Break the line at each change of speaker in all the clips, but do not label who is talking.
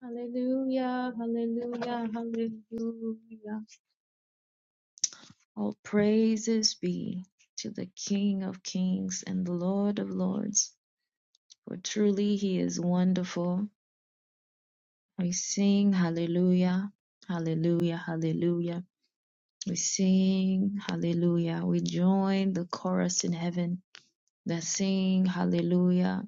Hallelujah, hallelujah, hallelujah. All praises be to the King of kings and the Lord of lords, for truly he is wonderful. We sing hallelujah, hallelujah, hallelujah. We sing hallelujah. We join the chorus in heaven that sing hallelujah.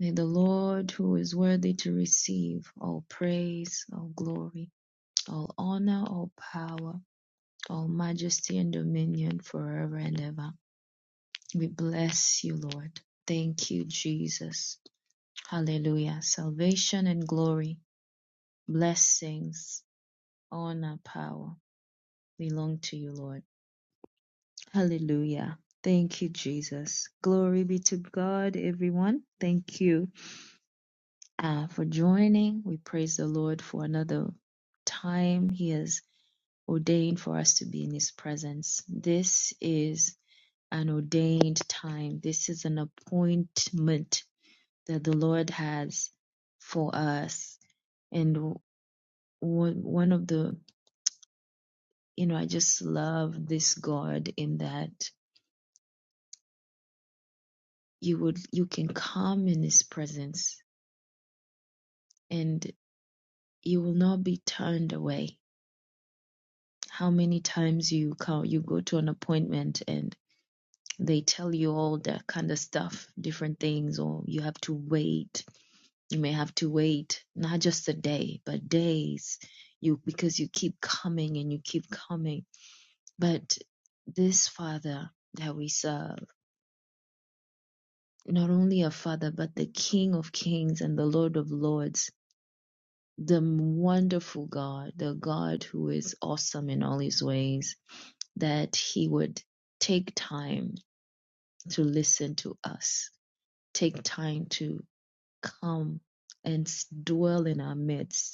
May the Lord, who is worthy to receive all praise, all glory, all honor, all power all majesty and dominion forever and ever. We bless you, Lord. Thank you, Jesus. Hallelujah. Salvation and glory, blessings, honor, power belong to you, Lord. Hallelujah. Thank you, Jesus. Glory be to God, everyone. Thank you uh, for joining. We praise the Lord for another time He has ordained for us to be in His presence. This is an ordained time. This is an appointment that the Lord has for us. And one one of the, you know, I just love this God in that you would you can come in His presence and you will not be turned away. How many times you come, you go to an appointment and they tell you all that kind of stuff, different things, or you have to wait you may have to wait not just a day but days you because you keep coming and you keep coming but this father that we serve not only a father but the king of kings and the lord of lords the wonderful god the god who is awesome in all his ways that he would take time to listen to us take time to come and dwell in our midst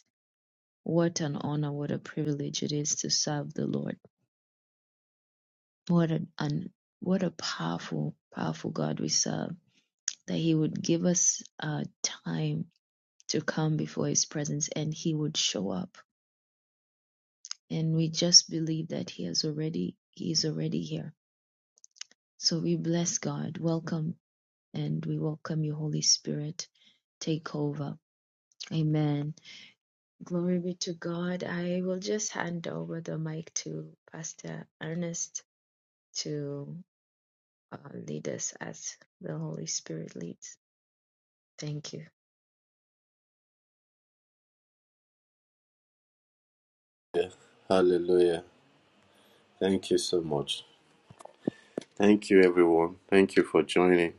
What an honor, what a privilege it is to serve the Lord. What an, an what a powerful, powerful God we serve. That He would give us uh, time to come before His presence, and He would show up. And we just believe that He has already, He is already here. So we bless God. Welcome, and we welcome you, Holy Spirit. Take over. Amen. Glory be to God. I will just hand over the mic to Pastor Ernest to uh, lead us as the Holy Spirit leads. Thank you.
Hallelujah. Thank you so much. Thank you, everyone. Thank you for joining.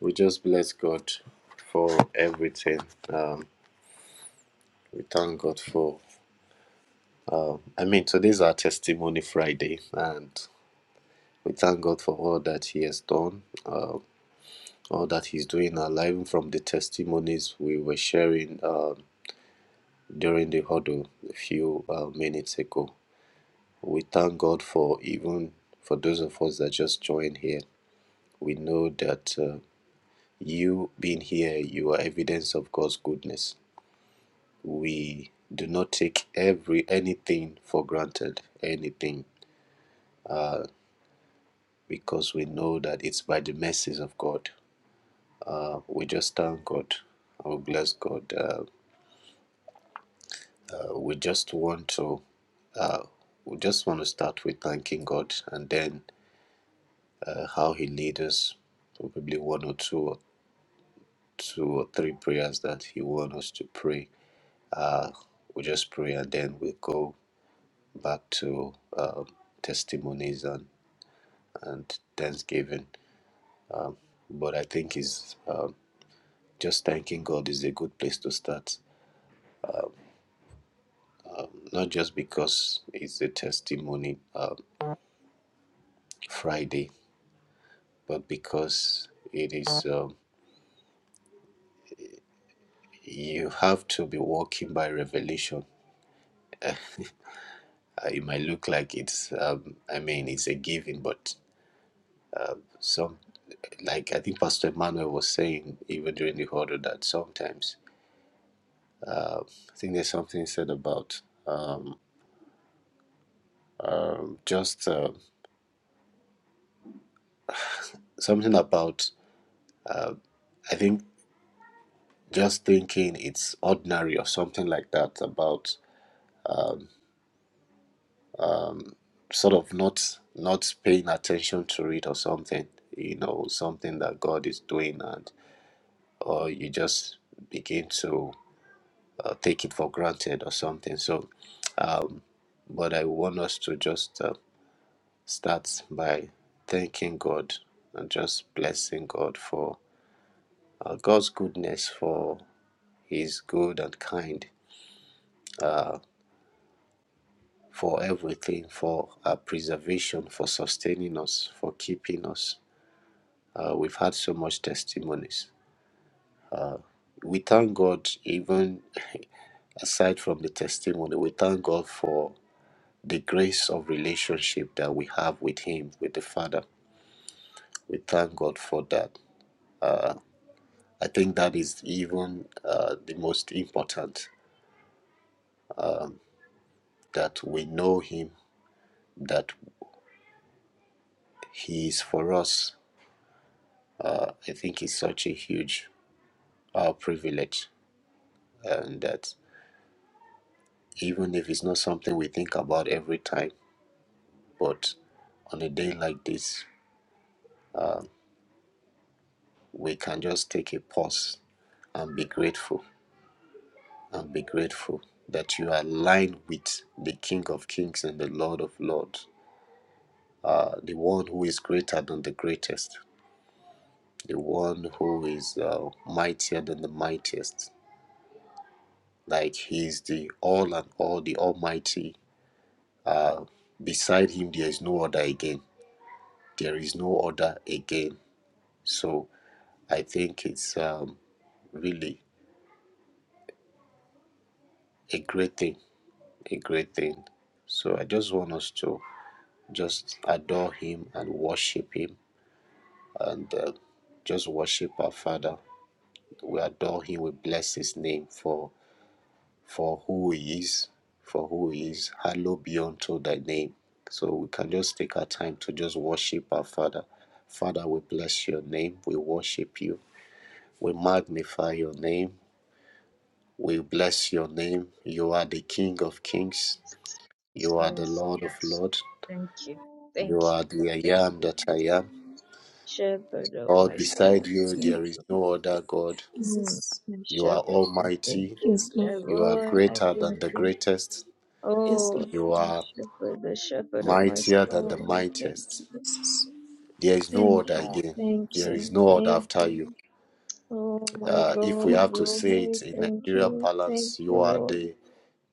We just bless God for everything. Um, we thank God for, I mean, today's our testimony Friday, and we thank God for all that He has done, uh, all that He's doing in our life, from the testimonies we were sharing um during the huddle a few uh, minutes ago. We thank God for even for those of us that just joined here. We know that. Uh, You being here, you are evidence of God's goodness. We do not take every anything for granted, anything, because we know that it's by the mercies of God. Uh, we just thank God. We bless God. Uh, uh, we just want to. Uh, we just want to start with thanking God, and then uh, how He leads us. Probably one or two, or two or three prayers that He wants us to pray. Uh, we just pray, and then we go back to um, testimonies and, and thanksgiving. Um, but I think is um, just thanking God is a good place to start, not just because it's a testimony um, Friday, but because it is um, you have to be walking by revelation. Uh, it might look like it's, um, I mean, it's a giving, but some like I think Pastor Emmanuel was saying even during the huddle that sometimes Uh, I think there's something said about um, um, just uh, something about, uh, I think, just thinking it's ordinary or something like that about um, um, sort of not not paying attention to it or something, you know, something that God is doing and or you just begin to uh, take it for granted or something. So, um, but I want us to just uh, start by thanking God and just blessing God for uh, God's goodness, for His good and kind, uh, for everything, for our preservation, for sustaining us, for keeping us. Uh, we've had so much testimonies. We thank God, even aside from the testimony, we thank God for the grace of relationship that we have with Him, with the Father. We thank God for that. I think that is even uh, the most important that we know Him, that He is for us. Uh, I think it's such a huge uh, privilege, and that even if it's not something we think about every time, but on a day like this, we can just take a pause and be grateful and be grateful that you are aligned with the King of Kings and the Lord of Lords, uh, the one who is greater than the greatest. the one who is uh, mightier than the mightiest. Like he is the all and all, the Almighty. Uh, beside him, there is no other again. There is no other again. So I think it's um, really a great thing, a great thing. So I just want us to just adore him and worship him and uh, just worship our Father. We adore him, we bless his name for for who he is, for who he is. Hallowed be unto thy name. So we can just take our time to just worship our Father. Father, we bless your name. We worship you. We magnify your name. We bless your name. You are the King of kings. You are the
Yes,
Lord of lords.
thank you.
You
Thank you.
are the I
Thank
am
you,
that
Jesus.
I am.
Shepherd of
Lord,
my
beside
soul.
you,
Thank
there is no other God.
you.
Jesus.
My
You are
shepherd, I thank
almighty.
you.
Yes, Lord.
You are
Elroy, I
greater
thank
than the
you.
greatest.
Yes,
Oh,
Lord.
You
my
are
shepherd, the shepherd of my
mightier than
There
the
is
soul, I thank
mightiest.
you.
There is no
Thank
order
you,
again.
thank
There is
you,
no order
thank
after you.
you. Oh my
Uh, if we
God,
No
have to
God,
say
glory,
it in
thank
Nigeria
you, thank
parlance, you
you,
are
Lord.
the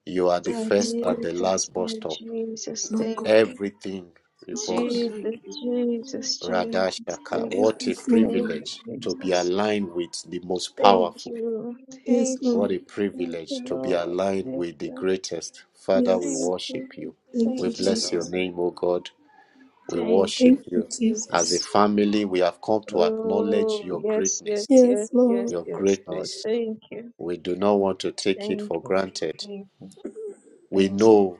you are the
Yeah,
no
first
God,
and the
Jesus,
last bus
my
stop.
Jesus,
no
thank
God, yes,
you.
Everything
no God
revolves.
Jesus,
like you.
Jesus, Jesus,
For
Radashaka.
thank you.
What a
everything,
Thank
Lord.
you,
privilege to be
Jesus.
aligned with the most
Thank
powerful.
you.
Yes,
Thank you.
What
Lord.
a
Thank
privilege
you,
to be
Lord.
aligned
Thank
with the
you.
greatest. Father, we
Yes.
Thank
worship
you.
you.
Thank
We
you,
Thank you,
bless your
Lord.
Jesus.
name, O God. We
Thank
Thank
worship
you,
you.
you,
As a
Jesus.
Jesus.
family, we have come to acknowledge
Oh,
your
yes,
greatness
yes, yes,
Yes,
yes,
Lord.
your
yes, Lord.
greatness.
Thank you.
We do not want to take it
Thank
for
you.
granted.
Thank you.
We
Thank you.
know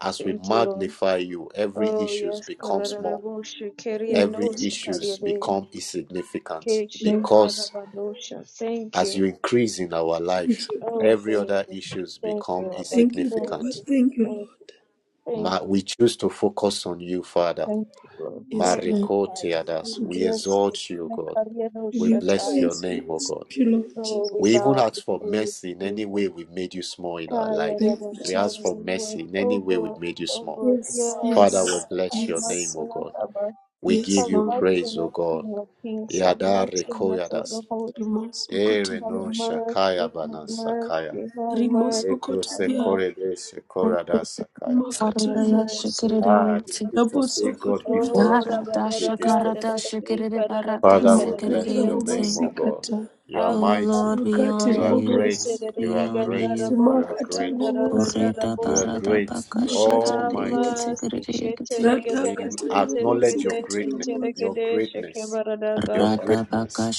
as we
Thank you, Lord.
magnify you, every
Oh,
issue
yes.
becomes small.
Karararabo shikeri
Oh,
and
Every
thank you,
issue
Jesus.
osakariade.
becomes insignificant
Lord.
because
Keshekarabadosha. Thank
as
you.
you increase in our
Thank
life,
you,
Oh,
Papa.
every
thank
other
you.
issues
Thank you,
become
Abba.
Thank you,
Thank
Papa.
insignificant.
you.
Thank you,
Thank
Lord.
you.
Ma-
Thank
we
you.
choose to focus on you, Father.
Thank you, Lord.
Yes,
Thank you,
Lord.
Mariko
Father. We
Teadas,
Thank
we
you,
bless
Jesus.
you.
exalt you, O God.
Give
We
you
bless
Nakariyadoshataya.
your
praise and
name, O God.
worship you, Lord
Oh, we
We
Jesus.
even
bow
ask for
before you,
mercy in any
Jesus.
way we've made you small in our life.
Thank you,
We ask
Jesus.
for
Kayarabashandoluwa.
mercy in
Oh,
any way we've
God.
made you
Oh,
small.
God.
Yes,
Yes.
Father, we
Oh,
yes,
bless
have
your
mercy
yes.
name, O
on us,
God.
Abba.
We give
Yes,
Have
you
Lord.
mercy
praise,
on
O
us,
God.
King of Kings. Have
Yada
mercy on us, Lord
rekoyadas.
of Hosts.
Remorse
Ere
Have
no
okotobia.
mercy,
shakaya
have
banan sakaya.
mercy, have mercy,
Remorse
Lebro
have
okotobia.
mercy,
sekore de shekora da sakaya.
Makati
have
Faradaya
rimobosa.
mercy, have
Ah, the
shikiriyente.
scripture
mercy.
Rabotso
say God be
okotobia.
for us,
Oh,
who can
Rabba,
Yarada
da,
be
da,
against
da, da,
shakarada
us.
da, da, dee,
shikiri
ka, da, da,
barada
dee,
Father,
ka,
we
da, da,
Makati
dee,
bless
and
your name,
sikiriyente.
O
ribobosi
Joseph.
God.
kata.
You are
Have
Oh
mighty.
Lord, we
mercy,
Makati
You
honor
are
Lord.
you.
great.
ribobosi.
Shete, da, da,
You
We
dee,
are
ga,
honor
da, da,
great.
you.
bo,
You are
ko,
Makati
san, da,
great.
da, ga, da,
ribobosa.
da,
Orita
bo,
You are
se.
barada
great,
baka
Makati
Have
Almighty.
shikiriyekete
ribobosa.
mercy. Shete,
kiriyekete.
da, ga,
Rata
da,
We
kati
sen, te, da, ga,
acknowledge
ribobosi
your
da,
kati
shen,
greatness,
te, da,
ribobosa.
ga,
your
da, she, ke,
greatness,
ba, da, da, ga,
your
da.
Rada baka
greatness.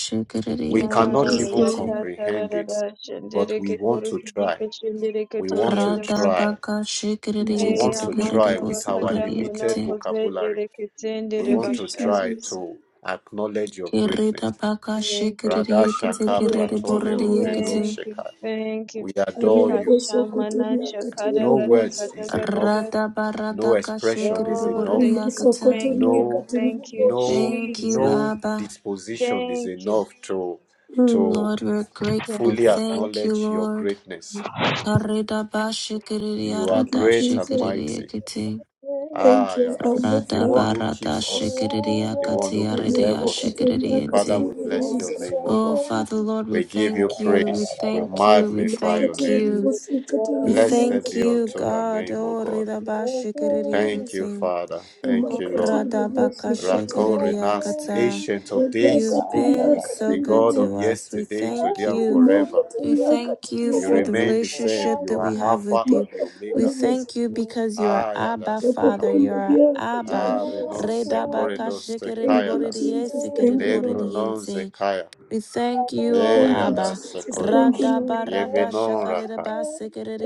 We cannot
Ah,
Yes,
even
ya,
shikiriyekiriyekete.
Lord.
ta, ta, da,
comprehend
da,
it,
da, shen, de,
but
de,
we
ke, to,
want
ru,
to
ki, di,
try.
ka, shen, de, de, ke,
We
to,
want
ri, ya,
to
da,
Rada
try.
baka
In
We want
shikiriyekete
Jesus'
Eya
to
name.
try
mantora
with
kiriyebosu
our
kata mono
limited
kiriyekete.
vocabulary.
kozendere
We
kezendere
Thank
want
you,
to
bashara.
try
Jesus.
to acknowledge your
Kirita
greatness.
baka
Thank you,
Radha
shikiriyekete
Makati
Shaka
thank you,
Pratole Rubenu
ribobosa.
kiriyeboriyekete.
thank you,
Sheka.
thank you.
We adore you.
Riaboso
Kashamana
okotobia kati
shakada
No
gada
words
ribobosa.
gada
is
gada
enough.
gada.
No expression is
Oh,
enough
thank you,
Radabaradakashikiriborodiakata.
thank you,
no
thank you,
Rimosokotoriakatiribobosa.
no
Thank you,
Jesus.
no
Abba.
disposition is
Thank you.
enough to
Mm.
to
Lord, we're grateful.
fully
Thank you,
acknowledge your
Lord.
greatness
Jesus. Thank
you are
Thank you,
great and
Jesus.
mighty
Karidabashikiridiaradashikiridiakati.
you.
Thank
ah
you,
yeah
Abba
that's the one
Father.
who keeps
You
us
are
the one who
worthy.
preserves us father
Radabaradashikiridiakatiaridiashikiridiati.
we
You
bless
are
your
Rimosokotoriakatiribobosa.
name o
so
Oh,
god
Father,
worthy.
Lord, we
we give
Ah,
you
thank
la, la,
you.
la,
We
la,
praise
la, la,
we
la,
thank
la.
you. We
magnify your
thank
name
you.
You
We
are
blessed
Makatiribobosikatiribobosa.
thank
be
you,
worthy.
unto the
God.
name o
Oh,
god
You are
thank you
worthy.
Ridabashikiridianti.
father thank you lord
Rimakatiribobosikata.
Rakor
Thank
Renas,
Oradabakashikiriakata.
ancient of days
You've been so
the
good
God of
to
Radakatiriakatiribobosa.
us. We
yesterday, today,
thank
and
you.
forever.
We thank you
You
for the
Rimokotoriakatiribobosa.
remain the same.
relationship
You
that we
are
have with
Alpha
you.
and the
We
Omega.
thank
Makatiribobosikata.
you because you are Abba,
Ayadasaka.
Father. You are Abba.
Napokondariakatiribobosa.
Arenose koredose
Thank you,
kayadas.
Jesus. Thank you, Lord.
Lebrononze
Redabakashikiriborediyesikiriboridiyense.
kaya.
We thank you, O
Thank you,
Abba.
Eyadas
Jesus. Thank you,
koredos.
Rada
Lord.
barada
Yevenon
shakarida
raka.
ba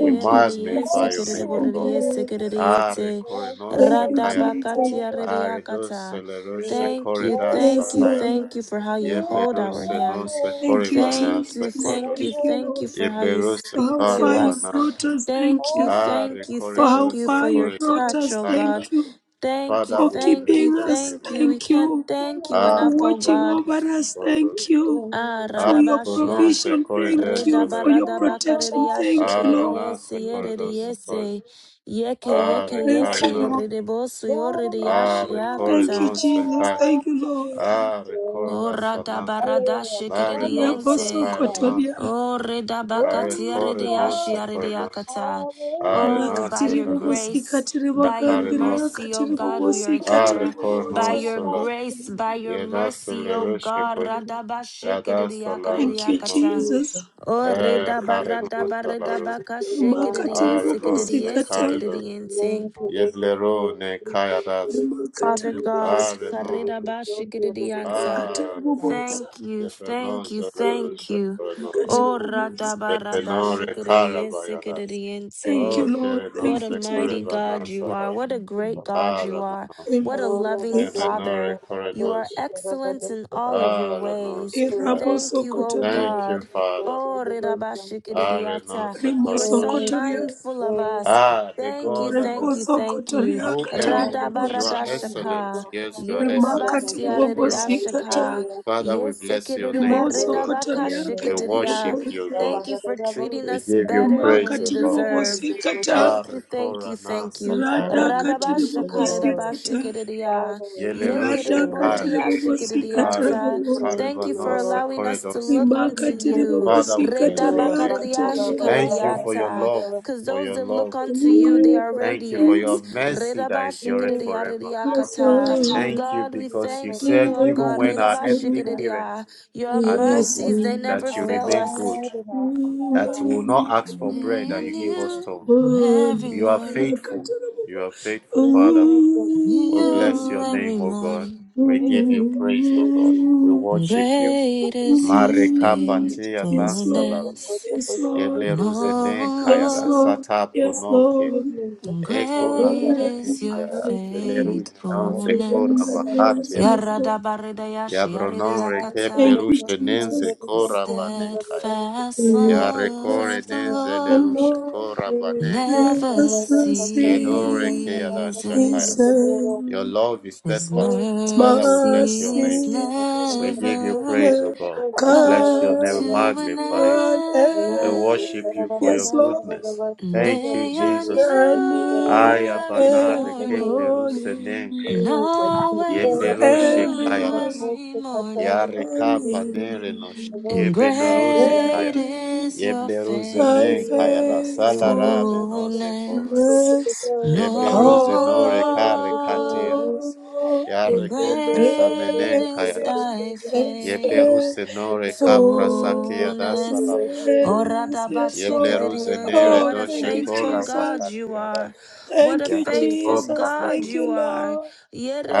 We
you,
ridiye
magnify your
sikirida
Jesus.
name, O
Thank you,
God.
buridiye
Lord.
Are
sikiridiyete.
korenose
Thank you,
Rada
kaya.
Jesus.
bakatia
Are dos
ridiakata.
leroshe
Thank you, thank
Yes,
you,
koredas
Lord.
thank you for how you hold our
Yeblerose no
hands.
se
Thank you,
corivana
Thank
Jesus.
you,
se
thank you,
corridos.
Thank you,
thank you
Lord.
for how you
Yeblerose
For how
speak to
far you
us.
carivana.
brought us,
Thank
thank
you,
you.
Ah,
thank you,
For how
thank
recorridos
you
se
for
far
your
you
corridos
brought
touch,
us,
O
tiada.
God.
thank you.
Thank you,
Father,
For
we
thank
you.
bless
you,
keeping
your
us,
name,
thank
O
you.
God.
We
thank
can't
you.
thank
All
you
For
Ah,
about
enough, O
you
watching
God.
recorridos
over
se
us,
corridos.
is
thank you.
great.
Ah,
Ah,
For your
no
Radabashia.
se
provision, thank
corrides se
you.
It's
For
le.
your
all
protection,
about
Redabaradabakareria
thank
your
you,
Ah,
Lord.
na
shikereriese
se
passion.
corridos se
yereriese.
corridos.
Yeke
Ah,
yeke
Thank
Oh,
yese
you,
recarino.
Lord.
yererebosu
what a
Ah,
yoreriashia
mighty
Thank you,
kata.
recorridos se
Jesus.
car.
God
Thank you, Lord.
we
Ah,
Oh,
serve.
recordas sana.
Oh,
Radabarada
yeah, yeah,
Ah,
yeah.
And
Da,
we
da, da,
are
da,
renos
da,
se
da.
shikereriente.
Sorry.
carinas.
Kotoria.
Oh,
Arre
redabakatia
Glory,
corre no se
rediashia
glory,
nos
rediakata.
hallelujah.
Oh, by
Imakatiri
your
Arenasahana,
grace,
bobosikatiri
by your
Akarinos,
bakandiria
mercy, oh
katiri
God, we are
Everything
bobosikatiri
here.
is
By
boboza.
all
your
Arekornosala,
about
grace,
you
by your mercy, oh
is
God,
Yenasalerushikoi,
great,
radabashike rediaka
Thank you,
Yadasalarusinon,
rediakata.
Jesus.
Jesus.
Oh,
Thank you, Jesus, for those who bless
Akarinosalaru,
the feet of
redabaradabakashikiridi
Imakatiri
our
yesikiridi
Arenosa
bobosikata.
Karido,
Thank
yesikiridi
you, thank thank
Yedlero
you,
ne Kayadas,
Father
Imakatiri
God,
bobosa.
Arenon,
Karirabashikididianta.
Imakatiri
Ah,
bobosa.
thank you, thank you, thank you.
Yebenozalerushikoinos,
Ikatiri
Oh,
bobosa.
Yebenore Karabayadas,
Radabaradashikididiesikididiyente.
Thank you,
O
Lord.
What
Thank
a
you,
Terenose
mighty
Jesus.
God you are.
Korebanasala,
What a great God you are.
Aramanos,
What a
Amen.
loving
Thank you.
Yemenore
Father. You are
Korenos,
excellent in all of your
I renounce
ways.
Kaya.
Irabo
Thank you, O
sokotoria.
Thank you,
God.
Father.
Oh,
I
Rirabashikiridiata.
renounce
Rimo
You are so
Korinosh.
sokotoria.
mindful of us.
Ah, the
Thank you,
God that does
Rimo
thank you, thank you.
sokotoria
no
katiri
error.
all you have
You
bobosa.
are
done, oh
excellent.
Radabaradashaka.
God.
Yes, you are
Jee
excellent.
Rimakatiri
Karabadar,
No error.
Yerirabasiaridiashaka.
bobosikata.
Sitari,
Father, we bless
Oh,
your name, O
Rimoso
God.
we
kotoria
We
katiri
Yesikiridibaridabakashikiridia.
worship you,
bobosi.
God.
Thank you for treating
We
us
give you
better
Rima
than
praise,
we
O
katiri
God.
deserve.
bobosi kata.
Ah,
Thank you, thank you, thank
Koranasa
you.
Kaya.
Rada katiri
thank
Radabasha
you,
bobosi
Lord.
karedabasha
kata.
Father,
kerediya.
we
Ye
thank
Yelerush
you,
Rada
Kaya.
Lord.
katiri
keredeboridiya
bobosi
Ah,
kata
Jesus,
shikerediata.
we
bobosi.
thank
Thank
you,
you for
Karivanosa
Lord.
allowing us to
Koridosa
look
Rima
unto
Jesus,
katiri
we
you.
thank
Father,
bobosi
we
you,
bless your
kataria
Lord.
name.
Redabakarediya
katiri
Thank
bobosi.
you for your
shikarediata.
love,
Rakarabashandakarabar.
Because
for
those
your
that look
love.
unto you, they
Mm,
are
Jesus,
Thank you for your
radiant.
mm,
mercy that
Redabasha
endureth
kerediya
Jesus,
forever.
kasa.
rediyakata.
Jesus,
Thank you
God, we
because you
Jesus,
thank you,
said,
oh
even
God.
when our
Uwaminifu.
Redabasha
earthly
Jesus,
parents
kerediya. Your
are not
Jesus,
Yesu.
mercies,
good,
they never
that you
our
fail
remain
us.
good,
God and our God,
that will not ask for
Uwaminifu.
bread
They are
and you give us
Jesus,
stone.
Run,
every
You are
morning.
faithful.
rakatarabobo.
You are faithful, Father.
Jesus,
We
Ooh,
Jesus.
bless
New
your
every
name, O God.
morning.
ooh,
We give
Jesus,
you praise, O
thank
God.
you.
We
ooh,
worship you.
Great
Jesus,
is your
ooh.
Marekapatia
Yes,
that's
Lord.
the
nasalarush.
point
faithfulness.
of
Yes,
which I'm
Lord.
And
taking care of this
Yebleruzenen
Yes,
kayada.
person.
oh
Lord.
Sata
Yes,
prononke.
Lord.
Jesus,
Lord,
that's how the little
great
Great
Ekorabanin
is
message is
your
that
hayadas.
and
good to see
Leleruje
the
non
house,
se
that is the
faithfulness.
number of the
Yes,
two.
korabakatianas.
Lord.
Yaradabaridayashi,
Yabronon
Remind me
yaridayakata.
Thank
that
you,
you're
rekepleruje
saying
nenze
Jesus.
that
The
it's a general,
korabanen
a lot
kaya.
of it's a
steadfast
general, a lot of
love
it's
Yes,
a
Yarekore
of the
general.
nenze
the
leruje
Lord
Lord
korabanen
Jesus,
kaya.
is
for
the
the
never
way that I
mercy.
tell my
Yedore
son, the way that
keada
I say to
shakaya.
the
ceases.
Lord,
Your
Yes,
love is
His
oh,
steadfast.
thank you,
Father, we bless your
God,
name.
mercies
for
mercy
the love
We
shall
of the
give you
Lord,
never
for
praise,
the
O
love
never
of the
God.
Lord,
We
for the
bless
love
your
of
come
name.
the
We
come
Lord.
to an
magnify you.
to an
We
Mas que
end.
worship
será
you
end.
da
for your
Yes,
vaganda
Lord,
da
goodness.
And
Thank
vaganda
you,
do
They are
processo
Jesus.
que
I
tu garra
knew
da
new
Aya
every
bana
vaganda da
every
de
morning,
rekepleru
morning,
senenkaya.
and
e que
always
fora
Yeblero
vaganda
every
da
new
shekayadas.
morning,
every
vaganda catar
Ya
morning.
da vaganda
rekapa
que
nerenos.
tu não
And
catar da
Yebenero
great
sekaya.
vaganda
every
is your
Yebleru
thy
faithfulness,
e que
zenenkayadas.
está que
Salara
está
faithfulness,
de que
benose
tu
koredos.
que tu o que
Yebleru
no
zenore
oh
tu
kare
que tu
Lord.
ali
kateamas.
Lord.
Ya
por
And
rekopro
tender essa coisa
great
Faithfulness,
que
is
tu
samenenkayadas.
defende
thy
Yebleru
da
senore
vaganda da
kapra
que
sakeadas
tu
fullness.
salarusheko.
Oh,
yes,
Yebleru
Lord.
radabashikiridiete,
zenere
Oh,
What a
thank you,
defende
faithful
doshekora
da
God
Jesus.
you
vakateadas.
are. What a
Thank you,
Yare
faithful
kopla
Jesus.
Thank you.
God
Thank
you
rebose.
you,
are.
Lord.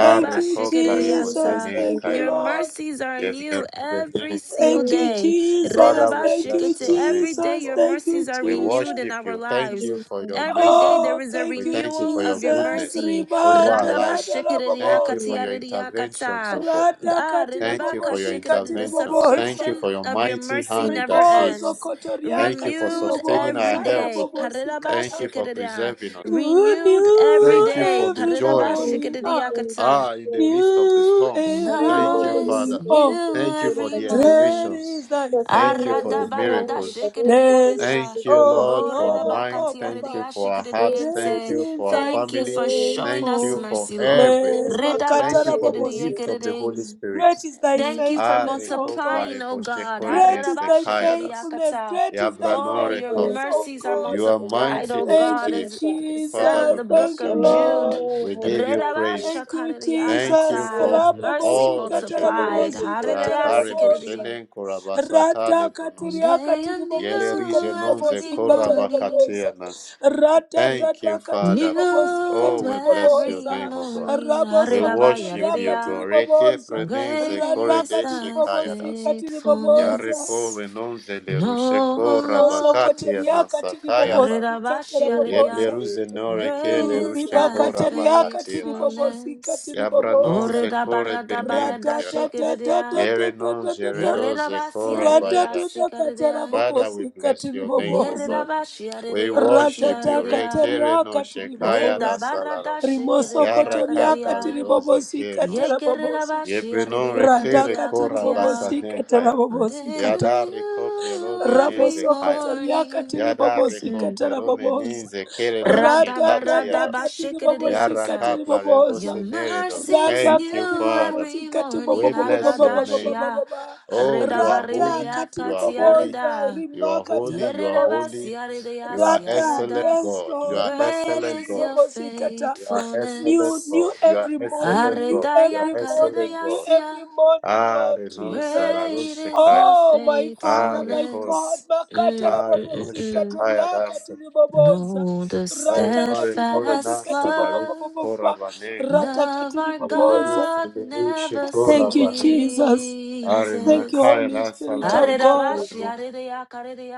Thank you,
kopla rebose
Jesus,
Jesus.
nen
thank
Thank you,
you.
Your
kayadas.
Lord.
mercies are
Yevler
new every
beden
single
Thank
kayadas.
you,
day.
Jesus, thank
Father,
Jesus.
we
Thank you,
bless
Rirabashikite,
your name,
Every
O
day
Jesus.
your
God.
Thank you,
mercies are
We
renewed in
Jesus.
worship
our
you. Thank
lives.
you
you.
for
Thank
your
Every
mercy.
day
you.
there
Oh,
is a
thank
We
you,
thank you
renewal
for your
of your
Jesus.
goodness
mercy.
over our
Ribata
life.
rada
Thank you for
rabobosa.
Jesus,
your
Radabashikiridiakatiaridiakata.
interventions, O God.
Rada
Ah,
katiri
Thank you
Ridabaka
for your
bobosi
Shikadid, the
katiri
interventions. Thank you
bobosa.
subscription
for your
of your
mighty
mercy
thank
hand
never
that
Ribozo
saves.
ends.
Thank
kotoriaka
you for
Renewed
sustaining our
every
tiriboboza
health.
day. Karidaba
Thank you
rabobosikata.
for
Shikadida.
preserving us.
Renewed every
New
Thank you for
day.
the
every
Karidaba
joy
thank
morning,
you.
ah,
Thank you.
Shikadidiyakata.
Ah, in the
Thank
midst
you.
of the
new
And
storms.
every
Baraga
Thank
de
you,
Bere,
always
morning,
Father.
Pepe,
oh,
new
Shute,
Thank you
Bere,
for
every
the
Bagada.
great
morning.
elevations.
is thy
Thank
Sustaining
you
the
for the
Shute,
Aradabarada
miracles.
Ribado, Shute,
faithfulness,
Release
Shikadidiyaridaya.
Thank
the
you,
Shute,
oh
Lord,
Oh,
for
Shute,
our
Lord,
Shute,
mind.
oh
Thank
Papa,
Ridabakatiyaridiya
you
and
for our
Praise
hearts.
the
Thank
great
Shikadidiyente.
you
Shute,
is
for our
Shute,
thy
Thank you
family.
for
Yes,
showing
Thank
us
you
faithfulness,
for
mercy, Lord.
Praise
everything.
the
Ridaba
makata
Thank
Shute,
you
Shute,
for the
Shute,
gift of the
rabobosikata.
Holy
Shikadidiyakadidi.
Spirit.
Great is thy
Thank you for
Ah,
faithfulness, oh
recopla
God.
multiplying, oh God.
reboshekore
Great is
neste
thy
kayadas.
faithfulness.
Ararabashikiriyakata.
Great is thy
Yabra no
Oh, your
reko.
Thank
faithfulness,
you,
oh
mercies are
God.
Jesus.
You are
Baraga
multiplied,
mighty
de
oh
Bere,
to
Thank
God,
you,
save.
as
Bagada.
is said
Father,
in
we
Jesus.
the book
bless
Thank you,
your
of
name.
Jude.
Lord.
Oh,
We
Holy
give you
Ghost, thank
praise.
Thank
you.
you,
Thank you
Jesus.
Thank
for
Rerabashakariyakata.
you,
Mercy
Rabobosi
all
Jesus.
that you are
And the
doing.
rest
multiplied.
of
katarabobosi
the thank you,
Rakare
katarabobosa.
Haridayasikiridiyin.
boshenen korabasata
Rata
And
lebronos.
katiriaka
Day
Yele
tiribobosi
anew
rijenonze
katiribobosi
every morning.
katarabobosa.
korabakatianas.
Rata
Jesus.
Thank you,
tata
Father.
katiribobosi
New
Oh, we bless your
every
katiribobosa.
name, O God.
morning.
We
Raboso
worship
kotoriaka
you,
Haridabayaridiya.
God. Reke
tiribobosa.
Great
prenenze
Rata
is
korede
thy
katiribobosi
shekayadas.
katiribobosa.
Yareko
faithfulness.
venonze lerushe
No,
Riboso
Lord,
korabakatianas
kotoriaka
sakayabano.
tiribobosika
Yarirabashi,
Thank you,
Yariria,
tarabobosa.
Yebleruze
Jesus. That's what
noreke
I
great
was
is
lerushe
saying.
thy
Ribaka tariaka
korabakatianas.
tiribobosika
faithfulness.
Yabranon
tiribobosa.
zekore benin
Oridabaradabarada,
kayada.
Shikiridia,
Yerenon
Ratatatatatatatata.
zeredo
Yerirabasi,
zekora
Yariria,
bayadash.
Ratatata
Sikaridia,
Father, we
katarabobosika
bless your name, O
tiribobosa.
God.
Yerirabashi,
We
Yariria,
worship you.
Ratata
Katiaridia,
Rekere no
katariaka
shekaya da
tiribobosa.
salaro.
Redabarada,
Rimoso
Shikiridia,
Yara
kotoriaka
kapla
Karidia,
rudoze ke
tiribobosika
no sh.
tarabobosika.
Yekirirabashi,
Yebrenon
Yariria,
rekere
Radaka
Karidia,
kora
Katia.
tiribobosika
basaden kaya.
Day
tarabobosika
Yada rekople robe
anew every
neze
rabosokotoria
morning.
katiri
Yada
bobosi
Mm.
recople
katara
romeni
boboza
zekere non shekati
radadada
yadas.
katiri bobosi
Yara
Radabaradabashikiridianta.
katiri
kapla
Your
boboza
rebose neredos.
mercies
rada
Thank you,
katiri
new
Father.
bobosi
every
kati
morning.
We bless your name.
Aradashia.
bobobobobobobobobobobaba
Oh, you are
rada
holy,
Redabaridaya
you
katiri
are holy,
boboza
katiarida.
you
rima
are holy,
katara
you are
boboza
holy,
Yeredabasiaridia
you are
Rata,
excellent
siarada.
yes,
God, you
Lord,
are
Great
excellent
Makati
is
God,
your
Ribobosikata.
you are excellent
New,
faithfulness.
new
God, you are
every morning,
excellent
new
God, you are
Aredaya
every morning,
excellent
new
God.
karidayasia.
every morning,
Are
Lord
no
Jesus.
Great is your
salarushekaya,
Oh, my Father,
are
my
ko,
God,
faithfulness.
Makata
Mm,
are
mm, mm,
no
mm.
Rabobosikata
shekaya
Riakati Ribobosa.
Know the
Ay,
Rata
mare,
Kati
kore
steadfast
nasa
Bobosikati
la rushi
love,
kora
Bobobobobobaba.
banenka ya.
Rata
love
Kati
our
Yeberu
Ribobosa.
God
seleru shi
never
kora
Thank you,
banen.
Jesus.
Are
Thank you,
ceases.
makaya
Holy
rasa
Spirit
la
Thank
of
you,
rushi
God.
kore
Aredabashi,
Jesus.
mo.
aredaya,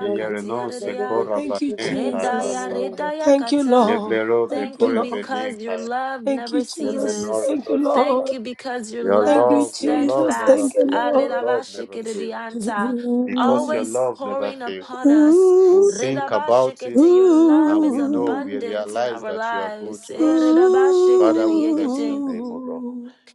My
kate,
God, the
no se
Father
aredaya,
was
kora
the
Thank you,
King
banenka
of the
Jesus.
redaya,
rasa la
Father.
rushi.
redaya,
Thank you,
kata.
Lord.
Yeblero be
Thank
Thank
you,
you
kore
Lord.
because
benenka
your
ya.
love
Thank you,
never
Jesus.
ceases.
Yebenore
Thank you,
dostaka.
Thank
Lord.
you because your
Your
Thank
love
you,
is
love, your love
Jesus.
never
Thank
steadfast.
you,
fail. Your
Lord.
love
Aredabashi,
never fail.
keredianta,
Because your
Always
love never
pouring
fail.
upon us.
We
Ooh,
think
Redabashi,
about
ooh,
it
kete, Your love
and
is
we know, we
ooh,
abundant in
realize
our
that you are good
lives.
to
ooh,
us.
Eredabashi,
Father, we bless your
kerediekete.
name, O God.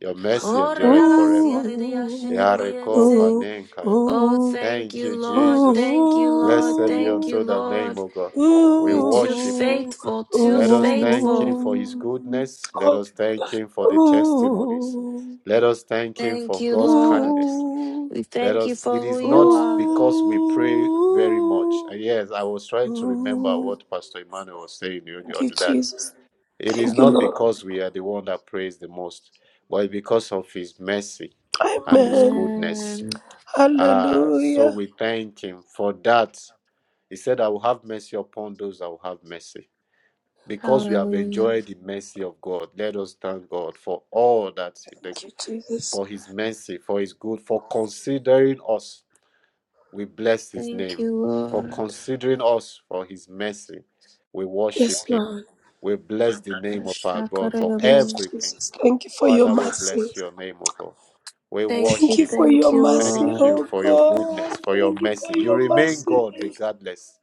Your mercy
Oh,
ooh,
endureth
redabasi,
forever.
aredaya,
ooh,
Yareko
shikerediente.
ooh,
panenkaya.
Oh,
ooh. ooh,
thank
Thank
you,
you,
Lord.
Jesus.
Thank
ooh,
you, Lord.
Blessed be
Thank you,
unto the name,
Lord.
O God. We
You're too
worship you.
faithful, too
Let us thank
faithful.
him for his goodness. Let
Oh,
us thank him for the testimonies.
Ooh,
Let us thank him
Thank
for
you,
God's
Lord.
kindness.
ooh,
We
Let
thank you
us
for
it
who
is
you
not
are.
because we pray very much.
ooh,
And yes, I was trying to remember
ooh.
what Pastor Emmanuel was saying You the
Thank you,
other that.
Jesus.
It is
Thank you,
not
Lord.
because we are the one that prays the most, but because of his mercy and his
Amen.
goodness.
Amen.
Ah, so
Hallelujah.
we thank him for that. He said, I will have mercy upon those that will have mercy. Because we have
Hallelujah.
enjoyed the mercy of God, let us thank God for all that, the,
Thank you, Jesus.
for his mercy, for his good, for considering us. We bless his
Thank
name.
you,
For
Lord.
considering us for his mercy, we
Yes,
worship him.
Lord.
We bless the name of our God for
Thank you,
Ashakarababoom.
everything.
Jesus. Thank you for your
Father, we
mercy.
bless your name, O God. We
Thank you,
Thank you
worship
for
you,
thank
your
you,
God.
mercy,
Thank you
Lord.
oh
for your
God.
goodness, for your
Thank you
mercy.
for
You
your
remain God
mercy.
regardless.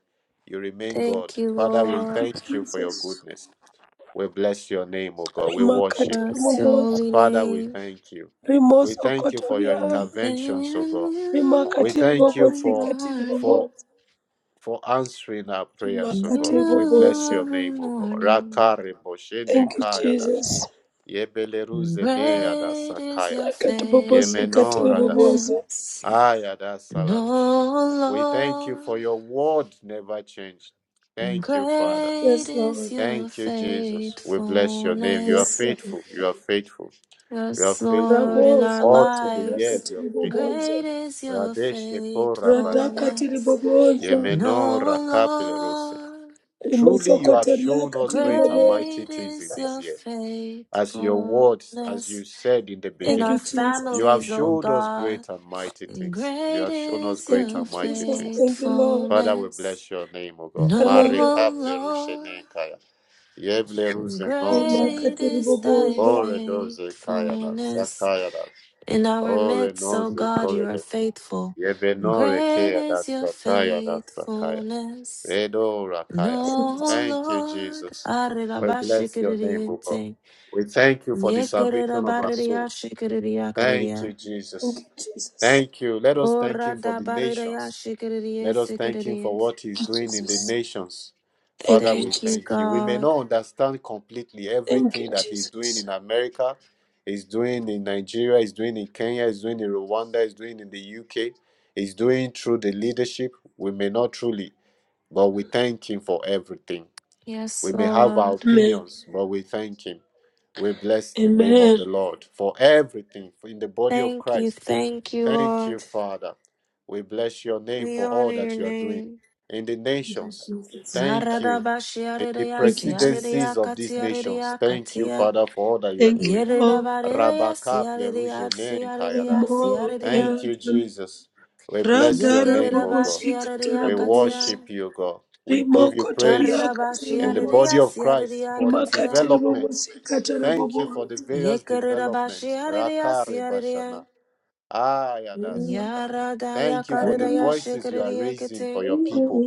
You remain God.
Thank you,
Father, we
Thank
Lord.
you,
thank you for your
Jesus.
goodness. We bless your name, O God. We
We
worship
Remarkable
you.
bless your
remorse,
holy
Father, we
name.
thank you. We
remorse,
thank you for your
Okotoria.
interventions, O God. We
Remarkable
thank you
Every
bubbles,
for
incredible
morning.
for
bubbles,
for answering our prayers,
And
O God.
remarkable
We bless
bubbles.
new
your
every
name, O God.
morning.
Rakare boshene
Thank you,
kaya dash.
Jesus.
And
Yebeleruze ne
great is
adasakaya.
your
Remarkable bubbles, incredible
Yemenoradas.
bubbles.
faithfulness.
Ayadas
And
salarush. We thank
oh
you
Lord,
for your word never changed.
and
Thank you, Father.
great
Yes,
is
Lord.
your
Thank you, Jesus. We bless your name. You are
Yes,
faithfulness.
Lord.
faithful. You are faithful. You are
Yes,
faithful.
Lord, in our
Raboso
All through the
kotoria
lives.
years, you are
katiri
faithful.
bobozo.
Great is your
Radeshe
Rada
korabandehika.
katiri
faithfulness.
bobozo.
And
Yemenora kapile ruseka.
oh Lord,
Truly,
Rimoso
you have
kotoria
shown us
katiri
great and
bobozo.
mighty
great
things in
is
this
your
year. as your words, as
faithfulness.
you said in the
in
Thank
beginning.
our
you, Jesus.
You have
families, O
showed us
God.
great and mighty
And
things. You
great
have shown us
is
Thank
great
your
you,
and mighty
Jesus.
things.
Thank you, Lord.
Father, we
faithfulness.
bless your name, O God.
No,
Marika
Hallelujah.
Lord.
plerushenenkaya.
And
Yebleruzenonsa.
Rima
great
katiri
is thy
bobozo.
Oredozekayanas.
faithfulness.
Sakayanas.
In our midst, O God, you are
Orenozekoredos.
faithful. And
Yebenore
great
keyadas.
is your
Sakayanas. Sakaya.
faithfulness.
Redo Rakaya.
No,
Thank you,
Lord.
Jesus. We bless your name, O God.
Arelabashikiridiente.
We thank you for the salvation of our soul. Thank
Yekererabaririashikiridiakaridia.
you,
Thank
Jesus.
you, Jesus.
Thank you. Let us thank
Ora
him for
da
the
baridaya
nations.
shikiridiya
Let us thank him
sikiridiya.
for what he's
Thank you,
doing in the
Jesus.
nations.
Thank
Father,
you,
we
Thank
Jesus.
you,
thank you. We may
God.
not understand completely
Thank you,
everything that he's doing
Jesus.
in America, he's doing in Nigeria, he's doing in Kenya, he's doing in Rwanda, he's doing in the UK, he's doing through the leadership. We may not truly. But we thank Him for everything.
Yes,
We may have our
Lord.
Amen.
opinions, but we thank Him. We bless the name of
Amen.
the Lord for everything in the body of
Thank you,
Christ.
thank you,
Thank you,
Lord.
Father. We bless your name
We
for
honor
all
your
that you are doing
name.
in the
Thank
nations.
you, Jesus.
Thank
Arada
you.
Bashi,
In the
aridaya
Thank
Si
you, Jesus.
siaridaya
presidencies of these nations,
katiaridaya
thank you,
katia.
Father, for all that you are
Thank you,
doing.
Lord.
Yeridabaridaya
Rabaka
siaridaya
pleruje ne nkayada.
siaridaya siaridaya. Si
More
aridaya
Thank
Si aridaya.
you,
Yeradan.
Jesus. We bless your
Radara
name,
Yekerida
O
Bobos
God.
bashi
Ikatera
aridaya
We
Bobos.
katia.
worship you, God. We give you
Rimoko
praise
Toriaka
Garidabashi
in the body
Tiribobos.
aridaya
of Christ
siaridaya
for the
Rimaka
katia.
Tiribobos
developments.
Ikatera
Thank you for
Bobos.
the various
Yekerida Bashi,
developments.
aridaya Si
Rakare
Aridaya.
bashana. Ayadasaka.
Yaradaya
Thank you for the
karidaya
voices you are raising for
shikiridiyekiti.
your people.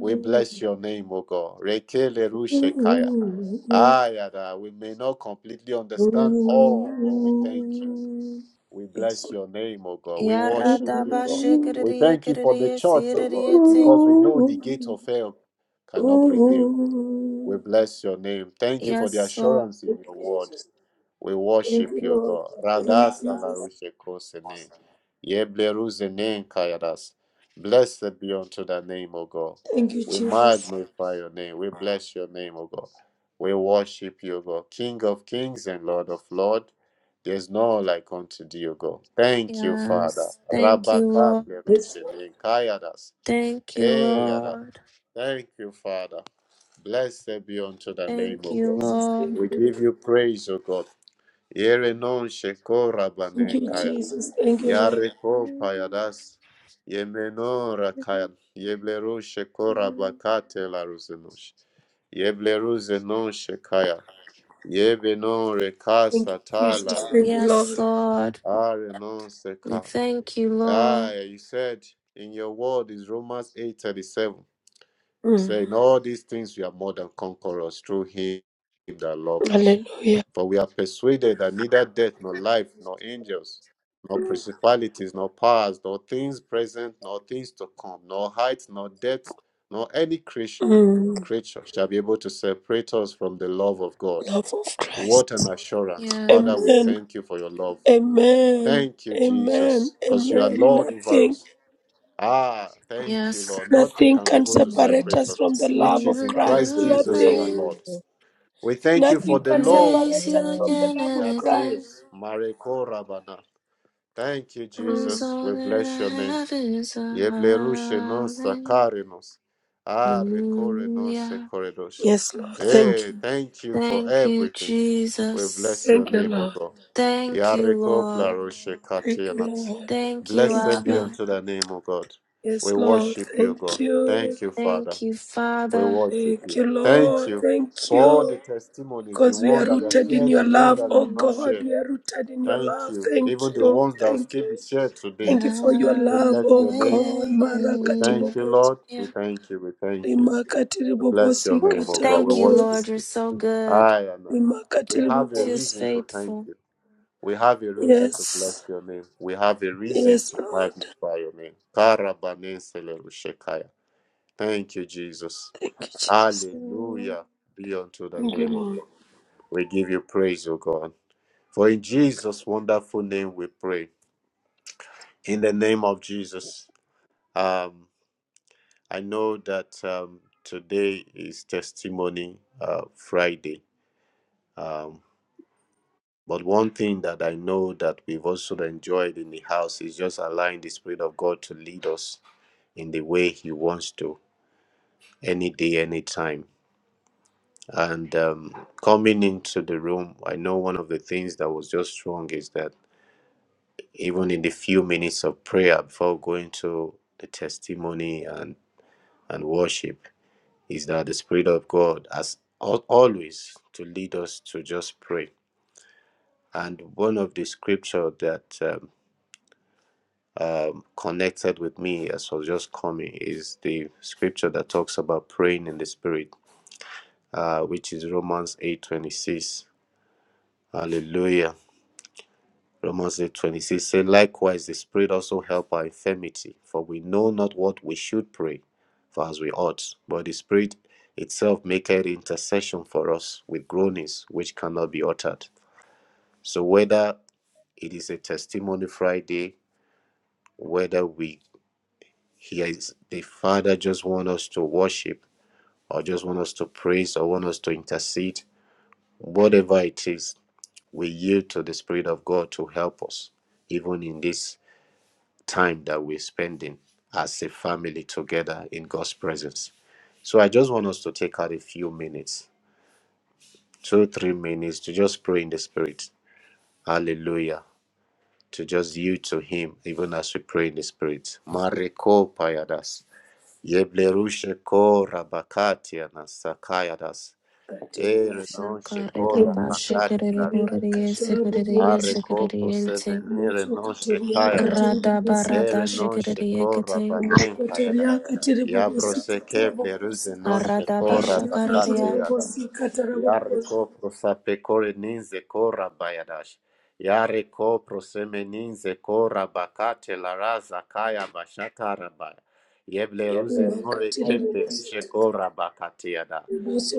We bless your name, O God. Rekele rushekaya. Ayada. We may not completely understand all, but we thank you. We
Yes.
bless your name, O God. We worship you,
Yaradaba
God. We thank you for the
shikiridiyekiridiye
church, O God,
siridiyeti.
because we know the gate of hell cannot prevail. We
Ooh.
bless your name. Thank you for the
Yes, Lord.
assurance in
Thank
your
you,
word.
Jesus.
We
Thank
worship
you,
you,
Lord.
God.
Thank you,
Radasa la
Jesus.
rushe kosene. Yeble ruzene kayadas. Blessed be unto thy name, O God.
Thank you,
We
Jesus.
magnify your name. We bless your name, O God. We worship you, O God. King of kings and Lord of lords. There's no like unto thee, O God. Thank you, Father.
Yes. Thank you,
Rabaka
Lord.
Yes, Lord.
plerushene kayadas.
Thank you,
Eh, yada.
Lord.
Thank you, Father. Blessed be unto thy
Thank
name,
Thank
O
you,
you,
God.
Jesus.
Lord.
Thank
We
you, Lord.
give you praise, O God. Yere non shekora
Thank
banen
you,
kaya.
Jesus. Thank you, Lord.
Yare payadas. Yemenora kaya. Yebleru shekora bakate la ruzenosh. Yebleru zenon shekaya. Yebenon
Thank you,
rekasa ta la
Jesus. Thank you,
rusenosh.
Yes,
Lord.
Lord.
Are non
We
seka.
thank you,
Ah,
Lord.
you said in your word is Romans 8:37. He
Mm.
said, In all these things we are more than conquerors through him that loved us.
Hallelujah.
For we are persuaded that neither death, nor life, nor angels, nor principalities, nor powers, nor things present, nor things to come, nor height, nor depth, nor any creation,
Mm.
creature shall be able to separate us from the love of God.
Love of Christ.
What an assurance. Father, we
Yes.
Amen.
thank you for your love.
Amen.
Thank you,
Amen.
Jesus, because you are
Amen.
Lord over
Nothing.
us. Ah, thank you,
Yes.
Lord. Nothing
Nothing
can be
can
able to
Thank
separate
separate
us
us,
from the
So I
which
love
is
of
in
lift
Christ
Christ.
you,
up
Jesus
my
Nothing.
our
hand
Jesus.
Lord. We thank you for
Nothing
and
the
can
Thank
love
you,
praise
separate us
you
from
Lord.
the
again
love
and
of
that
Christ.
again.
saves. Mareko Rabana. Thank you,
'Cause
Mm.
Jesus.
all
We
that
bless
I
your name.
have is a
Yeblerushe non
hallelujah.
sakarenos. Ah, recore non secoredos.
Yes, Lord. Thank
Hey,
you.
thank you for
Thank you,
everything. We
Jesus.
bless your
Thank you,
name, O
Lord.
God.
Thank you,
Yareko
Lord.
plaroshe
Thank you,
katianas.
Lord.
Thank you,
Blessed
Thank
be
you.
Abba.
unto the name, O God.
Yes,
We
Lord.
worship you, God.
Thank you.
Thank you, Father.
Thank you,
We
Father.
worship
Thank
you.
you,
Thank
Lord.
you
Thank
for all
you.
the testimonies, the
Because we are
one
Hallelujah.
that are
rooted in
shared,
your
the one
love,
that
oh
are not
God.
shared.
We are rooted in your
Thank
love.
you.
Thank
Even the
you.
ones that will
Thank
still be
you.
shared today.
Thank you for your
We
love,
bless
oh
your name.
God.
We
Marakati
thank you,
bobos.
Lord. We thank you. We thank you.
Rimakati
We bless your
ribobosi
Oof,
name, O God.
katara
We
thank you,
worship
Lord.
bobos.
You're
you.
so good,
I am.
Rimakati
We have a
too
ribobos.
reason to thank
faithful.
you. We have a reason to bless
Yes.
your name. We have a reason
Yes,
to
Lord.
magnify your name. Karabaneselerushekaya. Thank you, Jesus.
Thank you, Jesus.
Hallelujah. Be unto the
Thank you,
name of
Lord.
God. We give you praise, O God. For in Jesus' wonderful name we pray. In the name of Jesus. Um. I know that um, today is Testimony uh, Friday. Um, but one thing that I know that we've also enjoyed in the house is just allowing the Spirit of God to lead us in the way He wants to, any day, any time. And um, coming into the room, I know one of the things that was just strong is that even in the few minutes of prayer before going to the testimony and, and worship, is that the Spirit of God has al- always to lead us to just pray. And one of the scripture that um, um, connected with me as I was just coming is the scripture that talks about praying in the Spirit, uh, which is Romans eight twenty six. Hallelujah. Romans eight twenty six says Likewise, the Spirit also help our infirmity, for we know not what we should pray for as we ought, but the Spirit itself maketh intercession for us with groanings which cannot be uttered. So, whether it is a testimony Friday, whether we hear the Father just want us to worship, or just want us to praise, or want us to intercede, whatever it is, we yield to the Spirit of God to help us, even in this time that we're spending as a family together in God's presence. So I just want us to take out a few minutes, two, three minutes to just pray in the Spirit. Hallelujah. To just yield to Him, even as we pray in the Spirit. Mareko payadas. Yeblerushe ko rabakatia na sakayadas.
katiria
Ere non sheko
Shakarida
rabakatia
Bashikiri
na
imosokotoria
Boridi
ruzenos.
Sikiri
katarabobozo
Areko
Sikiriente
prosevenere non
imosokotoria
shekayadas.
Rada
katiribobosi
Barada
Ere
katara
non
Shikiri
sheko
Ekiti
rabanen
imokotoria
kayada.
katiribobosi
Yabrose keple
katarabobozo
ruse non
Karada
sheko
rata
rabakate
Bashakariya
katiribobosi
yadas.
katarabobozo
Yareko prosapekore kore ninze ko rabayadash. Yareko proseme ko rabakate laraza kaya bashaka rabaya. Yeble ruse nore keple
imakatiribobosi
rishe ko
katara
rabakate yada.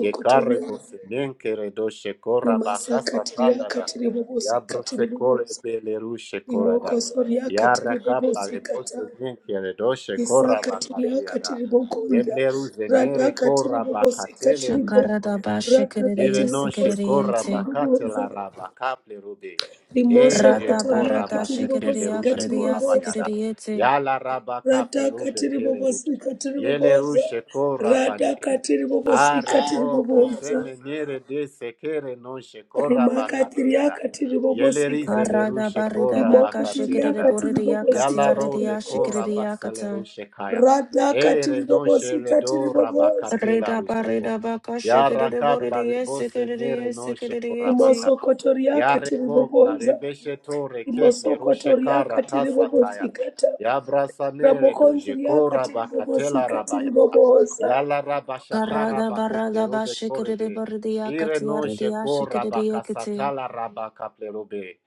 Yekare bosenenke redoshe ko rabakasa
imasakatiria
kayada.
katiribobosi
Yabrose kore
katiribobozo
bele rushe korada.
imokosoria
Yarakapla
katiribobosi
rebose
katara
ninkia redoshe kora
Isakatiri
bakatiada.
akatiri bogonda,
Yeble ruze
rada
nere
katiri
kora
bobosi
bakatele
katiri
ruze
bo,
Shakarada
poede.
rada
Ire
Bashikiri
katiri
noshe
bobosi
kora
katiri
Sikiriente
boboza,
bakatela rabakaple rube.
rimoso
Eje
Rada
kotori
kora
Barada
akatiri
basetele
bobosi
Shikiriya
rushe
katiri
Kariya
kora
boboza,
bayada.
Sikiriete
Yala rabakaple
rada
rube
katiri
kele
bobosi
rushe.
katiri
Yele
boboza,
rushe kora
rada
bane.
katiri bobosi
Are
katiri
kobro
boboza,
seme nere de sekere noshe kora
rimakatiri
bakatera.
akatiri bobosi
Yelerize
katiri,
Karada
lerushe
barida
kora
baka
rimokotori
bakatiada.
akatiri bobosi
Yala
katiri
robe
boboza,
kora basalerushe kaya.
rada
Ere
katiri
noshe
bobosi katiri
redo
boboza.
rabakatela ruseko.
shikiri
Yara
de boridi
kapla
yes,
rebose
sikiri de
nere
yes,
noshe
sikiri de
kora
yes,
baka.
rimosokotoriaka
Yare kopla
tiriboboza
rebeshe tore keple rushe
rimosokotoriaka
kara kasataya.
tiribobotsikata
Yabrasa nere doje
ramokonziriaka
kora bakate la
tiribobotsika
rabaya.
tiriboboza
Yala rabashata
Karada
rabako
barada
plerobe
bashikere
korebe.
bardia
Ire
katia
no
redia
sheko
shikere kete.
rabakasatala rabaka plerobe.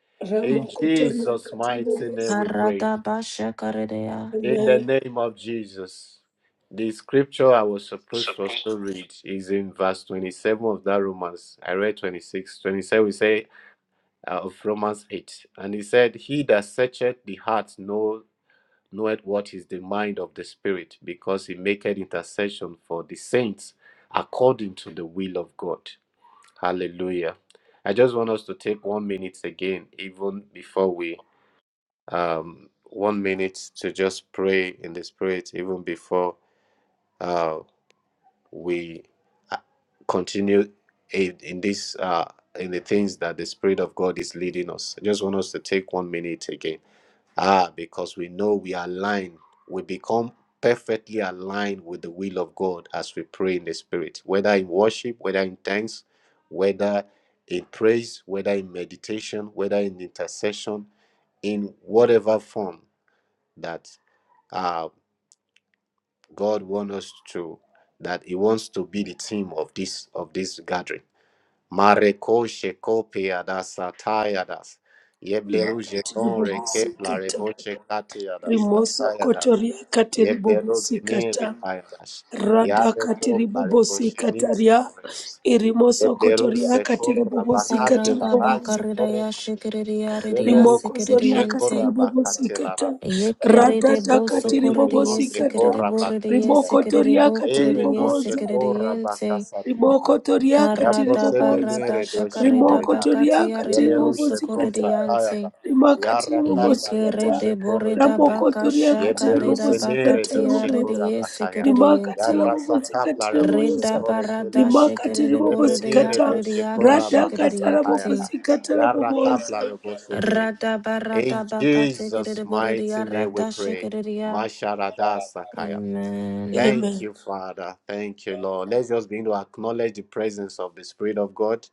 In Jesus'
ramokotoriaka
mighty name
tiriboboza
we pray.
Karada basha karedea.
In the
amen
name of Jesus. The scripture I was supposed to also read is in verse 27 of that Romans. I read 26. 27 we say uh, of Romans 8. And he said, He that searcheth the heart knows." knoweth what is the mind of the Spirit, because he maketh intercession for the saints according to the will of God. Hallelujah. I just want us to take one minute again, even before we, um, one minute to just pray in the Spirit, even before uh, we uh, continue in, in this, uh, in the things that the Spirit of God is leading us. I just want us to take one minute again. Ah, because we know we are aligned. We become perfectly aligned with the will of God as we pray in the Spirit, whether in worship, whether in thanks, whether in praise, whether in meditation, whether in intercession, in whatever form that uh, God wants us to, that He wants to be the theme of this of this gathering. Marekoshe kopia das ataya das. Yebleruje don rekepla
tiribobosikata
reboshe katia das ataya das.
rimosokotoriaka
Yeblero benire
tiribobosikata
kaya das.
radhaka
Yareko plareboshe nize
tiribobosikataria
Eblerus
irimosokotoriaka
Sekor
Karada
Rabakatelara
tiribobosikatiriboboza
bakaredea
Shekoremane.
shikere redia
Belerus de
Rimoko
sikere
zoria
Moshekor
katiri
diente.
bobo
Rabakatelara.
sikata.
Yekere de
Ratata
boso
katiri
Yaprosepeleri
bobo
corridie
Genon
sikere
Zekor
de
sikata.
borridie
Riboko
Rabakatiera.
sikere de
toria
bo
katiri
Ere
corridie
non
boboza.
sikere
Shekor
diente.
Riboko
Rabakasatiana.
toria katiri
Karada
boboza.
barada
Yabrosemenere do
shakarida
Rimoko
Shekoreda.
toria
bakatia rede
katiri bobo
Yelerus
boso
non
sikata.
corridiante.
Sakayada.
Rimaka tiri bobo
Yarakabla Robo
sikata.
Yekerede boreda
Shekorebane.
Ramoko
baka
toria
shaka
katiri
Yeblerus
bobo
reda baka
Nere
sikata
do
tia rede
boboza.
Shekorabakaya.
Rimaka tiri
yesekerediente.
bobo
Yabrasa Kapla
sikata
Robo
Reda
boboza.
Shekore
barada
kelerus.
Rimaka tiri
shekerede
bobo
borede
Yebenere
sikata.
yakarede
doshe
yaka
Rata
korabaka
shekerede
katara bobo
yekete.
satayada.
sikata boboza.
reboshene.
Rada
In
barada baka
Jesus'
tekerede borede
mighty name we
yarada
pray.
shekerede ya.
Masharada Sakaya.
Amen.
Thank
Amen.
you, Father. Thank you, Lord. Let's just begin to acknowledge the presence of the Spirit of God.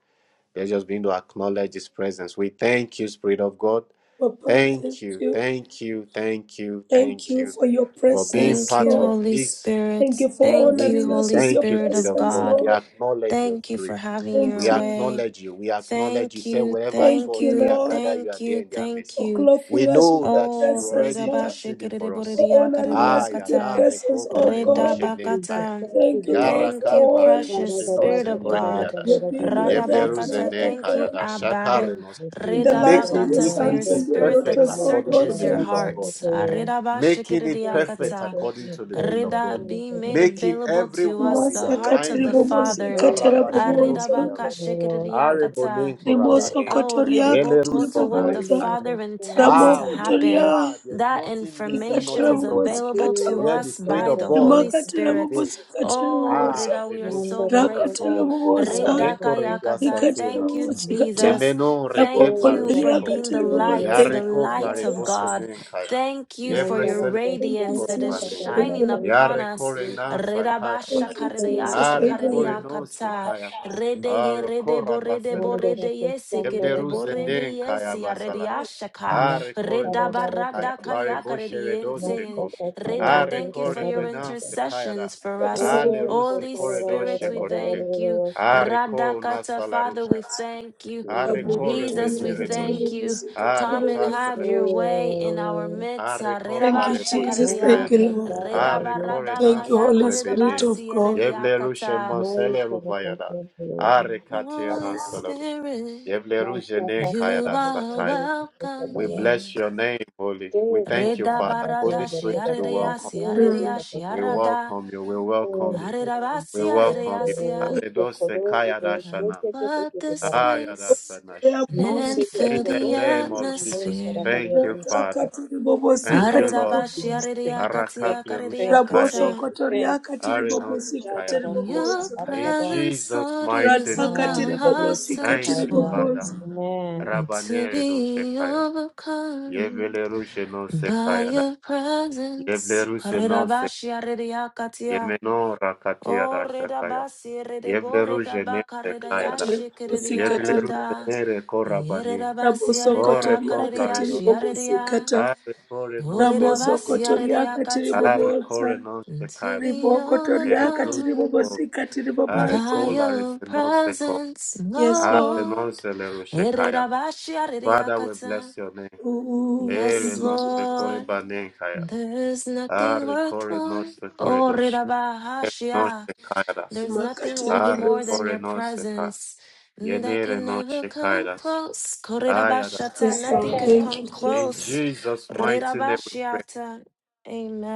Let's just begin to acknowledge His presence. We thank you, Spirit of God.
Papa, thank
Thank you,
you.
thank you, thank you,
Thank
thank
you
you
for your
for being
Thank
presence,
part
you,
of
Lord.
Holy
this
Spirit.
Thank you for
Thank you,
honoring
meeting.
us
Holy
with your
Thank you,
Spirit
Spirit
of
of
presence,
God.
God.
We
Lord.
acknowledge your
Thank you
Spirit.
for having your
We
Thank you.
way.
acknowledge you. We acknowledge you.
Thank
Say,
you,
wherever two
thank
Thank
or
you,
three
you,
are
Lord,
gathered, you
thank
are there
you,
in their
thank
midst.
for
you.
We
clothing us with
know
your
that
Oh,
you
presence,
reda
already
Lord.
interceding for us.
For honoring
Ah,
us with your
redabashikiriborediakaridiyakata.
yada
presence, oh
rekopla
God.
reboshe nenkaya.
Jesus,
Redabakata.
Thank you,
Jesus,
Lord,
Yara
for
Thank you,
kapla
all
precious
that,
reboshe no
Karagada,
oh
Spirit of
God,
zekore
God.
Shakaragada,
you're
beadash.
doing
Barakati,
even
Yeble
right
Bastanta,
ruze
Radabakata,
now, oh
thank you,
nenkaya
God.
da
Abba.
shakare nos.
In the
Jesus,
lives
thank
of
you,
Making
your
Redabakata,
this
for
Lord,
your
sons
meeting
and
thank
your
you,
spirit that
perfect
thank
daughters,
you,
oh
according to
God,
searches
the
your
Lord,
thank
will of
you.
thank
God
you,
hearts.
Lord,
making it
thank you, thank you,
perfect
Aredabashikidiyakata.
thank
according to the will of God,
Rida
you,
being
thank you,
made
making
available to us,
everyone in
the hearts of
Masakatiri
the
alignment.
thank
bobosi,
Father.
you, Jesus,
Arabashatoke
thank
Aridabaka
you,
larush,
Lord, thank
shikiriakata,
arebonen
you,
The
korabane,
oh
rimosokotoria
yeleruse
ridebokoto, what the
katiribobosa
naekai.
Mandara
Father intends
Kosandri,
Ah,
to
where you
ramokotoria
happen.
are, there is
That
nothing missing,
information
nothing
is
ikatarabobosa
broken.
available
ikatara
to
Where
Please,
the
us
Spirit
by
of
the
Father,
God
Holy
Lord,
Spirit.
prevails.
rimakatarabobosa
Oh,
ikatiribobosa
Ah,
reda, we are
redoshe
so
Mandara
korabane,
grateful.
Kosandri,
rakatarabobosa
Rida
omeko
kayakata, and thank you,
regasatenas,
ikatiribobosa ikata
Jesus.
yemeno rekep
Thank
Deva
you for
rabokotoria
larusheko,
being the
katiribobosa
light, the
yareko
Vasudevaya,
light of
plarebose
God. Thank you for your
Mandara
nenkaya,
thank you
radiance that
Kosandra
is
jesus
Korobane.
thank you jesus thank
Katabara
you
shining
lord
upon
Yare
us.
Kosandri,
korena
Rida ba
sakaya
thank
baya.
you
shakarida ya
thank
jesus
you,
Are
thank you
shakarida ya
lord
koreno
Jesus,
kata.
sekaya.
Rede ye
Are
rede
kora
bo rede
basele
bo
rosh.
Mandara
rede ye
Yeble
Kosandra
sekerede bo
ruze
rede
Katabara,
ye
kaya
siya rede
basala.
ya shaka.
Are
Reda
koreno
ba
Makarabara
sekaya.
rada
Bare
Kosandri,
kayaka rede
boshere
yense.
dosteko.
Mastaka
Reda,
Are
Karabara
thank you for
kore
your
Katabara
bena
Katabara,
sekaya da.
intercessions for us.
Ale
katiribobosa
Oh,
ruse
Holy
kore
Katarabara
Spirit,
doshe
we
Katabara
kore.
thank you.
Katabara,
Are korona
Radakata, Father, we thank you.
Jesus,
Arecore
Jesus,
rabokotoria
we
Amen.
beniredos.
thank you.
katiribobosa
Come and
ikatiribobosa
have your
Arataseleros.
way in our
Oh,
midst.
Areco
Thank you, Jesus.
Redabashakaredia.
Manda
Thank
plareboninkaya.
you, Lord.
katara rabo,
Arecore
Thank you,
naste
Holy Spirit
corebede.
of God.
Yevlerushe
Redabaradakayakaredabasierediakata.
manta
moseleru vayada.
rakasantoro,
And Holy
Arecatiana solerus.
Spirit,
Yevlerushe
masha
ne
you
katara
kayada
are
sataya.
bokondo kuseka
welcome
We
bara,
bless
here.
your name, Holy.
te
We thank you,
chakara
Father. Holy
bagonda
Spirit,
kada
we welcome.
Mm.
We
Redabaradashiaredeasiaredeashiarada.
welcome you. We welcome
thank
you.
you, Jesus,
We
Arerabasi,
thank
welcome you.
I
you,
Aredos sekayada
do,
can
shana.
kete kete
flood
kete
this
barakata,
Ayada
place
sanash.
and
mande
Rabobosika
kete
In
fill
the
the
rabo,
name
tiribobosa.
of
rabo
Jesus.
kara
atmosphere.
bari
Thank you,
adnis,
Rataka
Father. Thank
tiribobosika
you, Lord.
Arerabashi,
tiribobosa.
thank you, thank
arereakatia,
Arakaple
you, thank you,
rushekaya.
Raboso
thank
karereakata.
you, thank you,
kotoriaka tiribobosika
chada
Arenoshekaya.
rakosa
Your
tiribobosa.
In
presence,
Jesus'
Lord,
mighty
is
name.
what
Rataka
Ah,
my heart
tiribobosika
searches
Thank you,
Yabadoshikatarya.
for.
Father.
tiribobosa.
Amen.
And to
Rabanere
be
doshekaya.
overcome
Yevele rushe no
by
sekaya da.
your
Yevele
presence.
ruse no se.
Karerabashi, arereakatia.
Yemeno rakatia da
O
shakaya.
redabasi, redebo,
Yevele rushe ne
redabaka,
sekaya da.
redayashi,
Katiribobosika
Yevele rushe
kereriarada.
tiribobosa.
ne reko rabane.
Raboso
O
kotoriaka
do.
tiribobosika
Yerirabasiyaririyakaririyashiyaririya.
ta.
Are kore no
Raboso
sekoredos.
kotoriaka
Arre kore
tiribobosa.
non se
And To be
Riboko
el
toriaka
ruse
overcome
kor,
tiribobosika
arre
by
tiribobosa.
kola
your
rise non se kor,
presence,
Yes,
arre
Lord.
non
Lord.
se Father, we
Yerirabashiyaririyakata.
bless your name.
Ooh,
Ere
Yes,
thank you,
non se
Jesus.
kore
Lord.
banen kaya,
There is nothing
arre
worth
kore non
more.
se kore dosh, ere non
Oh,
se kaya das.
There's nothing
Makatiri
worth
Arre
more
bobos.
than
kore
your
non se ka,
presence mm, that
yenere
can never come close. Korerabashata,
Yes,
nothing
Lord.
could
Thank
come
you,
In
Jesus.
close.
Jesus' mighty name we pray.
Rerabashiata.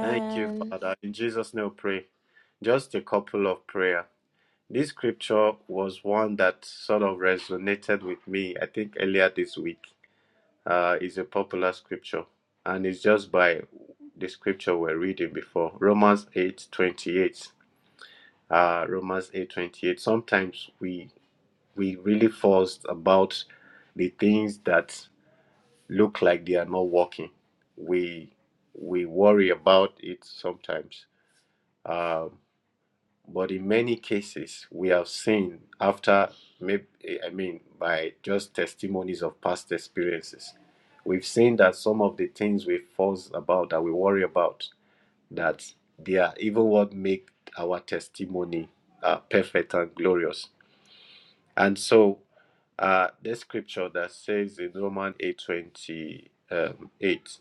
Thank you, Father. In Jesus' name we pray. Just a couple of prayer. This scripture was one that sort of resonated with me, I think, earlier this week. Uh, it's a popular scripture, and it's just by the scripture we're reading before Romans eight twenty eight. Uh, Romans eight twenty eight. Sometimes we we really fuss about the things that look like they are not working. We we worry about it sometimes. Um, But in many cases, we have seen after, maybe, I mean, by just testimonies of past experiences, we've seen that some of the things we fuss about, that we worry about, that they are even what make our testimony uh, perfect and glorious. And so, uh, the scripture that says in Romans eight twenty um, eight,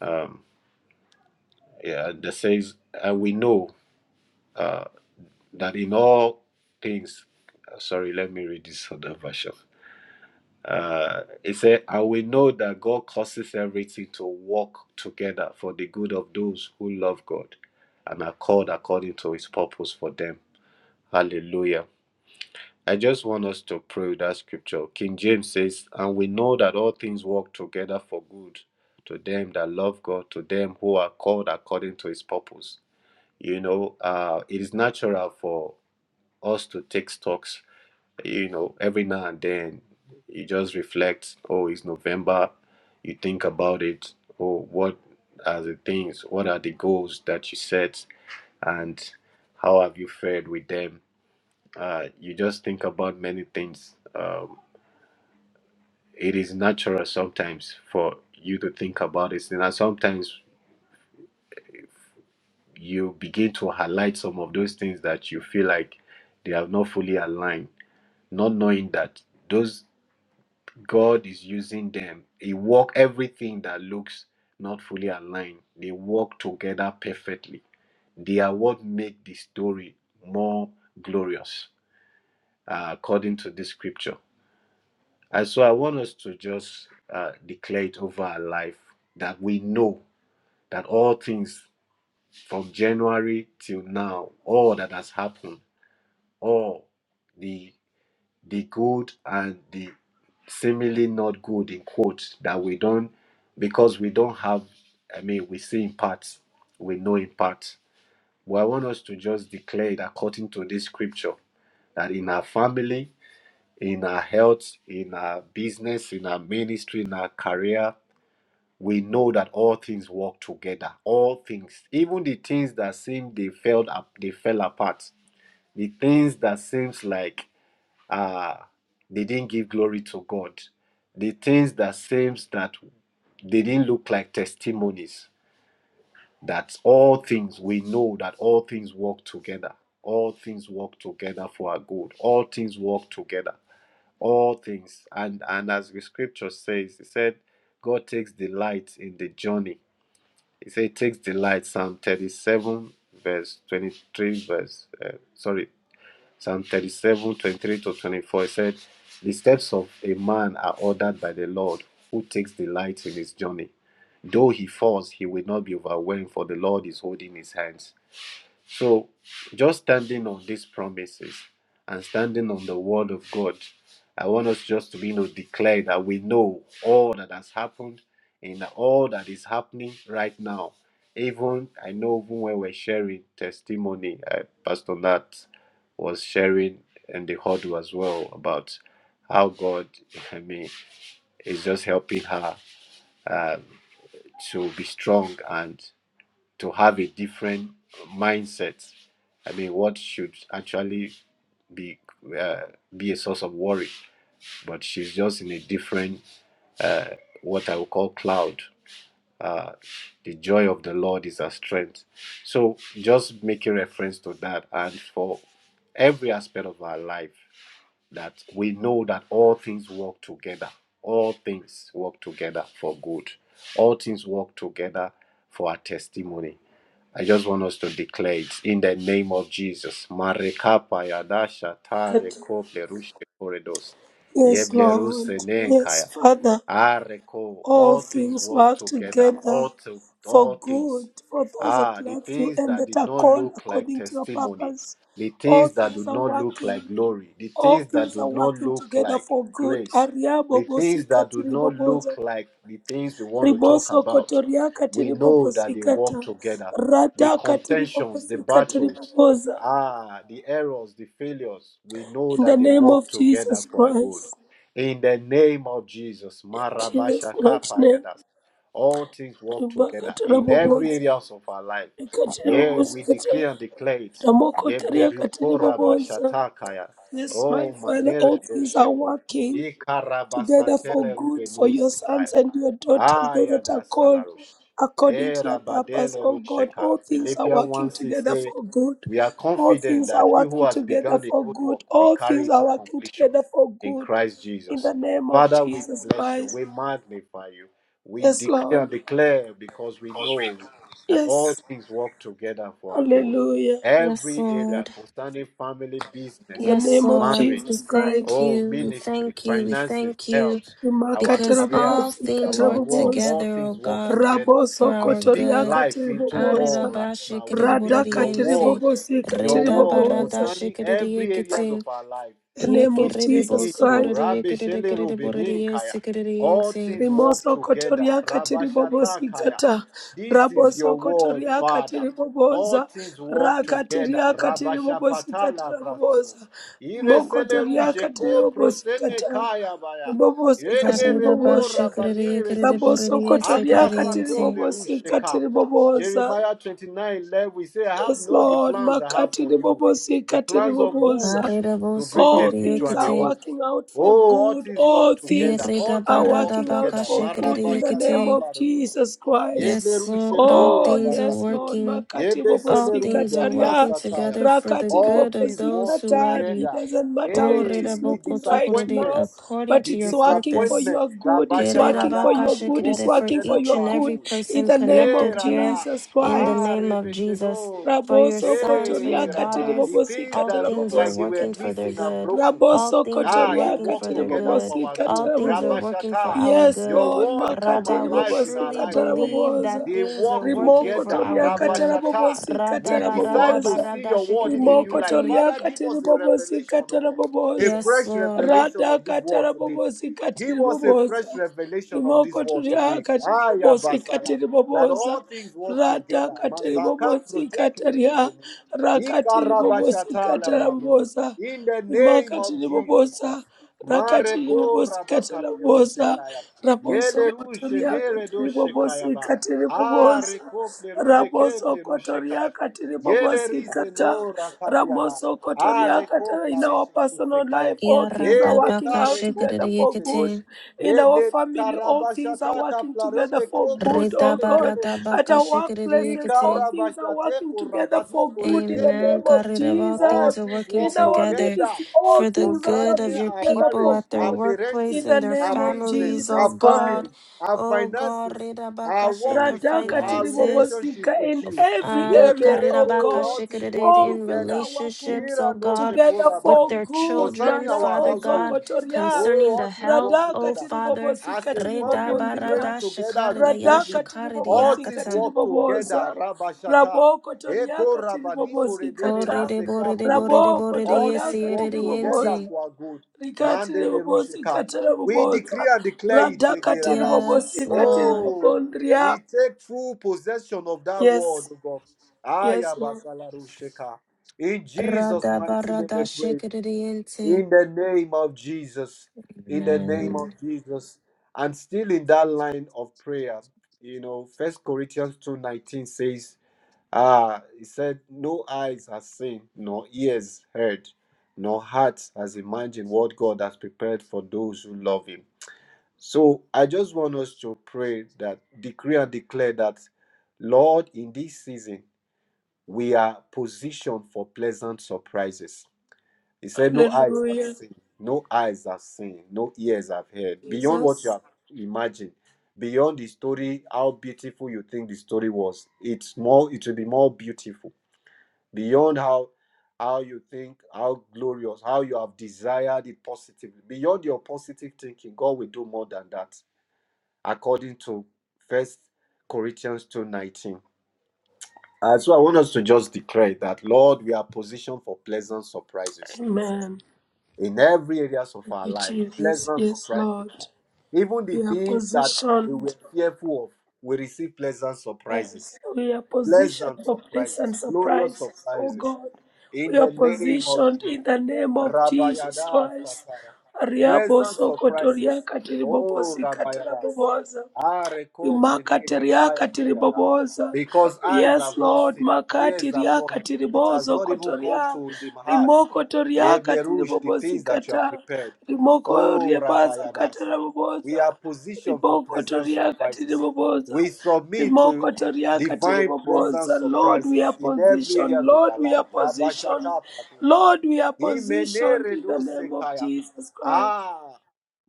um, yeah, that says, and we know. Uh, that in all things, uh, sorry, let me read this other version. Uh, it said, and we know that God causes everything to work together for the good of those who love God and are called according to his purpose for them. Hallelujah. I just want us to pray with that scripture. King James says, and we know that all things work together for good to them that love God, to them who are called according to his purpose. You know, uh, it is natural for us to take stocks you know, every now and then you just reflect, oh, it's November. You think about it. Oh, what are the things? What are the goals that you set? And how have you fared with them? Uh, you just think about many things. Um, it is natural sometimes for you to think about it. And sometimes you begin to highlight some of those things that you feel like they have not fully aligned, not knowing that those. God is using them. He work everything that looks not fully aligned. They work together perfectly. They are what make the story more glorious, uh, according to this scripture. And so I want us to just uh, declare it over our life that we know that all things from January till now, all that has happened, all the. the good and the seemingly not good in quote that we don't because we don't have i mean we see in parts we know in parts but i want us to just declare it according to this scripture that in our family in our health in our business in our ministry in our career we know that all things work together all things even the things that seem they failed up they fell apart the things that seems like Ah, they didn't give glory to God. The things that seems that they didn't look like testimonies. That all things we know that all things work together. All things work together for our good. All things work together. All things. And and as the scripture says, it said, God takes delight in the journey. He said, takes delight. Psalm 37, verse 23, verse uh, sorry, Psalm 3723 to 24 it said, The steps of a man are ordered by the Lord, who takes delight in his journey. Though he falls, he will not be overwhelmed, for the Lord is holding his hands. So, just standing on these promises and standing on the word of God, I want us just to you know declare that we know all that has happened and all that is happening right now. Even I know even when we're sharing testimony, uh, Pastor Nat was sharing in the huddle as well about how God, I mean, is just helping her uh, to be strong. and to have a different mindset. I mean, what should actually be uh, be a source of worry, but she's just in a different uh, what I would call cloud. Uh, the joy of the Lord is our strength. So just make a reference to that, and for every aspect of our life, that we know that all things work together. All things work together for good. All things work together for our testimony. I just want us to declare it in the name of Jesus. Marekapa yadasha tare
Kat-
kople rushe koredos.
Yes,
Yeble
Lord.
ruse
Yes,
nenkaya.
Father.
Areko.
All
All things
things
work
work
together. All
together
to,
for
all things.
good for those that
Ah, the
love you
things
and
that
that
did
are
not
called
look like
according to your
testimony
purpose.
the
All
things that do
things are
not look like
working.
glory, the
All
things that
things
do
are
not
working
look
together
like
for good.
grace,
Aria
the
bobosi
things that do
katiri
not look
bobozo.
like the things we want to talk
riboso
about,
kotoria
we know that they work
katiribobosikata
together. The
rata
contentions, the battles,
katiribobosikatiribobosa
ah, the errors, the failures, we know
in the
that they
name
work
of
together
jesus
for our good.
christ
In the name of Jesus,
in jesus
Marabasha
mighty name
Kapayadas, all things work together in every
ribakatarabobosa
areas of our life. Yeah, we
rikatiribobosikata
declare and declare it
ramokotoria
Deblerukora
katiribobosa
bashatakaya.
yes
Oh,
my father
manere
all things are
dosheko.
working together
Ikarabasatele
for good for your
rubenuze kaya.
sons and your daughters, those
Aya
that are
da
called
salarush.
according to your
Era
purpose.
badele
Oh God,
rusheka.
all things are
Philippians 1
working
6
together
say,
for good.
We are
All
confident
things are
that he who
working
has
together
begun the
for
good
good.
work will
All
carry
things
it
are
to
working
completion
together for
in
good.
Christ
In the
Jesus.
name of
Father, we
Jesus
bless you.
Christ.
We magnify you. We
Yes,
declare
Lord.
and declare because we know that all
Yes.
things work together for our good.
Hallelujah.
Yes,
Every area
Lord.
concerning family,
In
business,
the
Yes,
name of
Lord.
marriage,
We
Jesus Christ.
thank
oh,
you. We
ministry,
thank you. We
finances,
thank you
health our
because
career,
Remarkable,
all things
our
work
work, all
together, O
things work
God,
together.
for
Raboso
We
our
speak
Kotoria
good.
life into
Katiribobosa.
all right
Arirabashi
now. We speak
Rada
your
kerereboririyente.
word,
Katiribobosi
your word
Katiribobosa.
concerning every areas
Redabaradashikeridiekete.
of our life.
In The name
We
of
Yekerere
speak
Jesus
it
boso
to
Christ.
korere
Rabbi
yekerere
Shele
kerere borere
Rubinin Kaya.
yese kerere
All
yense.
things work
Rimoso
together.
Kotoria
Rabashata
Katiribobosi
Kaya.
Kata.
This is your
Raboso
word,
Kotoria
Father. All
Katiribobosa.
things work together.
Rakatiria Katiribobosi
Rabashapata
Kata
Lavrasveno.
Rabosa. Rimoko
Iresele
Toria
Rujeko
Katiribobosi
Prosene
Kata.
Kaya Baya.
Ribobosi
Yede
Karera
reko
bashe
Katiribobosa.
kerere
rabanere
yekerere
nosh.
borere
Raboso
yese
Abra
Kotoria
kerere
sako
yense.
Katiribobosi
plerushe kap.
Katiribobosa.
Jeremiah 29 11 we say, I have
Yes,
know the
Lord.
plans I have
Makati
for you.
ribobosi,
The
kati
plans of good
ribobosa.
Karera
to
boso
bring you a
All
korere
future
things
and a
are
yekete.
hope.
working out for
Oh, all
good.
things
All
work together.
things
All
Yereda
are
things work
barada
working out
together.
for
bakashe
good
kerere
in the
Marabasha
name
yekete.
of
kapla rebose.
Jesus Christ.
Yebe
Yes,
rushe
Lord, all
ko
Oh,
things are
yes,
rabakate.
Lord.
working.
Makati
Yebe
All
bobosi
things are
seleruba
kataria.
working
kasataya.
together for the
Rakati
All
good of
things
bobosi
work
those who
katar.
love you.
It
together.
doesn't matter how
O
it
reda
is
Hey, the
boko
looking right
tokorere,
now,
disappointments.
according
but
The
to
it's
your
working for
purpose.
disappointment,
your good. It's
Rabasha
working for
Rada,
your
it
good. It's
worked
Kererabakashikerere, for
working for
together
each
your
for
and
our
good
every
good.
in
person
the name
Hey
connected
of
here
Rada,
Jesus
in the
Christ.
ah
name of Jesus,
Rebesheno,
for your
Raboso
sons, for your
hey
kotoriaka tiri
Rabba,
daughters.
the things
bobosika
All
that
tara
look
things are
like they were
bobosika
working
ta.
for their
missing and
good.
broken,
All
Raboso
things are
ah, they
working
kotoriaka
work
for
tiri
their
together
good.
for our
bobosika
All
good.
tara
things are
bobo.
working for
Rabashata,
our
Yes,
your
good.
Lord,
word come
Rada,
makatiri
we
alive in our
truly
bobosika
life
tara
today.
believe that
boboza.
They
things are
work
working
Rimoko
for
together.
our
toriaka tara
good.
Rabashata,
bobosika
we
Rada
tara
barada
decide to
boboza.
see
barada
your word in a new
Rimoko
life.
shikiri
Father,
toriaka
give
tiri
us a revelation,
bobosika
oh
tara
God a
boboza.
Yes,
fresh
Lord.
revelation
Rada
of this word
katara
today.
bobosika
Give
tiri
us a fresh
boboza.
revelation of this
Rimoko
word
toria
today.
katiri
Aya
bobosi
basala.
katiri
That
bobosa.
all things work
Rata
together.
katiri
Mazaka
bobosi
protekele
kataria.
rizene.
Rakatiri bobosi
Ikarabashata
katara
labrano.
bobosa.
In the
Rimaka
name of
tiri
Jesus
bobosa.
Christ.
Rakatiri
Mareko
bobosi katara
rabakaperu
bobosa.
shekaya.
Raboso
Yele ru
kotoria
shenere
katiri
do shekaya
bobosi
ba.
katiri bobosa.
Areko pleru beke
Raboso
pleru
kotoria
shekaya.
katiri
Yele
bobosi
rize
kata.
no
Ramoso
are
Kotoriakata in
coplare
our
și nu se
personal
caia.
life, all
Yeah,
things are
rada
Ele
working
baka
out
care
together
copleri
for
se
good.
shikiri
duce.
In our
Yebleri
family, all things are
karabaşata
working
kaplaro
together for
beko
good, oh
prosele
God.
kele
At our
ruşeke. Ni
workplaces, all
Ridabaradabakashikiririyekete.
things are
karabaşate
working together
korabat ni
for good in the
Amen.
koreketele
name
ruş.
of
Karirav, All
All
Jesus.
things are
things
working
In
work
our
together
together
ministry, all
for the
things are
good
concerning
of
working
your
our
together
people
marriage,
for
at their
our
good
workplace
in
parenting,
the
and their
our
name of
business,
families, oh
Jesus
our
Christ.
God.
family, our
Oh God,
finances, our
Ridabakashi in
work
their
with you, our
Radakatiri
finances.
Bobosika,
relationship with
in
you.
every
Um,
area,
Yebereko,
oh God,
all things
Karirabakashikiriri
work
all
in
things
together.
are working
relationships, oh
Yira no
God,
together
with
for
shekorabane.
their
good.
children,
Concerning our
Father
Marabo
God,
household,
Zokotoria,
oh,
concerning the
all things
health,
work
oh
together.
Radakatiri
Father.
As
Bobosika,
a family
Tiribogondria,
praying
Redabarada
together as the
shakaridaya
Spirit lead,
Radakatiri
all things
Bobosika,
shakaridiyakata.
work together.
Tiribobosa,
Rabashata.
Rabo Kotoria,
Eko rabani
Katiribobosikata,
korebele
Borre
Ta,
de
ruse
borre de
kaple
borre
rush.
de
Rabo
borre de
All
Kotoria,
yesi
things
ere de
work together
Katiribobosa.
yente.
for our good.
rikatiri
Mandele
bobosi
rusheka.
katara
We decree
bobosa
and declare it,
Rada Katiri
Geradash.
Yes,
bobosi katiri
Lord.
Oh, we
Bobondria.
take full possession of that word,
Yes,
oh God.
yes, Lord.
Ayabasala rusheka. In Jesus'
Rada
mighty name we
barada
pray.
shekere de yente.
In the name of Jesus. In the name of
Amen.
Jesus. And still in that line of prayer, you know, First Corinthians 2:19 says, Ah, he said, No eyes has seen, nor ears heard, nor hearts has imagined what God has prepared for those who love him. So I just want us to pray that decree and declare that, Lord, in this season, we are positioned for pleasant surprises he said, No eyes have
Hallelujah.
seen, no eyes have seen, no ears have heard. Beyond what you
Jesus.
have imagined, beyond the story, how beautiful you think the story was, it's more, it will be more beautiful. Beyond how how you think, how glorious, how you have desired it positively. Beyond your positive thinking, God will do more than that, according to First Corinthians 2:19. And so I want us to just declare that, Lord, we are positioned for pleasant surprises
Amen.
in every areas of
Thank
our
you,
life.
Jesus.
Pleasant
Yes,
surprises.
Lord.
Even the
We are
things that we
positioned.
were fearful of, we receive pleasant
Yes,
surprises.
we are positioned
Pleasant
for pleasant
surprises, glorious
surprises, oh
surprises.
God.
In
We are
the name of
positioned
Jesus.
in the name of Jesus
Rabayadas
Christ.
Sataya.
Ariabo
Pleasant
sokotoria
surprises. Oh,
katiribobosi
Rabayadas.
katarabobosa.
Areko preneye kaya
Makatiriaka
bayada.
tiribobosa.
Because eyes
Yes,
have not
Lord.
seen, ears have not
Makatiriaka
heard. It has
tiribozo
not even come
kotoria.
to the hearts.
Rimoko toriaka
Yeble Rouge, the things that you have
tiribobosikata.
prepared.
Rimoko
Oh,
riebasa
Rabayadas.
katarabobosa.
We are positioned for
Rimoko
pleasant
toriaka
surprises.
tiribobosa.
We submit to
Rimoko toriaka
divine pleasant
tiribobosa. Lord, we are
surprises in every
positioned.
areas of
Lord,
our
we
life.
are positioned.
Rabashaka Platoke.
Lord, we are positioned in the name of
Imeneredosekaya.
Jesus Christ.
Ah,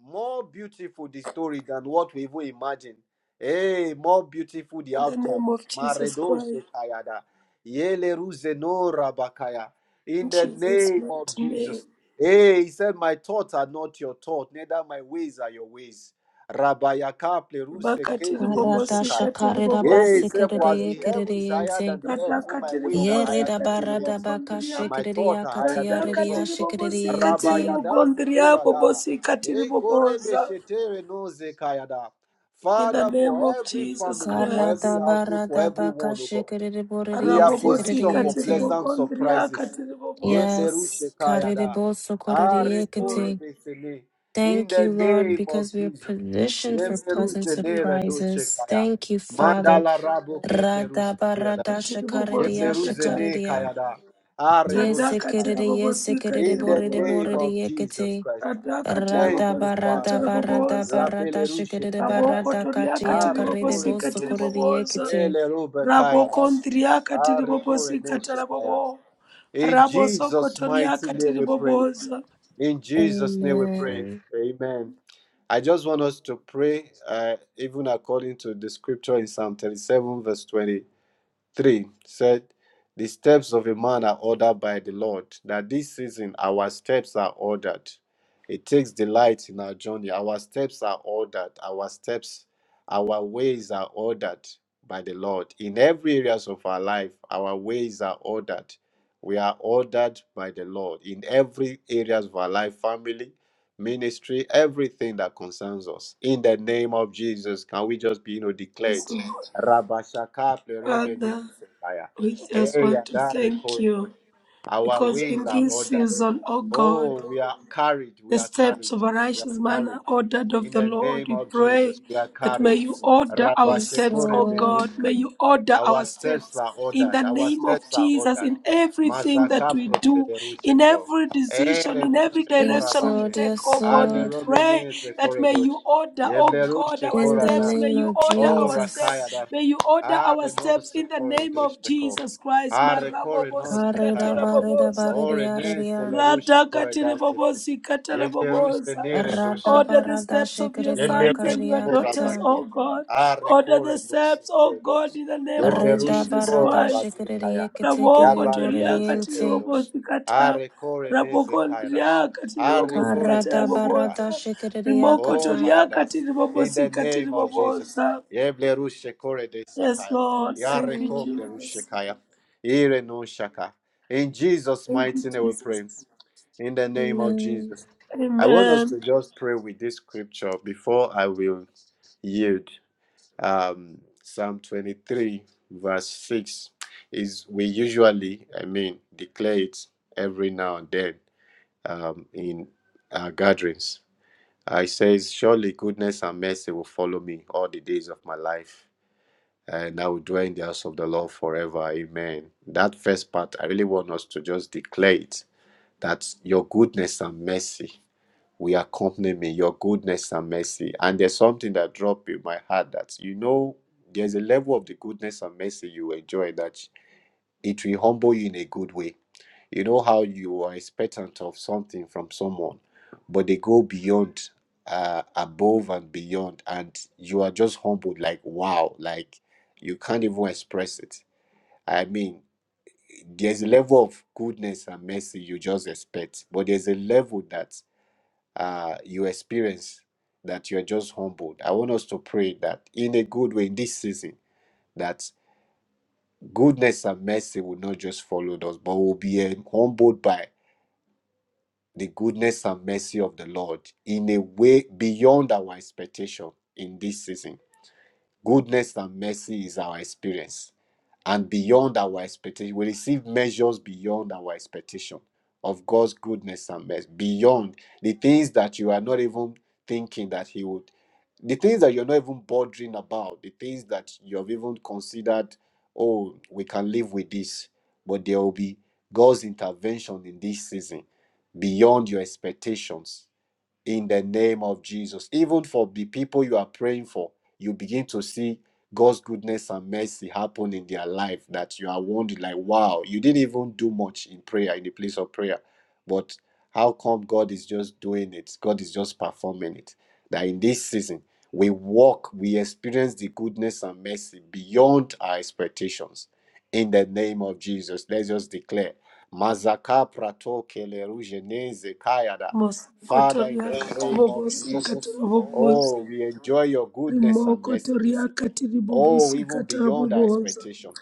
more beautiful the story than what we even imagine. Hey, more beautiful the
In the name of
outcomes.
Jesus Christ.
Maredosekayada. Yeleruzeno rabakaya. In
In
the
Jesus'
name of
mighty name.
Jesus. Hey, he said, My thoughts are not your thoughts, neither my ways are your ways. Rabayaka
Bakatiri
Karada
bobosi
plerusekaya.
katiri
shakare da
Yeah,
bobosi
he
basekere de
For
katara
as the
bobo.
yekere
heaven
de
is higher
yente.
than the
Rata
earth, so my
katiri
ways are
Yere
bobosi
higher
da
than your
katiri
barada
ways,
baka
and
bogondria.
my
shekere de
thoughts are
yakati
higher than
Rata
yare
your
de
thoughts.
katiri
yashekere de
bobosi
yente.
katiri
Rabayada
bogondria
sekurada.
bobosi katiri
Ekore
boboza.
beshetere no zekayada.
In the
Father,
name
for
of
every
Jesus
family, for
Karada
every
Christ.
household, for
barada baka
everyone,
shekere de borre de
we are
yesekere
Arabobosi
de
positioned for
katiri
yente.
pleasant
bogondria
surprises.
katiri boboza.
Yes. Karede
Yeblerushekayada.
boso korede
Yes,
yekete.
Lord.
Arekorebesene. In
Thank
the
you, Lord,
name of
because we are
Jesus.
In
positioned for
Jesus' mighty
pleasant
name.
surprises.
Yebleruzeneredoshekaya.
Thank you, Father.
Mandala rabo keblerusekeyadash.
Katiri
Radabaradashakaridaya,
bobosi kata.
shakaridaya.
Yebleruzenekayada.
Rata katiri
Aredoshekaya.
Yesekerede,
bobosi
yesekerede,
In
katiri
the
borede,
name
boboza.
borede,
of Jesus
yekete.
Christ.
Radhaka
Thank you,
tiribobosika
Father
tiribobosa.
Rabelerushe
Radabaradabaradaradabarada,
Raboko
Kayadas.
toriaka
baradakatiya, karede,
Arekore
tiribobosika
Benus.
bosokorede,
tiribobosa.
yekete.
Eleruba
Raboko
Kayadas.
ndriaka
Arekore
tiribobosika
Neshe Kaya.
tarabobo.
In
Rabosoko
Jesus' mighty
toriaka
name we pray.
tiribobosa.
In Jesus' name we pray.
Amen.
Amen. I just want us to pray, uh, even according to the scripture in Psalm 37, verse 20. 3 said, The steps of a man are ordered by the Lord. That this season our steps are ordered. It takes delight in our journey. Our steps are ordered. Our steps, our ways are ordered by the Lord. In every areas of our life, our ways are ordered. We are ordered by the Lord in every areas of our life, family, ministry, everything that concerns us. In the name of Jesus, can we just be, you know,
Yes,
declared?
Lord.
Rabashaka Plerobe
Father,
Sekaya.
we
Eh,
just want to
Yadare
thank you
Korotosh. Our
because
ways
in
are
this
ordered.
season, oh God,
Oh, we are carried. We
the
are
steps
carried.
of a
We are
righteous man are
carried.
ordered of
In
the
the
Lord.
name
We
of
pray
Jesus, we are
that may
carried.
you order our
Yes,
steps, O
Lord.
Rabashekore
God. May you order
our
our
steps
steps
are
in
ordered.
the
Our
name of
steps are
Jesus
ordered.
in everything that
Mazaka
we do, in
prostederusheko.
every decision,
Ere
in every
noshe
Yes,
direction we
Lord.
korabane.
take,
Yes,
O God.
Ale
We
Lord.
pray
robene ze
that may you
koredosh.
order, O
Yeble
God,
rushe
our
In the
steps.
korana.
May
name
you
of
order
O
our steps.
Jesus.
rakayada.
May you order our
Are
steps
nos
in the name of
koredesheko.
Jesus Christ.
Are kore nos
Karida
kayada.
barida
Marabobosikatarabobosa.
O
baridia
renese
ridia.
la rushe koredaseko. Yeble
Ratakatiribobosikatarabobosa.
ruse
Rada
Order the
barada
steps of your
shikridia
sons
Yeblerushe
and your
karidia
daughters,
kata.
korabani.
O God.
Are
Order
kore
the
dose
steps, O God, in the name of
Rida
Yeblerushe
Jesus
barada
Christ.
korabani
shikridia
kaya.
Raboko
kitikiri
Yabare dose
buridiente.
toriakatiribobosikata.
Are kore neze Are kore
Karada
nose
barada
Rabokondriakatiribobosikatarabobosa.
shikridia
Rimoko
Oh
kata.
mayadas. In the name of Jesus.
toriakatiribobosikatiribobosa.
Yeblerushe kore
Yes,
kaya.
Lord.
Yes,
Yare
Thank you,
Lord.
koplerushe
Jesus.
kaya. Ire no shaka. In Jesus'
Thank you,
mighty name we
Jesus.
pray. In the name of
Amen.
Jesus. I want us
Amen.
to just pray with this scripture before I will yield. Um, Psalm 23, verse 6 is we usually, I mean, declare it every now and then um, in our gatherings. Uh, it says, Surely goodness and mercy will follow me all the days of my life, and I will dwell in the house of the Lord forever. Amen. That first part, I really want us to just declare it that your goodness and mercy. We accompany me, your goodness and mercy. And there's something that dropped in my heart that you know there's a level of the goodness and mercy you enjoy that it will humble you in a good way. You know how you are expectant of something from someone, but they go beyond, uh, above and beyond, and you are just humbled, like wow, like you can't even express it. I mean, there's a level of goodness and mercy you just expect, but there's a level that uh, you experience that you are just humbled. I want us to pray that in a good way in this season, that goodness and mercy will not just follow us, but will be um, humbled by the goodness and mercy of the Lord in a way beyond our expectation in this season Goodness and mercy is our experience and beyond our expectation. We receive measures beyond our expectation of God's goodness and mercy, beyond the things that you are not even thinking that He would, the things that you're not even bothering about, the things that you have even considered, oh, we can live with this, but there will be God's intervention in this season beyond your expectations in the name of Jesus. Even for the people you are praying for, you begin to see God's goodness and mercy happen in their life that you are wondering, like, wow, you didn't even do much in prayer, in the place of prayer. But how come God is just doing it? God is just performing it. That in this season, we walk, we experience the goodness and mercy beyond our expectations. In the name of Jesus, let's just declare. Mazaka prato keleruje neze kayada. Father, in the
Mosokotoriaka
name of
tiribobosi
Jesus, oh,
katiribobosa.
we enjoy your goodness and mercy this
Rimokotoriaka
evening. Oh,
tiribobosi
even beyond our
katiribobosa.
expectation.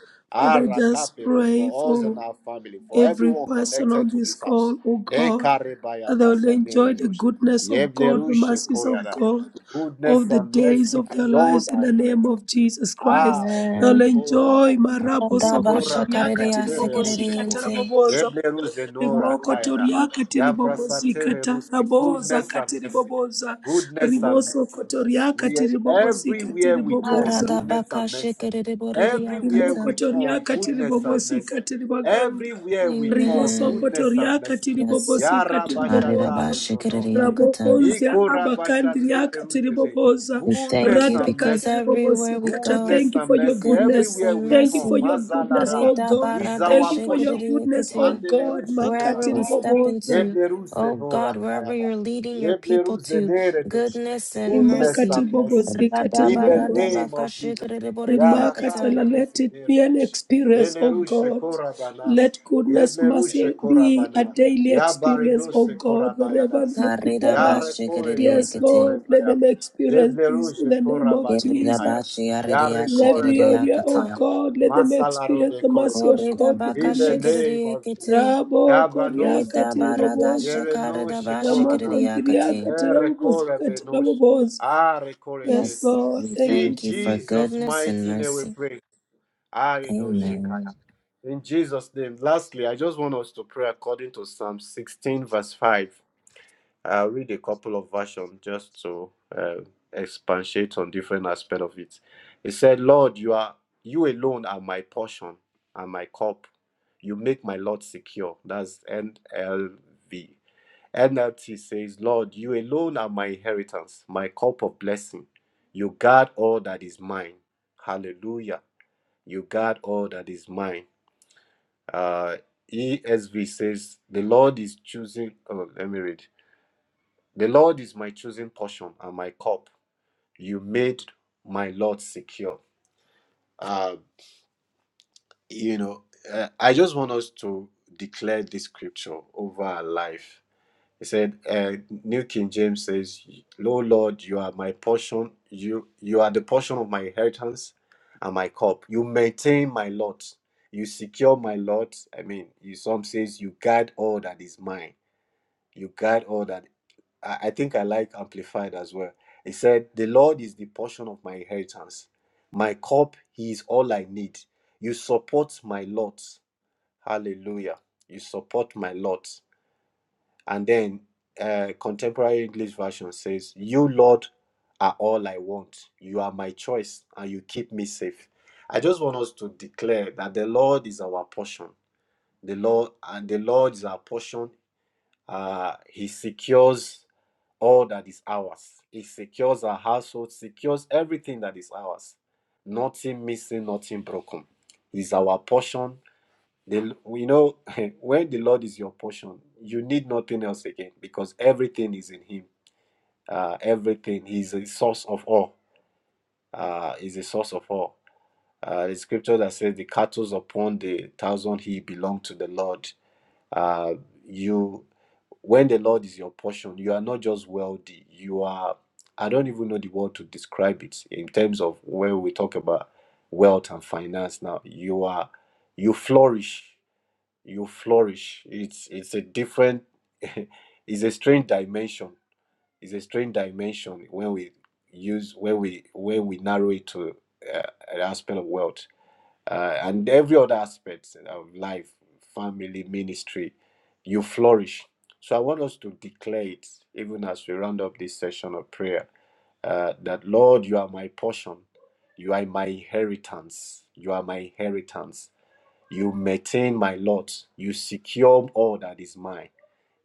Father, just
Arakaperu
pray
For us and
for
our family, for
every
everyone
person
connected
on
to
this
this house.
call, oh God,
Ekarebaya
that they will enjoy the
basanerenush.
goodness of God, the
Yeblerushe
mercies of
koyara.
God, of
Goodness
the
and
days
mercy
of their
beyond
lives in
our
the name
expectation.
of Jesus Christ.
Ah, we
They'll
Amen.
call Rabbi.
enjoy marabo
We
Rada
call
basha
Rabbi
sokotoriaka
karidia
Shatele
tiribobosika
Ruseko.
sikridiente.
taraboboza.
Yeble Ruse Nora
Rimoko
Kayada.
toriaka tiribobosika
Yabrasatele Ruse.
taraboza
Goodness and mercy.
katiriboboza.
Goodness and mercy.
Riboso kotoriaka
We
tiribobosika
everywhere we turn,
tiriboboza.
Arada
goodness
baka
and mercy.
shikiridi boridi
Everywhere we
yakata.
turn,
Rimokotoriaka
goodness and
tiribobosi
mercy.
katiribaganda.
Everywhere we turn,
Amen.
goodness and
Ribosokotoriaka
mercy.
Yes.
tiribobosi
Arida ba
katiribobosa.
Yarabashatale
shikiridi
Bronoke.
yakata.
Rabokonzia
Iko Rabashatele
abakandriaka
Rusene.
tiribobosa.
We thank
Goodness
you
and
Radaka
because
mercy.
everywhere
tiribobosi
we
kata.
go,
Goodness
Thank you
and
for your
mercy
goodness.
goodness
everywhere
and
we
Thank you
turn.
for
mercy.
your goodness,
Mazalara
oh
Reda
God.
is
barada
Thank
our
you for your
shekere
portion.
goodness, oh
ekete.
Mandele
God.
ruse
Wherever we
korabane.
step
Makatiribobosa.
into,
Yeble ruse
oh God,
nora
wherever
kayaba.
you're leading your
Yeble
people
ruse
to,
nere
goodness and
goodness
mercy.
and mercy.
Imakatibobosi
Rada
In the
barada
katiribobosa.
name
baka
of Jesus.
shekere borede yakata.
Remarkatala,
Yarakape
let it be an
ruzemeredosh.
experience, O
Yelerushe
God.
korabanas.
Let goodness,
Yelerushe
mercy be a
korabana.
daily experience, O
Yabaredose
God, wherever
korabayadas.
your people
Kareda ba
are.
shekere
Yes,
Yarekoredose
ekete.
Lord, let
korebaya.
them experience this in
Yebleruje
the name of
korabane
Kereda ba
kaya.
Jesus. In every
shekere
area,
Yarekorenashe
O
kaya.
yakata.
God, let them experience
Masalarube
the mercy of
koredosh.
Koreda
God, the
baka
In the
goodness.
name
shekere
of Jesus.
ekete.
Rabo koriaka
Reda
Yabanoseko.
barada
tiriboboza.
shakarada
Yerenoshe
Ramoko mpiriaka
bashikiriakate.
tirabobozika
koranas.
tiraboboza.
I recorded
Yes,
Yes,
this.
Lord,
Lord,
we
thank you,
In
thank you for
Jesus.
Jesus'
goodness and
mighty name we
mercy.
pray. Arido Shekaya.
Amen.
In Jesus' name. Lastly, I just want us to pray according to Psalm 16, verse 5. I'll read a couple of versions just to uh, expatiate on different aspects of it. It said, Lord, you are you alone are my portion and my cup. You make my Lord secure. That's NLV. NLT says, Lord, you alone are my inheritance, my cup of blessing. You guard all that is mine. Hallelujah. You guard all that is mine. Uh, ESV says, The Lord is choosing. Oh, let me read. The Lord is my choosing portion and my cup. You made my Lord secure. Uh, you know, uh, I just want us to declare this scripture over our life He said, uh, New King James says, Lo Lord, you are my portion, you you are the portion of my inheritance and my cup. You maintain my lot. You secure my lot. I mean, you some says you guard all that is mine. You guard all that I, I think I like amplified as well. He said, The Lord is the portion of my inheritance. My cup, he is all I need. You support my lot. Hallelujah. You support my lot. And then uh, contemporary English version says, You, Lord, are all I want. You are my choice, and you keep me safe. I just want us to declare that the Lord is our portion. The Lord and the Lord is our portion. Uh, he secures all that is ours. He secures our household, secures everything that is ours. Nothing missing, nothing broken. He's our portion the, we know when the Lord is your portion, you need nothing else again because everything is in Him. Uh, everything He is a source of all. Uh, is a source of all. Uh, the scripture that says, "The cattle upon the thousand he belong to the Lord." Uh, you, when the Lord is your portion, you are not just wealthy. You are. I don't even know the word to describe it in terms of when we talk about wealth and finance. Now you are. You flourish you flourish it's it's a different it's a strange dimension it's a strange dimension when we use when we when we narrow it to uh, an aspect of wealth uh, and every other aspect of life family ministry you flourish so i want us to declare it even as we round up this session of prayer uh, that lord you are my portion you are my inheritance you are my inheritance you maintain my lot. You secure all that is mine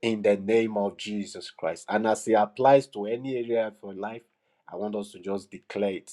in the name of Jesus Christ. And as it applies to any area of your life, I want us to just declare it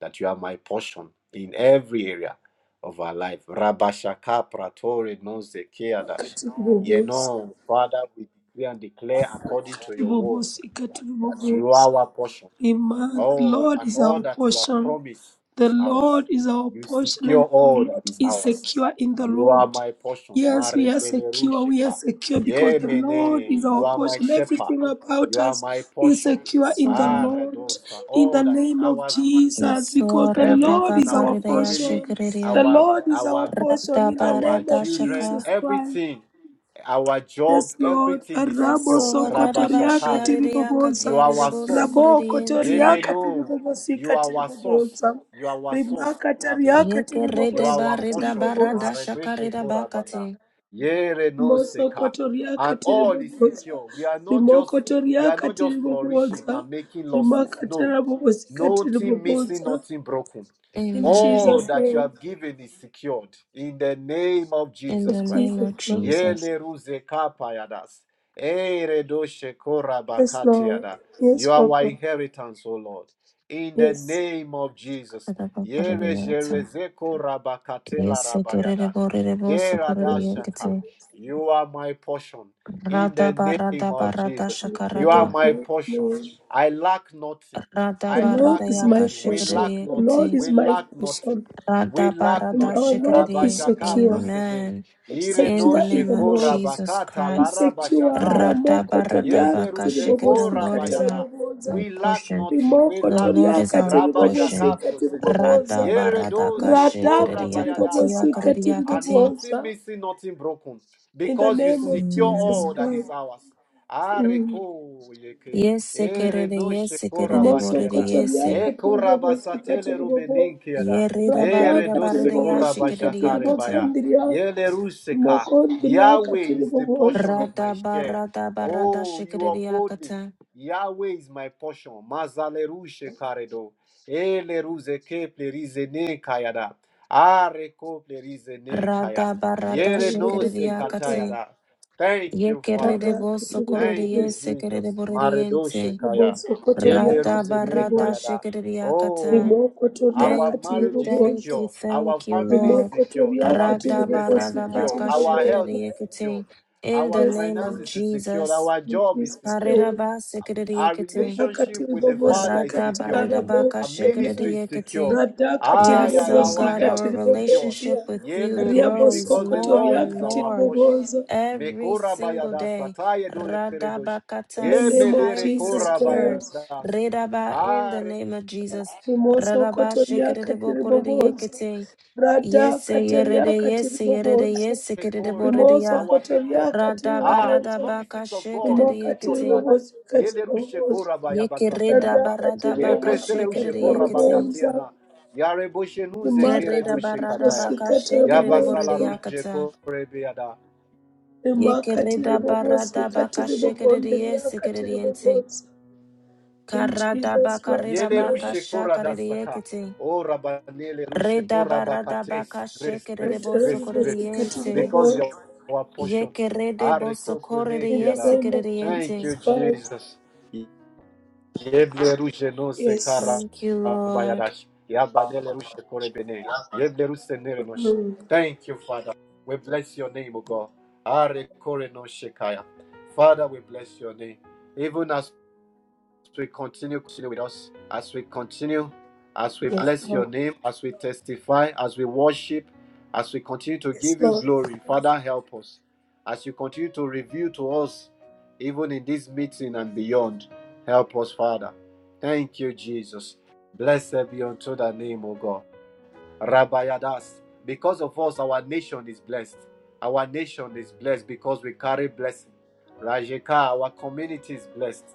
that you are my portion in every area of our life. Rabashaka pratore noze keadash.
Wakati
You
riboboza.
know, Father, we declare and declare according to your word
Tibobosika,
that you
tibobosa.
are our portion
Amen. The
Oh,
Lord
and
is
all
our
that you have
portion.
promised
The
is ours.
Lord is our
You
portion,
secure
and our
all that
Lord
is
is
ours.
secure in the
You are
Lord.
my portion.
Yes,
Mare
we are secure. We are
belerusheka.
secure because the Lord is
Yemene. You
our
are my
portion.
shepherd.
Everything about
You are my
us is
portion.
secure in the
So,
Lord.
Aradosa.
In the
All that is
name of
ours is secured.
Jesus,
yes,
because
Lord,
the
rada
Lord
Everything,
is
our
our
bakarida
family,
portion. The
yashikiriya.
our
Lord is our
our
Rada
portion in the
our
name
barada
of
children,
shaka.
Jesus Christ.
everything, our job,
Yes, Lord.
everything is
Yes,
Rabo
secured.
Lord, rada
sokotoria sokotoriaka
Rabashatale.
bashiaridiakate
You
tiribobosa.
are our
aridibo
source.
Rabo
Ye
kotoria
sokoridiente.
may
kotoriaka
know you
tiribobosika
are our source.
tiribobosa.
You are our source.
Rimaka
Rubbish.
tariaka
Yeke
You
rede
are our
tiribobosika
barida
portion.
tiribobosa.
barada
Marebeshe
shakarida
korabana.
bakate.
Yere no
Moso
seka.
kotoria kotoriaka
And all is
tiribobosa.
secure. We are not just
Rimoko
we are
toriaka
not just flourishing
tiribobosa.
and making losses.
Rimaka
No.
tarabobosika
Nothing missing,
tiribobosa.
nothing broken.
In
All
Amen.
Jesus'
that you
name.
have given is secured in the name of
In
Of
Jesus
the name
Christ.
Jesus'
of
name.
Jesus.
Yele ruze kapayadas. Ere doshe
Yes, Lord.
korabakatiada.
Yes,
You are our
Papa.
inheritance, O Lord. In the
Yes.
name of Jesus. Yere jerezeko rabakatela
Yes, kerere
rabayadash.
borere boso korere
Thank you,
Yeradashaka.
yekete.
Jesus.
You are my portion. In
Rada
the name
barada
of
barada
Jesus.
In
You are
shakarada.
Jesus'
my
name.
portion.
Amen.
I lack nothing.
Rada
The
I
Lord
barada
lack
is
yaka
my
nothing. We
portion.
shakarere
lack
The
nothing.
Lord
yekete.
is
We
my
lack nothing.
portion.
We
Rada
lack
barada
And our
nothing.
Lord is
shakarere.
Rabashaka
secure.
prosene.
Amen.
It's
Ire
In
no
the
secure in
name
the
of
sheko
Lord.
Jesus
rabakata
It's
Christ.
secure.
larabashata reko.
Rada
Ramoko
barada
Yeble
toriaka
baka shakere. The
ruzeko
tiribobosi
Lord is my,
rabayada.
kataraboboza.
my
We lack
portion.
nothing. We
Rimoko
The
lack
Lord is
nothing.
toriaka
our
tiribobosi
portion.
Rabashaka prosene.
Rada
katiriboboza.
Yere
barada
do
ka
seko
Radaka
shakarere
rabayada
yakati
tiribobosi
saka.
yakarere
And
yakati.
nothing
katiriboboza.
missing, nothing broken.
In the
Because you
name of
secure
Jesus
Amen.
all that is
Christ.
ours.
Mm.
Areko yeke.
Yes,
Ere
kerede,
no
yes,
sheko
kerede,
Moso
borede,
rabatera.
yes.
Kotoria
Eko
Katiribobosi
rabasatele
Katiribobo
rubeninkiada.
Yerida
Rada
Ere
barida
dose
barida ya
kora
Katiribobosi
shikidi
Katiribo
baya.
yakata.
Kandria
Yele ruseka.
Mokondria
Yahweh is the
Katiribobosi
portion of my
Rada
share.
barada barada
Oh, you
shikidi
uphold me.
yakata.
Yahweh is my portion. Mazale rushe karedo. Ele ruze ke plerize ne kayada. Are ko plerize ne kaya.
Rada barada
Yere no
shikidi
se
Katiribobosi Kata
yakate.
katayada. Thank you, Father.
Yekerede
Rada
boso korede,
Thank you,
Katiribobosi
yes, kerede,
Jesus.
borede,
Maredoshe
yente.
kaya.
Moso Kotoria
Yeble
Rada
ruze ne
barada
kaya
Katiribobosi
da.
shikidi yakata.
Oh,
Rimo Kotoria
our
Thank you,
marriage is
thank
Katiribobosi
you,
secured. Our
thank you,
family is
Rimo
Lord.
secured.
Kotoria
Our
Rada
business is
Katiribobosi
barada
secured.
baka
Our health
Katiribobosi
shikidi
is
yakate.
secured.
In the
Our
Yes,
name of
Lord,
finances is secured.
Jesus.
Our
in
job is
Jesus'
secured.
name.
Kariraba
Um, Our
sikiririekete.
relationship
Rakatiri
with the
bobosi
Father is
Rada
secured.
katara
bariraba
Our
bokotoria.
ministry is
kashikiririekete.
secured.
Rada katiri
Ah,
Yes,
yeah,
oh
bobosi
our
God,
health
our
katiri
is secured.
relationship
bobonzia.
with you
Yele
Ria
rouge,
boso
grows
because the
more
kotoria
Lord
and
is
katiri
our
more
portion.
bobozo.
every
Mekora
single
bayadas
day.
sataya do keredosh.
In
Radabakata,
the
Ye
name of
medere
highly
Jesus
kora
secured.
Christ.
bayadas.
Redaba, in the
Are
name of Jesus.
Rimoso
Radaba,
kotoria katiri bobozo.
shikiribokoridiyekete.
Rada
Yes,
kataria
yerede, yes,
katiri
yerede,
bobozo.
yes,
kore
Rimoso
sikiriboridiyah.
our
kotoria
people.
katiri
Radaba,
Ah, the
bobozo.
promises
radabaka,
of God
Rimo
is secured
katiri
shikiriboridiyekete.
in our life.
bobosi
Ye
katiri
lerushe
bobozo.
kora
Ye
bayabasatela
kereda
Rada
raba.
barada
katiri
Ye
baka
bobosi
bresele rushe
shekerere
katiri
kora
yekete.
bobozo.
bakatiana. Ya reboshe nuze
Kereda
rimakatiri
keredoshe
barada
kataya.
baka
mumosikatiri
Ya
shekerere
mumose
borere
basala rushe
yakata.
kore beyada.
Ye
rimakatiri
kereda barada baka
mumosikatiri
shekerere yesekerere
mugondiriakatiri
yente.
mumose in
Karada
jesus
baka
mighty
reda
Yele
baka
name
rushe kora
shakarere
dasaka.
yekete.
Oh, Rabbanele rushe
Reda
kora
barada
bakates.
baka
Grace,
shekerere
grace,
ratiri
boso
grace,
korere
grace.
mumosikatiri
yente.
Because you
mumose
are our
Ye
portion.
kerede
Are
boso korere
koprone
in the
kiara.
name of
yesekerere
Thank
jesus
yente.
you,
christ
Jesus. Yeble rushe no se
yes
kara
Thank you, Lord.
bayadash. Yabanele rushe kore bene. Yeble rushe nere nosh.
Mm.
Thank you, Father. We bless your name, O God. Are kore no shekaya. Father, we bless your name. Even as we continue, continue with us, as we continue, as we
yes
bless your
lord
name, as we testify, as we worship, as we continue to
yes
give you
lord
glory, Father, help us. As you continue to reveal to us, even in this meeting and beyond, help us, Father. Thank you, Jesus. Blessed be unto the name, O God. Rabayadas. Because of us, our nation is blessed. Our nation is blessed because we carry blessing. Rajeka, our community is blessed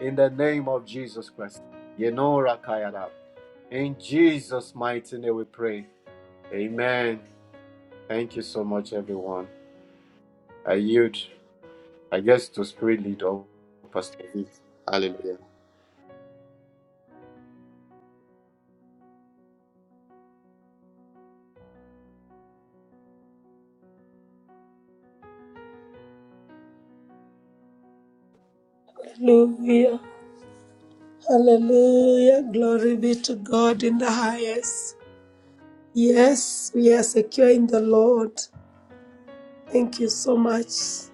in the name of Jesus Christ. Yenora Kayada. In Jesus' mighty name we pray. Amen. Thank you so much, everyone. I yield, I guess, to Spirit lead or Pastor V. Hallelujah.
hallelujah hallelujah glory be to god in the highest yes we are secure in the lord thank you so much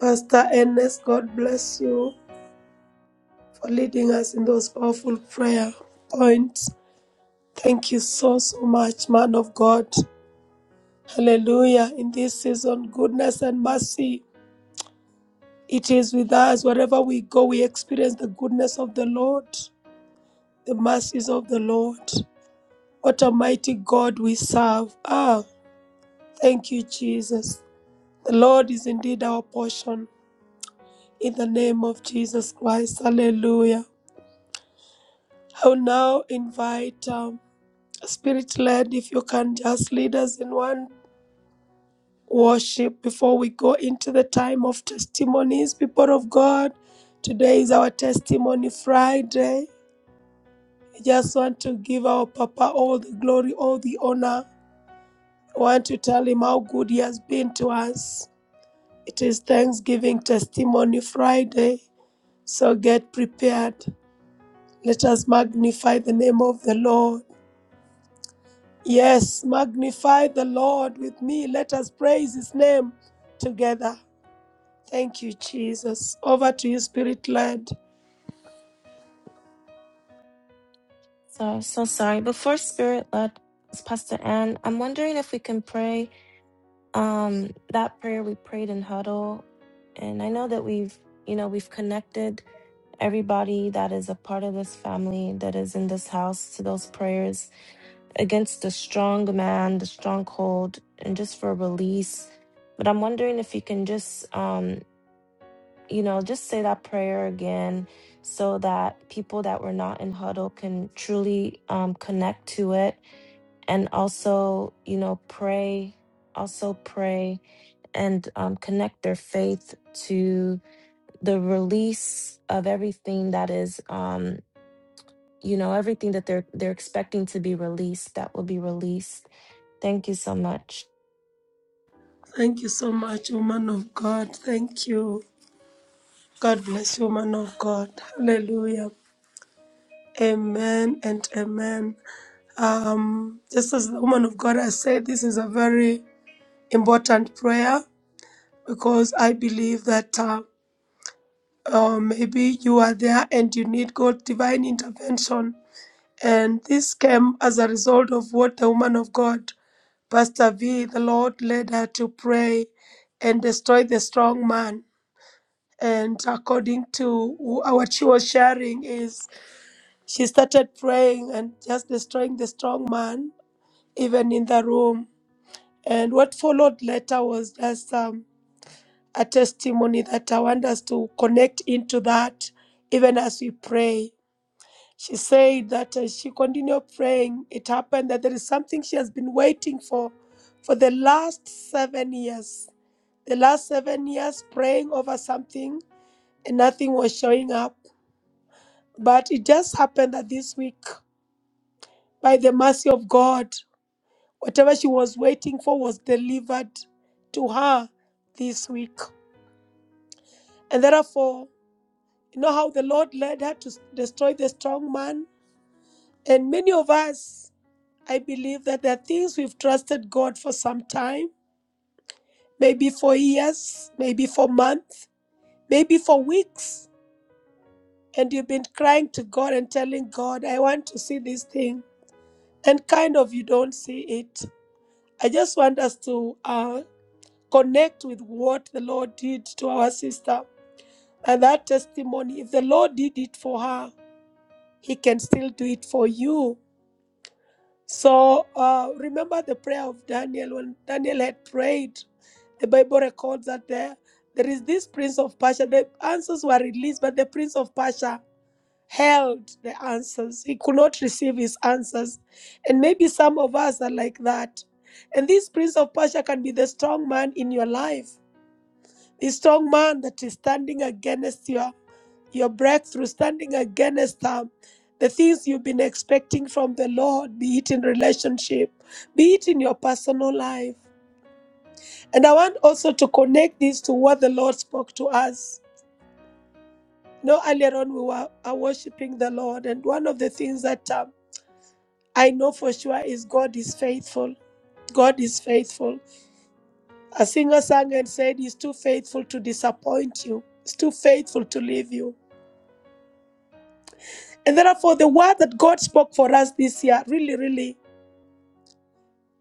Pastor Ernest, God bless you for leading us in those powerful prayer points. Thank you so, so much, man of God. Hallelujah. In this season, goodness and mercy, it is with us. Wherever we go, we experience the goodness of the Lord, the mercies of the Lord. What a mighty God we serve. Ah, thank you, Jesus. The Lord is indeed our portion. In the name of Jesus Christ. Hallelujah. I will now invite um, Spirit led, if you can just lead us in one worship before we go into the time of testimonies, people of God. Today is our testimony Friday. I just want to give our Papa all the glory, all the honor. I want to tell him how good he has been to us. It is Thanksgiving Testimony Friday, so get prepared. Let us magnify the name of the Lord. Yes, magnify the Lord with me. Let us praise his name together. Thank you, Jesus. Over to you, Spirit led.
So, so sorry. Before Spirit led Pastor Ann, I'm wondering if we can pray Um, that prayer we prayed in huddle, and I know that we've, you know, we've connected everybody that is a part of this family that is in this house to those prayers against the strong man, the stronghold, and just for release. But I'm wondering if you can just, um, you know, just say that prayer again so that people that were not in huddle can truly um, connect to it and also you know pray also pray and um, connect their faith to the release of everything that is um, you know everything that they're they're expecting to be released that will be released thank you so much
Thank you so much, woman of God. Thank you. God bless you, woman of God. Hallelujah. Amen and amen. Um, just as the woman of God has said, this is a very important prayer because I believe that uh, uh, maybe you are there and you need God's divine intervention And this came as a result of what the woman of God, Pastor V, the Lord led her to pray and destroy the strong man. And according to wh- what she was sharing, is she started praying and just destroying the strong man, even in the room. And what followed later was just um, a testimony that I want us to connect into that, even as we pray. She said that as she continued praying, it happened that there is something she has been waiting for for the last seven years. The last seven years praying over something and nothing was showing up. But it just happened that this week, by the mercy of God, whatever she was waiting for was delivered to her this week. And therefore, you know how the Lord led her to s- destroy the strong man? And many of us I believe that there are things we've trusted God for some time, maybe for years, maybe for months, maybe for weeks. And you've been crying to God and telling God, I want to see this thing. And kind of you don't see it. I just want us to uh, connect with what the Lord did to our sister. And that testimony, if the Lord did it for her, he can still do it for you. So uh, remember the prayer of Daniel when Daniel had prayed The Bible records that there, there is this prince of Persia. The answers were released, but the prince of Persia held the answers. He could not receive his answers. And maybe some of us are like that. And this prince of Persia can be the strong man in your life, the strong man that is standing against your, your breakthrough, standing against um, the things you've been expecting from the Lord, be it in relationship, be it in your personal life. And I want also to connect this to what the Lord spoke to us. You know, earlier on we were are worshiping the Lord, and one of the things that um, I know for sure is God is faithful. God is faithful. A singer sang and said, He's too faithful to disappoint you. He's too faithful to leave you. And therefore, the word that God spoke for us this year really, really,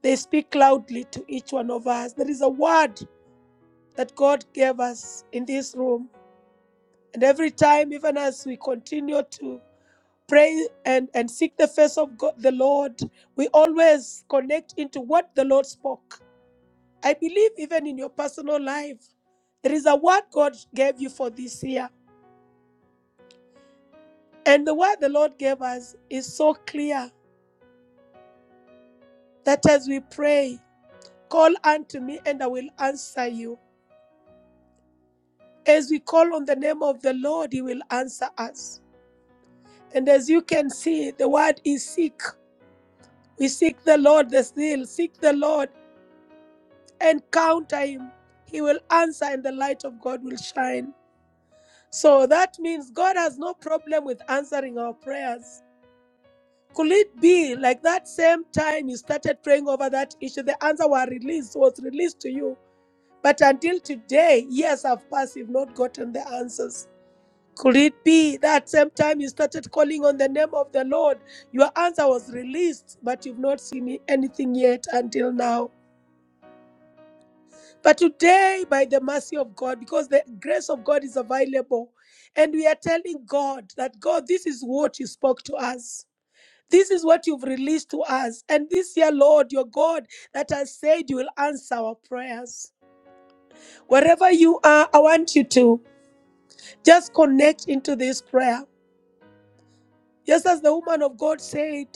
they speak loudly to each one of us. There is a word that God gave us in this room. And every time, even as we continue to pray and, and seek the face of God, the Lord, we always connect into what the Lord spoke. I believe even in your personal life, there is a word God gave you for this year. And the word the Lord gave us is so clear that as we pray, call unto me and I will answer you. As we call on the name of the Lord, he will answer us. And as you can see, the word is seek. We seek the Lord, the still, seek the Lord encounter him, he will answer and the light of God will shine. So that means God has no problem with answering our prayers. Could it be like that same time you started praying over that issue, the answer was released, was released to you. But until today, years have passed, you've not gotten the answers. Could it be that same time you started calling on the name of the Lord, your answer was released, but you've not seen anything yet until now? But today, by the mercy of God, because the grace of God is available, and we are telling God that, God, this is what you spoke to us. This is what you've released to us. And this year, Lord, your God, that has said you will answer our prayers. Wherever you are, I want you to just connect into this prayer. Just as the woman of God said,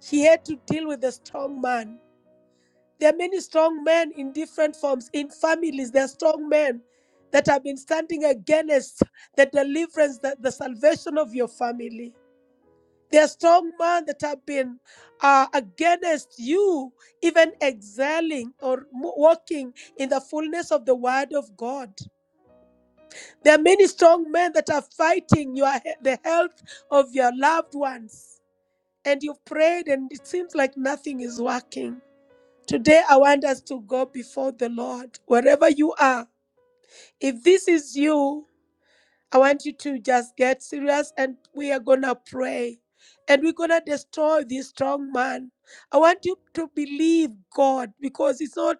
she had to deal with a strong man. There are many strong men in different forms, in families. There are strong men that have been standing against the deliverance, the, the salvation of your family. There are strong men that have been uh, against you, even excelling or walking in the fullness of the word of God. There are many strong men that are fighting your the health of your loved ones. And you've prayed, and it seems like nothing is working. Today, I want us to go before the Lord, wherever you are. If this is you, I want you to just get serious and we are going to pray. And we're going to destroy this strong man. I want you to believe God because it's not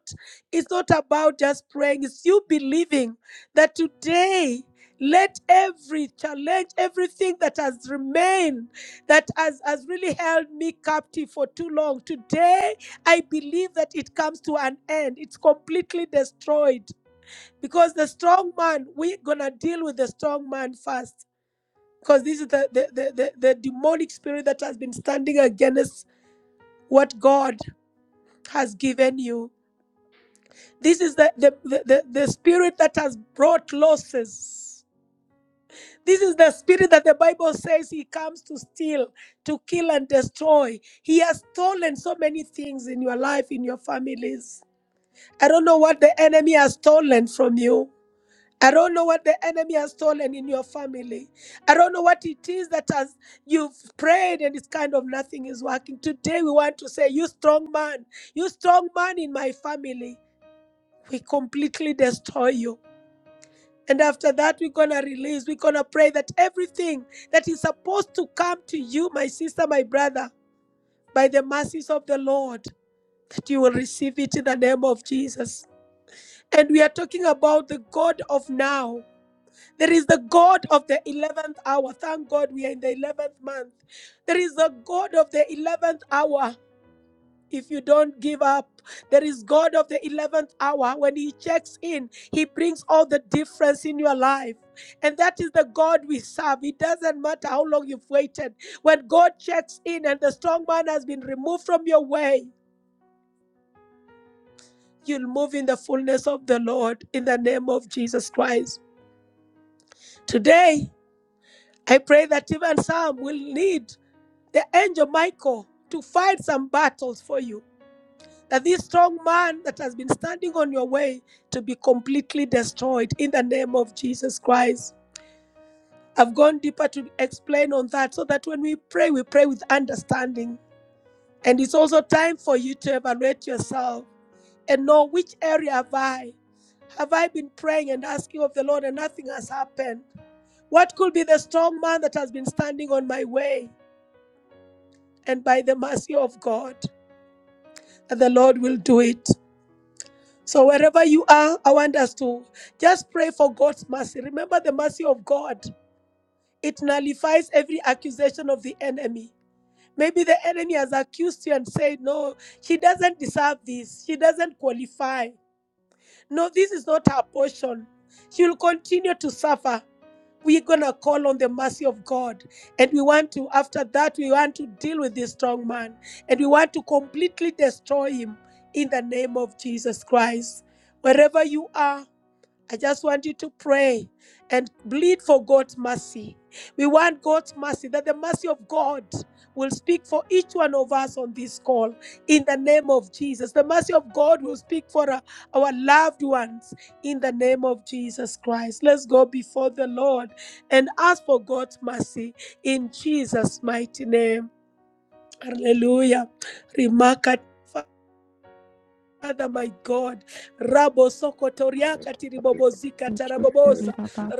it's not about just praying. It's you believing that today let every challenge, everything that has remained, that has, has really held me captive for too long, today I believe that it comes to an end. It's completely destroyed because the strong man we're gonna deal with the strong man first because this is the the, the, the the demonic spirit that has been standing against what god has given you this is the the, the, the, the spirit that has brought losses this is the spirit that the bible says he comes to steal to kill and destroy he has stolen so many things in your life in your families i don't know what the enemy has stolen from you I don't know what the enemy has stolen in your family. I don't know what it is that has you've prayed and it's kind of nothing is working. Today we want to say, you strong man, you strong man in my family. We completely destroy you. And after that, we're gonna release, we're gonna pray that everything that is supposed to come to you, my sister, my brother, by the mercies of the Lord, that you will receive it in the name of Jesus. And we are talking about the God of now. There is the God of the 11th hour. Thank God we are in the 11th month. There is the God of the 11th hour. If you don't give up, there is God of the 11th hour. When He checks in, He brings all the difference in your life. And that is the God we serve. It doesn't matter how long you've waited. When God checks in and the strong man has been removed from your way, you'll move in the fullness of the Lord in the name of Jesus Christ. Today, I pray that even some will need the angel Michael to fight some battles for you. That this strong man that has been standing on your way to be completely destroyed in the name of Jesus Christ. I've gone deeper to explain on that so that when we pray, we pray with understanding. And it's also time for you to evaluate yourself and know which area have I? Have I been praying and asking of the Lord and nothing has happened? What could be the strong man that has been standing on my way and by the mercy of God? and the Lord will do it. So wherever you are, I want us to just pray for God's mercy. Remember the mercy of God. It nullifies every accusation of the enemy. Maybe the enemy has accused you and said, No, she doesn't deserve this. She doesn't qualify. No, this is not her portion. She will continue to suffer. We're going to call on the mercy of God. And we want to, after that, we want to deal with this strong man. And we want to completely destroy him in the name of Jesus Christ. Wherever you are, I just want you to pray and bleed for God's mercy. We want God's mercy, that the mercy of God will speak for each one of us on this call in the name of Jesus. The mercy of God will speak for our, our loved ones in the name of Jesus Christ. Let's go before the Lord and ask for God's mercy in Jesus' mighty name. Hallelujah. Remarkable. Father, my God, Rabo Sokotoriaka Tiribobozika Taraboboza,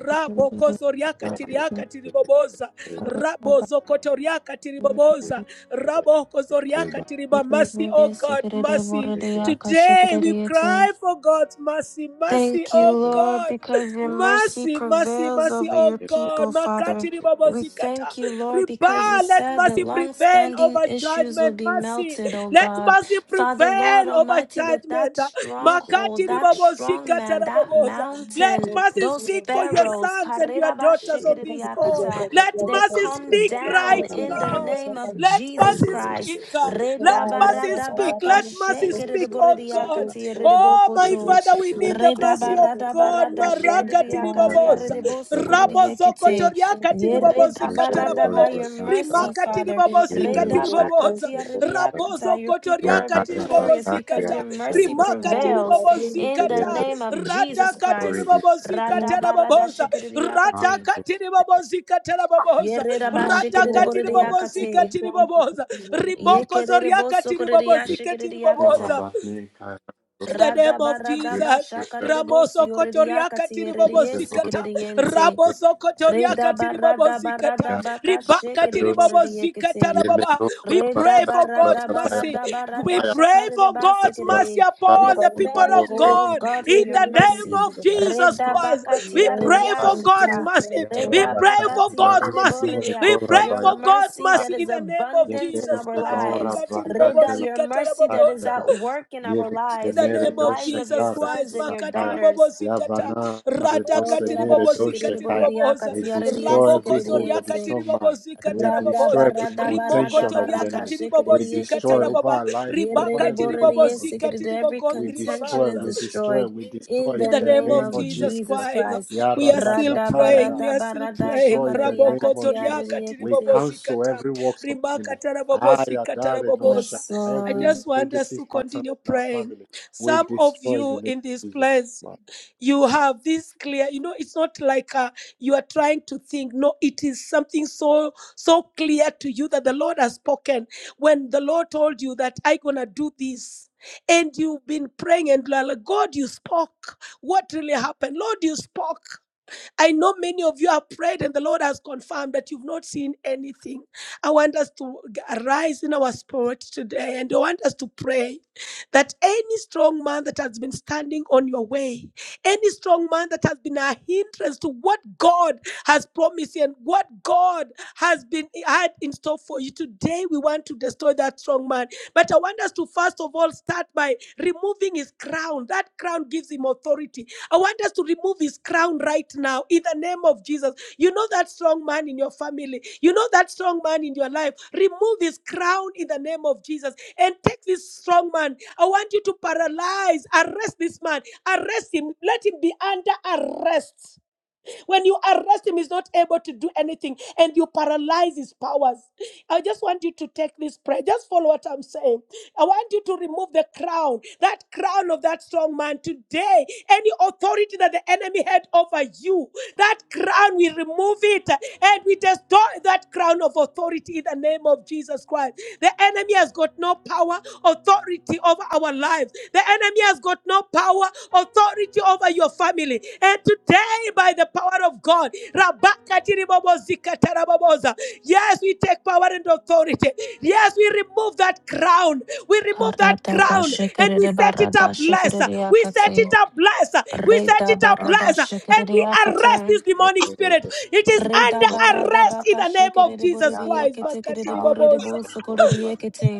Rabo Kozoriaka Tiriaka Tiriboboza, Rabo Zokotoriaka Tiriboboza, Rabo Kozoriaka Tiriba, mercy, oh God, mercy. Today we cry for God's mercy, mercy,
Thank you,
oh
Lord,
God,
because your mercy
mercy, mercy,
prevails
mercy,
over
oh
your
God,
people, Father.
Makatiri
We
Babozikata,
thank you, Lord, because you
Riba, let
said that
mercy prevail
long-standing
over
issues will
judgment,
be
mercy.
melted, O
Let
God.
mercy
Father, Lord
prevail over
Almighty, that that
judgment.
stronghold,
Makati
that strong
ribabozika
man, that
taraboboza. Let
mountain,
mercy
those
speak for your
pharaohs,
sons and your daughters on this call.
karirabashikiriakata,
Let
they
mercy
come
speak
down
right
in the
now.
name of
Let
Jesus
mercy
Christ.
speak. Let mercy speak. Let mercy speak, oh God.
Redabaradabakashikiriboridiakati,
Oh, my
ridibokoto.
Father, we need the
Reda
mercy of
barada
God.
barada
Marakati
Thank
shikadiyakatia
ribaboza.
redebo
you.
Rab babo
sokoriyekite.
zokotoria katiri
Ye
babo
reda
Mr.
zikatara
barada
Tony
by
babo
your
Batata,
mercy,
rimakatiri
Father.
babo
Yeble
Reda
zikatiri
Mr.
baboza
bakatia
rabozo
rediyakata. Your people
kotoria
are
Yara
katiri babo
victorious
Bataki,
because your
zikata
mercy
Adana,
rimakatiri
prevails
babo
in the
Yeble
zikata
name of
rada
Jesus
Tori
katiri
Christ.
babo
Mr.
Rada
zikatara
barada
baboza rada
shikadiyakate.
katiri babo zikatara
Ye
baboza
reda ba
rada katiri babo
shikadiyakate.
zikatiri baboza
Oh,
Ye
riboko zoria
kerebo
katiri babo
Yeble
zikatiri
Tora
sokoriyashikadiyakata.
baboza
Batni, Kara,
in the name of
Yeble
Radabaradaba
Jesus,
Mr.
shakaredebos
Ramoso Kotoriaka
yorediakati
Tiribobo
Yeble Nora,
Zikata,
yerediesikirediente.
Raboso
Yeble
Kotoriaka Tiribobo
Redabaradaba
Zikata,
Yara,
radabaka
Ribaka
Redos,
Tiribobo
shekeredeboridiekete.
Zikata
Yeble
Rababa. We
Nora
Reda
pray
Batati,
for
La
God's
barada
Rabaya,
mercy.
barada barada
We
Rabaya,
pray
shakarida
for
Yara
God's mercy
basikiridi.
Vasala,
We
upon the
Odo,
people
thank
of
you,
Yeble
O
God.
God, for
In
Mr.
your
the
mercy.
name
Yeble
of
Thank
Jesus
Mr.
Reda
Nora
Christ, we
bakatia
you.
pray
Batata,
for God's
ridiashita.
mercy.
Ya
We
Reda
pray for
Rabakati la
bakatia
God's mercy.
Ruzilore
ridiboridia.
We pray
Your
Korabaya
for God's
mercy that
mercy in
is
the name of
abundant in
Jesus
Yebrus
our
Christ.
nora
lives.
Makati Ribobo
bakate
Reda,
la
your
Zikata
mercy that is
Raboboza.
at
kairos.
work in our
Yebrus
In
lives,
the
in
kenere
the
name of
lives
doshe
of your
Jesus
kare
sons
Christ,
and your
dosakaya.
makatiri bobo
daughters.
zikata,
Yabana
rata
Oh, reda
katiri
rebosenere
bobo
doshe
bashikiridi
zikatiri
kaya.
boridia
boboza,
We
katia
destroy
raboko
every hold
zoria
of the
ridiasikiridiense.
katiri
strong
bobo
man.
zikata
We
Rada
destroy
raboboza,
every
barada
rimoko
barada
contention of
toria
the
barada
enemy.
katiri bobo
We
zikata
destroy
shikiriekiti.
over
rababa,
our life,
ribaka
over
Yerede
tiri
everything
bobo
that
borede
concerns
sikiri.
us.
zikatiri
Every
We
bogondri
contention
destroy,
babaza,
is
we destroy,
destroyed
we destroy
in
in
the
in
the
the
name
name
name
of
of
of Jesus.
Jesus
Jesus
Christ,
Christ.
we are still
Rada
praying.
Yarabashakaya.
We
barada
are still
barada
praying.
Destroy in the name
Raboko
shakariakati
of Jesus.
toriaka
We
ariekiti.
cancel
tiribobozikata.
every works of the
Rimaka
enemy. I
tarabobozika
adore no shall
taraboboza.
Yes,
I
every
Lord.
just want us
negative
to
pattern
continue
in our
praying.
family. We
Some of
destroy in
you
the name
in this
of Jesus.
place, you have this clear you know it's not like uh, you are trying to think no it is something so so clear to you that the lord has spoken when the lord told you that i am gonna do this and you've been praying and you like god you spoke what really happened lord you spoke I know many of you have prayed and the Lord has confirmed that you've not seen anything. I want us to arise in our spirit today and I want us to pray that any strong man that has been standing on your way, any strong man that has been a hindrance to what God has promised you and what God has been had in store for you today, we want to destroy that strong man. But I want us to first of all start by removing his crown. That crown gives him authority I want us to remove his crown right now in the name of Jesus. You know that strong man in your family, you know that strong man in your life. Remove his crown in the name of Jesus and take this strong man. I want you to paralyze, arrest this man, arrest him, let him be under arrest when you arrest him, he's not able to do anything and you paralyze his powers. I just want you to take this prayer. Just follow what I'm saying. I want you to remove the crown, that crown of that strong man today. Any authority that the enemy had over you, that crown, we remove it and we destroy that crown of authority in the name of Jesus Christ. The enemy has got no power, authority over our lives. The enemy has got no power, authority over your family. And today, by the power of God, Rabakatiribobo zikataraboboza. yeah, Yes, we take power and authority. Yes, we remove that crown. We remove that
Karada
crown and
bashikiri
we set it up
barada
blessed. We set it
shikiriakati.
up blessed. We set
Reda
it up
barada
blessed. And we arrest
shikiriakati.
this demonic spirit. It is
Reda
under
barada
arrest in
baka
the name of
shikere
Jesus
borede
Christ.
kete kere
Makatiri
borede
babosa
bo sokore de kete.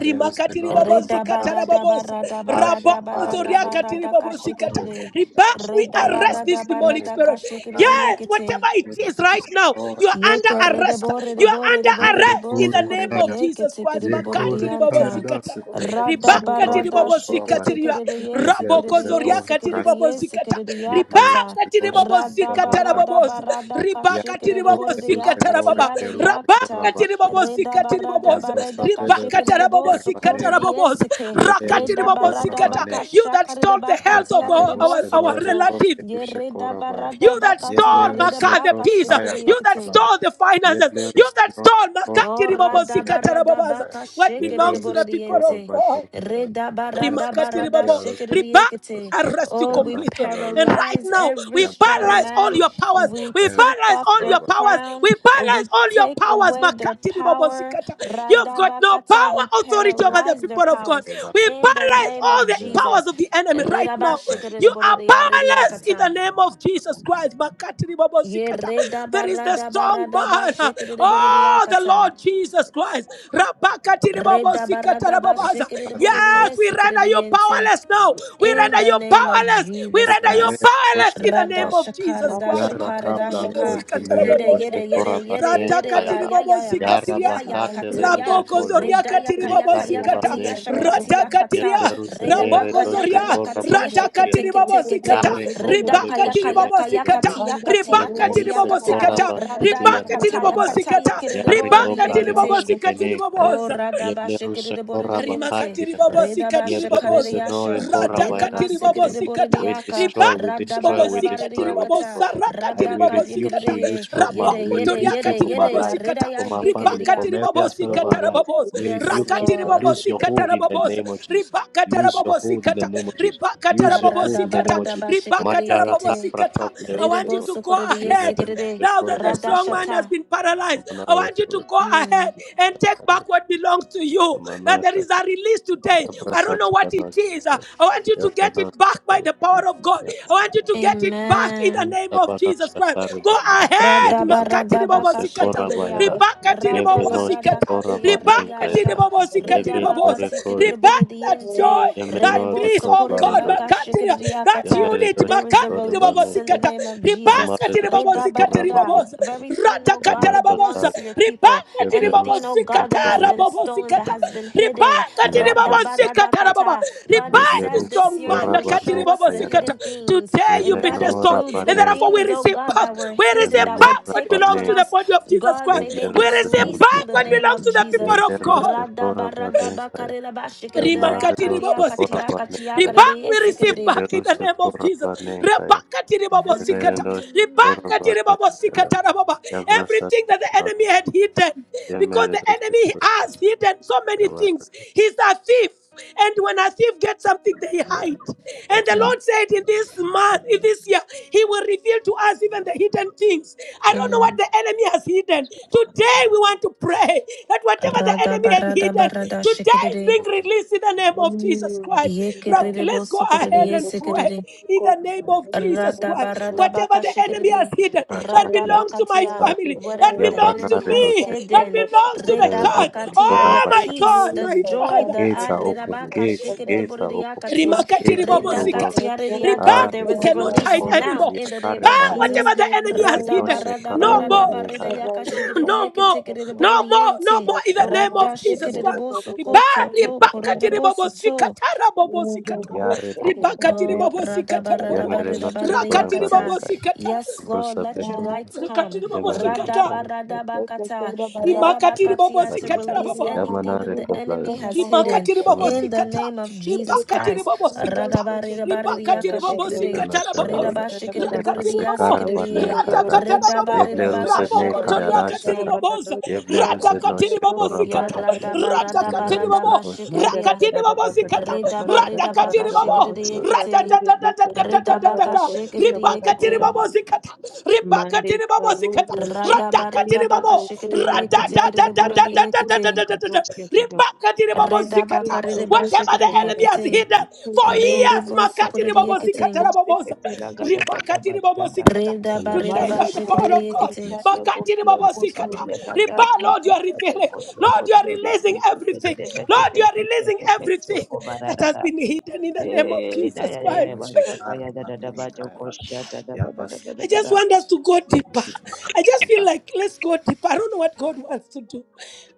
rimakatiri
Reda
babozikata
barada
rababosa
barada barada barada
rabokozoriakatiri
barada kashikere
babozikata
de.
riba we
Reda
arrest
barada
this demonic
barada
spirit
kashikere
yes
de
whatever it is right now you are
Yeke
under
rede
arrest
bore de
you are
bore de
under
bore de
arrest in
boso
the
kore
name
de
of
yeke
jesus
teke
christ
de
یه
bore de
کره
makatiri
کایا
yanta.
دست
babozikata
کشت
Rada
Ne
ribaka tiri
noche
barada
bobo
sheke
probane.
teke
zikatiriya
de de ye
Yeble
seke de de
rabokozo
ye
ruzenor
riaka
seke de
tiri
de
kase.
bobo
ye seke
zikata
de de
Yeble
yakata.
ribaka tiri
ruzenor
bobo
Rada
zikata
probata.
barada
rabobozo
barada ka
ribaka
sheke
Yare
de
tiri
de
bobo
bore
kople
de
zikata
ruzenor
yakati
rababa
yeble
yare de
ruse
rabaka
yakata.
tiri
korabata.
bobo
Reda
zikatiri
barada
bobozo
Yabra
barada ka
sapele
ribaka
sheke de
ruse
de
tara bobo
boso
zikata
kore de
korebanenka.
ye
rabobozo
seke.
Yele
rakatiri
ruse
Reda
bobo
barada
zikata
baka
korabanenka.
you that
shakare de
stole the health
bakati
Yabra
of
yare
our,
de
our,
boso
our
revosenor
koto.
kople
relatives
Ye
ruse
reda
korabaya.
you
barada
that
bakati
Yeble
stole
yare de
Maka the
baka
ruzenor
peace,
sheke de
kaya
de
you that
yekete.
dakala.
stole the finances,
Yeble
you that
ruzenor
stole
Oh,
korabakati
rada barada
Makakiri
yanakaya.
baka
What
shikere
Yeble
de
belongs to
ruse
the people of
borediente.
God?
korabanenka.
Reda
Yeah,
barada
Rimakati
barada
ribabo.
shikere de
Riba
yekete.
arrest you
Oh, we
completely. And right
paralyze
now,
every
we
strong
paralyze all
man.
your powers.
We
We
take
paralyze
off
all
their
your powers.
crown.
We paralyze
We
all your
take
powers.
away their
Makati ribabo
power.
zikata. You've
Rada
got no
bakata. We
power, authority over the
paralyze their
people of God.
powers
We
in the
paralyze
name
all
of
the
Jesus.
powers of the enemy right
Reda ba
now.
shikere de
You are
borede ya
powerless in the
yakata.
name of Jesus Christ. Makati ribabo
Ye
zikata.
reda
There is the
barada
strong
barada ba
man.
shikere de borede
Oh, the
yakata.
Lord Jesus Christ. Rabakati ribabo
Reda barada ba
zikata us.
shikiri de boridi
Yes,
šekere
we
sikiri
render
de
you powerless now. We
in
render
the
you
name of
powerless. We
Jesus
render you
Christ.
powerless in the name of
Radashaka,
Jesus Christ.
Yarra
radashaka,
kapla
radashaka,
rushe mere
yede,
Makatiribobosikatarabobosa.
rushe
yede, yede,
korabane
yede,
ne
yede, ya,
kayada.
ya, ya, ya,
Yarra
masi,
Radakatiribobozikatiria.
ya, ya,
bakate le
kata,
rushe
ya,
koldos.
reda, ya, ka, ya, ka, ya,
Ikare ba
Rabokozoriakatiribobozikata.
kati, ya,
ne kayada.
shakati, ya, kata,
Yele
Radakatiria.
rushe
rede, ba,
mere
ka, ya,
rushe
ka, ya,
Rabokozoria.
kati,
koraba
ye,
kate.
shekete, kete, kete,
Radakatiribobozikata.
Yarre kopla
reda,
re
ka, ya, ka,
bushe
ya,
me
ka, ya,
nebe nosh.
kati, ya, kati, ya,
Yeble
kati, ya,
rushe
kata,
Ribakatiribobozikata.
koraba
Ribakatiribobozikata.
rada, ya,
kate na
kata, ya,
shataya.
kata, ye,
Ribakatiribobozikata.
kere,
Yarre
bo, re, ye,
kopla re
kete.
bushe me ne kaya.
Oh,
Ribakatiribobozikatiribobosa.
Radaba
Yeble
Shikiri
rushe
de
koraba
Rima
Bordiente,
kate
katiri
na.
babosi
Redaba
katiri
Yeble
babosa.
rushe
Shakari
nore
Rada
koraba
Renana
katiri
sete.
sikiride
babosi kata.
We
boridiaka,
Riba
destroy, we
radda
destroy,
barada
we
babosi katiri
destroy, we
baridiakata,
destroy.
babosa.
I
Rakatiri
radda
will
kash
babosi
rebuke
kata.
you, you
yekiride,
strong
yede,
man. We
Raboko
yede,
toria
rebuke you
yede,
from
katiri
our
yede,
life,
babosi
arida
kata.
ya
from our
Riba
family,
yekidia.
from
katiri
every aspect
babosi
of
kata
our life.
rababosa.
We
Yes,
rebuke you.
Rakatiri
Lord.
Lose
babosi
your
kata
hold in the
rababosa.
name of Jesus.
Riba kata
Lose your
rababosi
hold in the
kata.
name of Jesus.
Riba kata
Lose your hold
rababosi
Karada
in the
kata.
name of
barada
Jesus.
ba
Riba kata
shikiride
Mataraka
rababosi
yekete,
kata.
prakapile
I want you
redebo
ruseno.
to go
sukuride
ahead
Yemeremushe
yesikiride,
now that the strong strong
korobazeka.
man has
radashata.
been paralyzed. I want you to go ahead
Mm.
and take back what belongs to you. That there is a release today. I don't know what it is. Uh, I want you to get
Yabana.
it back by the power of God.
Yabana.
I want you to get it back in the
Amen.
name of Jesus Christ. Go ahead. Makatiri babo
Radabaradabaka
sikata.
Yekorada.
shikiridia.
Ribakatiri
Yebje
babo sikata.
Radabaradakatia
korabanenka
Ribakatiri
yada.
ridiasha.
babo sikatiri baboza.
Yebenore
Redabakati
kosh-
Ribak that
kiridiboridiente.
joy that
Yemenore
peace, oh God,
koplaredo.
Redebosokoridabaka
makatiri, that
shikiridiakata.
unit,
Yemeredore.
There is a
makatiri
release in the
babosikata,
name of Jesus.
Yamada
ribakatiri
dosha tora
babosikatiri
Redabarada.
bane
babosa,
Of everything, oh God,
ratakatara
that
yamasha
babosa,
belongs to
tari
your people.
ribakatiri
yeblerus
Anything, oh God, that has
proshene
babosikatara
been stolen, that
babosikata,
has been hidden.
ribakatiri
nashal
babosikatara baba,
Radabaradakata. God, you
ribai
said
yeblerus
this
strong
year
man,
you
tora
will
bane
nakatiri
show us the
kayara
babosikata.
hidden things.
Today
And
you've been
that
destroyed,
yemenora
includes
and
the
bane
therefore we
things, oh
receive
God,
back,
that were
we
hidden,
receive
that were
back
yemenora
what
taken
belongs
bane
from
to the
us.
body of Jesus
God,
Christ,
may they be
we
yeblerus
receive
released
proshene
in
back
the
what
name
belongs
of
to the
Jesus.
people of
yeblerus
God.
tora
Radaba,
bane
radaba,
kaya
kariraba, shikirida,
yamare
Rimakati
dosha
katia,
tora
katia,
ribabosikata.
bane
katia,
Riba,
kaya
karidi,
we receive
yesikiridi.
back in
yeblerus
the name of
tora
Jesus.
bane kaya
Rebakati
yemene
ribabosikata.
dosha tora
Ribakati
Mm,
bane kaya
ribabosikata rababa.
yabrasa
Everything that the
yemenora
enemy had hidden, because
yemenora
the
dosha
enemy has hidden so many
tora
things. He's a thief. And when a thief gets something, they hide. And the
bane
Lord said, in this month, in this year, He will reveal to us even the hidden things. I
kaya
don't know what
mm.
the enemy has hidden. Today, we want to pray that whatever the enemy
Radaba,
had
radaba,
hidden,
rada,
today is
shikiridi,
being released in the name of Jesus Christ. Rock,
yekiridi,
Let's go
bosukuridi,
ahead
Thank
and
you.
pray
yesikiridi.
in the name of Jesus Christ. Whatever the enemy has
Radabaradabakashikiri,
hidden that
Bratakia
belongs to my
radabakatia,
Sai,
family, that
Whatever the
belongs to
enemy
Yabanare
has
me,
Doshe Sai,
that
hidden,
belongs to the church.
Iterenoshe,
redabakatia, the
Oh my
Dorabana.
peace,
God,
the
my
joy,
Father.
the
Gates
ah,
are open, gates,
redabakashikiri, the
gates are open,
boridiakati,
Rimakati
gates unto
ribobosikata.
wealth.
redakatia,
Riba,
rediakati,
Ah, the
there
you
is a
cannot
notorious
release
hide
borders,
now
anymore.
in the name
Yakare
Ba,
of
Bayada,
whatever
Jesus.
the enemy has hidden,
Yebenoshe
no more,
Karabanekaya,
Radabaradabaradabaridiakashikiri,
no more,
diekitikiri, the
no more, no
boridiente,
more. In the name of Jesus
radashikiri, the
Christ. Riba,
bosokoto, to,
riba, kati
koridebosoto.
ribobosikata, rabobosikata.
Yare
Riba, kati
Kopni,
Oh,
ribobosikata, rabobo.
Yemerenoshe
Rakati
radabaradabaridabaridiakata.
Korabanekaya,
ribobosikata.
Yes, Lord,
Brusa
let your lights
Pekoros,
Rakati
come.
Oh,
Yemenoshe
ribobosikata.
Karabanekaya,
Radabaradabakata,
Tekesera bada
Rimakati
redabakatia, To
ribobosikata,
release
rabobo.
Iriana
anything that
Yamanare
the
Mazinda
enemy
Kibeda
Koplados,
has
Bodo
hidden
rimakati
sasa
in the
Yamanase,
ribabosikata
name of Jesus
ribakati
Christ.
Ando
ribabosikata
Soto Tokoto
ribakati
Lada
Radabaridabaridiakashikiridi,
ribabosikata
Biris
Yanashala,
Bada
rababoza
Dada Dada
rakati
Yemase
ribabo
Eto
redabashikiridiboridiyasikiridie,
Kodo
Karabanekaya,
Dodo
ratakata
Boso
rababo
Koto
Yeble
Bada
ruse ne
Bada
rabokoto
Bada
kayara
riakati
Bada
shata.
redabaridabakashikiridiekete,
Bada
ribaboza
Docha
Yeble
Tada
ruse
Bada
no
radakati
Dodo
shekora
ya
Kosha
ribabosikata
bata.
Daga Dodo Teke
Yeble
radakati
ruse
ribabo
no
Manda
rakati
radabaradabaradabashikiridia,
Dada Dada Bakata
ribabosikata
Dada Bada Kata
radakati
Bada Dodo
ribabo
shekora
Kosika
redabaridabakashikiridiekete.
Tiri Bika Shiki Bada
Ridabaka
radadadadadadadadada
shikiri
Kosika
the
Bada
ribakati
Goda
yikiti.
ribabosikata ribakati
Mande
ribabosikata
Karubo Shika
Radaba
radakatiri
Tira
babo
redabaka shikiri the
Dokora
yikiti kiri
Bayaka
di
Dia
bori di
Chokuria
yikiti.
radadadadadadadadadadadada
Doga
ribakatiri babo
Mexico
zikata
Redabaka redaba
kozuti
whatever the
shikiri
ke
the
enemy
bara
has
bade
yikiti.
hidden for
Afrika
years
dosi
Redebo
kata
sukuri
makatiri
kata
the
babo
bada
zikata
yikiti.
kosti ke
rababoza
tela gada gada
ribakatiri babo
bashkada
zikata
yana
Redaba
today
shata.
redaba
by
mande
the
shikiri
power
Korea
of
the
de
God
ke
yikiti.
Yes.
taria
makatiri
gotia
babo
Yaba
zikata
salam.
kotoria
riba
gada dia
Lord you are
kata de
revealing
kotia
Lord you are
kotori
releasing
miki de de
everything
de bete
Lord
ke
you are
slike
releasing
de metso
everything
ko bara
that has
rada
been hidden in the name of
eh da
Yeble
Jesus
ya ya ya
Christ
ya
ruse
baka
kara
kaya da da
bata
da
ne
bajo
kayara.
koshia da da da da
Yaba
da da da
I
da
just
da
want
shekos.
us to go deeper. I just feel like
Yeble
let's go deeper. I don't know what God wants to do.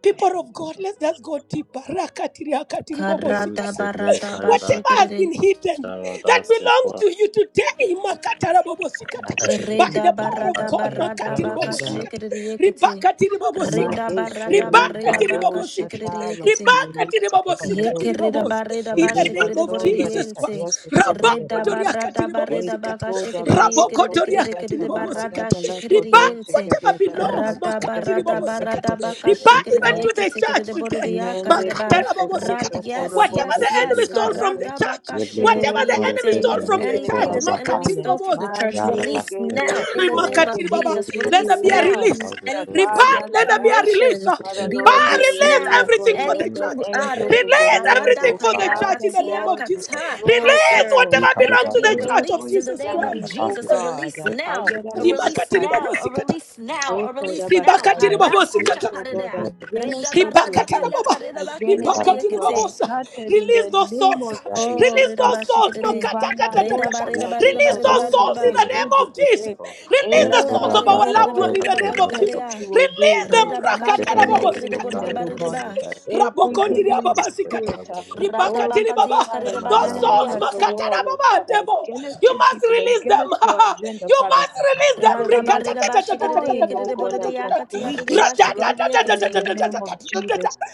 People of God, let's just go deeper. Rakatiri, akatiri, bobo, sikata.
ruse
Karadaba
ne
radaba
kayara
Whatever
shikiri
has
di,
been hidden
shara
that belongs
sekora
to you today, makatara, bobo, sikata.
must be
by the
released in
Redaba
power of
Jesus
kayara.
radaba
God,
name
Yeble
makatiri,
radabaka
bobo,
Jacob
ruse no
sikata.
shikiri the yikiti.
Ribakatiri, bobo, sikata.
Redaba
Made
radaba
Kori
kayara.
Ribakatiri,
Dado
redabaka
bobo,
shikiri the
Shata
sikata.
must
yikiti.
be
Ribakatiribabosi
released
Yekereda bareda
In
ba
the
Udeba
name
shekerede
of
borede
sonda
Jesus
yente.
Christ.
rikadiaso kobareda.
Reda barada bareda
Geto
baka
koda
shekerede
baso
yekerede
kode
kerede
baka
kerede
baka
barada
dabala
shekerede
kode
yente.
whatever
shekebe barada
belongs,
bata
Rada
kata kata
barada
makatiribabosi
kata
kat.
barada
kata
baka
Riba,
shekerede
even
kosika.
to the
yekete
church
kerede borede
today.
Mende
yakarede ba.
koto
makatarababosi
Rad
kat.
koto
yes
Whatever
korobonde
yes
the
Ruse ne kayara. Yeble ruse no
enemy
yes
keshe
stole from
kayara.
the
kete.
karada
church,
baka
Yeble
shekerede
ruse
whatever
no
the
kayara.
enemy
yekete.
stole
Yeble
Everything
from
the
ruse
the
no
enemy
Anything
church,
that
has
the
kayara.
enemy stole
stolen.
from the
makatiribabosa.
My
church,
Yarra
ye
release
basket
gede
now in the
gede
korbar
name
de
of
Rimakatiri
de
Baba.
de
Jesus.
de
kita
Let
de
there
Release
be
kaya
a
de
now.
bakal
release.
jatuh
Anything
sekor
Repa-
stolen
let there
from
be a
kaya.
release.
nations,
Father
Kita
be
Lord,
Power
bisnya
we are
released
kita
release
now
oh
bisa
God,
everything for
korban
let
the
ini
the
Anything
church.
ah,
kita
angels
bisa
of
reda
the
Release
Lord,
barada
everything
oh
korban
for the
kaya
bakal
church in
Father
the
katia
name
God,
of Jesus.
korban
kata
destroy,
itu.
oh
Release
captured.
Ini
God,
whatever
kami
Let
belongs
there
to
pada
be a
the
ini
church of
release
every
in the
Jesus
name
korban
of
standing,
Christ.
bakal
oh
itu.
Jesus. A
God,
release
Kita
now.
bisa
A
korban itu
release
kita
Akariyarabosaka,
Rimakatiri
bisa
Baba
now. A
Sikata.
release now. A release now.
Ribakatiri
Ekodabasaya,
Karada
Baba
spirit,
Sikata.
oh God,
shakarada.
korban
Reda
against what you are
barada
Ribakatana
doing,
kaya
baba,
kareda
Ribakatarababa.
ini
against
bashikiridi
what
karena
you have
ekete.
basket
Ribakatiribabosa.
started in
Release
the
those
name
souls.
of Jesus
Oh,
Release
reda
those souls.
ke
bashikiridi. Reda
Makatatatatata.
vanadosha
itu
barida barida
korban
Release
kadika
barida
those
basket
rode
barida
souls in
ke
ba.
the
menurut
name
tezo
of
menurut
Jesus.
kote.
sekor.
Release
Ini
the
Rada
souls
korban
of our
barida
Everything, oh
barida
loved
basket
God,
one in
that
barida
the
ba
you have
name
kaya
menurut
of
said
Jesus.
sekor.
that you
karada.
will do,
Release
Lord,
them.
Reda baka
Ini
nothing
shikiridi
nomor
will be
ekede
itu
Rakatarababa.
borida
hindered, oh
barida
God.
ba.
Every
Rabokondiria
hindering
baba zikata.
spirit, uh,
Rada
oh
Ribakatiri baba.
bakatia
Rikashaya,
kareda
Those
bashikiridi
standing
souls,
as a
akata.
makatara
wall, oh
baba,
Father,
devil.
against
You
your
must
people,
release them.
against your agenda,
you
Father,
must release
let
them.
there be a
Radabarida bashigarida
destroying, oh
yakida
God,
borida
a
Rikatatatatatatatatatatatatatata.
yakatia
complete
rida bashigarida
destruction in the
yakatin.
name of Jesus.
Radatatatatatatatatatatata.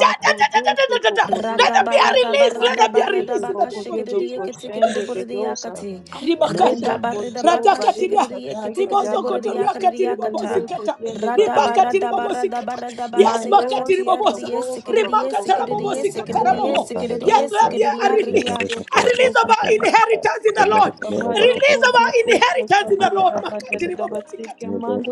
Makodoso koporio
Let there be a
kodoso
Radabarada
release. Let
barada
there be
koribo
a
barada
release in
kodoko
the
baka
name of
koriodo
shigarida
Jesus
yakatikida
koshende
borida
gedosa.
We take
yakati.
it
ribakanda
Mando
Rida barida
kozo
baka
bari
ratakatiria
shigarida
kadai
yakatikida
kadamo
borida
no
ribosokotoria
seke
yakarida
bale
yakata.
katiribobosikata
kodiende
back,
baroshi
Radabarada
ke.
barada
ribakatiribobosikata
barada
yes
barida
Mando
yakatia rida
makatiribobosa
zikabo
yesikida
baba baba
yesikida
baba baba
yesikida
rieke
rimakatarabobosikatarabobo
yesikida
mpere
yes
kosi
lord
yesikida
there a
mpere
release
yarida.
koto
a
koto
release of our
koto.
inheritance in the lord a
Kabado
release of
koto
our
koto
inheritance in the
kabada
lord
da bada da da basike
makatiribobosikata
mando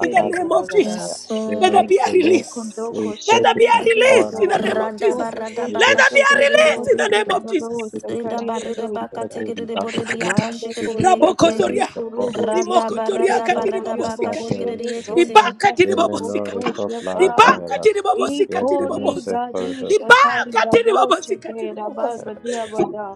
in the name of
digeraga
jesus
Yes,
let there
Lord.
be a
Ikunde
release
kundo
let there be
koshende
a
gede
all
release
gedo
in
that
the name
belongs
of
to
soto
us.
jesus
toko
Radabarada
We
let
take
baka
there
shoto
be
it
a
back,
koto
we
release
shigarida
in
koto
take
the
it
name
dodo
back,
of
dodo
jesus
we take it back
sakaria
in
dodo saka.
hundredfold, in thousandfold.
akata
Mande
We
kodi
declare
Redabaredabakatekeredeboredeyakashekereyekete.
kali
rabokosoria
restoration,
kurubo
complete
zie
restoration.
ketero
rimokotoria
go
And
katiri
goria go
that's
bobosikata
goria de
our
Radabaradabakashekereyekete.
zonda
ribaka tiri
kadia koto
Yemenore
bobosikata
shaka.
coplara
ribaka tiri
bailas.
bobosikatiri
Ikori
Yebrenose
bobosa
gadi
corridor
shatari
ribaka tiri
gado sheke raba
bobosikatiri
gadia bada.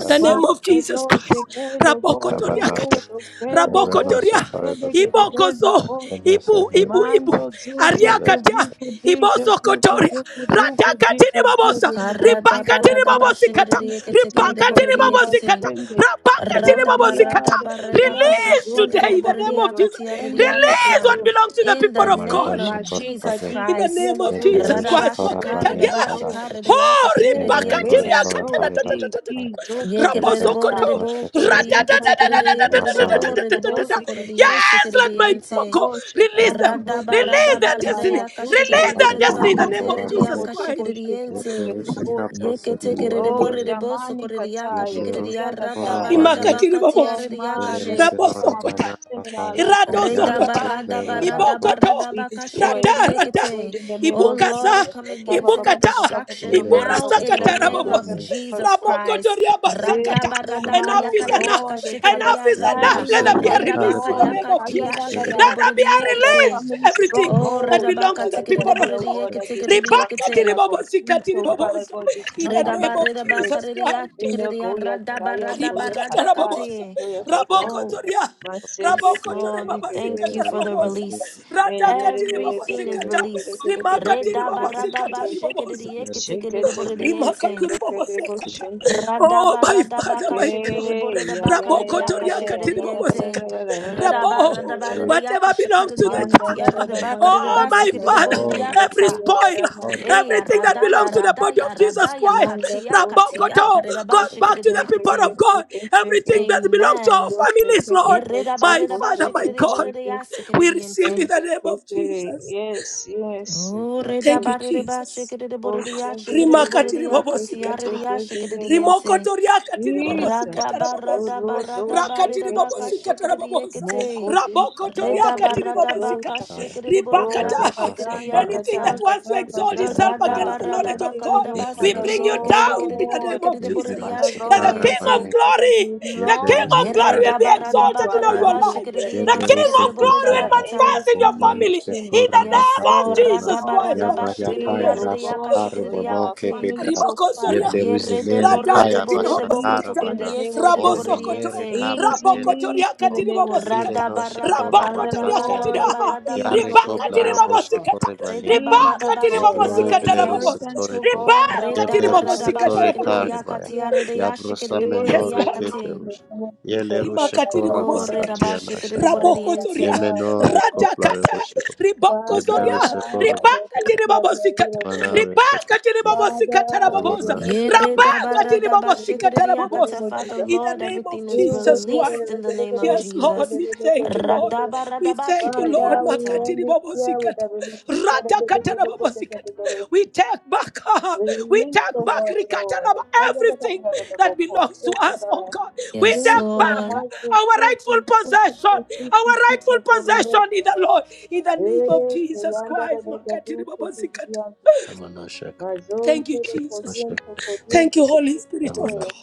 in the
Ma
name
Lord.
of
kado
Jesus Christ.
sheke do go do
Rabokotoria
go
Cabanasa.
kata.
do ke do go
Yebrenose
Rabokotoria.
sheke de
corridor
gede
secados.
Ibokozo.
gedo
Yenese
Ibu, ibu,
corridor.
ibu.
Mando zutu
Yedes
Ariakatia.
kuzike disho
Ibozo
duku
kotoria.
duku duku ziko
Ratakatini
dio
babosa.
dugu ziko
Ribakatini
duku
babosikata.
ziko dika
Ribakatini
riba
Karadabaradabashekereyekete-kereyeboreyekete.
babosikata.
shende.
Rabakatini
Rodi
babosikata.
yade kediondo
Release
zunto
today in the name of
koriedo
Jesus.
shende
Release
Radabarabaradabakashekereyakatiyakata.
riekutu.
what
secados.
belongs to the
In the
people of God.
name
Yamaradoshe
of
Mashika
Jesus
corabane.
In
dika
the name
Christ.
dielo
of
rudo
Jesus
Yeblerushe
diede
Christ,
kodoli
corabane
Makataria.
ridego.
carashe.
Oh,
Em pe
Yemenore
Radabashakaredabashakaredeyakashekereyekete.
Ribakatiria
so
Katana.
di
corabaridas
ki
capaya.
zogo
Ye kerere
dika
bo
ta.
Rabosokoto.
rere bo
Yeblerushe
korere ye
Zika
kete
corabane.
du
kerere ye
zika
kerere
Masala.
bo
dika
rere
do
bo
Radadadadadadadadadadadadadadada.
so
zika
korere
ta.
ye se
Yes,
kerere
let my
We can
people
yente.
go.
boast of how
Release
many
them.
Rada ba
Yeblerushe
lives
rada
Release their
ba
we've
rere
corabane.
destiny.
ya
managed to
kashikere
Release
lead,
bo
their
Rabare
rere
but
ba
destiny
we
in
boshe
the name
katia
of
can't
rere ya
Jesus
corabane.
boast of how
kashikere
Christ.
many lives
yente.
we've
Yeblerushe
destroyed.
Ye
caprose
kete kerere bo
Oh,
menore
rere bo so
Germany,
korere ya
Katya,
kashikere ya
Katia,
Yebleruse
rada ba rada
koravane,
ba
every
Rimakatiri babo.
katia
strong
rere ya
man that
kashe.
has
beleruse
become a
Rabosokota,
norevana
partner in our
kataya.
life,
Yare
Iradozokota,
kopleruse ko,
Ibokoto,
we destroy it
Rada, Rada,
Redabaradabaradabaradabakashikiridiekete.
in the name
Oh
of
Lord, I
Ibukaza,
Jesus.
come against any
Ibukata,
distraction now
yeleruse
in the
Iburasakata,
name of
Rabos,
koravane
Jesus
Rabokoto,
Christ.
Riabasakata.
Every strong
katarose
man,
Enough
oh
is
noide.
enough.
God, oh Father,
Enough is enough.
Radabaradakayakaridiakashikiridiarada.
standing,
Yebleruse
Let there
oh
be
nore
a
Father
release in
karaba,
the
God,
name
eh,
of
kaya
Jesus.
yebleruse
dagada
Let there be a
koravane,
as a
Redabakayakatiashikiridiborodiekete.
release. to
family
yebleruse
Everything
Oh,
koravane,
that
stronghold,
belongs
Father,
redabaka
to the
let there
people
be,
of
oh
yebleruse
God.
God,
tikiridiborodieke
a
koravane,
Rebakati,
destruction, a
tikiridiekete.
complete,
Ribobosikati,
oh Father
Ribobosa.
God,
In the
destruction
name
Redaba
of
yebleruse
the
of
spirit.
redabaka
Jesus
koravane, yebleruse
Christ.
In
rediashikiridia
Goya
radaba
Taya,
radaba
Koya
Ribakata
Katai,
rababosa.
radakate.
Koya Kata,
Raboko toria.
Maseke,
Yes,
Raboko tore
Lord, we thank
babasikata
you for the
Seke,
rababosa.
release.
Rata katiri
Everything is
babasikata.
released.
Rimakatiri
Redaba radaba
babasikata ribabosa.
shikidi tikidi
Seke, Seke,
Rimakatiribobosikata.
Shende,
Oh,
Radaba
my
radaba
Father, my
kashikidi
God.
Okay, yeah,
boridaba
yeah, yeah, yeah,
karidiaka
yeah, yeah, yeah. Da, da, da, da,
Rabokotoriakatiribobosikata.
da, da, da, da, da, da,
Redaba
da, da,
Rabo,
da,
radaba
da, da.
ridiaka
whatever belongs to the
Man,
shikaridiaka
da, da,
church.
da, da,
koravane,
tiaridaba
mas,
Oh,
dan,
karidaba
da,
my
He's
ka,
sikidi
a
da,
Father,
mas,
Lord of
da, ka,
every
ya, da,
Lords,
da,
spoiler,
mas,
God
do, ka,
Eya
ba,
everything that
ya, ka,
radaya
belongs to
ba.
the body
radaya
of Jesus
radaya
Christ,
Man, da,
katia
ko, se,
katia
ke,
Rabokoto
se,
karidaba
ke,
goes
se,
back to
ke,
the
se,
people
ke,
shikidi
of
se,
God.
ke, se, ke,
Everything that belongs to our
Amen.
so, se,
families,
ke, de,
Lord.
ko, so,
My
ko,
Father,
so,
my
ko,
God,
she, ke,
we receive
so,
in
Yeredabaredabashikidiboridiyasikididiyente.
the
se,
name
ke,
of
se.
Jesus.
Yes, yes.
Oh,
ka,
Thank
ko,
you, Jesus
Oh, she, ke, se, ke,
rimakatiri
se, ke, se, ke,
babosikata
se, ke, se.
redabaredabashikidiboridiyasikidiboridiya-
rimokotoriakatiri
Jesus.
babosikatara
So,
babosa
ro, do,
rakatiri
she,
babosikatara babosa
Radabaradabaradabaredabakashikididiyekete.
Mokodisha
of
Takuri
rabokotoriakatiri
Gadosha.
babosikata
Sky.
Oh
ribakata
Yabrava
Yagadanda
Safara
anything that
Badmar.
Gada
Redabaradabakashikidiboridiya-
wants to
Gada
exalt
Gada
Yeblerus
itself
Ora
Gada
against the
Father
knowledge
Badaya.
of
things
god
oh
we
Father
Yeblerus
bring you down
Ostini.
in the
Lord
name of jesus
Father
that the
God that
king
Yeblerus
oh
Radabaradabakaredabasikididiyekididikididikididikididiboridiyashikididiyente.
of
Father
glory the king
Yevlerus
belonged
of
oh
glory
Father
Nekare
will be
God even to
exalted in
our
all your
Makaira,
family
life
and they have
the
not
king
Yevlerus
of
received them
glory will
Father
Nekaira,
Yeredabaradabakarelabashikiridiyekitikiridiboridiyakata.
manifest in your family
Yevlerus
everything
in
Kora
the
Yes,
name
that
of
Lord.
oh
Vakatena,
jesus
God
christ
is
Makatiri
Yavayakaya
ordained
babosa
oh God
Dashatare
in our
Bonoke
Radabaradabashikiridiyaridiyakashikiriyakati.
Pera,
families oh
ribokosoria
Father
Yevlerus Nere
it is
Kaya
radakatiri
Bashatara
released
bobosikata
in the
Bana,
name of
O
Jesus
rabosokoto
Menere
Yeredeboredeboredebokotokoridiyesikiridiboridiyenting.
it is
Capetele
released
Rabokotoria
in the
Rushko,
katini
name of Jesus
Ire
babosikata.
no Shekora
Father
rabokotoriakatiri
Lord,
Vakateana,
even
aha
things
Yare
of the
Kopla
ribakatiri
past,
Radabaradabaradabaradabakashikiridiya.
O
Roboshe
God.
bobosikata
Korebane,
Things, O
ribakatiri
God, our
bobosikata
Yevlerus
Redabaradabashikiridiyekiting.
rabobosa
inheritance, O
Toreko,
God, our
ribakatiri
work, O
Yevlerus
bobosikata
Tore
Yogo, those
Redabaradabashikiridiya
rabobosa
that
Karebaya.
we have
katiyaridiya
Yabrosa
yes
menore
lord
shikiridiboridiyakati.
keperush. Yele rushe
rimakatiri
kora
Oh,
bobosikata
bakatia na shakaya.
raboko
Ye
zoria
redabashikiridiboridiyente.
menore kopla
radakata
rebosheko.
riboko
Yeble
zoria
Father,
ruse kora
let this
bakaya.
ribakatiri
year be a
bobosikata
year of release.
Manare
ribakatiri
kopusna.
bobosikata
Father, we
rabobosa
will
Yamanare
not end this
kopusna.
year
rabakatiri
without a release
bobosikata
in the name
Yeredabaradabashikiriakata.
rabobosa
of
Father,
Jesus.
in the
Lord,
name of
everything is
Jesus
released
Christ
in the name of
yes Lord
Jesus.
we thank you Lord we thank you Lord,
Father, we
Radabaradabashikiriakata.
end
makatiri
this year with
babosikata,
a release.
rata katana babosikata. We take back, uh, we
Release,
take
oh
back
God, Lord.
rikatana ba- everything that belongs to
Yes,
us, oh
God.
God. We
Yes,
Please,
take
oh
back
my
Lord.
uh,
God,
our
so
rightful
sweet, so sweet,
possession,
so sweet,
our
so sweet,
rightful
so God, release,
possession in
oh
the
God.
Lord, in the name of
Eh, que
Jesus
ya anda de
Christ.
la
makatiri
gaducha, que
babosikata.
viviante, que
Yamana shaka.
mazón,
Thank
que
you,
le
Jesus.
Mashaka.
codiente,
Thank
codiente,
you,
que
Holy
tú te
Spirit of
Yamana.
God.
crees.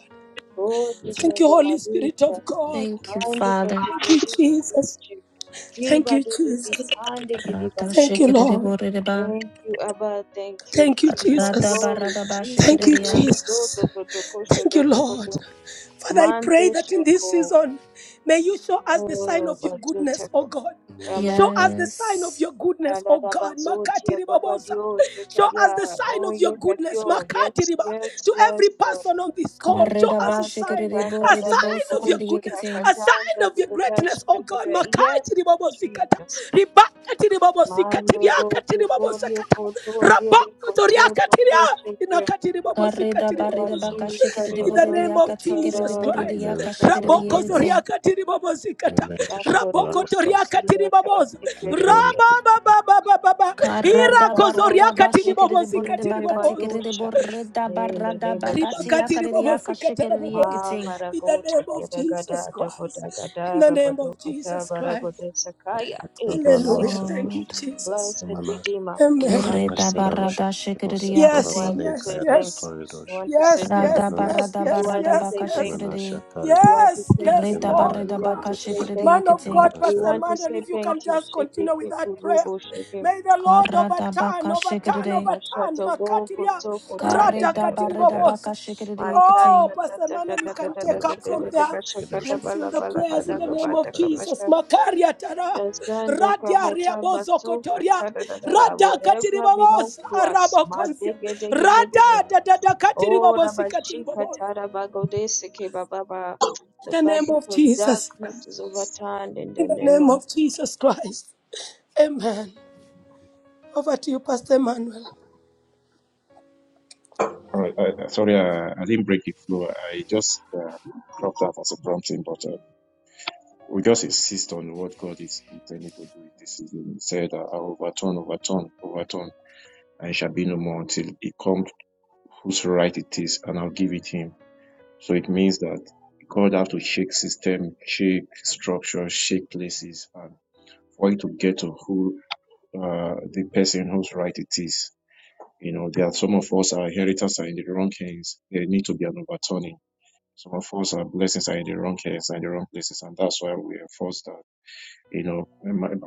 Codi, que
Yeble.
Thank you,
le
Holy Spirit
maducha,
of God.
Thank you,
ande, que
Father.
Thank you,
te
Jesus.
codiche.
Thank
Kiva,
you,
do, de, vi,
Jesus.
cande,
Thank you, Lord.
Radashikiriboreba.
Thank you, Abba. Thank you,
Thank you,
King of
Jesus.
Glory. Jesus.
Thank you,
do,
Radabaradabashikiriya.
do, do,
Jesus.
do, do, do, kosho,
Thank you,
do, do, do,
Lord.
do.
Father, I
Mande
pray that in this
shoko.
season, may you show us the sign
Oh,
of your
bazuta.
goodness,
ka.
oh God.
Yamana
Show
Amen.
us the sign of
Yes.
your goodness, oh
Adada
God.
bazuti
Makati ribabosa.
akabadio
Show us
shekaria.
the sign
Oh,
of your goodness,
yekatio.
Makati
Yes,
riba.
yes,
To every
yes. Lord.
person on this call, show us a
Sasa,
sign,
da, da,
a
da, da,
sign of
go,
your goodness,
shotaka,
Karedabashikiriboribosokoriyekete.
a
da, da,
sign of
da,
your
da, da, sho,
greatness,
da,
oh
da,
God.
da. Yes,
Makati ribabosikata.
Jesus.
Ribakati ribabosikati
Mando
riakati
rotu, gorio,
ribabosikata.
koton, dire, kotio,
Rabakotoriakati ria. Inakatiribobosi, katiribobosi.
Obashi
In
shakora
the
Karibu
name of
bakatia.
Sekara
Jesus Christ.
Yeble rushe
Sekarabodo
kora
Raboko
banas.
Karedabaridabakashikiriboridiakatikiriboridiakashikiriyente.
Sakarata
zoriaka tiribobosi kata.
Yemeno
Kori
shakora
Raboko
bakas.
toriaka
Satira
tiribobosi.
Yeble
Kasikere
rushe
Rababababababa.
kora.
No
Karada
Irako
Labo
barada
zoriaka
Tuko
bashikere de
tiribobosi
borre de
Sekere
bakati
katiribobosi.
kere de
Badosha
borre da
in the
barada
name of
bakati
Ribaka
Jesus.
yakare de yaka
tiribobosi
shikere de
katarabobosi.
Ma
yekiting.
In the
Baragota
name of Jesus
Yadagada Dagoda
Christ. In
Gada
the name
Rabado
of
Kata
Jesus Christ.
Baragoda Sakaya E
Yamana
Kabaya.
Hallelujah. Thank
shakush.
you,
So
Jesus.
Blessed Redeemer, we
Amen.
want
kere
to
da
say thank
Ashelarosh
barada
you.
shikere de
Mose
We
Yes,
want
yakating.
to
Korabanen
yes,
say
Kayadash
thank you.
yes,
We
Koridosh
want to say
yes,
thank you.
Rada
yes, yes, yes,
barada
Yemenorikosh
You want
barada
to
yes,
baka
say thank you.
yes,
shikere
Yemenasha
de.
We
Karibon
want to
yes,
say
yes,
thank
Reda
you.
Lord.
We
barada
want
Ah,
baka
to say
Yemenorikosh
shikere de
thank
Man
you.
of God,
yekiting.
We
Pastor
Yemenasha
want to
Mandel,
say
if you
thank
can
you.
just
Shake it,
continue with
take it,
that prayer.
rubo, shake it.
May the Lord
Karada
overturn,
baka shikere
overturn,
de.
overturn.
Mashata da
Kareda
Makatiria,
da da da
barada
da.
baka shikere de
Masata
yekiting.
Oh,
da
Pastor
da da da
Manuel, you can
da da
take
da da
Yemenasha
up
da
from
da da.
there
Koridosh Yebleush
Bashakata
and seal
bala
the
Moshe
bala
prayers in
bada
the name
Yemenasha
of
gabata
Karidos
Jesus.
kabasha.
Makaria tara,
Dasanda
radia
kabata
riabozo
basuka
kotoria,
tada da da da. da.
rada
Whatever belongs
Katiribabos,
to us.
arabo
Ma
konsia,
dege dege
rada
dege
da da da
Oh,
katiribobosi
Rabashika
katiribobosa.
Tarabagodeseke Baba.
In
The
the name
verdict
of
of
Jesus,
darkness is overturned in
in
the
the
name
name
of
of Jesus Christ. Amen. Over to you, Pastor Manuel.
All right. Uh, sorry, uh, I didn't break the flow. I just uh, dropped that as a prompting, but uh, we just insist on what God is intending to do in this season. He said, uh, I overturn, overturn, overturn, and it shall be no more until it comes whose right it is, and I'll give it him. So it means that God have to shake system, shake structure, shake places, and for it to get to who uh, the person whose right it is. You know, there are some of us, our inheritors are in the wrong hands. There need to be an overturning Some of us, our blessings are in the wrong hands and the wrong places, and that's why we are forced that, you know,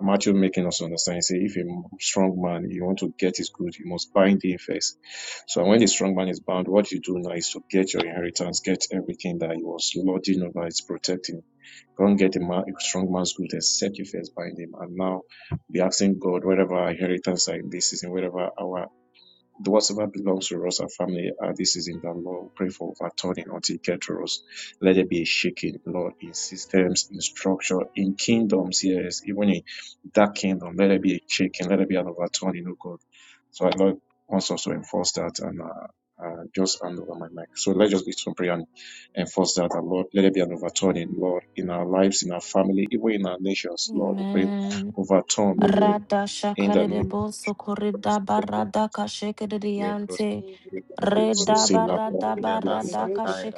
Matthew making us understand, say, if a strong man, you want to get his good, you must bind him first. So when the strong man is bound, what you do now is to get your inheritance, get everything that he was lording over, is protecting. Go and get a, man, a strong man's good, except you first bind him. And now be asking God, whatever our inheritance like this is, and whatever our the Whatever belongs to us, our family, uh, this season, that Lord, we pray for overturning until it gets to us. Let there be a shaking, Lord, in systems, in structure, in kingdoms, yes, even in that kingdom, let there be a shaking, let there be an overturning, oh God. So I Lord wants us to enforce that and uh, uh, just hand over my mic. So let's just give some prayer and enforce that, and Lord. Let there be an overturning, Lord, in our lives, in our family, even in our nations, Lord. We pray
Amen.
overturn
Rada
in the name of
shakarebo sokorida
Jesus.
barada
Yebros
kashikiriante.
Jesus.
Thank
Reda
Korab
barada
Yadasa
barada
Kaira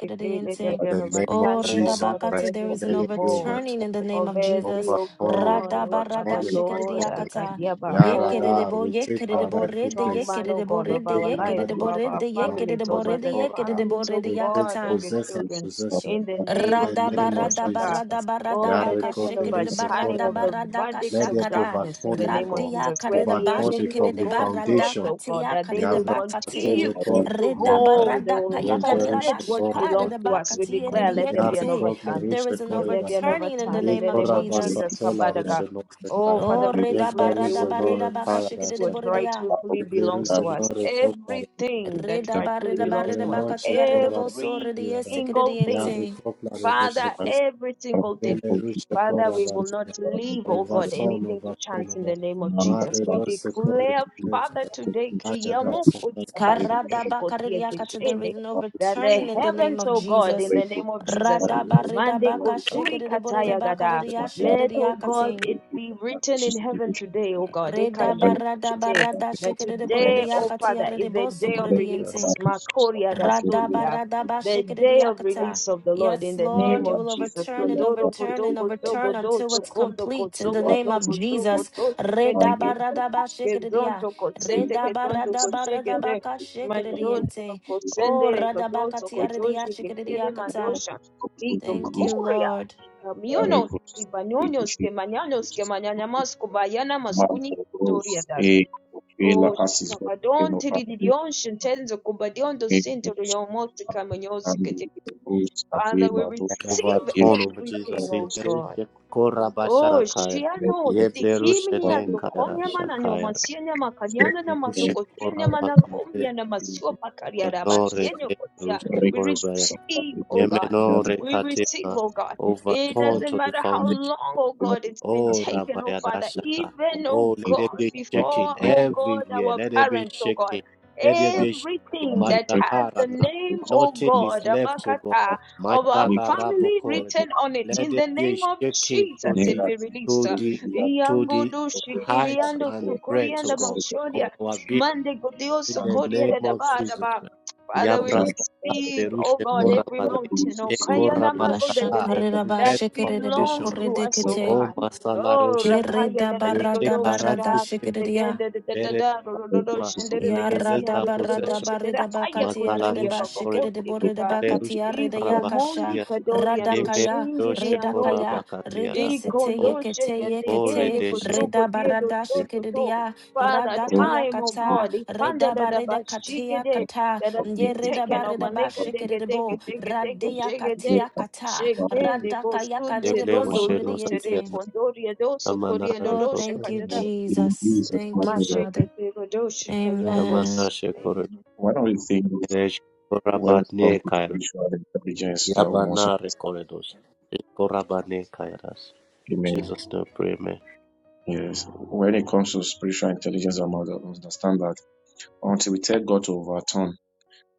Let
In
there be an
the name of
Oh,
overturning, O
reda
Jesus
God, of
Christ
bakati, there
every
is an
let it be
evil,
overturning in
overturned
the name
of
of
every,
Jesus.
over
O
Tonya,
God,
Rada
O
over
barada
Father
Tonya, over
Lord,
Tonya.
shikiriakata.
Akadiaba
Yarada,
Yekerebo,
we take our
of the
yekerebo,
rightful
rede,
strong
place.
man, O
yekerebo,
God,
We
of
rede,
take
our
our
lives, of
rightful
yekerebo,
our our
place,
rede,
man,
families,
for
yekerebo,
over
your
rede,
the
corner.
yekerebo,
families, O
rede,
We take
God, of
yakata.
your
possess and
children.
possession
In the
in
name of
the
Rada
name of
Jesus,
barada
Jesus
Kaka.
barada
Christ.
barada
Oh, let
baka
there be
Yareko
an
shikiri de
perishe
overturning
barada
of the
korabate.
barada
verdicts
Let there
of
be
kashakada
darkness in the
overturning, O
name of
God.
radia
Jesus, where
karida
the
Overturning
enemy, O
bashikiri
from
de
the
God, thought,
barada
foundation.
O God,
katia
that they
karida
will
bakati
continue
Yabrasatele kore
to
rida
nekala.
hold
barada
the
kaya karida
hostage
Yeblerushe
what
kora
bashikari
belongs
de
to us. We
bakatuna.
bakati
declare, let there be
Yare
an
yekiti.
overturn.
There
koblerushe
is an
Let
kore
there be an
bake.
overturning in the
overturn
I
in
name
the
of
name
kora
of
Jesus.
Jesus,
basatela
Kabada
rushe
Oh,
nosekaya.
Father,
Oh
we
rida
declare they
barada
Yebleruze
will
nore
barida baka
kaya
release
shikiri de
what
rashakaya.
boridia
rightfully belongs
Yebleruze
to us.
nore kopare.
Everything that
rida
rightfully
barida
belongs
Yebere
barida
to us.
noshe
bakatia rida
kora
boso
Every
rida
bakatuna.
single thing.
Yare
yesikiri
koplare rushe
Father, every single thing.
kosele rushe
Father,
kora
we will not
bakatuna.
leave, oh God,
Ovaton,
anything to
ovaton,
chance in the
ovaton.
name of Jesus.
Mare
We
dose kore
declare, Father,
bakatuna.
today,
Aya dase kaya dose kore
you.
Karadabakaridiakata, There is no
that the
returning in the name
heavens,
of
oh God,
Jesus.
in the name of Jesus,
Over
Mande
Radabaridabaka
Koturi Kataya Gada,
shikiridiboridibakaridia
let, oh God,
shikiridiakati.
it be written in heaven today, oh God,
Redabaradabarada
that today, oh
shikiridiboridiyakati
Father, is a day of
aridibosokorediente.
release. Makoria da sotia the day of
Radabaradabashikiriakata.
release of the Lord
Yes,
in the
Lord,
name
you
of
will
Jesus.
overturn and
Tondoro
overturn and
kodoko
overturn
sogodo
until it's
sokondo
complete in the
kosoko
name of
toko soko
Jesus. Redabaradabashikiriya.
kezonto kosete ketondo koshigete majondo
Redabaradabashikiriyente. Oh,
kosendere kodoso kotoshi ketende
radabakatiaridiashikiriakata.
mandosha kito
Thank
Thank
you.
you,
koria
Lord.
kamiono
Records
ibanonios
Ricochet
ke mañanos ke
Records
mañanamas kubayana maskuni
Marco
Victoria
Rose
das.
e Vela
Oh,
Assis
Kabadon,
Volcano Arabic
Tiridion, Shintenzo, Kubadion, Dosinto,
Records
Rion, Motica,
Andy Rose
Father, we
Avila do
receive
torn
Irshi
over
everything,
Jesus in
oh
Records
God.
Derusha
Oh,
Korabashakaya.
Shiano,
Records
Tikiminia,
Yeblerushene
Vale Vale Sofia Vale
Tokonyama, and
Records
your
Kairashakaya.
Masiana Macadiana,
Rushe
Majoko, Tianama,
Vale
Korabakate
Nakomia, Namasua Pacaria,
Records
Nore
Rabatiano, Kotia.
Rushe
We
Koribaya.
receive,
Vale
oh God.
Records
Yemenore
We receive,
Katina.
oh God. It
Overtorn
doesn't
to the
matter how
Vale
foundation.
long, oh
Yeah,
God, it's been
Oh,
everyone
taken, oh
is
Father.
Rabayadashaka.
on
Even, oh
Oh, let there
God,
be
basis when they
before,
shaking
break
oh
the
God,
everywhere.
our
Let there be
parents, oh
shaking.
God.
Let there be
fast,
shaking.
when
Everything
they
that
break
has the
the
Mashakarana.
name,
books,
oh
Nothing
the
is
God,
left to go.
Abakata
stuff, the
of our
week,
Mashala
family
Rabokoredo.
written on it.
Let
In
there
the
be
name of
shaking
Jesus,
to
their
it
the
be
actions
released.
to
will be
the
the
to the
Yangodo
of the
height
attack
shikiriando
and
before that
breadth
is
to
sukurianda
just
go
a good
of
moshodia.
luck
our being.
Mande godio
In the
and the
sukoria
name of
darkness
Jesus.
is
dadabadaba. Father,
put
we
Yabras
out of the
receive,
Terusha
oh God,
way
every
for
Korabale.
that we
mountain,
should
oh
E
see we
kayana
Korabata.
use the self of
magodebele,
the
The
that
very
belongs
foundation of
to
and
us,
break
oh
it
Bashakarirabashikiribokoridigite.
Oh
God.
for
Masala
Oh,
Rosheko.
that and
Rakaya
We
da
I
da
will
da go
the fast,
take
do
our
sha
rightful
da da da
place to
da ga
Keredabaradabashikiriya.
da da da da
Mere
da ro
a
ro ro
break
ro
of
Tora.
the
sha da
self,
da
We
da ga di
possess
ya
Yarada
our
do do do do
barada
possession.
sha da da
barida
haya
bakati
Masala
kutu
yarida
ya
Rushe
ba ba bo
bashikida
Corridor.
de
te
a
ke
borida
ba.
Yele
break
bakati
Rushe
yarida
Iko
of
mondi
yakasha
Korabakatia.
kadori ando
Eme
radakaya
shende di
Roshe
andosa.
redakaya
the
rede
Korabakatiada.
fast,
Iko
sete
O
ndoshe
yekete
gende
O
gende
yekete
Redeshe.
It's a
kotoko
reda
diendo
barada
soto
shikida
to. Father,
great
radakaya
time, oh
it's a good
kata
God, ikanda
reda
da da
barida
bashike
katia
de
help
kata
that has
of making
ye
been
the
reda
body
taken
barida
over.
with
Neka deke
bashikida de
deke
the
bo
deke deke
body
radia
shake de.
get
katia
up
kata
about it. It's
Shekende
radakaya
bosunte
kadede
Yeble
bo
one
rondo
of the body
Roshe
that
sokorida
it
dutere
Nosatiana.
is
kondori adoso
Amana
koriendo
Oh,
Rekor.
doshe
thank you,
kadada.
for in
Jesus.
Jesus
Thank you,
material.
Masheke
Father.
te rodoshe kayandos.
Amen.
Amana Shekor.
Amen.
One of the things when it
Ereshkorabane
comes to
kairos.
spiritual intelligence that we
Yabana
must understand.
rekoredos. Ekorabane kairos.
Amen.
Jesus name pray, amen.
Yes. When it comes to spiritual intelligence, we must understand that until we tell God to overturn,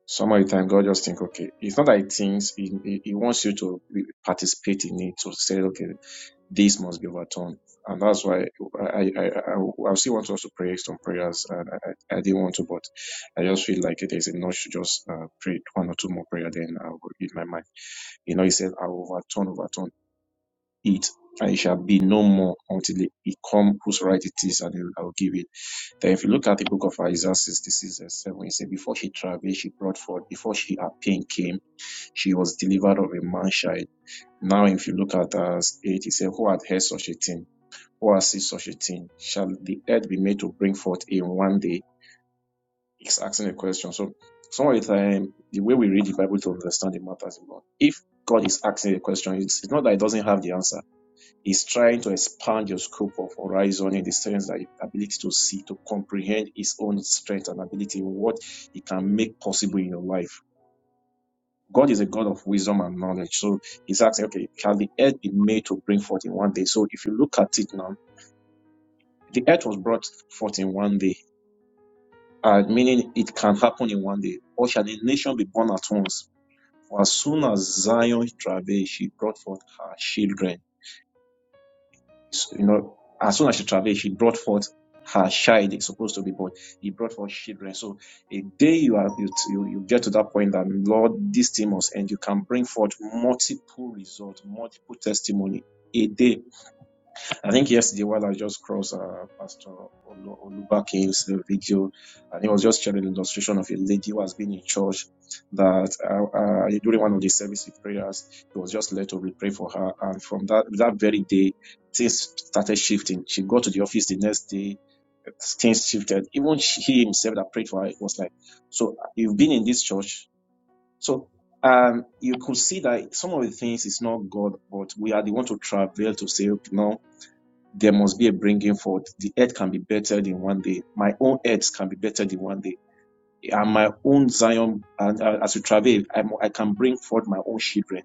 some of the time God just think, okay, it's not that he thinks, he, he, he wants you to be- participate in it to say, okay, This must be overturned. And that's why I, I, I, I still want us to pray some prayers. And I, I I didn't want to, but I just feel like it is enough to just uh, pray one or two more prayer. Then I will eat my mind. You know, he said, I will overturn, overturn it, and it shall be no more until it it come whose right it is, and I will give it. Then if you look at the book of Isaiah 66 verse 7, He said, before she traveled, she brought forth, before she her pain came, she was delivered of a man child. Now, if you look at us 8, he said, who had heard such a thing? Or has such a thing? Shall the earth be made to bring forth in one day? He's asking a question. So some of the time, the way we read the Bible to understand the matters of God, if God is asking a question, it's, it's not that it doesn't have the answer. He's trying to expand your scope of horizon in the sense that your ability to see, to comprehend his own strength and ability, what he can make possible in your life. God is a God of wisdom and knowledge. So he's asking, okay, can the earth be made to bring forth in one day? So if you look at it now, the earth was brought forth in one day uh, meaning it can happen in one day. Or shall a nation be born at once? For as soon as Zion travailed, she brought forth her children. So, you know, as soon as she travailed, she brought forth her child is supposed to be born. He brought forth children. So a day you are you, you, you get to that point that Lord, this thing must end. You can bring forth multiple results, multiple testimony a day I think yesterday while I just crossed uh, Pastor Olu- Olubakin's uh, video, and he was just sharing an illustration of a lady who has been in church that uh, uh, during one of the service with prayers, he was just led to re- pray for her. And from that that very day, things started shifting. She got to the office the next day, things shifted. Even she- he himself that prayed for her was like, so you've been in this church. So um, you could see that some of the things is not God, but we are the one to travel to say, "Okay, no there must be a bringing forth. The earth can be bettered in one day. My own earth can be bettered in one day. And my own Zion, and uh, as we travel, I'm, I can bring forth my own children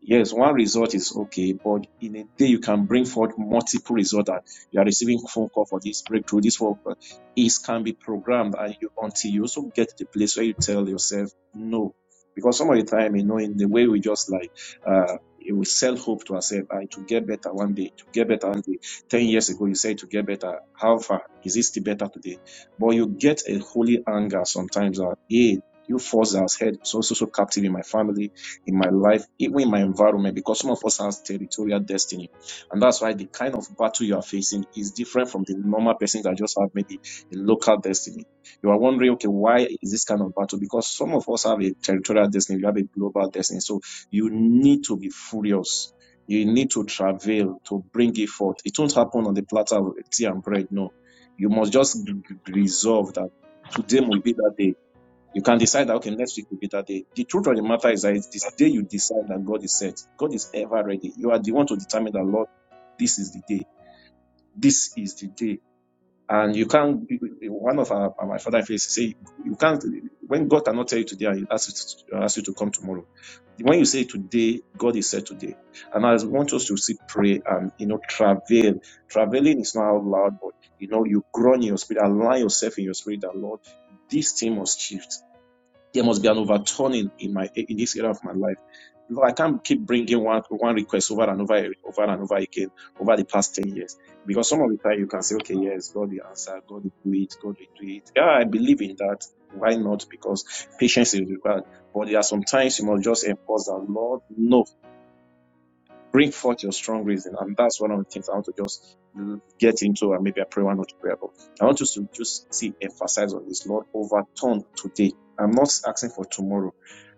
Yes, one result is okay, but in a day you can bring forth multiple results. That you are receiving phone call for this breakthrough. This work uh, is can be programmed, and you until you also get to the place where you tell yourself no, because some of the time you know in the way we just like uh, we sell hope to ourselves. I to get better one day, to get better one day. Ten years ago you said to get better. How far is it still better today? But you get a holy anger sometimes. Uh, hey, you force us head so so so captive in my family in my life, even in my environment, because some of us has territorial destiny. And that's why the kind of battle you are facing is different from the normal person that just have maybe a local destiny. You are wondering, okay, why is this kind of battle? Because some of us have a territorial destiny, we have a global destiny. So you need to be furious. You need to travail to bring it forth. It won't happen on the platter of tea and bread, no. You must just resolve that today will be that day you can decide that, okay, next week will be that day. The truth of the matter is that it's this day you decide that God is set. God is ever ready. You are the one to determine that, Lord, this is the day. This is the day. And you can't, one of our, my father in faith say, you can't, when God cannot tell you today, he asks you to, asks you to come tomorrow. When you say today, God is said today. And I want us to see pray and, you know, travail. Travailing is not out loud, but, you know, you groan in your spirit, align yourself in your spirit that, Lord, this thing must shift. There must be an overturning in my in this area of my life. I can't keep bringing one one request over and over over and over again over the past ten years because some of the time you can say, okay, yes, God will answer, God will do it, God will do it. Yeah, I believe in that. Why not? Because patience is required. But there are some times you must just enforce that, Lord, no, Bring forth your strong reason. And that's one of the things I want to just get into and maybe I pray one or two prayer. But I want us to just see emphasize on this. Lord, overturn today. I'm not asking for tomorrow.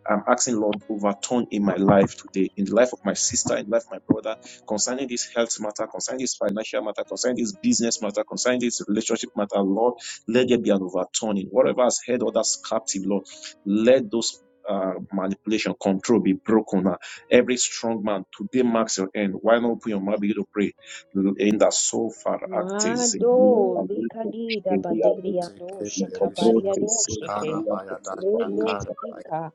I'm asking Lord overturn in my life today, in the life of my sister, in the life of my brother, concerning this health matter, concerning this financial matter, concerning this business matter, concerning this relationship matter, Lord, let there be an overturning. Whatever has held others captive, Lord, let those uh, manipulation control be broken now Every strong man, today marks your end. Why not open your mouth, begin to pray? In the so far actes, in
Mado
the alipo,
likadida
in the alipo,
badiriando
in the
Keperushe no
brotes, in
shakabariado
the
shake.
karabaya
alipo, in the
dasha
alipo,
karabaya.
Redo-shika.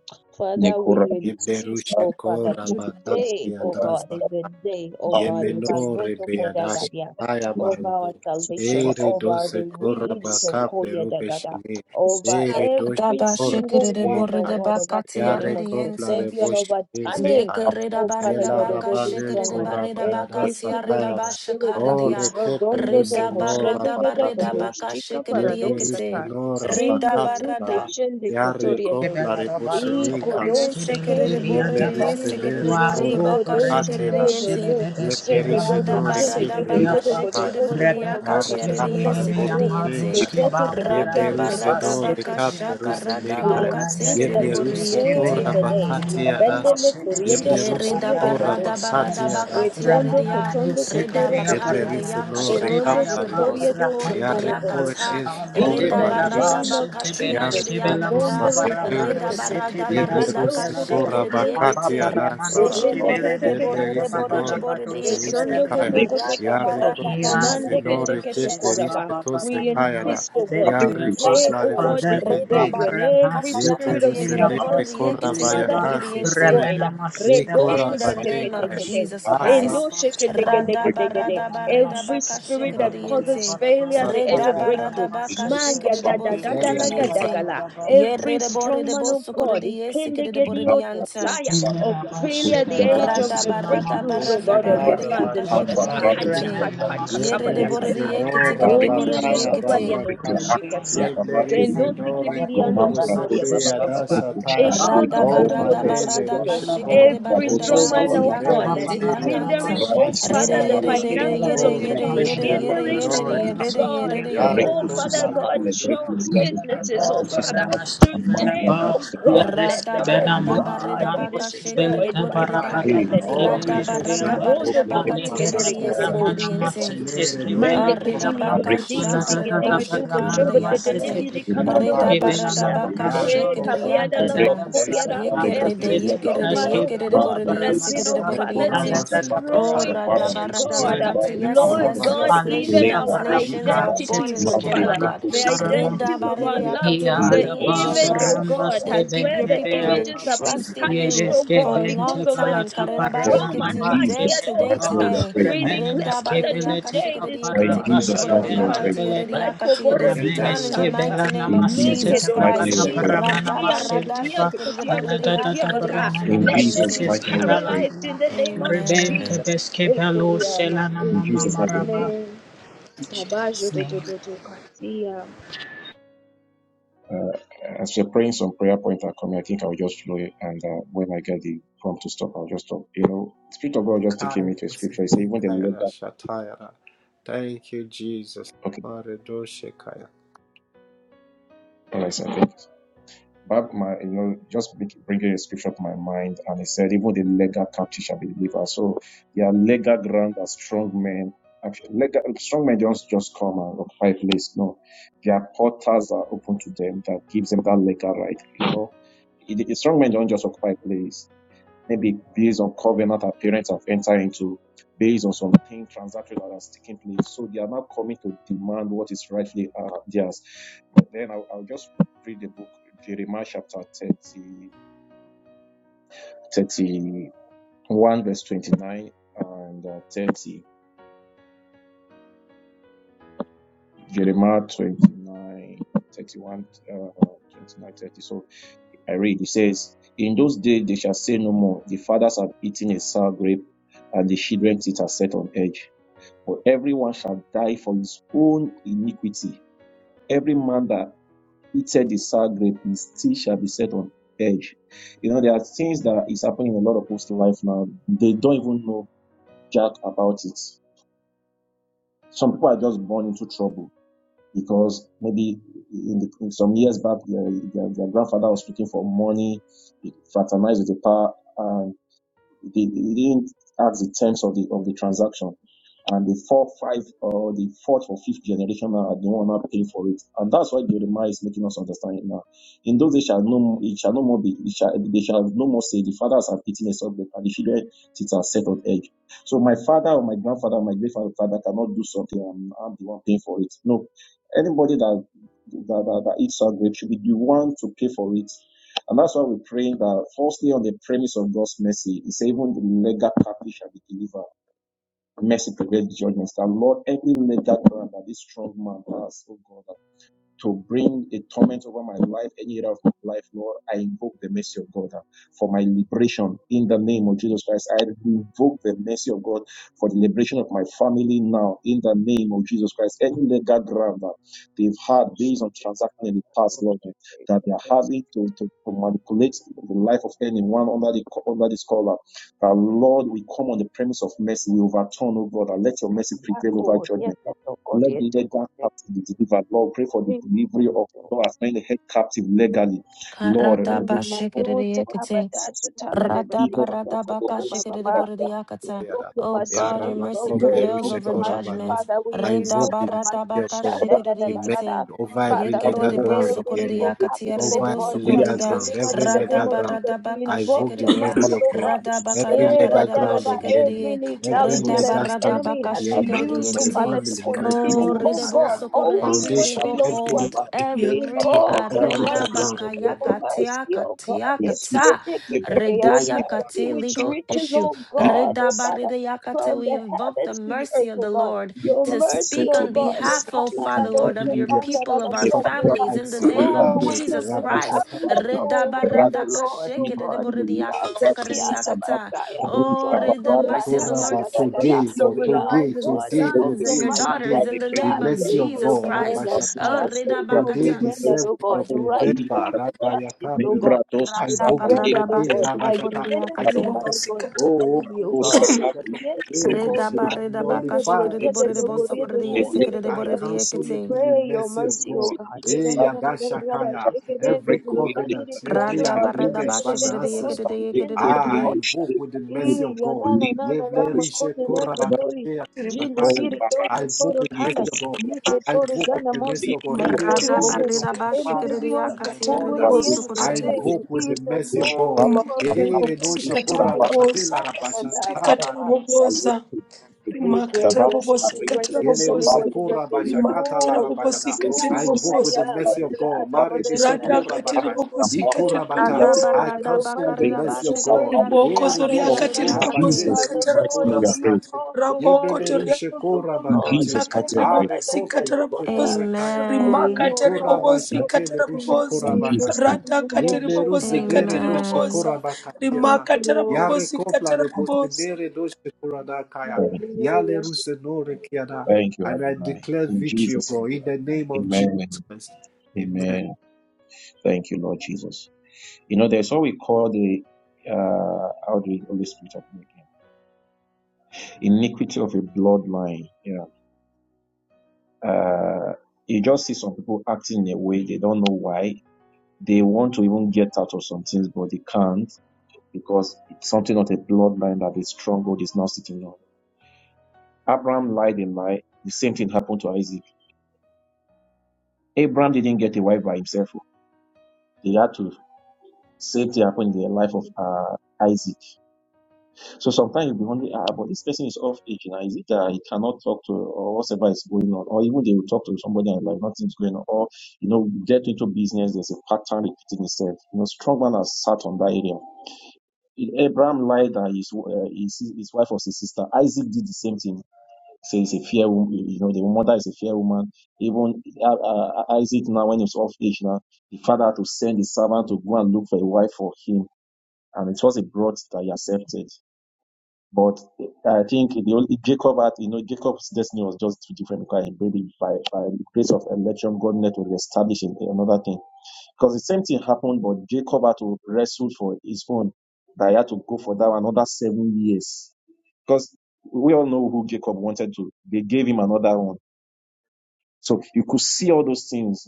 in the
Father, we
coragis, in
insist,
Keperushe
oh Father,
the prokitos,
korabakaki
today,
in the
oh God,
adaza
is
coragis,
the day, oh God,
Yemeno
Ibazoto
in the
rebeyadash
Kodagadia,
sepa, in
aya
the
over our
barubu.
salvation,
susaba,
Ere
over the
dose kora
release of
bakaple rube
Koyadagada,
shene.
over
Ere dose
every
Daba
in the
kora
single
shikiri
one, oh
borida
nekaya.
God, of us in the
bakatia
Yare
name of Jesus.
kopla
There
ridiente.
be
rebo
an
shene
overturning,
zekaya.
Yekerida
oh Father
barida
Yela
God, of
baka
every
rabanen
shikiri
strong man,
kora
barida
every
bayadasa
bakatia rida
hindering
tayada.
spirit.
O
bashakaridia.
rekeple
Rodondo
Rida
ruse
doko
no
barada
shende gede
barida
rabakatea.
godo
baka
shika
shikiri
Yeble
paradosa
ruse
yekete.
no
Rida
Tindo zute
rabakatlara.
barada.
chende
Yare
kotoria dosh.
kopla
Belara
rebo
baron
shene
de
Iko
nkaya.
Yes,
beski
doshe
beli de
sekiri
kende
Yeble
borida
Thank
biantaba
yes,
ruse
chende.
ne
sekiri
wa
borida
rekora
to
Iko
baka
doshe
bremeno
kendo
sele
shikiri
do.
de beski
Seke
Yekerishe
balano
bodo
Rada
chende
masi
noreke
barada
de
kende
baka
kodo
peruse
beapa
kodo
shikiri
kaya.
de
koshe kodo
boridia
Rebecca
kodo
Yara
ski
katiari de
kosho
beli
ye
kapa
ne
kodo
mi
rebote
sikiri
kodo.
de
ne
amaru
yente.
ski
kaya.
Kepete
ba
kepeke
Rada
paramana
kepeto
Yebleruse
barada
no
basi
doshe
de
ke.
baka
reka
beapa
shaka
peruse ne
rada
We
kaya.
baka
Alan de
insist
tikiri
that
de
beli ski
Yebleruse
boridia
ski
today is
kora
beli
the
na
day.
bakate arasa.
Ribendele kuriende
manu
you.
Ye
Yebleruse
reda
sokolia de
kora
barada barada
bakate
Paparamanusinaba,
arasa.
bakatia
Retondo
redia
kotondo
reda
kotoro
Ramanamanusitibia
bakare de
bozente.
Yebleruse
yaka
no reka
Korondo
Paramanusitibia
shakare de
paridos.
sokoria
boso
do
kore de
Yare
santoro
Paparapaparama,
kore
bodosha.
yakata
nes kore
In
reda
the
Alidibela
bane.
Mabradusa
barada
name of
bakatia
Yare
Jesus,
redia
Basitibeleskibela
kopto
Mama
sa
kata
Mambomboro
Sera is
reda
the
Kodiatoko,
second
barada
Baramanusitibia
leader
Yevle
of
barada ka
ruse
Bendoso
Bradusa
Sibeladaba,
kora
shekere de
Koboriente
bakati Yevlerus korabakati
yekete
City,
Rectus
rede
adansalaru.
Berende
bo
Savala
Apaparamanusibila
Greek
rede
Keteke
bo
Debianda
rede
Yevleris
bo rede
nore
Tokotokoshe,
bo rede
keple
Babarabadusila
ruse
yekete
Kesondo
kaya.
Debiama,
Rectus
rada
Yare
Kotokotokosheko,
Savala
barada
Rectus
Ia
kopleris
barada
de
Mande
Savala
belo
nore
Keteke
yakere de
Rectus
sina
kepleris
basha
Tokoraba.
baba
Savala
bara
tose
We
Rectus
kaya
manos
da.
insist,
ke
oh
de
Savala
God,
de de
Yare
ba
Rectus
today, oh
koplare
Savala
God,
ale
is
boshe
de
the
reda
ba
day
Rectus
beneka.
when
barada
brem
every
hasse
bakaya
te
spirit
kate
of
Yevlerus
peya
yekere de borre
nere
kas
de
ke
disappointment, oh
yekete
de de
kere
korabaya
de
Father,
ba
borre
is
kase
yente
Savala
destroyed.
torebe.
remena masse
I
Redo
baba
in the
se
Shekete
de
name
kete
of
ya.
kete
Jesus
Asa
Christ.
baba ale de de
Radaba
Endoshekedegelegedegede.
bara
radaba
mana masse
Every
redaba
kes ke
spirit
de
that
tara
de meya
causes
Rectus
kashikridiente.
bara ba
failure at
Savala
the edge of
Redaba
satea.
remena
breakthrough.
radaba
Imam
masse
Man
kes ke
kashikridibo
de de bara
Legende
bara
sukridiente.
yagadagadagadagala.
bara
Ye
Every
redebo
strong man
redebo
of God.
sukridie sikridibo
Bradosu
ikendegediotosaya,
Thank
Of failure at the edge of the
Radaba radaba
breakthroughs, oh
boshe
God,
radaba
of your
redia
sons and daughters.
karabaya
Ahaya,
kashikridiekete. Ye redebo
hakakakabayakata.
Yeblerize no
ridiekete
Oh me and the
rabakaya
kridibo
kobadiado
bashataya.
koshikatia. Kendo
Yeblerize no
sikibiriando sokoria
rekoprosepe
baba baba baba.
yadashataya.
Rada
Eshondo
Oh
koto
barada
koto koto
manele
barada
koto
rusheko
kashikere
every
barada
strong
Saba
man
overthrown
yanti
of
in
Mbato
God that
every
is
yakanti
Kushi
area.
yakanta.
hindering,
Rado,
oh
Rere
Father, the
yere
Susavale
Mashatareba.
yere
finances
yere
of
Oh
your
yere
children,
yere
rekeple
yere
rushe no
hindering,
yere
oh
reka.
yere
God,
yere yere
oh
Yareko
Father
plare
you.
God,
boshele.
Thank
jobs,
I
businesses,
come
oh
to
you.
the
Father.
right
Today, oh
place.
God, let
Rada
them,
Hallelujah.
oh
barada
God,
barida
be
baka shikere de
destroyed by
borida
Haya.
ba.
fire in the name of
O
Rada
Jesus.
rekete
barada
Marondo
barida
ora
baka
kosike
tiere de
bakatiera.
beregodogo.
yesikere de yenting.
Yenere dos
Mande
Arida
ora
ketili do
baka
do de
bakatiera.
ke de
shakarida
O
ba
do but
shakarida
shomba de de de
sheperis
yakate.
bi
de
ri
mere
kamaro
kar.
Rida barada
ya
baka
Yare
eh
shikere de
proto
kabiada la bo
rokoto
yakata.
perite
koriara
no
Yekere de
every
rekete
yekere
strong
de
man
ora.
oh
yekere de
God
borida
that has been
yesikere
oh
de
Ye
borida
Father
ora
yente.
baselo
Oh,
haya.
destroying oh God
Kere
uh,
radabaradabakata.
nushe
Yes,
ora
Lord
yes,
God
yes.
bakateru
even
mono.
Nations,
our
nations are
Yikare
born
nushe
identities
in the
oh
day,
ora
oh
Father
God.
the
keteru zene.
Alata
identities of our loved
Redabaririakata, The
ones,
Yikare
the
Yada
things, oh
boshe
baba
image, oh
God,
God,
rambas ke
that
has
peop
where
your
bente
the
be
people have been
keche
images have
apapa
been
trusting you
tarnished,
yeles
oh
ke
for
God,
a
because
long
bente
of an
time.
palata
evil
for
Karirabashike,
trauma
paramana
in
and
bas ke
Today,
Jesus'
bele
today,
mighty
macchiato.
pa
name we are
today.
praying.
We
remene
declare,
mes ke
Father,
bele te
today
For
kapara
in
pas
destruction,
Jesus'
ke
mighty
oh
name we
God.
bente
kaplare
pray.
boshe.
bele be
Michael
Redabaririakashikiridiakatikiridaboridiakatiiridiakati. It is
Boronika
remene
done
Ebleru
in the
ske
Santa.
mighty
bela
name
In
of
namaste te
Make
te
Jesus'
Jesus
mighty
doko
Christ.
name
pakata
we
shite
pray.
paramana basente ba alada da da
baka.
paramana
In
Let them
Jesus'
be
masete
Radabaradashikiridiboridiyakaridiashikiridiyenting.
mighty
ske
name we
bela
pray.
paralyzed
kama
in the name of
Amen.
rebente
Jesus.
bes ke belo
Ekuriama,
selana
In
In
mama
Jesus'
Jesus'
mighty name we
maraba
pray.
name.
in
Kabajo
Jesus
do do
name
do do katia.
Uh, as we're praying, some prayer points are coming. I think I'll just flow it, and uh, when I get the prompt to stop, I'll just stop. You know, the Spirit of God just taking me to a scripture. He said, even the
Karabosnenkaya
letter.
Shatayara. Thank you, Jesus.
Okay,
Maredoshekaya.
all right, sir. Thank you. Bab- my, you know, just bringing a scripture to my mind, and he said, even the legal captive shall be delivered. So their legal ground are strong men. Actually, legal, strong men don't just come and occupy a place. No, their portals are open to them that gives them that legal right. You know, it, the strong men don't just occupy a place. Maybe based on covenant our parents have entered into, based on something transactional that has taken place. So they are now coming to demand what is rightfully uh, theirs then I'll, I'll just read the book, Jeremiah chapter thirty thirty one verse 29 and uh, 30. Jeremiah 29, thirty-one, uh, 29, thirty. So I read, it says, In those days they shall say no more, the fathers have eaten a sour grape, and the children's teeth are set on edge. But everyone shall die for his own iniquity. Every man that eated the sour grape, his teeth shall be set on edge. You know, there are things that is happening in a lot of people's life now. They don't even know jack about it. Some people are just born into trouble because maybe in, the, in some years back, their, their, their grandfather was looking for money, he fraternized with the power, and they he didn't ask the terms of the of the transaction. And the four, five, or the fourth or fifth generation now are the one now paying for it. And that's why Jeremiah is making us understand it now. In those days shall no it shall no more be it shall, they shall no more say the fathers have eaten a subject and the children sit are set on edge. So my father or my grandfather or my great father cannot do something and I'm the one paying for it. No. Anybody that that, that, that eats our grape should be the one to pay for it and that's why we pray that firstly on the premise of God's mercy, is even the legal captive shall be delivered. Mercy prevents judgments. That Lord, every legal ground that this strong man has, oh God, to bring a torment over my life, any area of my life, Lord, I invoke the mercy of God uh, for my liberation in the name of Jesus Christ. I invoke the mercy of God for the liberation of my family now in the name of Jesus Christ. Any legal ground that they've had based
Macho
on
do do
transacting
do
in the past,
do
Lord, uh, that
do do
they are
do.
having to, to, to manipulate the life of anyone under the under this collar. Uh, Lord, we come on the premise of mercy. We overturn, oh God, and
Yes,
let your mercy
yeah,
prevail over
God,
judgment.
yes,
Uh,
yes, oh God,
let
yes,
the led
oh
down captive be delivered. Lord, pray for the delivery of
God.
Lord as many head captive legally. Lord,
Karadaba
Madote
shikadidiyakate.
kabadasha
Radaba
talanemetiko toko
radaba ka
shaba baba. We
shikadidibodidiyakata.
Invoke your
Oh
mercy,
God, your
Holy
mercy
Ghost.
Yarabakople
We
Lord,
prevails
invoke
in
over
your
the
mercy,
Rushekorabane.
judgment.
name
Father.
of
We
I
Jesus
invoke
invoke
Redaba
the
your
Christ,
mercy
mercy.
radaba
of
ka
Sha
God,
da da da
the
da
mercy
da da.
shikadidiyakate.
over every
Father, Lord,
legal
Yekididibo
ground of
every
the
legal
enemy,
sokoridiyakati
captive, oh
over
yaridibo
God,
every
shall
legal
be
Kotoria,
sokorida.
ground,
delivered
every
in the name
legal
of
Radaba
ground.
Jesus.
radaba
We
ka
I
invoke
invoke the
your
mercy
shikadidiya.
mercy,
of
oh
God,
God.
Radaba ka
every
Eh,
legal
but da,
yakaridaba
da,
ground
da,
of the enemy,
Every
shikadidiye.
every
legality
katiribabosi,
that
Redaba
legal
the
standing
radaba
enemy
ka
of
has
the enemy, of
used, oh
my
shikadidiyakate.
Father, to
family,
katiribabosi,
in my business,
Oh,
continue, oh
katiribabosi,
redebo
God,
career,
socorre
holding
every
what
foundation,
legal
belongs to us.
every
hold,
ramokotoria,
We
katiribabosi.
every
invoke
every
your
areda
legal
mercy
ground of the enemy.
bakaya katia
oh God,
katia
if they
kata,
take, take, take a
redaya
mercy
kate
which
legal
reach,
issue,
oh God,
reda
oh Father,
baredaya kate.
from
We
the
invoke the
heavens to the
mercy
earth,
of the
oh God.
Lord
Your
to
mercy,
speak
oh
on
God, in
behalf, oh Father
in
Lord,
every
of
Kalabadosha
your
area
people,
of
of
my
our
family,
Kandabadiya,
my
families, in
life,
the name of
Jehovah,
Oh, which
it's
has
Jesus Christ.
Rabashaka.
established,
Reda
oh, Father
barada
Lord, oh
kasheke
God,
redebo redia kata
Father, we are
karedia
the
kata.
Messiah.
Oh,
Oh,
let
God,
the
da,
mercy of
da,
the
da,
Lord
da,
Nikoraba,
da, da, da.
Today,
speaks
God,
over
We
the
are, oh
today,
lives of your
God,
today,
invoke
sons and
your
today,
your
mercy
daughters
that
today,
in the
the
name of
mercy
justice
of
Jesus
will
God,
be
Christ.
rendered.
Oh,
Rabashakaya.
reda
Justice will
Today,
be
bakata.
the
rendered,
7th
oh God.
of
Rightful
November,
justice,
Rabayaka,
oh God,
I
will
Rada
be
invoke the
rendered,
barada
authority.
oh
Eh,
ba
God,
shikere de bore
Rabashata.
de
I
against, oh
invoke
yakate.
Father
mercy.
God, the
Oh, over
enemy, oh
it,
God.
over the wicked one.
Yes, oh
Eh,
Reda
God,
I
barada
the end
baka
of the
nullify
road,
shikere de
yeah,
with
bore de
the
boso
mercy of
kore de ye
God.
sekere de
I
the
bore de
cancel
we
it
yekete.
with
pray
the
your
mercy of
mercy, O
God.
God.
Eh, Yadashakaya. Every covenant, every
Rada barada ba
agreement by
shikere
my
de yekere de
ancestors.
yekere de yekere
Ah, I
de.
invoke with the mercy of God. Yevleri
Jinde
rimakatiribobosikatiribobosa
I invoke the mercy of God. I invoke the mercy of God. Every
Rada
agreement of
barada
my
ba shikere de
fathers, of
so
my
yakate re de
mothers,
boso kore de
I
yense.
invoke with the
in the
mercy of God.
name of
Ere
Jesus
no shekora
papaya
bakatela
papaya papaya
rabashakata,
rikatarabobosa
declare justice is rendered in
yele
the name
rimakatarabobosikatarabobosa
ruze
of Jesus
kora
in
bashakata la
full
rabayada. I
Oh,
invoke with
yeah,
rimakatarabobosikatiribobosa
the mercy
Father, the
of
other mother, the other that they can
Marabaka.
say,
Rada
Ika
radakatiribobosikatiribobosa
Oh, by
barada
your
ba kare
mercy, by
ba
of
your
shikere de
God.
mercy,
yare
Lord,
de
Riboko
Ere no
yakate
For
that
yare
zoriakati
de
in
shekora
I'm
ribobosi
yakate.
batele
but
Jesus' mighty
Lord,
name
rushekora
we
may
are
katarabobosa.
you
praying.
bakate.
call
Raboko
Yebele
somebody,
rushekora
In
body, if
bakate.
Jesus' mighty
toriakati
name
anybody
we are praying.
Are
that
ribobosi
has
kople
a body, I
katarabobosa.
rusetore
got the
kayada.
body, to bring,
Amen.
Rimakati
oh,
Ikora
Father,
You
ribobosi
know,
bashatele
in
katarabobosa.
rushekora
in
Jesus,
Jesus'
bakate.
name.
Rata
name,
Yeble
katiribobosi
Shatari.
ruzedere no
katiribobosa.
shekora
Amen.
bakate
Thank
na.
you,
Rimakati
Lord.
Yare
rabobosi
kopla
katarabobosa.
rebosenere no shekora da kaya.
Amen.
Yale
Hallelujah.
rusenore kiada.
Thank you,
And I
Adonai.
declare
In
victory, O
Jesus.
God, in the name of Jesus
Amen.
Christ. Amen.
Amen. Thank you, Lord Jesus. You know, there's what we call the uh how do you Holy Spirit help me again? Iniquity of a bloodline. Yeah. Uh you just see some people acting in a way they don't know why. They want to even get out of some things, but they can't because it's something of a bloodline that a stronghold is now sitting on. Abraham lied and lie. The same thing happened to Isaac. Abraham didn't get a wife by himself. oh. They had to same thing happened in the life of uh, Isaac. So sometimes you'll be wondering, ah, but this person is of age in Isaac, uh, he cannot talk to or whatever is going on, or even they will talk to somebody and like nothing's going on, or you know, you get into business, there's a pattern repeating itself. You know, strong man has sat on that area. Abraham lied that his, uh, his his wife was his sister. Isaac did the same thing Say he's a fair woman, you know, the mother is a fair woman. Even uh, uh, Isaac now, when he was of age now, the father had to send his servant to go and look for a wife for him. And it was a broad that he accepted. But I think the only Jacob had, you know, Jacob's destiny was just too different because he maybe by, by the grace of election, God net will establish in- another thing. Because the same thing happened, but Jacob had to wrestle for his own. That he had to go for that another seven years. Because we all know who Jacob wanted to. They gave him another one so you could see all those things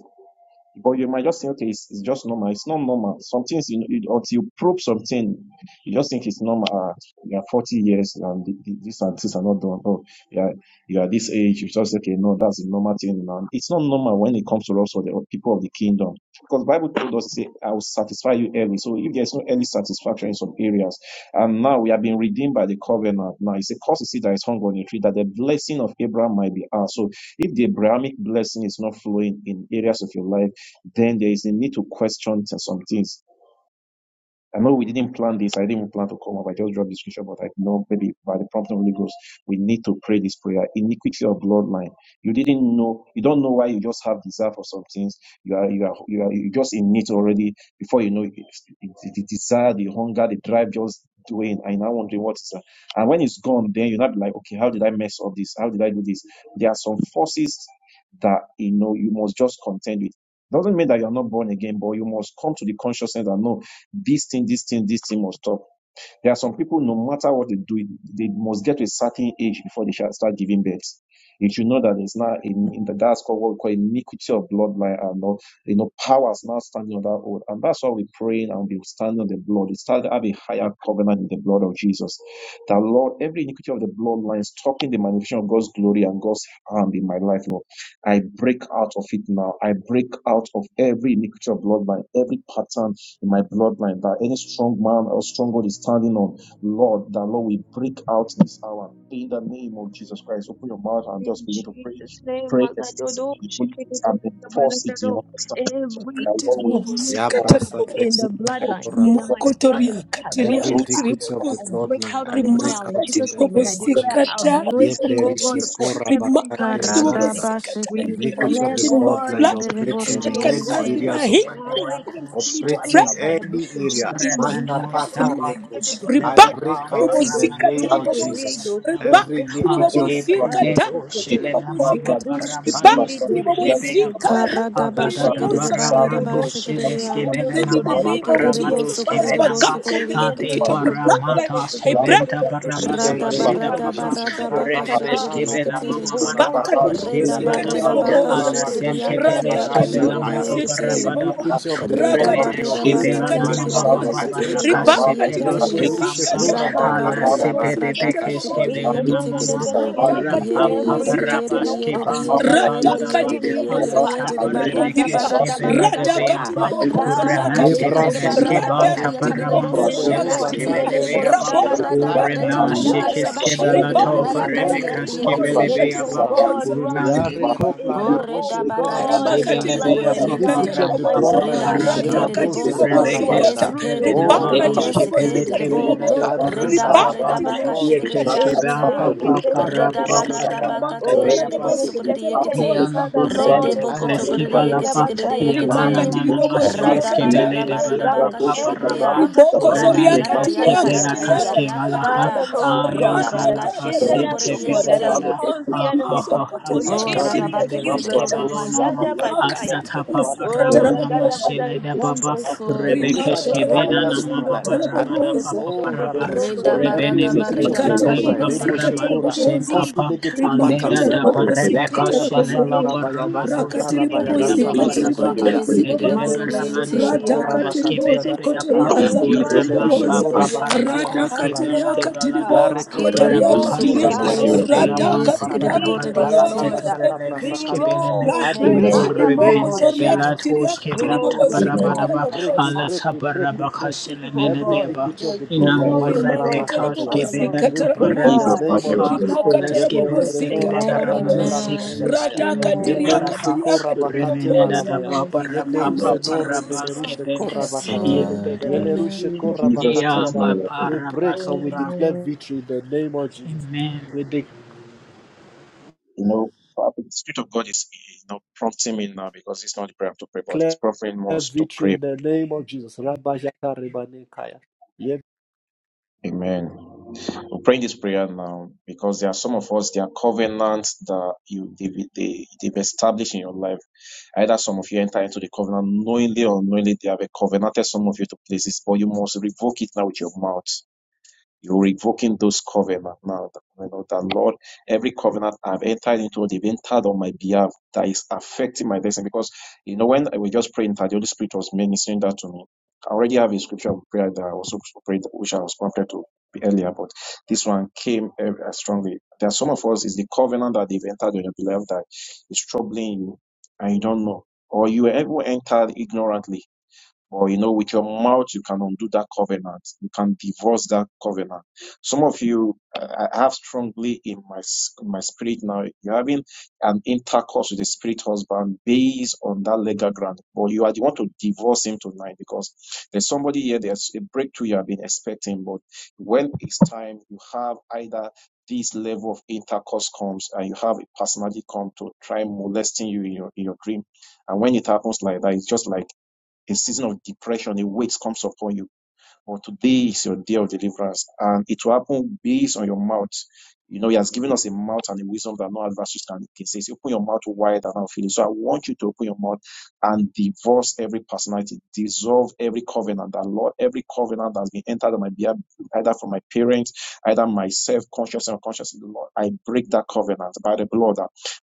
but you might just think, okay, it's, it's just normal. It's not normal. Some things, you know, it, until you probe something, you just think it's normal. Uh, you are 40 years and th- th- this and this are not done. Oh, yeah, you are this age. You just okay, no, that's a normal thing. Now. It's not normal when it comes to us or the people of the kingdom. Because Bible told us, say, I will satisfy you early. So if there's no early satisfaction in some areas, and now we have been redeemed by the covenant. Now it's a cause to see that is hung on a tree, that the blessing of Abraham might be ours. So if the Abrahamic blessing is not flowing in areas of your life, then there is a need to question some things I know we didn't plan this. I didn't even plan to come up. I just dropped the scripture, but I know maybe by the prompt of the Holy Ghost, we need to pray this prayer. Iniquity of bloodline. You didn't know. You don't know why. You just have desire for some things. You are you are you are you just in it already. Before you know, it, it, the the desire, the hunger, the drive just doing. I now wondering what is that. And when it's gone, then you're not be like, okay, how did I mess up this? How did I do this? There are some forces that you know you must just contend with doesn't mean that you're not born again, but you must come to the consciousness that no. This thing, this thing, this thing must stop. There are some people, no matter what they do, they must get to a certain age before they shall start giving birth. You should know that it's not in, in the that's called what we call iniquity of bloodline and all, you know powers now standing on that oath. And that's why we pray and we stand on the blood. We start to have a higher covenant in the blood of Jesus. That Lord, every iniquity of the bloodline stopping the manifestation of God's glory and God's hand in my life, Lord. I break out of it now. I break out of every iniquity of bloodline, every pattern in my bloodline, that any strong man or stronghold is standing on, Lord, that Lord, we break out this hour in the name of Jesus Christ. Open your mouth and
In
just begin to pray.
Jesus' name,
Pray
Magadodo,
extensively in the Holy Ghost
Shikididi,
and enforce it in
Kabarakadodo.
your understanding.
every
That
Wakati
Lord, we
ribobosi
iniquity
Lord, in
in
katarabobosa.
the
the name of
bloodline,
Jesus
in my
Christ,
Rimokoto
family,
riakati
the
Every
Kadosha,
riakati
roots,
iniquity
the
of the
power,
I
ribobosa.
break
bloodline,
out
I
of it
break
now in
out
Rimakati
in
Jesus'
the
name. And
name
I
of
ribobosi
the
Jesus.
declare
reach
a
and
kata
breaking, oh
Yebleri
rimokoto
continuous as
God,
ria.
for
soon as
shekora
we
everyone
bakate
Rimakati
in Jesus'
are
name.
ribobosi
Karadaba
naza.
kata
We
shikiri de
every
Iniquity of
declare,
miracles
the
iniquity in
and
borriaka
my
God,
bloodline
public
blood
sikiri
that
de
operating
iniquity,
that
in
oh
can
Yamase
any
God,
ask me
borriente.
now
areas of
bente
my
de la
hindrance
destroyed,
even for me
kushe
to
rules
pray
operating
swallowed
in
and
by
bente.
the blood
any
of
books
area.
through
Jesus.
in my
Masha
and
life,
Remanosa
public
in my
pataleko.
place
Barusa
life.
I
in
Reba,
the
Ledeban
break out
nation.
in
And
the
those
bobozika,
name
That
shoot
tiri
Paramanosa
of
is
to
to
boboza.
read
Jesus.
say,
those
Reba,
soul
Keskebanaba
Every
to
tiri
iniquity of
all
Ati
cooperate,
across
bobozika,
the
commando
Bileto
taka,
to
tiri
Shelena Mama
bobozika, ta.
Kizum
Reba,
Tibiri
Parambados
tiri
Dujindi
bobozika,
Ibelebeaba
Kizidi
raka,
Karadaba
tiri
Doshiti
Agadada
shikiri de
boboza, I
Kibo
barriaba
Baramados
Doshiti
pray
shikiriya.
out of
Dikundo
them
Leskebelena
in the
Mama
Dododesi
name of
Yekiri
Jesus
Paramados
bosukuri
Christ. Back
Kebenaba
out
bosukuri
from the
Koshento
Ati
iniquity of
yekiti.
toko
the
dosho
bloodline.
Paramata
toko
I
dodo
pray
Skebenta
dodo
out of
doko
In
it in
Barabada
the
the
shekete
Radaba
name
name
of
Basida
of
radaba
Papa
Jesus
Jesus,
Christ.
radaba kashikiri de
Rabashakara
Redebeskebena
yekiti.
Mama
Iko no
Batekaraba,
Baka tiri
shete
Marabakos
bobo
Redaba
sika
kuto
tiri
Kebelataba
badi
redaba
Yebleruzeno
boboza.
katole
Alla
de
kashikiri de
de de
Sente
Rabakate
yakati
kete de
Radaka
no
tiri
Peleskebela
yakashikiri
bobo
Radashakayara.
sika
Mapa
tiri
yekiti.
bobo.
badapa
Iniquity of the
Raka
O
Redaba
tiri
bloodline
remenes
bobo
que
redaba
paria na
operating in
na
pelana
kati
my
kiri
mama
family,
mama
I
bogoza.
kiti
break
kiri
baraka
out.
se
Ribaka
boriri
tiri
pelos
bobo
ekiti.
que
zuko.
Yeblerusheko
sika
pampa
Ika ba ba
tariaka
Radaba
ba
ala
tiri
Rabakate
se
bobo
radaba
pede
sika tara
radaka
peques que
boboza.
shikiri
bele
ekiti
mama
kiri
mama
Rada
bo.
radhaka
oram
tiri
Yere
pampa
yere
Every
katiri
yere yere
pattern
parabas
tiriya
of
que
yere
God
yere
bante
that has
yere
radhaka
paladaba
tiri
continued, oh
yere
ala
bobozika
Father.
yere
tiri
sapa
Kaya
bogondiriya
baradaba
remeques
kaya
que
gada
radaba
gada.
bele de
radhaka
radashaka.
tiri
beapa
Radaba
bokozoriya
Ye
uremante
katiya
kashikiri de
brasa
beles
Father,
que
baradaba
kapla
banta
radhaka
kaya kiri
tiri
let
de
it be
paramando
boso
boshete le
bokozoriya
kiri
seles
roba
destroyed
que
in
katiriya
yakati.
the
bele
kaple
name of
ruse
beapa
te
Redaba
Jesus.
raboko zoria
radaba
rakaya da
Let
katiri
the
redaka
uremas
kataya.
blood
yakari
of
bokonza
de
que
bashikiri
Jesus,
bela
de
Yeble
riboko
boriri
topa
ruze
Kabbalah
do
zoria
yakati yere
katiri
remekas
Lagada,
que
rekeple
ekiti.
bele
let
bobozika
rushe
it,
tiri
oh
beapa
koraba.
bobo
God,
zikatiri boboza
run
Ya
urlande
deep in
rekopla re
berabaya
the,
Corre
oh
da barra da
koraba
God,
ba
in
ne
the
rimakati
kaya.
shekere de bore
Kaskebelebeya
bloodline, in our
ribobosikata
diente.
Iniquity
paparam
of the
bloodlines,
raboboza
oh God,
bloodline
Reda
in the name
paparama
measure
of
shekere de
Jesus,
radhakati
bo
doze
ah,
socore de
to
yes
ribobosikata
karabayada.
uproot,
kere
oh
de
rebekeskebelena
God,
Oh
bore de
every
ribhakati
rabba
yes
iniquity.
yekore
kere de
ribobosikati
des.
bo.
maluskepelekebele
Bizo
do
riboboza
I
tuzi
Reda
break
kiti
out
barre
baramanaba
da
by
ribhakati
the
baka
kamanosha.
blood
shekere
of
de
Jesus.
ribobosikata
yekeskeba
Ezu
yakata.
I
tere ke
break
tere
out by
papapara
ke
the
Reda
tere
blood
ke
of
barra
te.
da baka
Oh,
Rimakata la
tiare
paparamandebeya
she
de bo
tere
babosi
te
socore
te
de
kata.
te te.
yekete.
Yalaba
Father,
Rede
Lord,
sente
oh
Jesus.
boko
God,
beleski
tokore de
ekaya
yekete
balapa
kere
rabazaya
de
to
yabana
yekete.
rimakatela
mana
remove
Rada
maseleski
every
barra
bobosikatela
bele
da
de
evil
barre da
baraba
baka
garment,
papa
shekere de
every
ramba
ya.
garment, oh
boboza
God,
Yada
uremene
yada
kaske
yada
parakataya
pela
yada
rimakatiri
kadia,
yada
kaske
yakare de
galaha
ta.
Father,
ya.
Lord God,
Ra
Reda
that
ayanka
da
has
baka
la
da da
shekere
hindered
da
de
us,
bore
kasente
oh
de
katiri
God, that has
boboza
yekete.
felerada
caused the enemy
ramoso
to
akaha
koto
hada
Oh, rada
riakatiri
continually
ba
basinde
shekere
accuse
de
beleski
us,
bore
oh
bobosikata
de
my
bo.
balonama
Yada Bashaya.
rimakatiri
asata papa
Oh,
bobosikatela
ramana
Bagada
boboza
Bada
masele de baba
Zantos.
Sol.
glorified by
Jeto
rebekeske
the
rimakatela
power
koto
benana
areas of my
sende
mama
life.
bobosikatela
I
koshende
pray,
Kabarabada
boboza
koto
Papa
oh
shondo
Paraba
Rabemo
koto
Jesus,
Reda
koto
every
koto
barada
Rebenemi
iniquity of
barada
the
rikati
baka
Peskepen
bloodline,
Papa
Rebo
Isi
shikere.
ribobosika
ti
Ramanu
Shekora,
ti ti
Saint
tarabobosa
causing
Papa
ti
negative
chiki
rimaka
Aleda
patterns, oh
tushi
da
God.
ti ti ti
tarabobosika
Parebeca
Yabaya
ti ti ti
Shilendo
basala
ti
tarabobosa
ti
rabaya dasa
Boromanu
ti
rakati
ti ti ti ti
karabaya
Sebea
Rede
dasa
ribobosika
bo
Papa
ti
laruba
sokore
Raba
de
shekaya.
tiribokonzi
yesikere
Lede
de
de
ribobasa
Yebleru
ti
Baraman
zeleru
ti
borediente.
shekora
Paraba
ti
radhakati
bakatia
ribozo
dasa kaya
Skibedebeapa
da.
kotoriaza kati
Shenderiodos,
Yeleru
Uraman
the
ribobosa
shekora
Papa
Kederiandos,
bakatia dasa
Parakoski
radhakati
Bante
larushko.
riakati
Shatandaros,
Baladaba
ribozo
Yareko
Kere de
plarebo
bo
kotoriakati
Rabakas
shekora
ria
sokore de
Iadoshaka,
bo
Kibele de
bakatia
sokore
every
de
larada
Beaman
radhakati
shakaya.
Papa
yesikere de
da.
iniquity,
riakati
Rabado
Father
Yala
rabo
borediente.
raba
Lord,
yes
uh,
shaka
every
be
iniquity in my
Tebelekeskebeleme,
rolled,
I
the
bloodline
break in
kaya,
the
Mama
name
rimoko
of
uburemente
Mashaya,
Jesus
zoriakati
Christ.
riakati
belatoskebem
rolled
Yebleru
up,
world.
ribobosika
Shekora, we
tabarabadaba,
Father
break, we
tarabobosa
God.
break, we break, we break
Evil
every
God,
alasabarabakaselemenebeba,
iniquity of
the
the bloodline.
Amen.
glorious road
Masharaba
rimakatara
through Father
Katiana,
Lord.
inamorebekaskebelen
we
bobosikatara
In
break in the
Ah,
Jesus'
bobosa
name
mighty
keep
name,
of
we
the
toparempapapa,
pray.
Jesus.
blood of
rimakatara
Yebleru
Jesus.
Zeno
bobosikatara
Rabakatela
Amen.
bobosa
Amen.
Rubashakaya,
Rada
uleskebelededeberamanoskebeleskebem
Amen.
Amen.
katiria
Yebleru
tebaraba,
katiria
Sekora
katiri
Bakatela
bobosa
Rabaya,
Amen.
in the
Yebleru
name of
Amen.
Zeno
jesus
Rebeleru
christ
Shekora
uremenedadababarempapaparabaskebente,
Yes,
Bakatia,
Amen.
Lord.
Thank
yelebedebe.
you,
Yeleru
Amen.
In
Jesus.
Shekora
Jesus' mighty
Nea
Bakatiana.
name, we pray.
We break and we
babarabaskeba.
declare
Amen.
victory in the name of Jesus.
Amen.
We
You know, Father, the Spirit of God is you know prompting me now because it's not the prayer to pray, but it's
declare
prompting us to
victory
pray.
in the name of Jesus. Rabashaka Rebanekaya.
Amen. We're praying this prayer now because there are some of us, there are covenants that you they, they, they've established in your life. Either some of you enter into the covenant knowingly or unknowingly, they have covenanted some of you to places, but you must revoke it now with your mouth. You're revoking those covenants now, you know, that Lord, every covenant I've entered into, they've entered on my behalf that is affecting my destiny. Because, you know, when I was just praying that the Holy Spirit was ministering that to me, I already have a scripture of prayer that I also prayed, which I was prompted to earlier, but this one came eh, eh, strongly. There are some of us, it's the covenant that they've entered on your behalf that is troubling you and you don't know. Or you ever entered ignorantly but you know, with your mouth, you can undo that covenant. You can divorce that covenant. Some of you, I I have strongly in my s- my spirit now. You're having an intercourse with the spirit husband based on that legal ground, but you are the one to divorce him tonight because there's somebody here. There's a breakthrough you have been expecting, but when it's time, you have either this level of intercourse comes and you have a personality come to try molesting you in your in your dream. And when it happens like that, it's just like a season of depression, a weight comes upon you. But today is your day of deliverance, and it will happen based on your mouth. You know, He has given us a mouth and a wisdom that no adversaries can negate. He says, Open your mouth wide and I'll fill it. So I want you to open your mouth and divorce every personality, dissolve every covenant that Lord, every covenant that's been entered on my behalf, either from my parents, either myself, conscious and unconsciously, Lord, I break that covenant by the blood.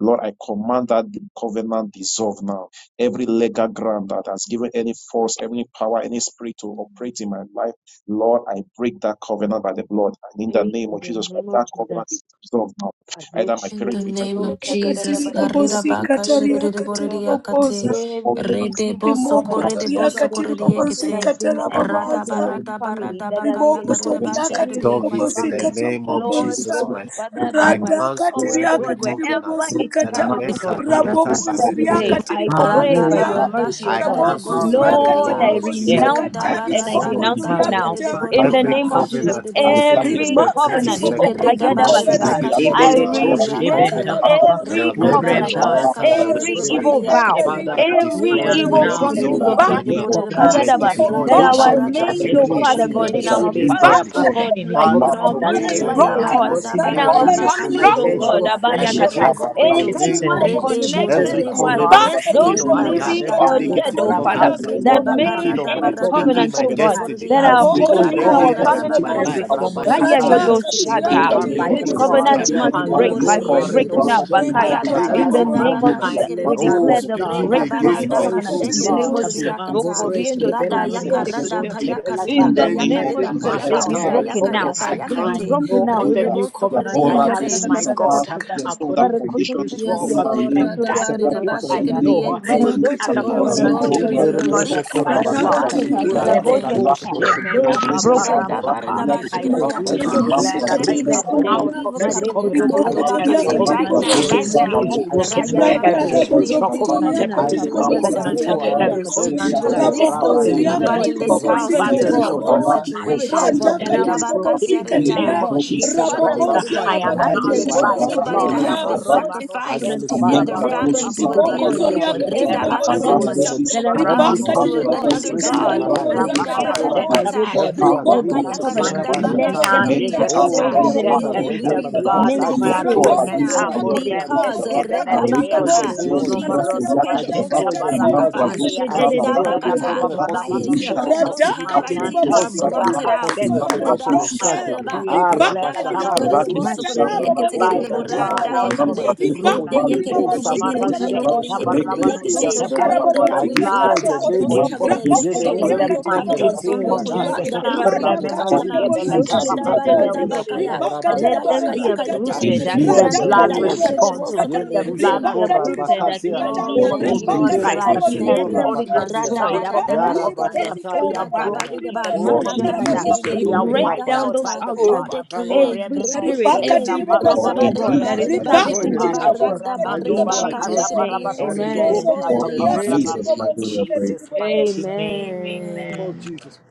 Lord, I command that covenant dissolve now. Every legal ground that has given any force, any power, any spirit to operate in my life, Lord, I break that covenant by the blood. And in the
In
name of
the
Jesus Christ,
name of
that covenant
Jesus.
is dissolved now. Either my
In the
parents entered
name
into the
of
katiri
covenant
akatiri
Jesus, Karida Baka Shikere de
bobosikatariakatiri
Borediakate,
bobosa
Every
Rede
evil
Boso
rimoko
covenant
Corre de Boso Corre
toriakatiri
Ibadosha,
de
that has
Ekete,
been
bobosikatara
Rada
entered in
bobosa
my
Barada
family,
Barada
that
Baka
has
Riboko
been
Yakare de
toriaka
Bashikere
continued in
of
my
it in the
tiribobosika
family,
name of
Lord
tiribogonza.
Jesus
God,
Christ.
Father, by
I
my,
Radhaka
cancel
oh
every
tiriaka
God, wherever
covenant
it
that
tiribobosikata.
I've
started, oh God.
entered or
de
entered
Father,
Rabokonziriaka
today
is
I
entered
pray
Rada
by
tiribokonziria.
have.
your
barada
mercy, O
I
shakare
God.
Palorementa
de
Raboko
boso
toriaka
Lord,
koredia.
I
paparacus
Jesus.
renounce
Reda
tiribobosikata.
I
it
kementa
and I
barada
don't
Riboko
in
denounce
baka
palacapa.
it
toriaka
name of
now.
tekere
Jesus.
de
ta.
By
bore
In
de
your
Every
the name
baka
of
blood we
Jesus,
shikere de
break every
every
yekete.
covenant
Remarkable
covenant,
in the
O
babo
Yeke
repetitive,
name
reda
every
of
Kayada
barida
Basa,
baka
Jesus.
covenant, oh
I
shikere de
God.
bore
Ebeletos
de
every
yakate.
kebenta
reject
covenant
Makatara
papa.
babo
that
every
I've
Reda
Zikata that
entered
covenant,
Urempa
barida
or
my
baka
entered by
sunto
my
Father.
shikere
every
de bore de
It
parents.
evil
perekes
vow,
ended
yakate.
Father,
in
I
the
kepelapa.
knowing
I
every
destroy
or
Yekere
it.
de
am
I
evil
now
unknowing.
yekere de
promptings
dissolve
every
it
of
Remark,
yekere
right
de
now.
evil
we
darkness,
bore
O
de ba.
covenant
I
denounce
from
it,
Kayadaba,
my
oh
destroy
that
it.
God.
Rada
You
our
say
foundations
we
in
barada
the
shall
made,
Makatara
name
O
shikere
of
decree
de
babo
a
bore
Father
de
thing
Jesus.
God,
Zikata.
and it
in
shall
our
be
yekete.
Remark
father's, O
established.
that
God,
Any
life,
covenant
in
is
Father,
our
covenant that I
today
mother's
completely
I
life,
may
Yereda
O
stand,
have
broken.
God,
O
barada
God.
gotten
in
That
Mere
our
barada
into
covenant
baka
is
by
families, O
broken.
Besheredora.
shekerede
virtue
God,
of
That's the
I
yakatia
friendship,
power
Abayakata
of
rede
I
reject it
God.
in the
break
bokoto.
it in
name
the
Makatara
of
anyone
name
babo
of
Jesus.
Rede
Zikata.
Jesus
connected
Every
with
borede
the
to us,
borede
uh,
blood
covenant
Remark,
in
Katiri
speaking
the
those
on
yesekerede
my
Baba
Malo
behalf,
living
barada
every
Zikata,
or
Shekato
dead,
negative
babo.
oh
kayakate.
Father,
covenant
Ndriaka,
Parampaske
Reda
that
baka
Penampa.
made
speaking
rada
on
The
my
any
barada
speaking
ka
in
covenant
covenant,
my
oh
shekerede
God,
borede
destiny,
that
attaching
ya.
are
me,
Raboko
speaking
O
in
holding
Rada
any
our
toriaka
God,
areas
barada
of
family
to
baka
my
every
life,
tiribobosa.
hostage.
yakarede
form
Rabba
of
Raya
Shataya,
Godo
captivity
Radaka
is
in my
Shata.
tiriaka
broken
family,
by the
This
tiribobosi
business,
blood.
covenant
career,
must break.
marriage,
katiribobosa.
Alebo
I break you now,
Remenoske
Marebosene,
Bakaya.
Radaka
Nante
In the
negative
tiribobosi
name of
I
covenant.
Jesus, we
lift up
Oh,
the
declare the
blood.
speaking
breaking of
I
this
against my
hoist
covenant
the
progress.
in the name
blood.
of
katiribobosa.
Jesus. So corriendo,
Amburushke
so
benanuma
corriendo, so so.
sunte
darkness in
belata.
In the
On
any
name of
every
area.
Jesus,
matter,
they
on
be
every
Mashatare
broken now.
covenant,
I
They be
I
cancel
broken
know
now.
of
In
the
the
new
name
covenant I
Imaka
have in my God,
tiribobosi
of Jesus.
katiribobosa.
according to
Barakoto
Hebrews 12.
Sitidia
Yes,
to
Lord.
And
Sotoria
that
de
is what I
Rosada,
know. Any
Imaka
other
Baradokotia,
Oh
Lara.
tiriboboso
covenant
Lord,
is.
there
Barakodia
is
de
kotoria.
a
Imere
Lord,
doshe
Dada,
release.
by the
Radaka
blood.
korabakatia.
Barakotia
tiriba.
Lare ko lare
Takarabodia
doshe
Urebetos
Kata,
koreda. I
kemena
baby
destroy it in
broken.
the
baparam
name of Jesus.
papa.
I
I
destroy
I
it. in
decree
makatiri
Every
and
covenant
bobosi
declare
taken
For
on
that
the
katiri
I
many
declare
behalf
am
of my
today,
out
bogondia.
evil
of
my
myself.
every
day
covenants.
covenant.
Kotoko
I
rimoko
Toko
Every
take
toria
a
Karirabakate,
destroy
day.
it
katiri
Right
in the
covenant
now,
bobosi
name of
right
Bring
Jesus.
against me
legal
katira
now.
is
hold,
I
broken.
Akaya
destroy it in
rabia
the
Every
Dagada,
name of
through
Jesus.
spiritual
this
Radabakashikiridiente.
covenant,
rabozokotoria
every
covenant,
We
I,
katiri
I
physical
Kabaya
release
bobosi
our
covenant,
Gadabosh
katira
destroy,
family
I
Kadia,
every
members.
bobosa
reject
Badosa
We
it,
covenant
oh
of
Para.
the
God.
release
dead, of
those
Rabbi
the
Oh,
rabokonziria
Yada
Father
living,
anybody
Lord,
in
katiri
and
this
is
of my
bobosi
house
even, oh
that
uprooted
father's
katira
is
God,
from
in
house,
my
that
of
those
life
my
bobosa
mother's
spirits, oh
situation.
house.
God,
rada
that
They
are
are
katiri
broken
bobosi
in the
speaking, oh
Rirabakatiaridia.
name
katiria
of
God,
Jesus
Father
Christ.
Lord
rabokonzia
God,
I
Dikirididikiride.
am
I
life,
That
oh
hear
abakatiri
they
annulled
God. I
uh,
by
Goto
the
boboso
anybody
destroy
that
it,
Koteka
blood.
I
has
kotoria
been
cancel
about
it,
this
Aboromano
I
sacrificed
nullify
in
shenketa
by
their
the
let
blood of
barompa
family
them
Jesus.
be
to a
Let
riboko
the
babarana de
destroyed,
fire
oh
deity,
of the
God.
Holy
zoriakati
Ghost
Every
beskeperepa.
consume in
Redabakata
strong
the
to
man
name
ribobozikata
of Jesus.
Olento
that
something
has
Every
else,
been
baramano
ribakati
to a-
covenant
another
shetete
operating
ribobozikata
in
god.
my
katu
standing
life,
as
rabobozakata
barabama
Rebeshekoraba,
senta.
gatekeepers,
raboboza
oh
Redabaradakata.
God,
Every
every
of
riboko
this
agreement,
covenant
Redakayaka
covenant,
zoriakati
binding
let
me and
them
Serabashatayada,
be
the
ribobozikata ra-
oh,
destroyed
redabaka
berebeke
that
in the
I
raboko
name
entered
of
senta.
Yere,
or
We
Jesus.
zoriakati
entered
The
by my
revoke
blood
parents,
riboboza
I
is
that
Mende
my
ketoria
destroy,
sacrifice
I
de
raboko
atonement.
now
destroy, I
zobria
zoriakati
destroy,
de
I
Amborempes
because
destroy,
ribobozi
eh,
I
riakati
kebenedebea.
destroy in the
redabakata,
riboboza
name of
Ulono
Jesus
Jesus
Christ.
has
marodo
paid
I
the
destroy
basenta
in
radatatakata
ultimate
the name of
barakatu
Jesus.
sacrifice.
rabobozikati
I
mashedere de
destroy
bleyakaskebeda
every
katioro
riboboziria
Redabakata,
baba
covenant
By
causing
baramano
his
the
limitation,
blood,
shenepe.
those
causing
Radaka
hindrance,
handwritings
Anantam
are
causing
tiribobozikata
blotted
failure,
baraka
every
out.
causing
senta
covenant
repetition
papa.
of
I
broken.
cycle.
Redabashakareba,
decree and declare
Ribaka
that
Arabashaka
I'm broken
tiribobozikata
plerusetera.
free
Mashete teke
Oh,
by the
toko
that
rabobozikata
is
soko
blood
teke
out
raboboza.
sabotaging
of
di.
my
redakayakaredebosokoredeyeketekereboradayakade,
every
testimony.
Ribaka
covenant.
Ribindi
Oh,
And
kutu kubiri
Amaru
tiribobozikata
sabotaging my
kano kosha.
raboboza.
Sheketa
testimony in any
Baravano
redeyekeredeyekeredeyekeredeyekete.
areas
Tesoto
Radaka
of my
do
Shetapa,
do
life.
do
or
do
Yereda,
the
do
I
We
do do
tiribobozikata
destroy
blood
in
lá,
blot
koshe.
is
the
out
name
raboboza.
those
of
speaking
Jesus.
for
Ezu
covenants
me
teke
Raboko
those
Yeleru,
in
teke
the
te.
every
zuriaka
evil
mighty
covenant.
covenants.
name
Eh,
Kosondo
We
of
tiribobozikata,
koshe
blot
Jesus.
Adasaka.
them
kete
out. We
barota
blot
radakati
Remeno
kasha.
them
Sabotaging my
out.
dream,
Shebeleta
ribobozikati
Ocean de
Papa.
de
sabotaging
de
any
de
riboboza
area
Therefore,
of my
any
Karadabaradabakaya.
bekoto.
life.
covenant
ribakati
Let
that is
Rabayaka
them
yada.
be
speaking
rabobozikata
I
against me,
uprooted.
Redayakayakayakerere.
destroy
the
in the
Agiandolo
blood
name
radakati
of Jesus.
responds,
godieseto.
uh,
ribobozikata
the
Let
Yeleru
blood
them
Redayakarebosokorediente.
be
sheko
ribakati
atones uh,
uprooted.
rabakate
in the
yada.
the
Akili
ribobozikata
Oh,
name of
Oh,
thank
liandos.
you,
Jesus
Lord, for
rebakati
Jesus,
mekere
Christ.
do
lights.
Madeira
Thank
sheko
Every
Let
ribobozikata
Pray,
you.
them be
raboboza
rabakate
ordinance is
yada.
destroyed.
Radaba
out of every
radaba
ribakati
covenant.
shikiride.
Uprooted.
Yarabashata
They
ribobozikati
Oh
are
Radaba
Father.
ribogondi
kapayada.
broken in
ridaba.
the
O
for
name of
ribabazikata
in
Rada
rekepe
Jesus.
Majakata.
Jesus,
rishe
raboboza
We
shikiride.
They
Madeira
are
tore
Pray,
break
Rida
wiped
down
kapaya.
out
those
by
shata.
the
Oh,
altars
blood.
Ride
O
keye.
Bakayada,
every
Ride
remenos
spirit,
keye.
ribakati
kebena
every
Spirit of
priest,
for
oh
Radaba
God,
balabato
in
ribobozikata
God,
ridaba
that
Jesus,
I
is
berekes
ridaba
Madeira
destroy in
kebena
Pray,
servicing
the
shikiride
ribakati
pa.
those
name
ba.
of Jesus.
O
altars.
Radaba
I
ribobozikati
remando
In
destroy,
ridaba
I
ka
ribogondi ria
barakata
Jesus'
cancel,
shikiride
name,
I
barabado
yense kiride
amen.
revoke it
bo
shebena
in
for
pa
ride
rimosokoto
pa
the
in
yense
name
riakati
baraba.
kiride
Jesus, my
In
yense.
dear, Pray.
ribobozikati
Jesus' mighty
riboboza
name,
Amen.
amen.
of
Amen.
Jesus.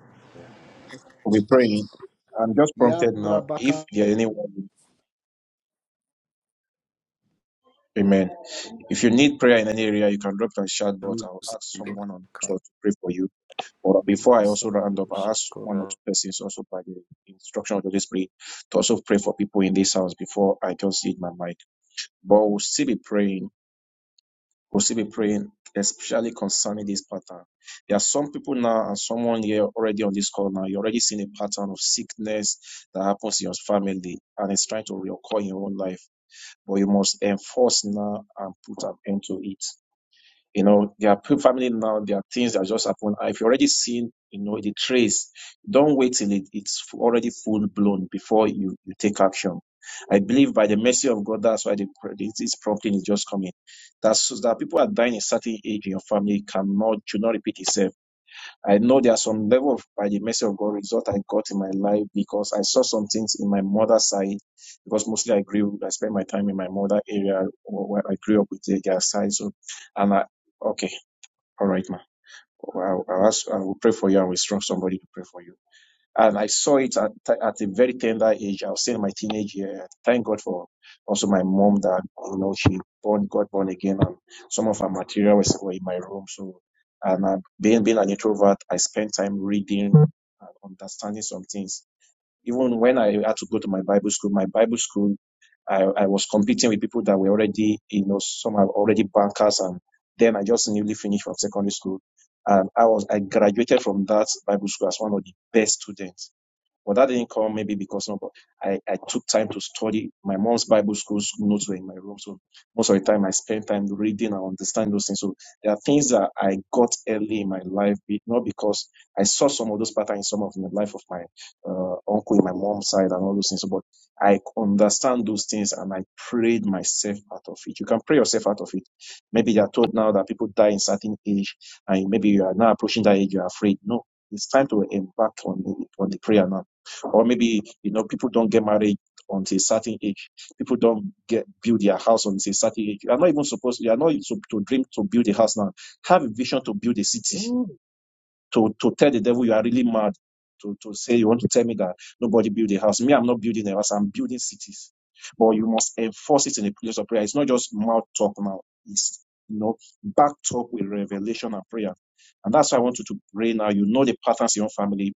For we pray. I'm just prompted now if
Yarabaka.
there anyone, amen. If you need prayer in any area, you can drop your chat, but I'll ask someone on chat to pray for you. But before I also round up, I'll ask one or two persons also by the instruction of the Holy Spirit to also pray for people in this house before I just hit my mic. But we'll still be praying. We'll still be praying, especially concerning this pattern. There are some people now and someone here already on this call now. You're already seeing a pattern of sickness that happens in your family and it's trying to reoccur in your own life. But you must enforce now and put an end to it you know, their pe- family now, there are things that just happen. And If you already seen, you know, the trace, don't wait till it, it's already full blown before you, you take action. I believe by the mercy of God, that's why the, this this prompting is just coming. That's so that people are dying a certain age in your family cannot should not repeat itself I know there's some level of, by the mercy of God, result I got in my life because I saw some things in my mother's side. Because mostly I grew, I spent my time in my mother area where I grew up with the- their side. So, and I, okay, all right, ma. Well, I'll, I'll ask, I will pray for you and will instruct somebody to pray for you. And I saw it at, at a very tender age. I was still in my teenage year. Thank God for also my mom that, you know, she born, got born again and some of her material was were in my room. So, and I, being, being an introvert, I spent time reading and understanding some things. Even when I had to go to my Bible school, my Bible school, I, I was competing with people that were already, you know, some are already bankers. And then I just newly finished from secondary school. And I was, I graduated from that Bible school as one of the best students but that didn't come maybe because no, but I, I took time to study. My mom's Bible school notes were in my room. So most of the time I spent time reading and understanding those things. So there are things that I got early in my life, be- not because I saw some of those patterns in some of the life of my uh, uncle in my mom's side and all those things. But I understand those things and I prayed myself out of it. You can pray yourself out of it. Maybe they are told now that people die in certain age and maybe you are now approaching that age, you are afraid. No, it's time to embark on the, on the prayer now or maybe you know people don't get married until a certain age people don't get build their house until a certain age you are not even supposed you are not to, to dream to build a house now have a vision to build a city Mm. to to tell the devil you are really mad to, to say you want to tell me that nobody build a house me i'm not building a house i'm building cities but you must enforce it in a place of prayer it's not just mouth talk now it's you know backed up with revelation and prayer and that's why i want you to pray now you know the patterns in your family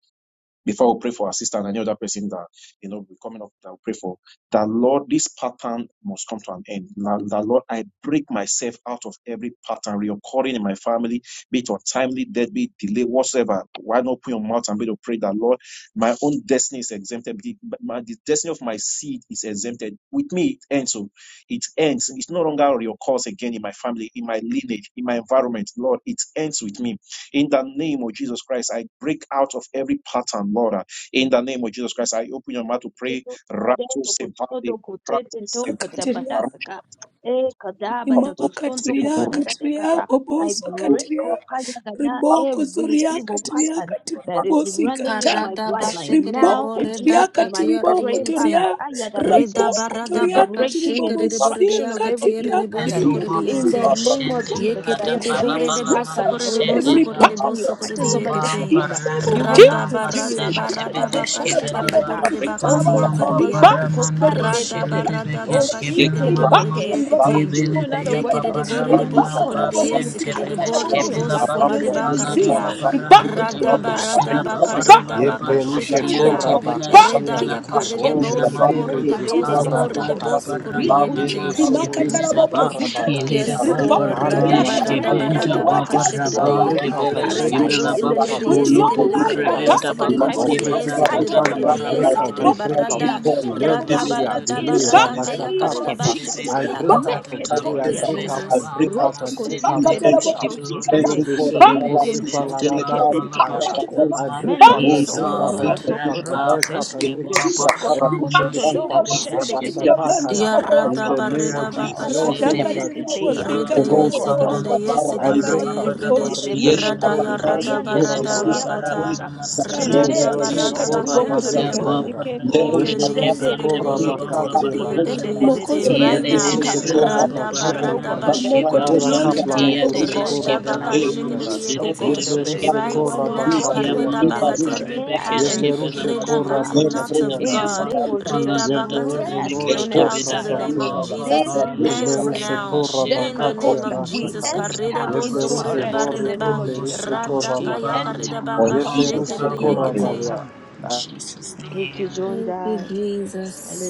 before we pray for our sister and any other person that you know we coming up that we pray for that lord this pattern must come to an end now that lord i break myself out of every pattern reoccurring in my family be it untimely death be it delay whatsoever why not open your mouth and be to pray that lord my own destiny is exempted the, my, the destiny of my seed is exempted with me it ends so it ends it's no longer reoccurs again in my family in my lineage in my environment lord it ends with me in the name of Jesus Christ, I break out of every pattern, Lord. In the name of Jesus Christ, I open your mouth to pray.
Kitu
Rato
kujato kusodo
sevade,
kutete nto
practice, sevade,
akati ria
katabadaka.
barusha,
E kadaba
lipa,
da
broke,
tosondo
sev,
Imakatiria
koparada
borusha,
de
katiria
barusha,
kata. I
bobosa
break
barusha,
katiria
kopaya
barusha,
riboko
every
barusha,
zoria
evil
zeto,
katiria
pattern
sevade,
katiria
that is
bobosi
running
kata
in my
acte,
Karada ba
bloodline.
for
shikiride
Now
bo
riboko
in
in
zoria
rida
Jesus'
Jesus'
name I
mighty
katiya ride
katiriboko
pray,
yense.
toria
Father, kaya da
Rida
baso,
raboko
barada
the
toria
baba
breaking and
shikere de bore
katiribobosi
de
destruction of
yakati
every
ere
katiria
de
evil
And
boso
pattern.
O
kore de
Baba
katiribobosi
In
yente.
the
kata
name
Roshan
of
riboko
Jesus, that
Devalada
Yekerede
I
these
borede
Balabala
break
boso
patterns
out of
korede
will
boso
not
every part
korede
Manusedeba
continue.
boso korede
Patterns of
Obam
yekete.
in
addiction,
the name of
you will
Rada
not
Paramana
Jesus. As
continue.
barada
I
Basente
barada
Patterns
pray,
of
baka
Beleshke
Karakatiri
shekere de
Belaba
koyabakata.
borede
Babosi
baka
O
Kataraba,
tia
Amam
karede
kotoma
Riba
ya.
soko
Paparamana
pari
Babosi
Rada
Mashele
neteke.
de
barada
O
baka
Bekeske
si
Kataraba,
shekere de
teke
Riba
Belamanama
borede
peke.
and
O
yekete.
Rakatiri
children out
Babosi
of
Yebelebea
Yekere
wedlock.
de
Kataraba,
You will
borede
Riba
not
boso
Paparamana
korede
Kataraba
continue
Basente
Babosi
yesekere de
Kataraba
Beleshke
patterns
borede
Babosi
of
of
boso
lack
Belaba
of
sickness
korede
marriages.
and
baka
You
rede
Alada
disease.
ya.
will
Riba,
not
Paparamanda
continue
Rada
break my son
barada
Beleshela
from
patterns of
baka
that part
reda
addiction.
in the
baka
name
Paparamada
of
Yeblerushe
shekere de
Patterns
Jesus.
of
Yante
kora
ya.
bela
poverty.
Riba,
bakati
Reda
shebela
ada.
Kibo
that
yakare de
koshke
O
pattern
bela
in
boso
toseke
the
to
name
menere
manoma
ko
of
korede
je
pare de
boso
Jesus
kora
ala
dobo
da
korede
Christ.
da
boso
bakati.
Be
korede
baramana
yekete.
kudita
maske
kata.
Yebesele
Be
Rimakata
bele
rushe
da
broken.
ba
kora
Be
rabobozikata.
broken.
ile
bakati
Be
da
ada.
Yes,
ba
broken now.
Lord.
Ara
Radaba
We
baremeshke
Ribakutoriakatiri,
bashata
radaba
render
Because
benda
your
you
radaba
ba
word
kapayuri.
tells me
powerless.
I
with
kashikiridi.
long
barabante
break
Be
out,
life
I
bela
you will
shke
break out,
Redebo
paralyzed
I
bela
satisfy
in
me.
ba
the
break
name
sokoridi
out
of
With
every
ulodo
Jesus.
do
long
yesikiridi
life,
negative
boridi
Patterns
barebenda
of
patterns
makati
ba
yesikiridi
untimely
kaske
boridi
death
operating
bela
ribobozikata
in
ta
my
yesikiridi
ta ta
raboboza.
family.
boridi
I break
barabara
out,
ba
Ayaketelekete.
I
yesikiridi
break out
Be
barada.
Kianta
Rabokutoriakatiri
in
rendered
every
Radaba
Balabashi
powerless
area.
babozikata.
Dada
radaba
in
Delay,
the
radaka
Baramana
Ribakatiri
name
rabashaka
of
Maski
yakarida
prata.
Bedebe
Jesus.
babozikata
I
bashikiridi
break
rabo-
out
yakata.
Alada
Whew,
of
Break
delay,
Thank
I
you,
myself
break
from
out,
Meketoliatos.
Baremena
that
I
Jesus.
break
pattern.
Bama
out, I
Masti
break out,
Rotokosinte
Debe
I
Ribakata
break
Kushki
out.
rabobozikata.
Belonama
dokotosiekete.
Yebeshe robo
Yebele
Ribakata
sepa
Bende
Inkontose
larada sekayada.
Balabalabaski
ribakata
kepentokotoko.
ribobo-
I
Belama
break
Mendo
Ba-
out, I
Yes,
Break
break
Yeba
out,
Lord.
I
myself from
break
that
out, I
pattern
Paramba
break
sokotokotoporodose.
in
out, I
the
Paski
name
break
of
out.
Baba
Jesus.
Every negative
Ribakata
Amashi
Yesokotokotododobo
Debe
pattern, Rabbi
Kishki
ribobozikata
shendekete.
ribogandi
And
Malonama
Shatakaya,
Father
riboboza.
in
Yarada
Baba
the
God, I
name of
barida
declare,
Barama
Jesus.
baka
oh
You always
God,
Masti
say we
that
Debe
shikiride.
shall
this
be
Radakatiri
is the
Kishki
year,
bobosi
created
Rida
and
Balama
katiri
shall
oh
be
yesikiride
bobosa.
established.
Amala
Kotopoto
Baba
of
I
the
yesikiride
break
Lord's
Rakatiri
Barabaka
out.
release.
yeride.
It
bobosa.
the
Dabashi
Marebo
meno
Belama
Rada
kosi
Hekoreba
yarada
biriando
Yele. Yada
barada
Sekorabayara.
sokoria
Baba
bakata.
Ravana Masente
Taboko
Rada
Shintere
Yemero
toria
barada
ketobe
katiri
baka
sekora
Balakashinaba
sendoro
bobosi
bane
yakaride
Yaba
kata.
bu.
kayada.
kosike
O rida
Parabekis
Yevleru
gezendere
Kebante
yesikiride
sekora
kosto
Balabamba
koto
bakati
yekitikiride
Baramana
yekiti
koredende de
Mama
arishekus.
de
Moko
de
yekiti.
de.
toria
Right
Yele
A
de
Yevleru
now.
katiri
de Bella
shekora
bobosa.
Rada
Baba
cancellation,
bakati
oh
barada
ama.
God,
Ramana
of
Imoko
bashikiride
Yara
bu
Skibampa
toria
every
kapla
rida.
katiri
debt,
revo
oh
Yade
radhakatiribobosi
de
God.
shekora
Rida
A
Skibella
baka
bane
Mama
shikiride
kayada.
release, oh
Masede
yekiti.
God, of
Bedekas
Yevleru
Kebella
Right
everyone,
sekora
Baba
oh
now.
God,
Ya
who
bakati
has
Karida
Yamam
ada
been
bakat
Papa
sekaya.
every
ensnared
Rebekis
pattern.
and
Yevleru
Kebella
been
Mana
Rida
shekora
Mana
kati
trapped
not
bakati
Masende
of
in
ada
the
God.
Beaba
name
sakaya.
of
Allah
Jesus.
Dada
Yevleru
Redabakata, we
Rest
zenore
Baremekis
on
break
every
out
kapra
in
Kebeda
the
side.
name
sati
of
Baba
anus.
Jesus.
This
It
Papa
is the year of
ends
Yevleru
Lamante
rest.
Bella
now
setora
in
Thereby,
the
Sedeba
bakati
name of
ada
Costa, we
Jesus.
shakaya.
enter
Karedebo
name
into
we
Yevleru
our
pray.
Yababasiri,
sokoredeba
rest in
zenore
the name
redeba
of
kepleru
Jesus.
shekora
Urusurushki
We
radakaya
bakati.
Bani
enter
For
karedabaka
in
Mama,
Jesus'
Yevlerushe
mighty name we pray.
shekereyekete.
Mama,
Kapashatatadabakosa
Koravalia. I
Jesus' name.
Thank you,
Kikijondai.
Jesus.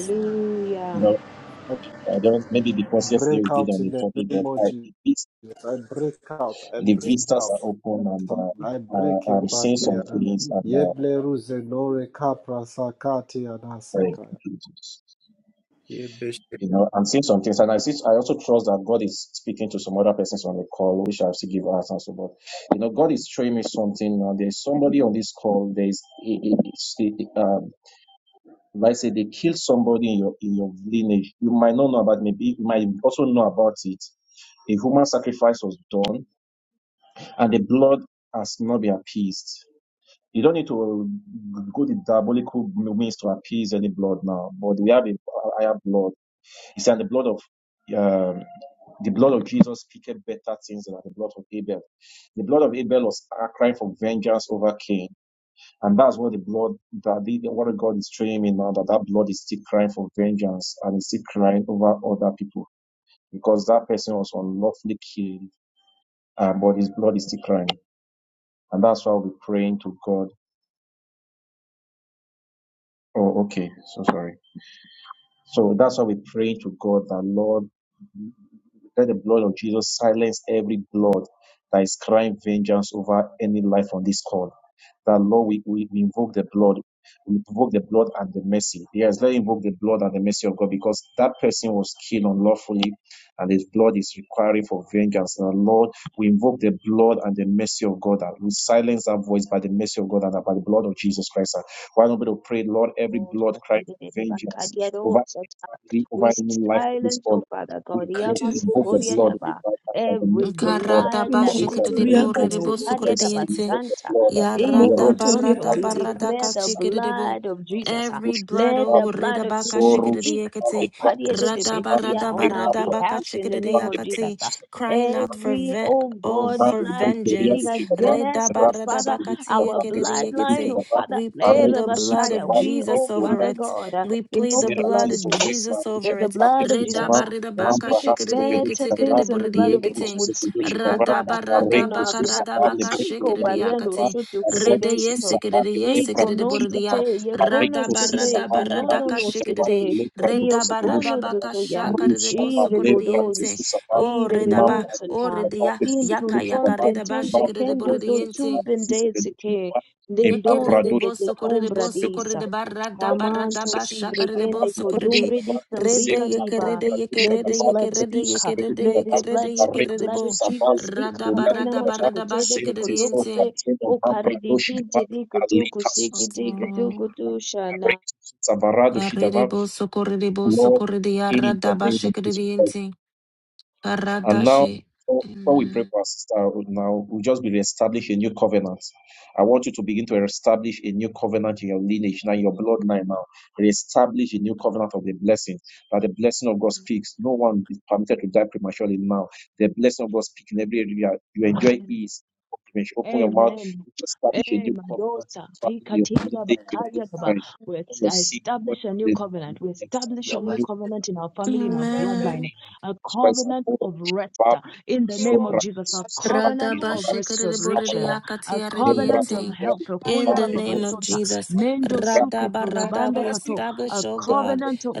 You know,
I
I don't, maybe because yesterday
break
we did
out
on
in
the
the
topic,
name
but
of
I,
Jesus.
it is
I break out. I
The
break
vistas
out.
are open and
I
uh,
break
uh,
away.
I'm seeing some
Batia.
things and uh,
Yevleruse Nore Kapra Sakati
very
Anasaka.
confused. you know, I'm seeing some things and I see, I also trust that God is speaking to some other persons on the call, which I still give us and so, but you know, God is showing me something. Now, there's somebody on this call. There's, it, it's, it, um, like I say, they killed somebody in your in your lineage. You might not know about maybe you might also know about it. A human sacrifice was done, and the blood has not been appeased. You don't need to uh, go to diabolical means to appease any blood now. But we have a higher blood. It's in the blood of um, the blood of Jesus speaketh better things than the blood of Abel. The blood of Abel was crying for vengeance over Cain, and that's what the blood that the the word of God is showing me now that that blood is still crying for vengeance and is still crying over other people because that person was unlawfully killed, um, but his blood is still crying, and that's why we're praying to God. Oh, okay, so sorry. So that's why we pray to God that Lord let the blood of Jesus silence every blood that is crying vengeance over any life on this call. That Lord, we, we, we invoke the blood. We invoke the blood and the mercy. Yes, let us invoke the blood and the mercy of God because that person was killed unlawfully and his blood is requiring for vengeance. And Lord, we invoke the blood and the mercy of God and we silence that voice by the mercy of God and by the blood of Jesus Christ. And Why don't we pray, Lord, every
Lord,
blood
I
crying
thank you, Lord,
for vengeance over
Bakadiadosa
any family, over
We
any life of this
silence,
world.
oh Father
We
God,
invoke
Yamas
invoke the
katiribobosa
blood of
Koryadaba,
God by the
every
mercy of God.
rakatiribobosa
Karada
blood that
In
is
the
bashikede de
name
bore
speaking,
of
de bo
oh
Jesus
rabokotoriakatiribobosika
sukore de
Christ,
mokotoriakatiribobosa
Karyadaba
and we
yente.
invoke the
Santa,
blood.
Yarada
into
Eros,
Santo.
imokotoriakatiribobosa
barada
We
Apollo,
katiri
barada
ramokotoriakatiribobosa
declare the
Practices,
kachikede de bo.
blood of Jesus. ah.
Every
Apatosh,
blood
Let
the
the
o reda
blood of
baka
Jesus
shikede de
Soros,
speak,
Kapal, the
yekete.
oh
practices,
Rada
Apal,
Karyadabesia,
barada
the
on our
barada
Mambra,
baka
behalf
Dush,
in
shikede
the
de
Kapal,
name
the
of Jesus.
yakate.
ah.
practices,
Crying out
Apal,
for
Every,
ven-
oh
a
oh
God,
man,
for
the
blood
Pretoria, the
speaking
vengeance.
Shikapa,
Reda
against,
the
oh
barada
Rapis, the
Father,
baka
Perush, the
ti
our
yekede
Rapis, the
de
Perush,
bloodline,
yekete.
the
oh
Rap,
Father,
We
a
plead
Lera
the
Rectus,
blood
Messiah.
of
We,
Jesus
oh
over
Father
Apal,
it.
God, uh,
We plead the
invoke the
Sera
blood
blood
of
of
tiso
Jesus
vekla
Jesus
rusha
over
that the
da
it
pake
blood of
su zaba,
Jesus uh,
da
that
baka
mambra
speaketh
hasi
shikiri
se
di
vedoshi
ekiti
better
da
kiri
ba,
di
things than
buri
the
di
blood of
leko
ekiti.
Abel
su se
would speak,
vedoshi da
oh
ba,
Father,
Radaba
a
on
reko
our
radabaka
su
behalf,
saba
would
le
radabaka
speak,
breko
oh
shikiri di
riade da
Bariano
akati.
ba,
Shoto
a
Rede
zekto su
Kuriedesoto.
saba
yesikiri di
ke lepra
yesikiri di
kuchi
buri
da
di ya.
ba,
Ikonosete,
a rekto
Radaba
si
yekonosete,
saba
radaba
a rade
radaka
chi da
shikiri
ba
di.
ke
kenononosete,
lepra dosu se
Redaba
vedoshi da ba,
radabaka
iokonodotoya,
shakari di
rusha ba
bosukuri di
lepra te
irebodons,
su saba, e
redaba
mambra
o
doshi
irebedonsata,
da ba
redia
ke su se
yaka
vedoshi da
yaka
ba,
redaba
intuntompentempe,
shikiri
mambra
di buri
dosu
di
se
ente.
vedoshi
kendodotsumpendezeke,
da ba, e mambra
Yekere de
doshi da
boso
ba
kore
ke
de
su se
boso kore
vedoshi
ndendodededetombradisa.
de barra da barra da
Kamanto si
basha kare de
bregende
boso kore de
kodumbre di
rede
sambrika diva.
yekere de
Let
yekere de
this blood
yekere de
speak. uh,
yekere de
Let this
yekere de
blood speak.
yekere de
Blood of
bo
Jesus speak.
rada barra
Pakana
da barra da
moshekote de
basha
de
kere de
kodokote.
yense.
O paridi tinti di kutu kusiki di kutu
Oh,
kutu shana.
Arre de boso kore de boso
Lord,
kore de yarra
in
da
the name
basha
of
kere de
Jesus Christ.
yente. Arra
And
da
now,
she.
before before we pray
Amen.
for our sister, Arun, now we'll just be reestablish a new covenant. I want you to begin to establish a new covenant in your lineage, now your bloodline. Now, reestablish a new covenant of the blessing. That the blessing of God speaks. No one is permitted to die prematurely. Now, the blessing of God speaks in every area. You enjoy ease. Open your mouth.
Amen.
Establish a
Hey,
new
my
covenant.
Pikatiba
Heavenly
Bakaria
Father,
Baba. We est- I establish a new covenant. We establish a
your word
new
says,
covenant in our family, in our
remember the
Amen.
bloodline, a covenant of rest uh, in the name
reward
of Jesus, a
that
covenant
you are God
of
doeth
restoration, uh, a covenant
will
of
Radabashikariborediakatiaridiente.
help.
find
In
Okoye
out
the
if
Baba
name
it
of
Basota,
Jesus,
Mendo Suke
as
Radabarada,
Turabanda
we
every
Kato,
establish,
a
O God,
covenant of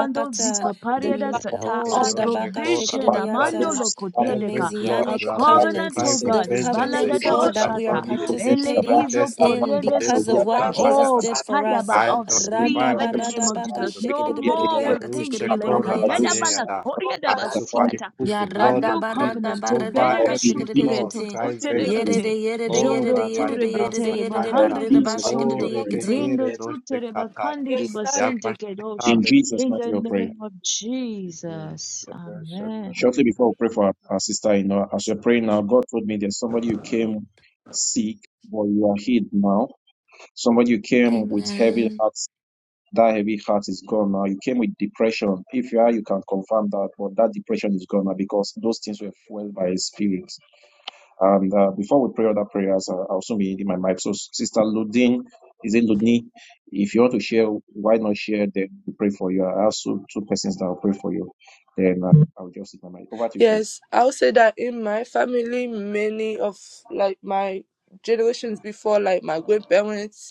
as God
Zika Pariada
by
the
Sata
oh
of
God and
Redabaka
provision. Amando
Shikiridiata,
as
the
Lokotia
Every blood,
a
Messianic
Rabbi, is
covenant,
covenants,
crying
oh
for
the
God,
vengeance
a
covenants,
Ibaladada
oh,
against
word of
Shadaba,
that
my
we are
Bashata,
family,
you
Neko
against my
Shadaba,
participating
have
Elekizo
in
destiny,
Amam
Poriende
because
against
of
me,
Soko,
Brakoria
what
life is
Rabbi
Shadaba,
Jesus
Yada.
oh
did
at
for
Susku
us.
Kadaba
I
Shadaba,
of
nullify
Ventra
speed
life
with
in
the
the name
blood
of
of
Radabaradabaka
Jesus.
Susavali
Jesus.
No
in
Brekoria
the
more
name
will
Shadaba,
things
Yederushe
delay.
Amam Brado
Kadiada
Shikiridiborediakatikiridiboridiente.
Bala
of
Susavali
I
Koriada
God as
Shadaba,
Basiata,
superimpose the
a
blood of
Yarada
new
barada
Jesus
covenant, a
barada
over
or
baka
Beneme
in
every
Sutere
blood
Jesus'
to
shikiriente.
the
crying
Sutere
material
testimony
Yere
praying,
vengeance.
Kete,
de yere de
Oh,
yere de
Jondo
Rabbi
yere de
Ture
Yada
yere de
Betere,
yere de
or in
Sakayada.
Bahandiri
barada ba
Jesus'
of
Oh,
Basonto,
material
people
praying,
from
shikadiyekiting.
Rebelere
Rindo
the
Noshe
Sutere
Kataya.
Bakandiri
yes that
Basente Kedosha,
in
Yabashatale
Jesus'
in
is
the
material praying.
name of Jesus. Amen.
Shortly before we pray for our, our sister in law, as you're praying now, God told me there's somebody who came sick, but you are healed now. Somebody who came with heavy
Amen.
heart That heavy heart is gone now. You came with depression. If you are, you can confirm that, but that depression is gone now because those things were fueled by his spirit. And uh, before we pray other prayers, uh, I'll soon be ending my mic. So, Sister Ludin, is it
it.
Ludni? If you want to share, why not share? Then we pray for you. I have two two persons that will pray for you. Then uh, I'll just sit my mic. Over to you,
Yes,
please.
I'll say that in my family, many of like my generations before, like my grandparents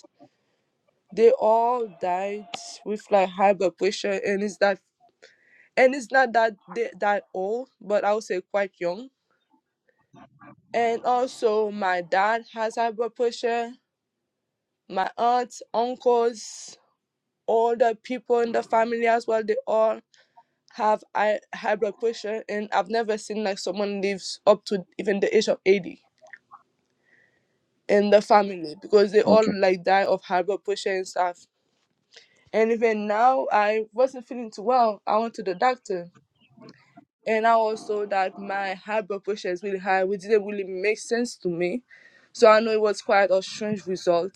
they all died with like high blood pressure and it's that and it's not that they that old but i would say quite young and also my dad has high blood pressure my aunts uncles all the people in the family as well they all have high, high blood pressure and i've never seen like someone lives up to even the age of 80 in the family because they all
Okay.
like die of high blood pressure and stuff and even now i wasn't feeling too well i went to the doctor and now also that my high blood pressure is really high, which didn't really make sense to me. So I know it was quite a strange result.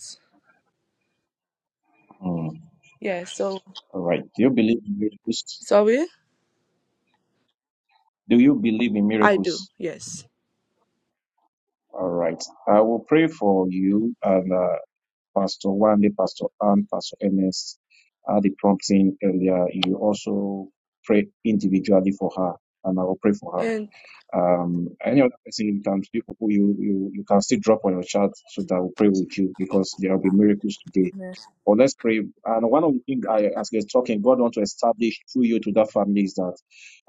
Mm.
Yeah, so
All right. Do you believe in miracles?
sorry,
Do you believe in
I do,
miracles?
yes.
All right. I will pray for you, and uh, Pastor Wande, Pastor Ann, Pastor Ernest had the prompting earlier. You also pray individually for her, and I will pray for her.
And
Um, any other person you can, people who you, you, you can still drop on your chat so that we'll pray with you because there will be miracles today or let's pray. And one of the things I, as we're talking, God want to establish through you to that family is that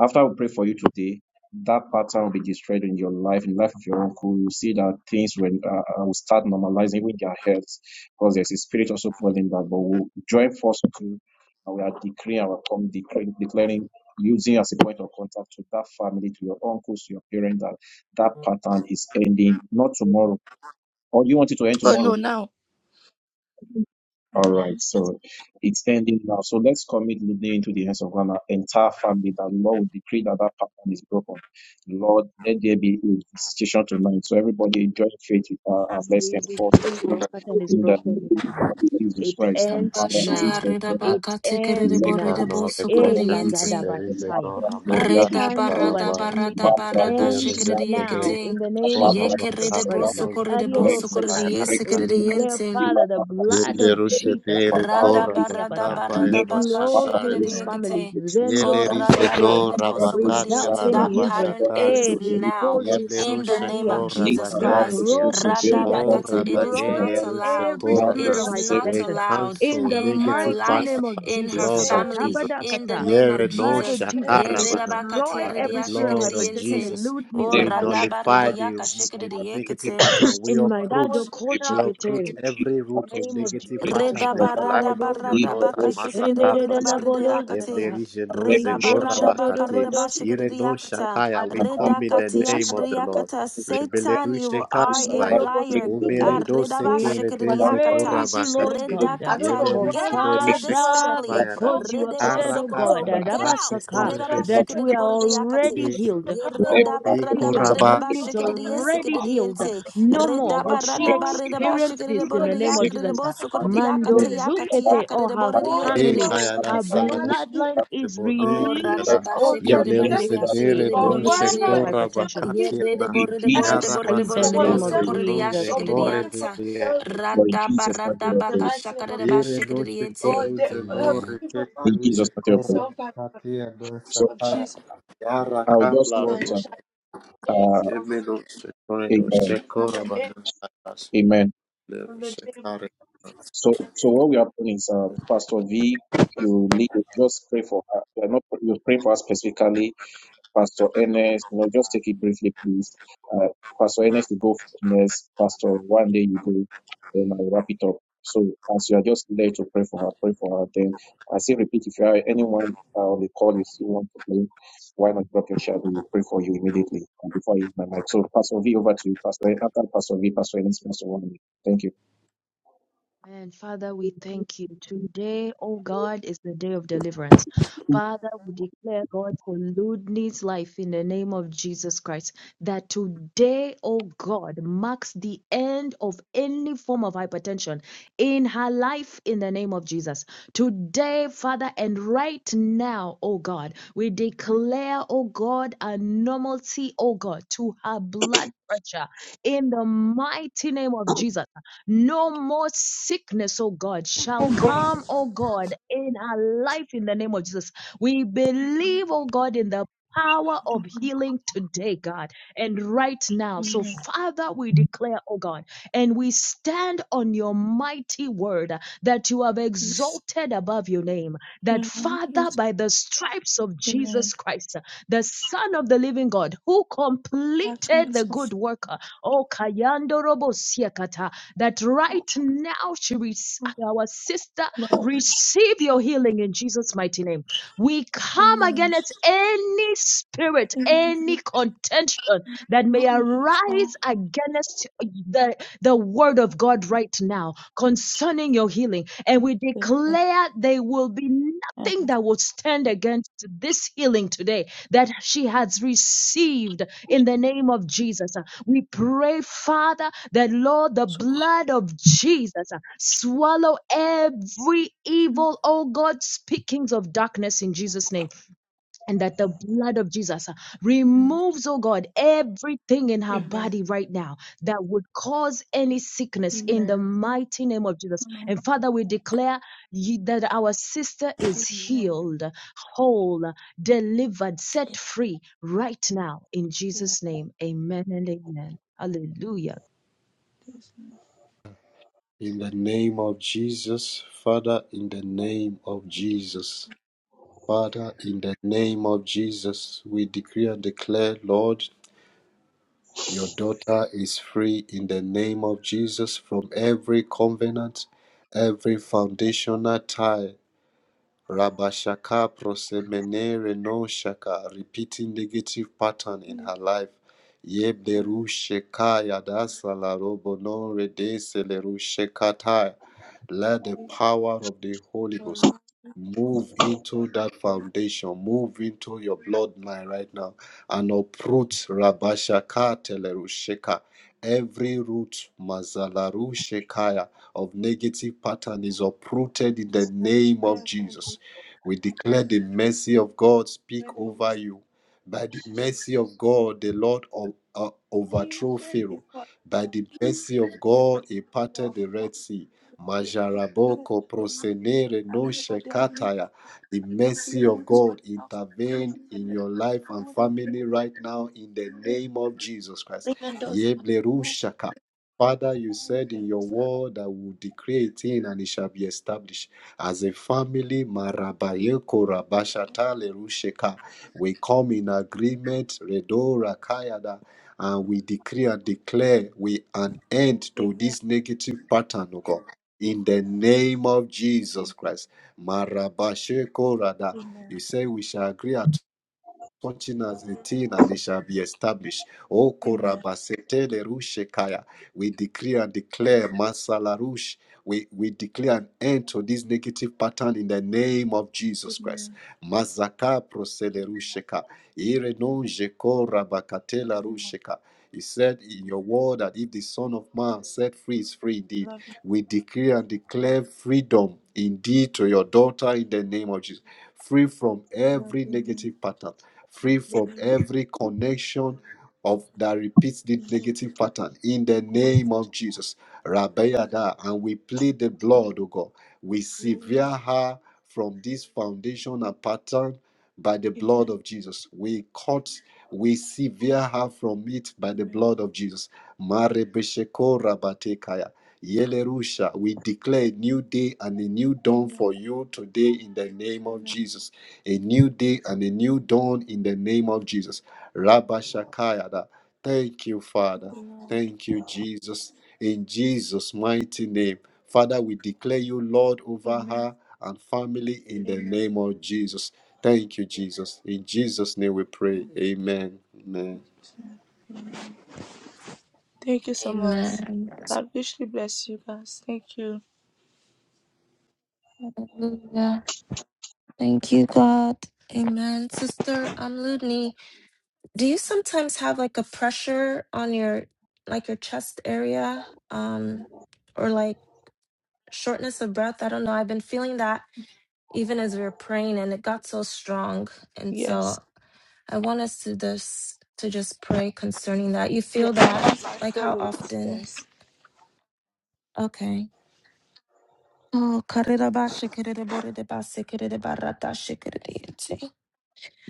after we pray for you today, that pattern will be destroyed in your life, in the life of your uncle. You see that things will, uh, uh, will start normalizing even their health because there's a spirit also falling that. But we'll join forces to, and we are decreeing our come declaring, declaring, using as a point of contact to that family, to your uncles, to your parents, that that pattern is ending, not tomorrow. Or you want it to end
oh
tomorrow?
no, now.
All right,
Mhm.
so it's ending now. So let's commit Lude into the hands of God and our entire family that Lord we decree that that pattern is broken. Lord, let there be a visitation tonight. So everybody join faith with her and let's
We
enforce that
decree
plan.
this pattern is
In the
broken
name
now.
of Jesus
It
Christ and
ends
Father, Jesus
Bashaya
now.
reda
It
baka tikerede
ends
let
borede
now.
us
bo
Banore
appear
Eh,
koshe
this
sokorediente.
of the
klerise
Lagadabataya.
Lapra
gora
Gloria de
bakati
Reda
Pattern of
Chapelle,
barada
barabaya.
untimely
barada
death.
Mabra
barada
End
Doxus,
Lebleruze
now
teberi
in
shikadiyekiting.
the name
gora
of Jesus
Yekerede
bakape
bo
Christ. the
sokorede bo
lozor
Leko
Pariadosaka.
sobrete
We
bayarashat.
declare,
nuestra
sokorediyesikadiente.
vila
Father, the blood
acacizo
of
Leblerushe
peruca
Jesus,
deri
the
gora
paparadis,
Parakatiabata,
bakapa ya
lex
flow through
bashatari
paradus,
this family.
Radabaradabakashikiridiekete.
acusus,
Oh,
Yelerise
Zendozukete,
no
nambradosus
rabakate
without
la
radabaradabosokoridiente. That
any
sabelica,
hindrance.
pattern
bracus
Eh,
se
ends
rabashataridos.
peruca
now
davat,
in the
Yeblerusha
name
Rikozusikete.
of
ko
Jesus
lita
Christ.
ratus
rabanaikia.
suse vela
Bikrokoshida,
Oh,
Radabakata,
brato
It is
yadisha
not
rabanele
davat,
destroying
ruse
allowed.
every
It
radis
spirit
korana.
of
is
suse
not
We
hypertension
pavati
allowed
concha
in
cancel
the
in her
negative
mighty
life,
pattern
name
by
of
in
the
Jesus.
her
blood
susana
of
family,
Jesus.
in the
Akatabadakata,
name
The
of
Yere no
blood
Jesus.
of Jesus
shakarabana.
destroy
By the
every spirit of
blood of
hypertension
Yeredabakatiaridiashikiridiente.
in
Jesus,
Oh,
Ludni's
we
life.
nullify the, the negative
radabaradayakashikiridiekete.
pattern. We
In my dad,
uproot. We uproot
Okochikete,
every root of
name of
negative
Jesus Christ
pattern
Reda
in
of
the
barada
life of
paradox,
your
barada
daughter,
baka shikere de bore de
Masakapata.
bare de
Sikendedelabolos,
akate.
Zeta,
Yeblerije no
Reda barada baka
zekorabakate.
reda ba
Kidoshotodogodos,
shikere
Ire
de
no
yakata.
shakaya. We
Reda
come in the
kati
name
yakata
of the Lord.
yakata. Satan,
Rebelerushe
you are a
karabaya.
Okay.
liar.
Umere
God,
do
reda ba
We
sekere
shikere de
de
yakata.
praise you, Lord
zekorabakate.
Reda
God,
I don't
kata,
know
for
get
Yelerize
what
out of
lerushe
this
door that
Father,
they
family.
karabaya.
because
open,
you have
Rede bo
said, oh God,
sokoto,
Arakabla
get out.
radase
so
Rabasaka,
Kareda
that
ba
korevene.
that
people
shikere
we
de
are
bore de yakate.
already healed,
Ye
can
reda
already
barada
healed.
barada ba
Lumi
so
is
shikere de
suffering so
already
yesikere de
healed.
yente.
No more
much.
will
Redaba
she
radaba
Oh, so
redaba
experience this
shikidabo
in
people
the name
living
of
in
redayaka
Jesus.
redabo
that for
sokodiyaka
Mando
tayaka
medicine,
Zukete
tiyaka
or
redabo
her
de
so
Ye
family,
so
redabo.
kayada
her
salarush
immorality
bloodline is
demone
is
Oh
so
kiyada.
released,
radaba
so
oh
untimely
Yeble
shikidaba
death.
Koryede
redaya
rusenere
Kete, from
shikidabo
non
But
this
right
spirit
now,
of
de
in
shekora
the name
hypertension
of
Ye
bakati
Jesus,
de
yana.
redabo redabo
every
Yara
de
in the
one
basata
redabo
name
of
le
of
them
sokodiyaka
Jesus,
brononze
are
amen.
kore
broken from
shikidiyanta.
the
biye.
devil,
For in
Radaba
Jesus' mighty name I
radaba
the
pray.
mighty name
kashaka
of
de ba shikere de
all
Kore
yente
they are
Amen.
people from
In Jesus' mighty name
the
I pray.
soul
So
of Jesus,
yara
I would just
kapla
and
want
I
to,
rebodo.
shall be
uh,
Emeno shekore do
amen,
shekora
of
banatas.
amen.
In
Lero
the name of
shekare.
So, so what we happen is, um, Pastor V, you need to just pray for her. You are not you pray for her specifically, Pastor Ernest. You know, just take it briefly, please. Uh, Pastor Ernest, you go next. Pastor, one day you go, then I will wrap it up. So, as you are just there to pray for her, pray for her. Then I say, repeat, if you are anyone uh, on the call, you still want to pray, why not drop your shadow? We will pray for you immediately and before I use my mic. So, Pastor V, over to you, Pastor. After Pastor V, Pastor Ernest, Pastor Wande. Thank you.
Amen. Father, we thank you. Today, oh God, is the day of deliverance. Father, we declare, God, for Ludni's life in the name of Jesus Christ, that today, oh God, marks the end of any form of hypertension in her life in the name of Jesus. Today, Father, and right now, oh God, we declare, oh God, a normalcy, oh God, to her blood pressure in the mighty name of Jesus. No more sickness, oh God, shall come, oh God, in our life in the name of Jesus. We believe, oh God, in the power of healing today, God, and right now. So,
Amen.
Father, we declare, oh God, and we stand on your mighty word uh, that you have exalted above your name. That,
Amen.
Father,
Yes,
by the stripes of
Amen.
Jesus Christ, uh, the Son of the living God, who completed the
Patterns of
good worker, oh Kayando Robo Siakata, that right now she rec- our sister
love.
receive your healing in Jesus mighty name. We come
Amen.
against any spirit,
Amen.
any contention that may
Amen.
arise against the, the word of God right now concerning your healing. And we declare there will be
And
nothing that will stand against this healing today that she has received in the name of Jesus. We pray, Father, that Lord, the
so,
blood of Jesus uh, swallow every evil, oh God, speakings of darkness in Jesus' name and that the blood of Jesus uh,
Amen.
removes, oh God, everything in her
Amen.
body right now that would cause any sickness in the
Amen.
mighty name of Jesus.
Amen.
And Father, we declare ye- that our sister is
Amen.
healed, whole, delivered, set free right now in
In
Jesus' name. Amen and amen. Hallelujah.
In the name of Jesus, Father, in the name of
Yes, Lord.
Jesus. Father, in the name of Jesus, we decree and declare, Lord, Your daughter is free in the name of Jesus from every covenant, every foundational tie. Rabashaka prosemene reno shaka, repeating negative pattern in her life. Yebleru sheka yadasa la robo no redese leru shekatai. Let
Thank
the
you,
power of the
Father. Jesus' name,
Holy
for
Ghost
life,
move into that
way,
foundation, move into your bloodline right now, and uproot Rabashaka Telerusheka. Every root, Mazalaru Shekaya, of negative pattern is uprooted in the
and
name of
prayers, and who
Jesus. We declare the mercy of God speak
where they will
over
see
you. By the mercy of God, the Lord o- uh,
even
overthrew Pharaoh.
before
By the mercy of
to be
God, he parted
of
the
my
Red Sea.
In the name of
Majaraboko
the Lord,
prosenere
and
no
over they have
shekataya.
lived.
The
and we
mercy of
would swipe
God
out the
intervene in
credit
your life and
whatever
family
the
right
blood
now in the name of Jesus Christ.
windows are no
Yeblerushaka. Father, you said in your
windows are
word that we will decree it in and it shall be established. As a family, Marabayeko
windows.
Rabashata Lerusheka, we come in agreement, Redora Kayada, and we decree and declare we an end to
Amen.
this negative pattern, O God in the name of Jesus
Amen.
Christ. Marabashekorada. You
Amen.
say we shall agree at touching as a thing and it shall be established. O
Amen.
korabasete de rushekaya. We decree and
Lord,
declare Masalarush we, we declare an end to this negative pattern in the name of Jesus Christ.
Amen.
Mazaka proselerusheka. Irenonjeko
In the
rabakatela
name of
rusheka. He said in your word that if the Son of Man set free is free indeed.
love
We decree and declare freedom indeed to
you,
your daughter in the name of Jesus. Free from
love
every
you, me.
negative pattern, free
The way
from
you
every connection
think
of that repeats
you,
the negative pattern in the
the way
name
you think
of Jesus.
you, the
Rabayada, and we plead the blood, O God. We
way you
sever
talk.
her from this foundation and pattern by the blood
Amen.
of Jesus. We cut, we sever her from it by the
Amen.
blood of Jesus. Marebesheko rabatekaya. Yelerusha, we declare a new day and a new dawn
Amen.
for you today in the name of
Amen.
Jesus. A new day and a new dawn in the name of
Amen.
Jesus. Rabashakayada. Thank you, Father. Thank you, Jesus. In Jesus' mighty name. Father, we declare you Lord over
Amen.
her and family in the
Amen.
name of Jesus. Thank you, Jesus. In Jesus' name we pray. Amen.
Thank you so much.
Amen.
God richly bless you guys. Thank you.
Hallelujah. Thank you, God. Amen. Sister, I'm Ludney. Do you sometimes have like a pressure on your like your chest area um or like shortness of breath? I don't know. I've been feeling that even as we were praying and it got so strong. And
Yes.
so I want us to this to just pray concerning that. You
Yes,
feel that
yes. I
like how
feel it.
often?
Yes.
Okay. Oh, karirabashikiriboridabasikiriribaratashikiririyate.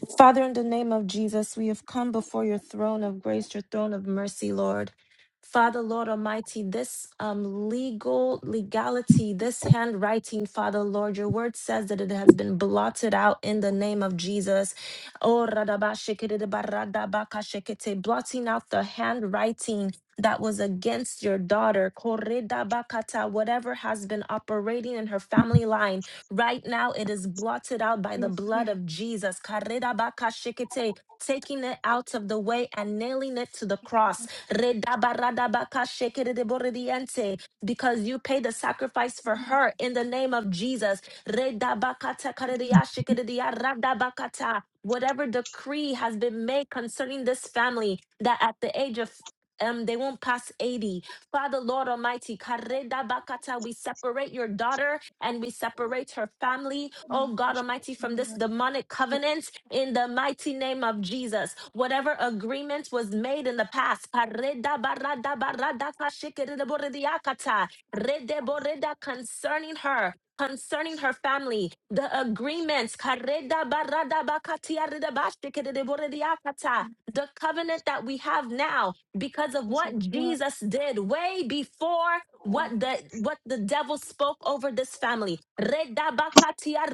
Father, in the name of Jesus, we have come before your throne of grace, your throne of mercy, Lord. Father, Lord Almighty, this um, legal legality, this handwriting, Father, Lord, your word says that it has been blotted out in the name of Jesus. Oh, radabashikiridabaradabakashikite, blotting out the handwriting that was against your daughter, Koridabakata, whatever has been operating in her family line. Right now, it is blotted out by the
Amen.
blood
Amen.
of Jesus. Karedabakashikite, Taking it out of the way and nailing it to the cross. Redabaradabakashikidiboridiente, Because you paid the sacrifice for her in the name of Jesus. Redabakatakarediashikididiaradabakata. Whatever decree has been made concerning this family, that at the age of um, they won't pass 80 Father, Lord Almighty, kareda bakata, we separate your daughter and we separate her family, oh God Almighty, from
Amen.
this demonic covenant in the mighty name of Jesus. Whatever agreement was made in the past, kareda barada barada kashikere borediakata, rede boreda concerning her. Concerning her family, the agreements, kareda barada bakatia reda bashikere borediakata,
Amen.
the covenant that we have now, because of
Because of
what
the blood.
Jesus did way before what
Amen.
the what the devil spoke over this family. Redabakatia,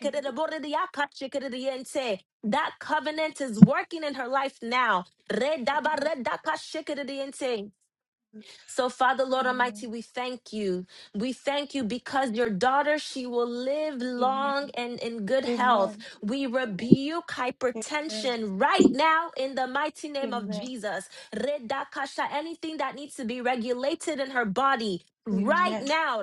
Amen.
That covenant is working in her life now. Redabaredakashikiridiente. So, Father, Lord Almighty,
Amen.
we thank you. We thank you because your daughter, she will live
Amen.
long and in good health.
Amen.
We rebuke hypertension right now in the mighty name of
Amen.
Jesus. Redakasha, anything that needs to be regulated in her body. Right
Amen.
now,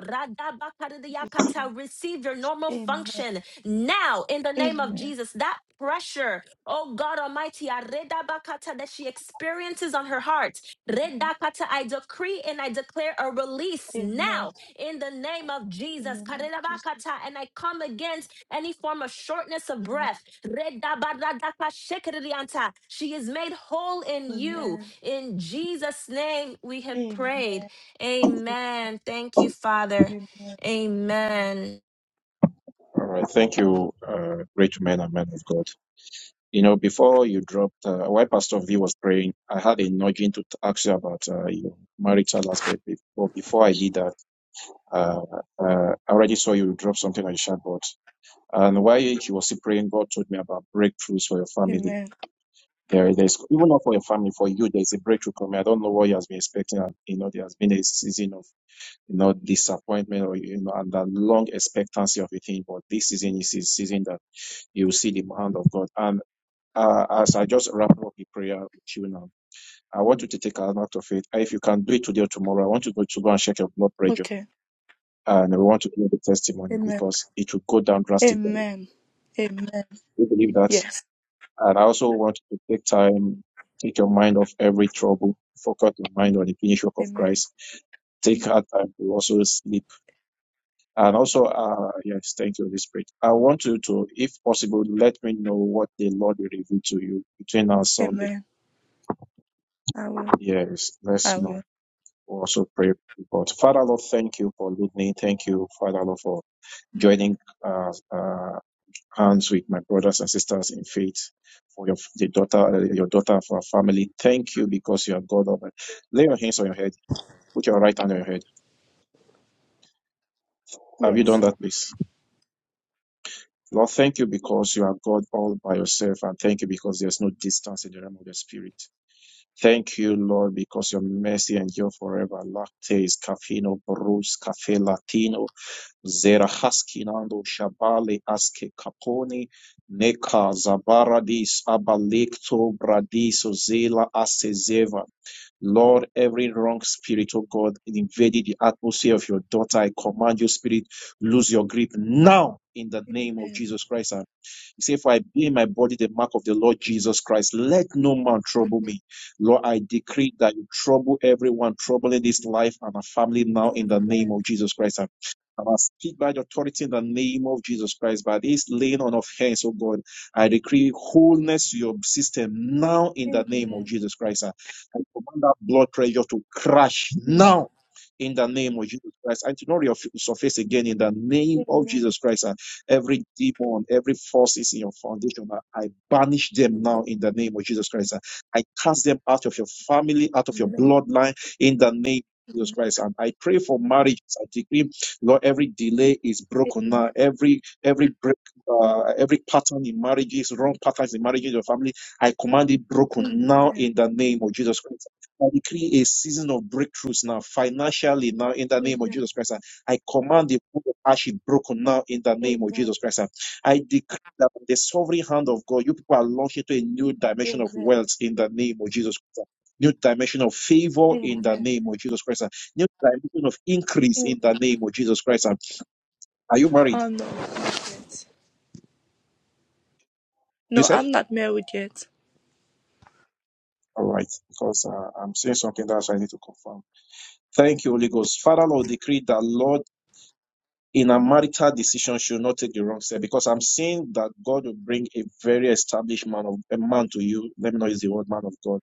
In Jesus. name.
Radabakadiyakata, receive your normal
Amen.
function now in the name of
Amen. Amen. Amen.
Jesus. That pressure, oh God Almighty, Aredabakata, that she experiences on her heart. Redakata, I decree and I declare a release
In
now
The
in the name of Jesus.
name of Jesus.
Karedabakata, And I come against any form of shortness of
Amen.
breath. Redabaradaka shekerianta. She is made whole in you.
Amen.
In Jesus' name we have prayed.
Amen.
Amen. Thank you, Father.
Amen. Amen.
Amen.
All right. Thank you, uh, great men and men of God. You know, before you dropped, uh, while Pastor V was praying, I had a nudging to ask you about uh, your marital aspect. But before I did that, uh, uh, I already saw you drop something on the chatbot. And while he was still praying, God told me about breakthroughs for your family.
Amen.
There, there's even not for your family, for you, there's a breakthrough coming. I don't know what you has been expecting. And, you know, there has been a season of you know disappointment or you know, and a long expectancy of a thing. But this season is a season that you will see the hand of God. And uh, as I just wrap up the prayer with you now, I want you to take an act of faith. If you can do it today or tomorrow, I want you to go, and check your blood pressure.
Okay.
And we want to hear the testimony
Amen.
because it will go down drastically.
Amen. Amen.
We believe that.
Yes.
And I also want you to take time, take your mind off every trouble, focus your mind on the finished work of
Amen.
Christ. Take our time to also sleep. And also, uh, yes, thank you, Holy Spirit. I want you to, if possible, let me know what the Lord will reveal to you between now and Sunday
Amen. I will.
Yes, let's
I will.
now also pray. But Father Lord, thank you for leading. Thank you, Father Lord, for
Amen.
joining uh, uh, hands with my brothers and sisters in faith for your the daughter, uh, your daughter for our family. Thank you because you are God of it. Lay your hands on your head. Put your right hand on your head. Have you done
Yes.
that, please? Lord, thank you because you are God all by yourself, and thank you because there's no distance in the realm of the spirit. Thank you, Lord, because your mercy endure forever. Lactes, Cafino, Bruce, Cafe, Latino, Zerahaskinando Shabali Aske Kaponi Neka Zabaradis Abalekto Bradiso Zela Asezeva. Lord, every wrong spirit, oh God, it invaded the atmosphere of your daughter. I command you, spirit, lose your grip now in the name of
Amen.
Jesus Christ. And he said, For I bear in my body the mark of the Lord Jesus Christ. Let no man trouble
Amen.
me. Lord, I decree that you trouble everyone troubling this life and our family now in the name
Amen.
of Jesus Christ. And and I speak by the authority in the name of Jesus Christ, by this laying on of hands, oh God, I decree wholeness to your system now in the name of
Amen.
Jesus Christ. I command that blood pressure to crash
Amen.
now in the name of Jesus Christ and to not resurface again in the name of
Amen.
Jesus Christ. Every demon, every force is in your foundation. I I banish
Amen.
them now in the name of Jesus Christ. I cast them out of your family, out of your
Amen. Amen.
bloodline in the name of Jesus
Amen.
Christ. And I pray for marriages. I decree, Lord, every delay is broken now.
Amen.
Every every break, uh, every pattern in marriages, wrong patterns in marriages, your family, I command it broken now
Amen.
in the name of Jesus Christ. I decree a season of breakthroughs now, financially now, in the name of
Amen.
Jesus Christ. I command the wood of ash be broken now in the name of Jesus Christ. I decree that the sovereign hand of God, you people are launched into a new dimension of wealth in the name of Jesus Christ. New dimension of favor in the
Amen.
name of Jesus Christ. New dimension of
Amen.
increase in the
Amen.
name of Jesus Christ. Are you married?
Oh no, not yet.
You
No,
said?
I'm not married yet.
All right, because uh, I'm saying something that I need to confirm. Thank you, Holy Ghost. Father, Lord, decree that Lord in a marital decision should not take the wrong step because I'm seeing that God will bring a very established man of a man to you. Let me not use the word man of God,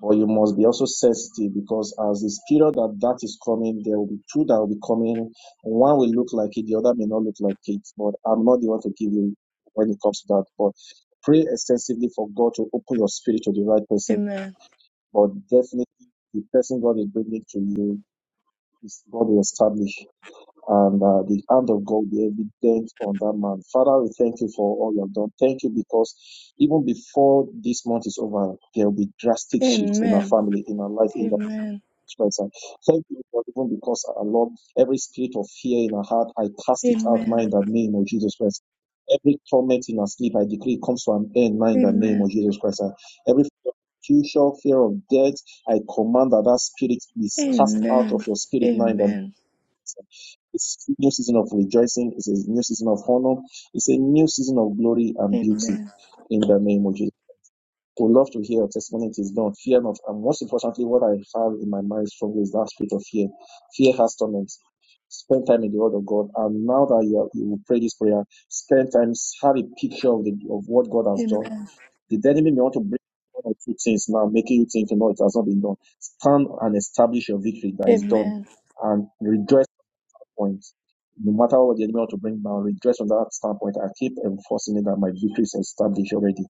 but you must be also sensitive because as this period that that is coming, there will be two that will be coming. One will look like it, the other may not look like it. But I'm not the one to give you when it comes to that. But pray extensively for God to open your spirit to the right person.
Amen.
But definitely, the person God is bringing to you is God will establish and uh, the hand of God be evident on that man. Father, we thank you for all you have done. Thank you because even before this month is over, there will be drastic shifts in our
Amen.
family, in our life, in the
Amen.
Christ. And Thank you, Lord, even because our Lord, every spirit of fear in our heart, I cast it out now
Amen.
in the name of Jesus Christ. Every torment in our sleep, I decree it comes to an end now in the name
Amen.
of Jesus Christ. Every fear future fear of death, I command that that spirit is cast out of
Amen.
your spirit now in the name.
Amen. Amen.
It's a new season of rejoicing. It's a new season of honor. It's a new season of glory and beauty
Amen.
in the name of Jesus. We love to hear your testimony. It is done. Fear not. And most importantly, what I have in my mind strongly is that spirit of fear. Fear has torment. Spend time in the Word of God. And now that you, are, you will pray this prayer, spend time, have a picture of, the, of what God has done. The enemy may want to bring one or two things now, making you think, no, it has not been done. Stand and establish your victory that is done.
Amen.
And rejoice point, no matter what the enemy want to bring down, just from that standpoint, I keep enforcing it that my victory is established already.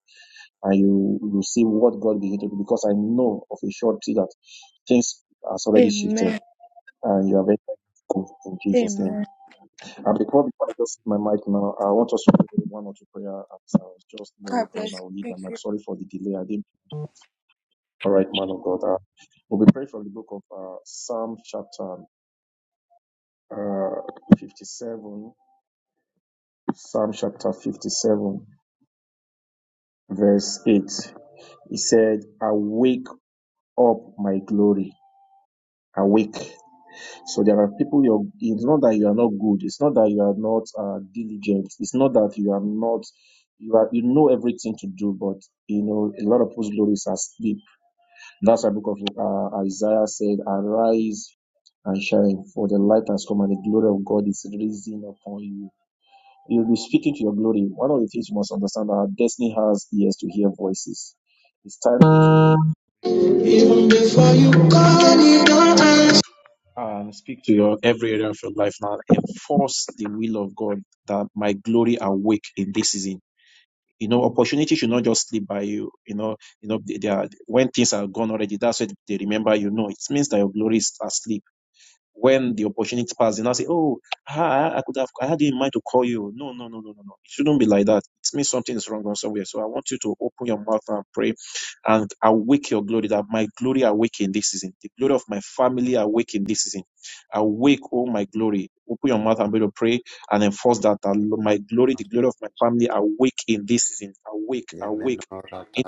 And you will see what God begin to do because I know of a surety that things has already shifted
Amen.
and you are very thankful in Jesus' name.
Amen.
And before, before I just my mic now, I want us to do one or two prayer as I was just there,
God
then
bless you.
I will leave my
Thank
mic.
you.
Sorry for the delay. I didn't. Uh, verse 8. He said, Awake up my glory. Awake. So there are people you're, it's not that you are not good. It's not that you are not uh, diligent. It's not that you are not, you are, you know everything to do, but you know, a lot of whose glories are asleep. That's why book of uh, Isaiah said, arise and shine for the light has come and the glory of God is risen upon you. You'll be speaking to your glory. One of the things you must understand that our destiny has ears to hear voices. It's time and speak to your every area of your life now. Enforce the will of God that my glory awake in this season. You know, opportunity should not just slip by you. You know, you know, they, they are, when things are gone already, that's what they remember. You know, it means that your glory is asleep when the opportunity passes, and I say, "Oh, I, I could have, I had in mind to call you." No, no, no, no, no, no. It shouldn't be like that. It means something is wrong on somewhere. So I want you to open your mouth and pray, and awake your glory. That my glory awake in this season. The glory of my family awake in this season. Awake, oh my glory. Open your mouth and begin to pray and enforce that, that my glory, the glory of my family awake in this season. Awake,
Amen.
awake. In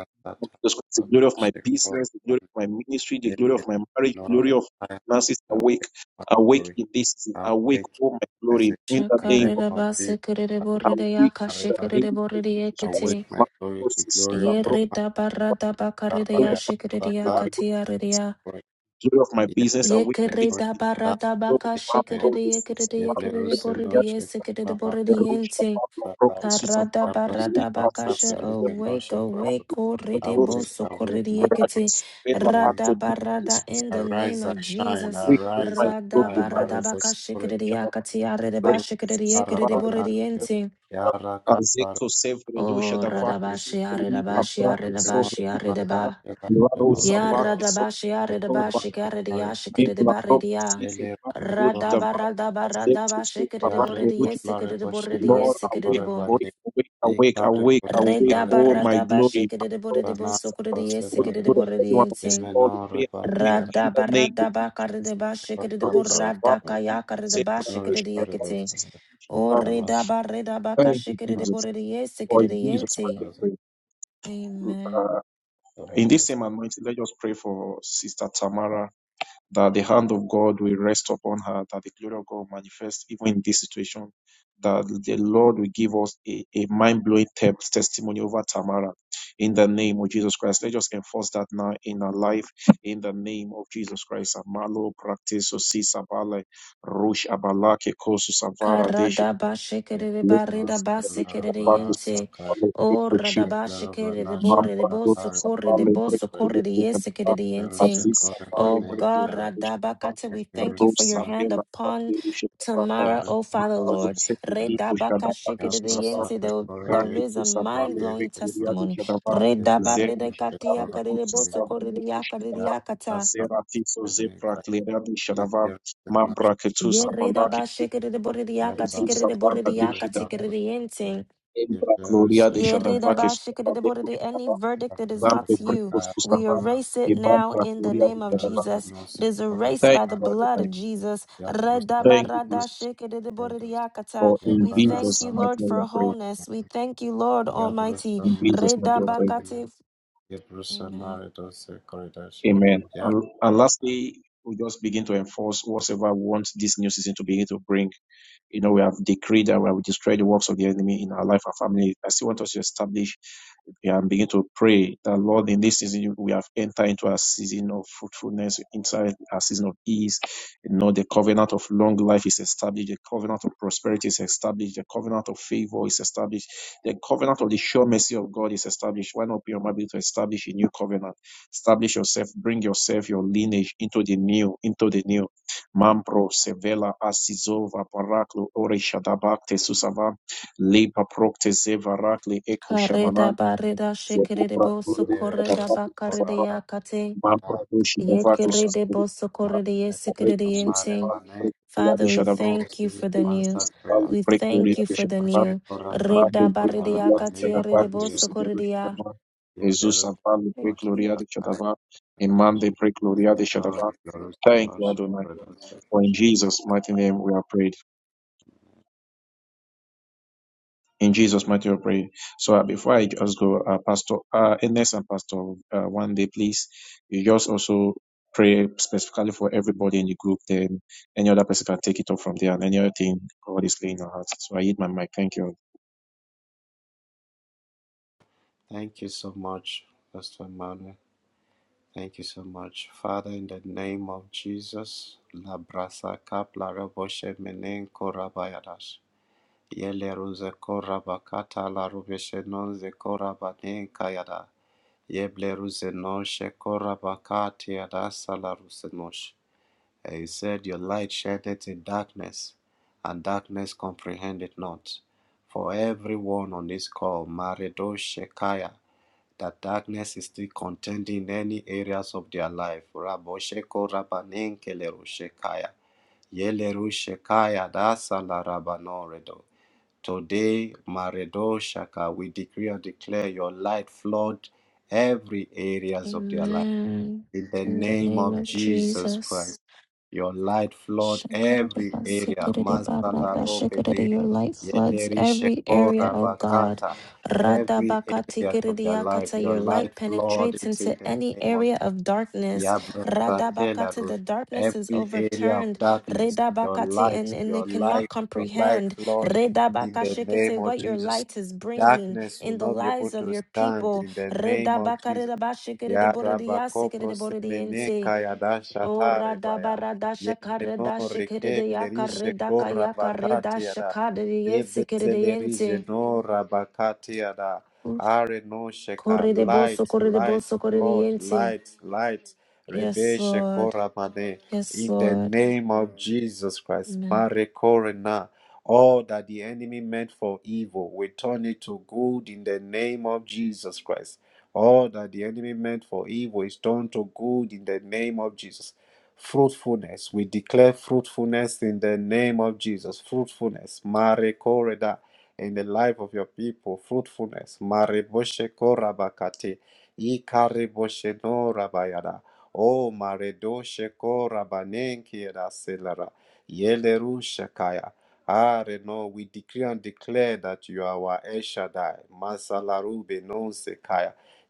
The glory of my business, the glory of my ministry, the glory of my marriage, glory of finances awake Awake in this season. Awake,
Awake,
oh my
this is
glory, in the
the name
name of
of Jesus.
awake
Shakaredabasekereboredeyaka
in the name of Jesus Christ.
Awake
shekereborediekete.
My
my glory,
Lord,
the glory
Cecilia,
of
bro,
Yerida barada bakarida
glory
ya
of my family,
shikrida
awake in this
ya
glory of my business, awake in this
Yekereda
season.
barada
Glory
baka
to my God,
shekerede
Jesus,
yekerede
my Lord,
yekerede
let me
borede yesekerede borede
the roar of
yente.
my Lord, the Lord, Jesus, my
Karada
Lord, lead
barada
my
baka
soul,
she
Savior,
awake
my God,
awake
the name of
korede
Jesus,
boso
my
korede
Lord,
yekete.
Radis, Bella,
Rada
Ate,
barada
Jesus,
in the name of Jesus.
awake, oh my
Rada
glory,
barada
Radis,
baka shekerede
Savior, my
yakati arede
Lord,
ba shekerede
Jesus, my
yekerede borede
Lord,
yente.
Ya Bar
Azekto sevre dusha
O
da vaca
Radabashi
sobre lipa
Yem
Aridabashi
braca
Rusima
sobre
Aridabashi
luta da
Aridaba.
vaca.
Bakashima
Laro
Ya
Senoseko
savaca sobre
Radabashi
tom
Aridabashi
para
Rusikari
Garidiashi
bibla propria
Kiridibaridia.
siso
Lele
para doge
Sikori
da vaca. Azekto
Radabaradabaradabashi
sobre para
Yari
ruja.
Kiridiboridiesi
Koplari Boshina
Lord,
Kiridiboridiesi
awake,
Sikori
Kiridibo.
Bandi
awake, awake, awake,
Ikari
awake, awake,
Bosinore
oh my
Redabaradabashi
glory. my
Kiridibo
Boshibana
prophecies,
Sukuridiesi
Oh, the
Bosinore
glory of
Bosh
everyone on this
Kiridiboridiensi.
call,
Yemenore
pray awake
Batiara
in the name of
Radabaradaba
Jesus.
Karidibashi
Rosa,
Bakabra
Valley,
Kiridiboradakaya
Sevra,
Karidibashi
Yemenore
Dosha, da
Karibos
Kiridiekiti. O
Vaca,
Yamala
Redaba Redabaka
Thank you, Jesus
Shikiridiboridi
or in Jesus' mighty
Yesikiridienti.
name.
Yamanas
we pray.
Amen.
Uh, in this
Yamanas
same anointing, let us pray for Sister Tamara that the hand of God will rest upon her, that the glory of God will manifest even in this situation, that the Lord will give us a, a mind blowing testimony over Tamara. In the name of Jesus Christ, let us enforce that now in our life. In the name of Jesus Christ, Amalo practice osi sabale rush abalake kosu savara deshi.
Karadaba shikere barida
see the rush of the
basikere
practice
yente.
of
O
Amalo,
radaba shikere de bore de
Mambo Adolf
bosso corre de
Sampale break
bosso corre
Buria
de
Kushaba,
yesikere yente.
Aziz Sampale
Oh
break
God,
Buria
radaba
Kushaba,
kata, we thank you for
Rose
your hand
Sapela
upon
Pate Rushabata,
Tamara, oh Father
Mamazo
Lord.
Sekiti
Redaba
Kushaba,
kashikere
Susaba,
yente. There there is
Ratu
a mind
Sampale
blowing
break Buria
testimony.
Kushaba,
Redaba
Zeru
rede katia
Shadava
kare de bosso
Kushaba,
corre de yakare de
Kushaba,
yakata.
Zeratiso Zepra Cleria Kushaba, Mambra Ketus
Ye
Abalaki
redaba shikere de
Kushaba,
bore de
Jesus
yakatikere de
Sabar
bore de
Adeshi Dava,
yakatikere yente.
Embra Gloria de Shadava
Yeridabashikidibodidi,
Kushaba,
Any verdict that is not
Zambe
you,
Prekos to
we
Savan,
erase it
Iban
now in the
Prakuria to
name of
Shadavan.
Jesus. It is erased
Thank
by the
you,
blood
Adonai.
of Jesus.
Thank you, Jesus.
Redabaradashikidibodidiakata.
For in
We thank
Jesus'
you,
mighty
Lord,
name we
for
pray.
wholeness. We thank you, Lord Almighty.
In Jesus' mighty name we pray.
Redabakati-
Yasana
Amen.
Amen. And, and lastly, we just begin to enforce whatever we want this new season to begin to bring. You know, we have decreed and we have destroyed the works of the enemy in our life and family. I still want us to establish and begin to pray that Lord, in this season, we have entered into a season of fruitfulness, inside a season of ease. You know, the covenant of long life is established, the covenant of prosperity is established, the covenant of favor is established, the covenant of the sure mercy of God is established. Why not be able to establish a new covenant? Establish yourself, bring yourself, your lineage into the new, into the new. Mambro sevela asizova paraklo ore shadabakte susava lipa prokte zeva rakle eko shamanan zebubra iru shadabakte susava
Karedabaredashikidibosokoridabakarediakate.
mambra doshi davake susava Reku
Yekiridibosokoridiyesikiridiyenting.
susava reku riade
Father, we
shadabakte
thank you for the
reku
new.
susava
We
reku
thank you
riade
for the
shadabakte
new.
mande
Reda
reku
baridia
riade
katia
shadabakte
redebo
susava doshi
sokoridia.
davake Jesus avale
Thank
reku
you.
riade shadavakte emande reku de shadavakte Thank you, Adonai. For in Jesus' mighty name we are prayed. In Jesus' mighty name we are prayed. So uh, before I just go, uh, Pastor uh, Ernest and Pastor uh, one day, please, you just also pray specifically for everybody in the group. Then any other person can take it up from there and any other thing God is laying on heart. So I hit my mic. Thank you.
Thank you so much, Pastor Manuel. Thank you so much. Father, in the name of Jesus, La Brasa Cap, La Roboshe Menen Korabayadash. Yele Ruse Korabakata, La Rubeshe Nonze Korabanen Kayada. Yeble Ruse Noshe Korabakati Adasa La Ruse Nosh. And you said, Your light shineth in darkness, and darkness comprehend it not. For everyone on this call, Maredo Shekaya that darkness is still contending in any areas of their life. Rabosheko rabanenkele roshekaya. Yele roshekaya dasala rabanoredo. Today, Maredo Shaka, we decree and declare your light flood every areas of their
Amen.
in the
In the
name
name
of
of
Jesus
Jesus.
Christ. Your light flood every area. Masala
Shakadadabasikadadabaradabashakadada. Your light floods
Yelerishe
every area,
kora
oh God.
bakata. Every area of your life,
Radabakatikadadiyakata.
your
Your light
life, Lord,
penetrates
it's in
into
the
any
name of
area
Jesus.
of darkness.
Yabrasa
Radabakata.
telaru.
The darkness is
Every area of
overturned.
darkness, your
Redabakati,
light,
And, and
your
it cannot
light, your light,
comprehend
Lord, in the name
Redabakashikete,
of
what your
Jesus.
light is bringing
Darkness will
in the
not be able
lives of
to
your
stand
people.
in the name of Jesus. Yarabako prosemene
Redabakaredabashikadadaborediyasikedadaborediyente.
kayada
O
shatare
rada
baya.
barada shakare
Yebeno
da shikere de
reke
yakare
plerishe
da
ko
kayakare da
rabakati yada.
shakare de yense kere de yense.
Yebeselerije no rabakati yada. Are no sheka.
Kore de boso
Light,
kore de
light,
boso kore de
Lord,
yense.
light, light.
Yes,
Rebeshe ko
Lord.
ramane.
Yes,
In the
Lord.
name of Jesus Christ.
Amen.
Mare korena. All that the enemy meant for evil, we turn it to good in the name of Jesus Christ. All that the enemy meant for evil is turned to good in the name of Jesus. Fruitfulness, we declare fruitfulness in the name of Jesus. Fruitfulness, Mare Koreda, in the life of your people. Fruitfulness, Mare Boshe Korabakate, Ikare Boshe no Rabayada. Oh, Mare Doshe Korabanenki Raselara, Yele Rushakaya. Ah, no, we decree and declare that you are our El Shaddai, Masalaru Benon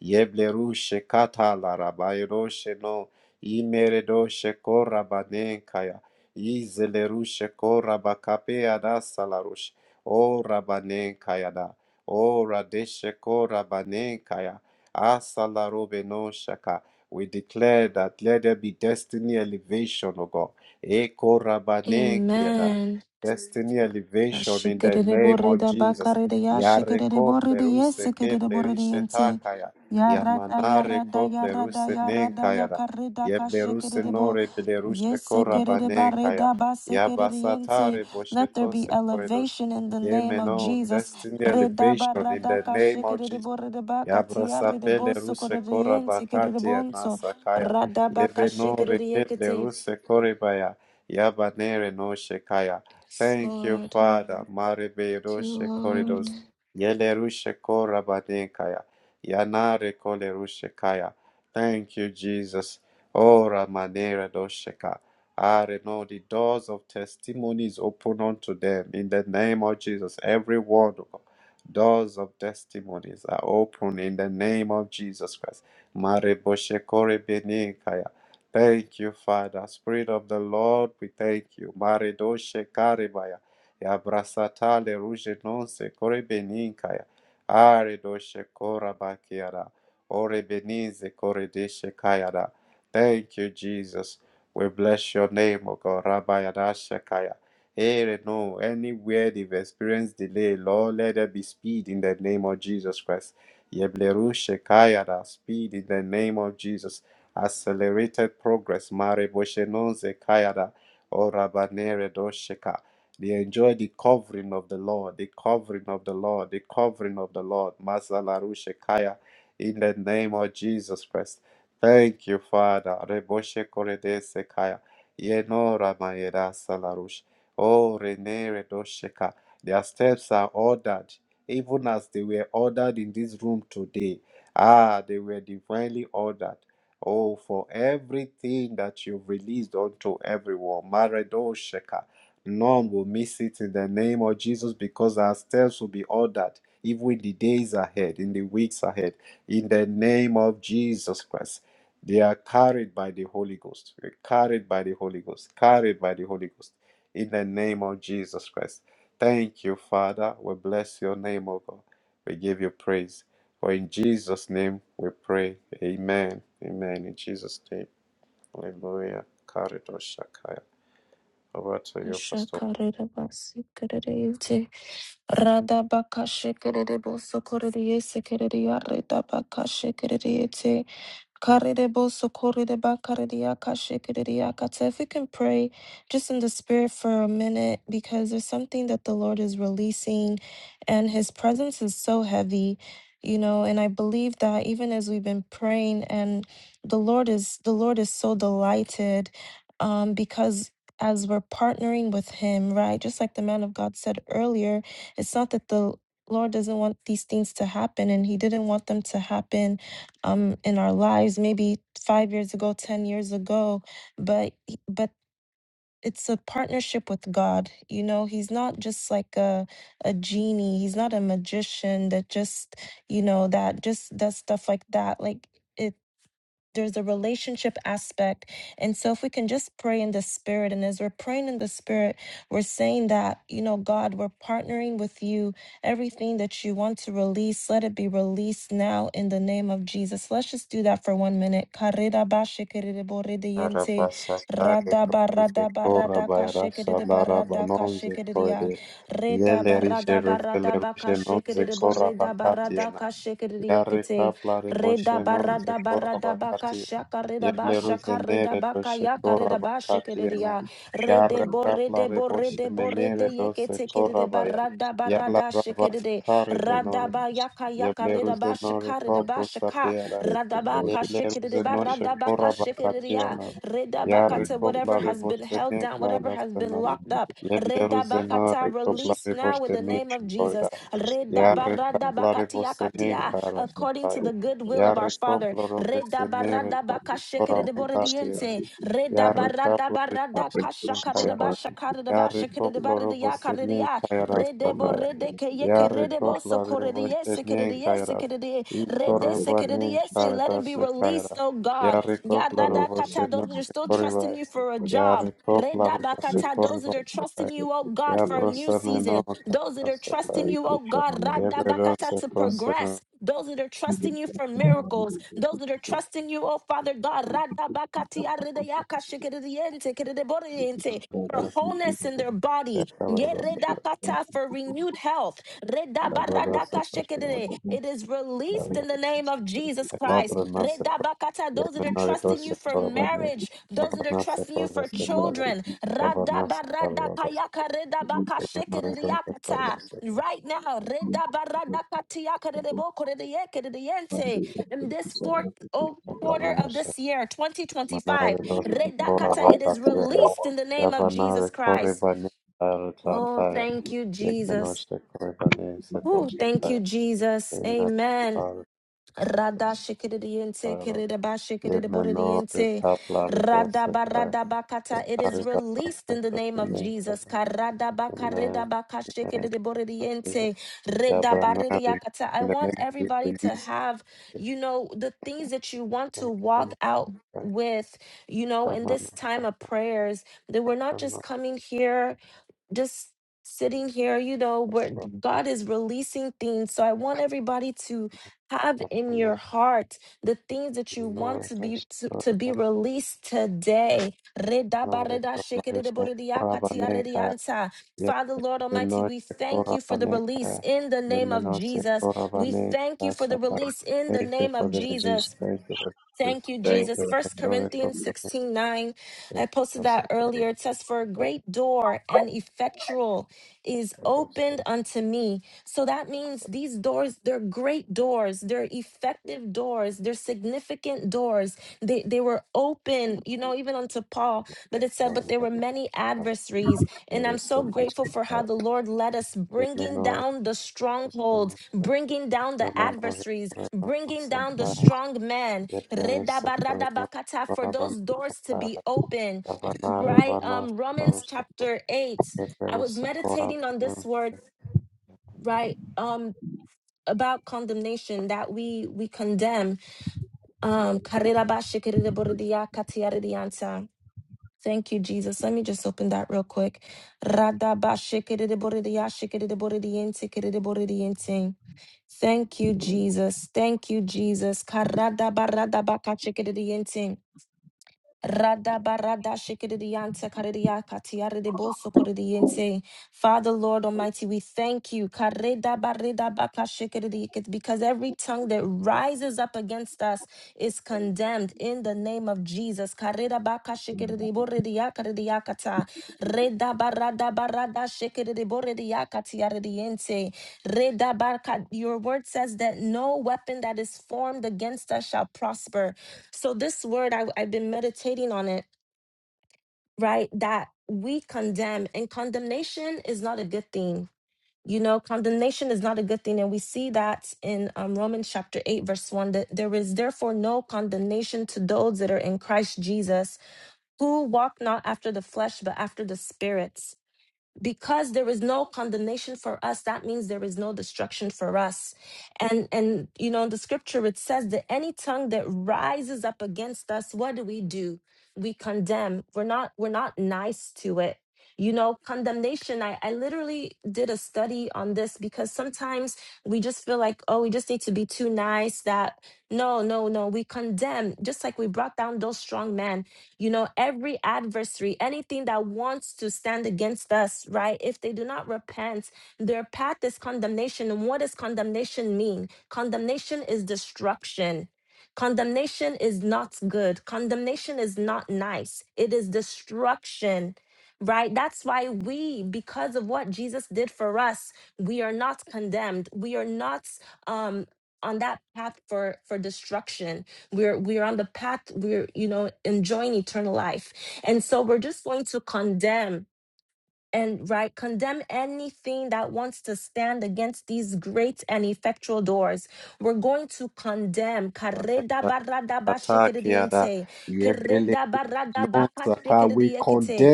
Yebleru shekata larabayro sheno imeredo shekora banenkaya izeleru shekora bakape ada salarush o rabanenkaya da o radeshekora banenkaya asalarobeno shaka. We declare that let there be destiny elevation, O God. Eko rabanenkaya da.
Amen.
Destiny elevation in the
Shikere
name
borre
of
da
Jesus.
ya shikere
Yareko
borre de yes
pleruse ke plerishe
yente ya rada ya
Yamanare
rada ya
kople
rada
ruse nenkaya da. Yeble ruse
bo
nore bile ruse
yes
kora
shikere de
banenkaya.
yente
Yabasatare
let there be
boshetose koredo.
elevation in the name
Yemen
of
on
Jesus
destiny
reda
elevation in the
barada ka
name of
shikere de
Jesus.
de ba
Yabrasapele ruse kora
yente kere
bakati ya
bonso
nasakaya.
rada
Yeveno
shikere
reketle
yekete
ruse koribaya. Yabanere no shekaya.
Yes,
Thank you,
Lord
Father. Marebe
you
roshe koridos.
Lord
Yele ruse kora banekaya. Yanare kole ruse kaya. Thank you, Jesus. Ora manere dosheka. Are no the doors of testimonies open unto them in the name of Jesus. Every word. Doors of testimonies are open in the name of Jesus Christ. Mareboshekore benekaya. Thank you, Father. Spirit of the Lord, we thank you. Maredoshe karibaya. Yabrasatale ruje nonse kore beninkaya. Aredoshe kora bakiara. Ore benize kore deshe kayara. Thank you, Jesus. We bless your name, O God. Rabbi Hey, no, anywhere they've experienced delay, Lord, let there be speed in the name of Jesus Christ. Yebleru Shekayada, speed in the name of Jesus. Accelerated progress, Mare Boshenonze Kayada, Orabanere Dosheka. They enjoy the covering of the Lord, the covering of the Lord, the covering of the Lord, Mazalaru Shekaya, in the name of Jesus Christ. Thank you, Father. Reboshe Korede Sekaya. Yenora mayera Oh, Rene Redosheka, their steps are ordered, even as they were ordered in this room today. Ah, they were divinely ordered. Oh, for everything that you've released unto everyone. Maredosheka. None will miss it in the name of Jesus because our steps will be ordered even in the days ahead, in the weeks ahead, in the name of Jesus Christ. They are carried by the Holy Ghost. We're carried by the Holy Ghost. Carried by the Holy Ghost in the name of Jesus Christ. Thank you, Father. We bless your name, O God. We give you praise. For in Jesus' name we pray. Amen. Amen. In Jesus' name. Hallelujah. Karidosha Shakaya. Over to you, Pastor.
Ashakarirabasikereyete. Radabakashikerebosokoreyese kereyareta bakashikereyete. Karerebo sokorereba karereyaka shekereyaka. So if we can pray just in the spirit for a minute, because there's something that the Lord is releasing, and His presence is so heavy, you know. And I believe that even as we've been praying, and the Lord is the Lord is so delighted, um, because as we're partnering with Him, right? Just like the man of God said earlier, it's not that the Lord doesn't want these things to happen, and He didn't want them to happen um in our lives maybe 5 years ago 10 years ago but he- but it's a partnership with God you know he's not just like a a genie he's not a magician that just you know that just does stuff like that like it there's a relationship aspect and so if we can just pray in the spirit and as we're praying in the spirit we're saying that you know God we're partnering with you Everything that you want to release, let it be released now in the name of Jesus. Let's just do that for one minute. Karirabashikiririboridiente,
Arabasatare propose cora bairasa laraba nonze corede.
radabaradabaradarkashikiridibaradakashikiridia,
Yele rige revele ruge nonze cora bacatiana. Yare
redabaradabaradarabakashikiriboridabaradakashikiridiekete,
capla revoce nonze cora bacatia. Yeble ruze nere doce cora bacatiana.
redabaradabaradarabakashakaridabashakaridabakayakaridabashikiridia,
Yare capla revoce menere doce
redeborediboredeboredeyekete
cora
shikiri
baia.
barada
Yala
barada shikiri
rabasatare venore.
radaba yaka yaka
Yeble
rida
ruze
ba
nore
shikari da ba
copro
shika radabaka shikiri
Yeleruzenoshe
baradabaka shikiri ya
korabakatiana.
redaba
Yare
kata whatever
koplare
has been held
bosene
down whatever has been
kairasana.
locked up redaba
Yebleruzena
kata release
rekoplare
now in the
bosene
name of
koida.
Jesus
Yare kaplare
redabaradabakati
Thank
bosene
yakati ya, according to
kairasaya.
the good will of our
Yare
Father
koplare bosene
redabaradabaka shikiri
korabakatiana.
borediente
Yare kaplare bosene kaira.
redabaradabaka
Yare koplare bosene
Redebo
kairasana.
redeke yeke
Yare
redebo
koplare
sokorediese kerediese
bosene
keredi redese
Ikorbani
kerediese. Let it be
karadasa kaira.
released, oh God.
Yarikopla
Yadada
rabose
kata those that are
neke
still trusting you for a job.
Yarikopla rabose
Redabakata those that
koribai.
are trusting you, oh God, for a new
Yabrosane no
season. Those that are
karadasa
trusting
kaira.
you, oh God, radabakata
Yeberose
to
kosane
progress. Those that are trusting you for miracles, those that are trusting you, oh Father God, radabakati aredeyaka shikerediente keredeboriente for
kaira.
wholeness in
you.
their body. Ye
Yakaradasa
Thank
kaira.
redakata For renewed health.
Yabaradasa
Redabaradaka shekedere. It is released in
kaira.
the name of Jesus Christ.
Yakabranasa kaira.
Redabakata, Those that are trusting
Yamenoidose
you for
korabani.
marriage, those that are
Yabanasa
trusting you for
koradasa kaira.
children.
Yabanasa kaira.
Radabaradakayaka redabaka
Yamenoidose
shekederiakata.
koradasa
Right now, redabaradakatiakaderebokorediekederiente. in this fourth oh, quarter of
kaira.
this year, 2025,
Manave dos kora
Redakata, it is
bakatiana.
released in the name of
Yabanave
Jesus
kore
Christ.
bane
Oh,
arjataya.
thank you, Jesus.
Yekenoshe kore bane
Oh,
sedoshe
thank you,
kaya.
Jesus.
Ina
Amen.
kare
Rada
dos
shikiridiente,
kaya.
kiridaba
Yemeno
shikiridiboridiente,
retapla redose
radaba
kaya.
radabakata. It is
Ekare
released
banase
in the name of
kashine
Jesus.
kaya.
Karadaba
Amen.
karidabaka
Amen. Jesus.
shikiridiboridiente,
Yabanave.
redabaridiakata. I
In the name
want
of Jesus,
everybody to
release.
have, you know, the things that you want to
Amen.
walk
Amen.
out with, you know, in
Amen.
this time
Amen.
of prayers, that we're not just coming here just sitting here, you know, where God is releasing things. So I want everybody to have in your heart the things that you want to
Amen.
be to, to
Amen.
be released today. Reda
Nore caparese corabaneca, yete
Father, Lord Almighty, we
noche
thank you for the
corabaneca,
release in the name of
yemenose
Jesus. We thank you
corabaneca
for the
sata.
release in the
Thank you
name of
for the release.
Jesus.
Thank you for the
Thank
release.
you, Jesus. First
Yekatore
Corinthians
coparese
16 nine. I posted that earlier. It
corabaneca,
says, For a great door and effectual is
yete
opened unto me. So that means these doors, they're great doors, they're effective doors, they're significant doors. They they were open, you know, even unto Paul. But it said, But there were
corabaneca,
many adversaries. And I'm so
yerese
grateful for how
tushika.
the Lord led us, bringing
Yemenore
down the strongholds,
corabaneca,
bringing down the
yemenore
adversaries,
corabaneca
bringing down the
sata.
strong man,
Yaterese prema
Redabaradabakata, for
prabana
those doors to be
kara
open
yavanare
right
vana
um romans
saruse
chapter 8 i was
yaterese
meditating on this
korabana.
word right um about condemnation that we we condemn um karirabashikiriboridiakatiaridianta. thank you jesus let me just open that real quick Radabashikiriboridiashikiriboridientikiridiboridiente. thank you jesus thank you jesus Karadabakachikiridiente. Rada barada shikidiyanta karidiya katiyari de boso koridiyente. Father, Lord Almighty, we thank you. Kareda barida baka shikidiyikit, Because every tongue that rises up against us is condemned in the name of Jesus. Kareda baka shikidiyiboridiya karidiyakata. Reda barada barada shikidiyiboridiya katiyaridiyente. Reda barka- Your word says that no weapon that is formed against us shall prosper. So, this word, I, I've been meditating on it, right? That we condemn, and condemnation is not a good thing. You know, condemnation is not a good thing. And we see that in um, Romans chapter 8, verse 1 that there is therefore no condemnation to those that are in Christ Jesus, who walk not after the flesh, but after the Spirit because there is no condemnation for us that means there is no destruction for us and and you know in the scripture it says that any tongue that rises up against us what do we do we condemn we're not we're not nice to it you know condemnation i i literally did a study on this because sometimes we just feel like oh we just need to be too nice that no no no we condemn just like we brought down those strong men you know, every adversary, anything that wants to stand against us, right? If they do not repent, their path is condemnation. And what does condemnation mean? Condemnation is destruction. Condemnation is not good. Condemnation is not nice. It is destruction, right? That's why we, because of what Jesus did for us, we are not condemned. We are not um, on that path for for destruction we're we're on the path we're you know enjoying eternal life and so we're just going to condemn and right condemn anything that wants to stand against these great and effectual doors we're going to condemn Kareda barada ba
Yataki yada.
shikiridiente, kereda barada baka
Uh, We
shikiridiekete.
condemn.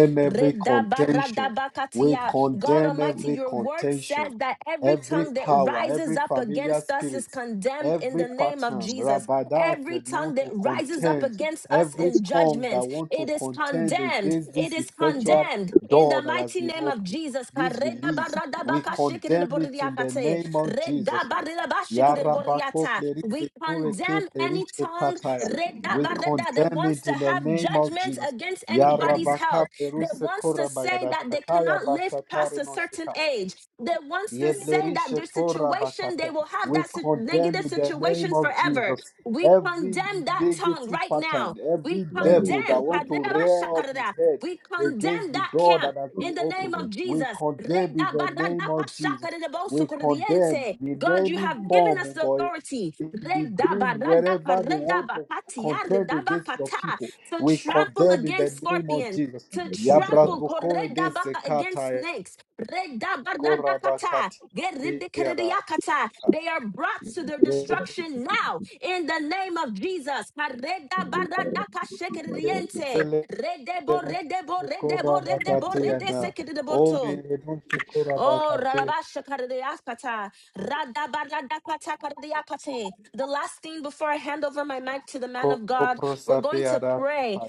We
Redabaradabakatia. God
condemn
Almighty,
every
your word says
contention,
that every
every
tongue that
power,
rises
every
up
familiar
against us
spirit,
is condemned in the
every
name of
pattern,
Jesus.
rabadas
Every
that
tongue
want
that
to
rises up
contend,
against us
every
in
tongue that
judgment,
want to
it is
contend
condemned.
against
It
this
is
effectual
condemned in the
door that has
mighty
been
name of
opened.
Jesus.
This release, we condemn it in the
Karedabaradabakashikidiboridiakate.
name of Jesus Christ. Yarabako
Redabaridabashikidiboridiata.
plerize
We
noreke
condemn any
plerishe
tongue
kataya. We
redabarada, that
condemn
wants
it
to
in the
have
name of
judgment
Jesus.
against anybody's
Yarabaka
health that
Peruse
wants to say
Korabayada
that they
Shakaya
cannot live past
Bashatari
a
no
certain
Shika.
age, that wants to say that
Yeblerishe
their situation, they
korabakate.
will have
We
that si-
condemn
negative
in the name
situation
of
forever.
Jesus
We
every
condemn that tongue
negative
right now.
pattern,
We
every devil that
condemn,
want to rear up his head
we
against
condemn
the
that
door
camp
that has been
in the name
opened.
of
We
Jesus.
condemn in the name of Jesus. We condemn
Redabaradapashakaredebosokorediente.
in
God, you
any
have given
form,
us
oh
the
God,
authority
in the dream, wherever they want to contend against your
redabaradaparedabakatiaredabakata,
people.
to
We
trample
condemn in the
against
name of
scorpions,
Jesus.
to
Yabras
trample
bokore
koredabaka, against
de
snakes. Redabaradakata,
korabakatiada.
geridikerediakata. They are brought to their
Yebeselebushe
destruction now in the name of Jesus. Karedabaradakashekeriente, redebo, redebo, redebo, redebo,
korabakatiada. Obi
redesekeriboto.
rebushe
Oh,
korabakati
rarabashakaridiakata, radabaradakatakaradiakate. the last thing before I hand over my mic to the man of God, we're going to
koprosapiada.
pray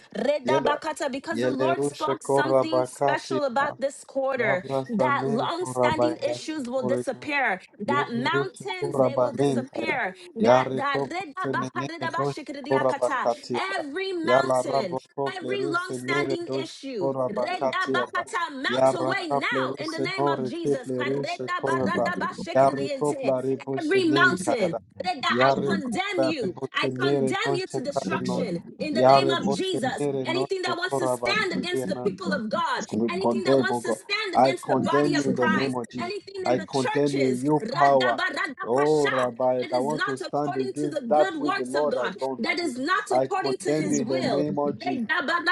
Yela.
redabakata, because the
Yele
Lord
rushe
spoke something special about
korabakatiada.
this quarter that
Yabrasane
long-standing
korabayada.
issues will disappear, that
Yevlerusha
mountains they will
Kurabanintaya.
disappear, that that
Yariko Pusemeneme Dosh
redabakaridabashikaridiakata,
Kurabakatiada.
every
Yala
mountain
Raboko
every
Pleruse Nere
long-standing
Dosh
issue.
Kurabakatiada.
Redabakata, Melt away
Yaraka
now in the
Pleruse
name of
Nore
Jesus.
Tiplerusha Kuraba. Yariko
Karedabaradabashikiridiente.
Plarebusha
Every mountain.
Ninkayada.
Reda, I
Yariko
condemn you. I
Plarebuse Nere
condemn you to
Dosh Karinon.
destruction in the name
Yare
of
Bose
Jesus.
Nere
Anything that
Noche
wants to stand against
Korabakatia,
the people of God,
we
anything that
condemn, oh
wants to
God.
stand
I
against the body
condemn you
of
in the name
Christ,
of Jesus.
anything in
I
the
condemn you,
churches,
you power.
Radabaradapasha,
Oh, Rabbi,
it
I
is
want to
not
stand
according to
against
the
that
good
which the
works of
Lord has
God.
done
That
today.
is not
I
according to
condemn you
his
in the
will.
name of Jesus.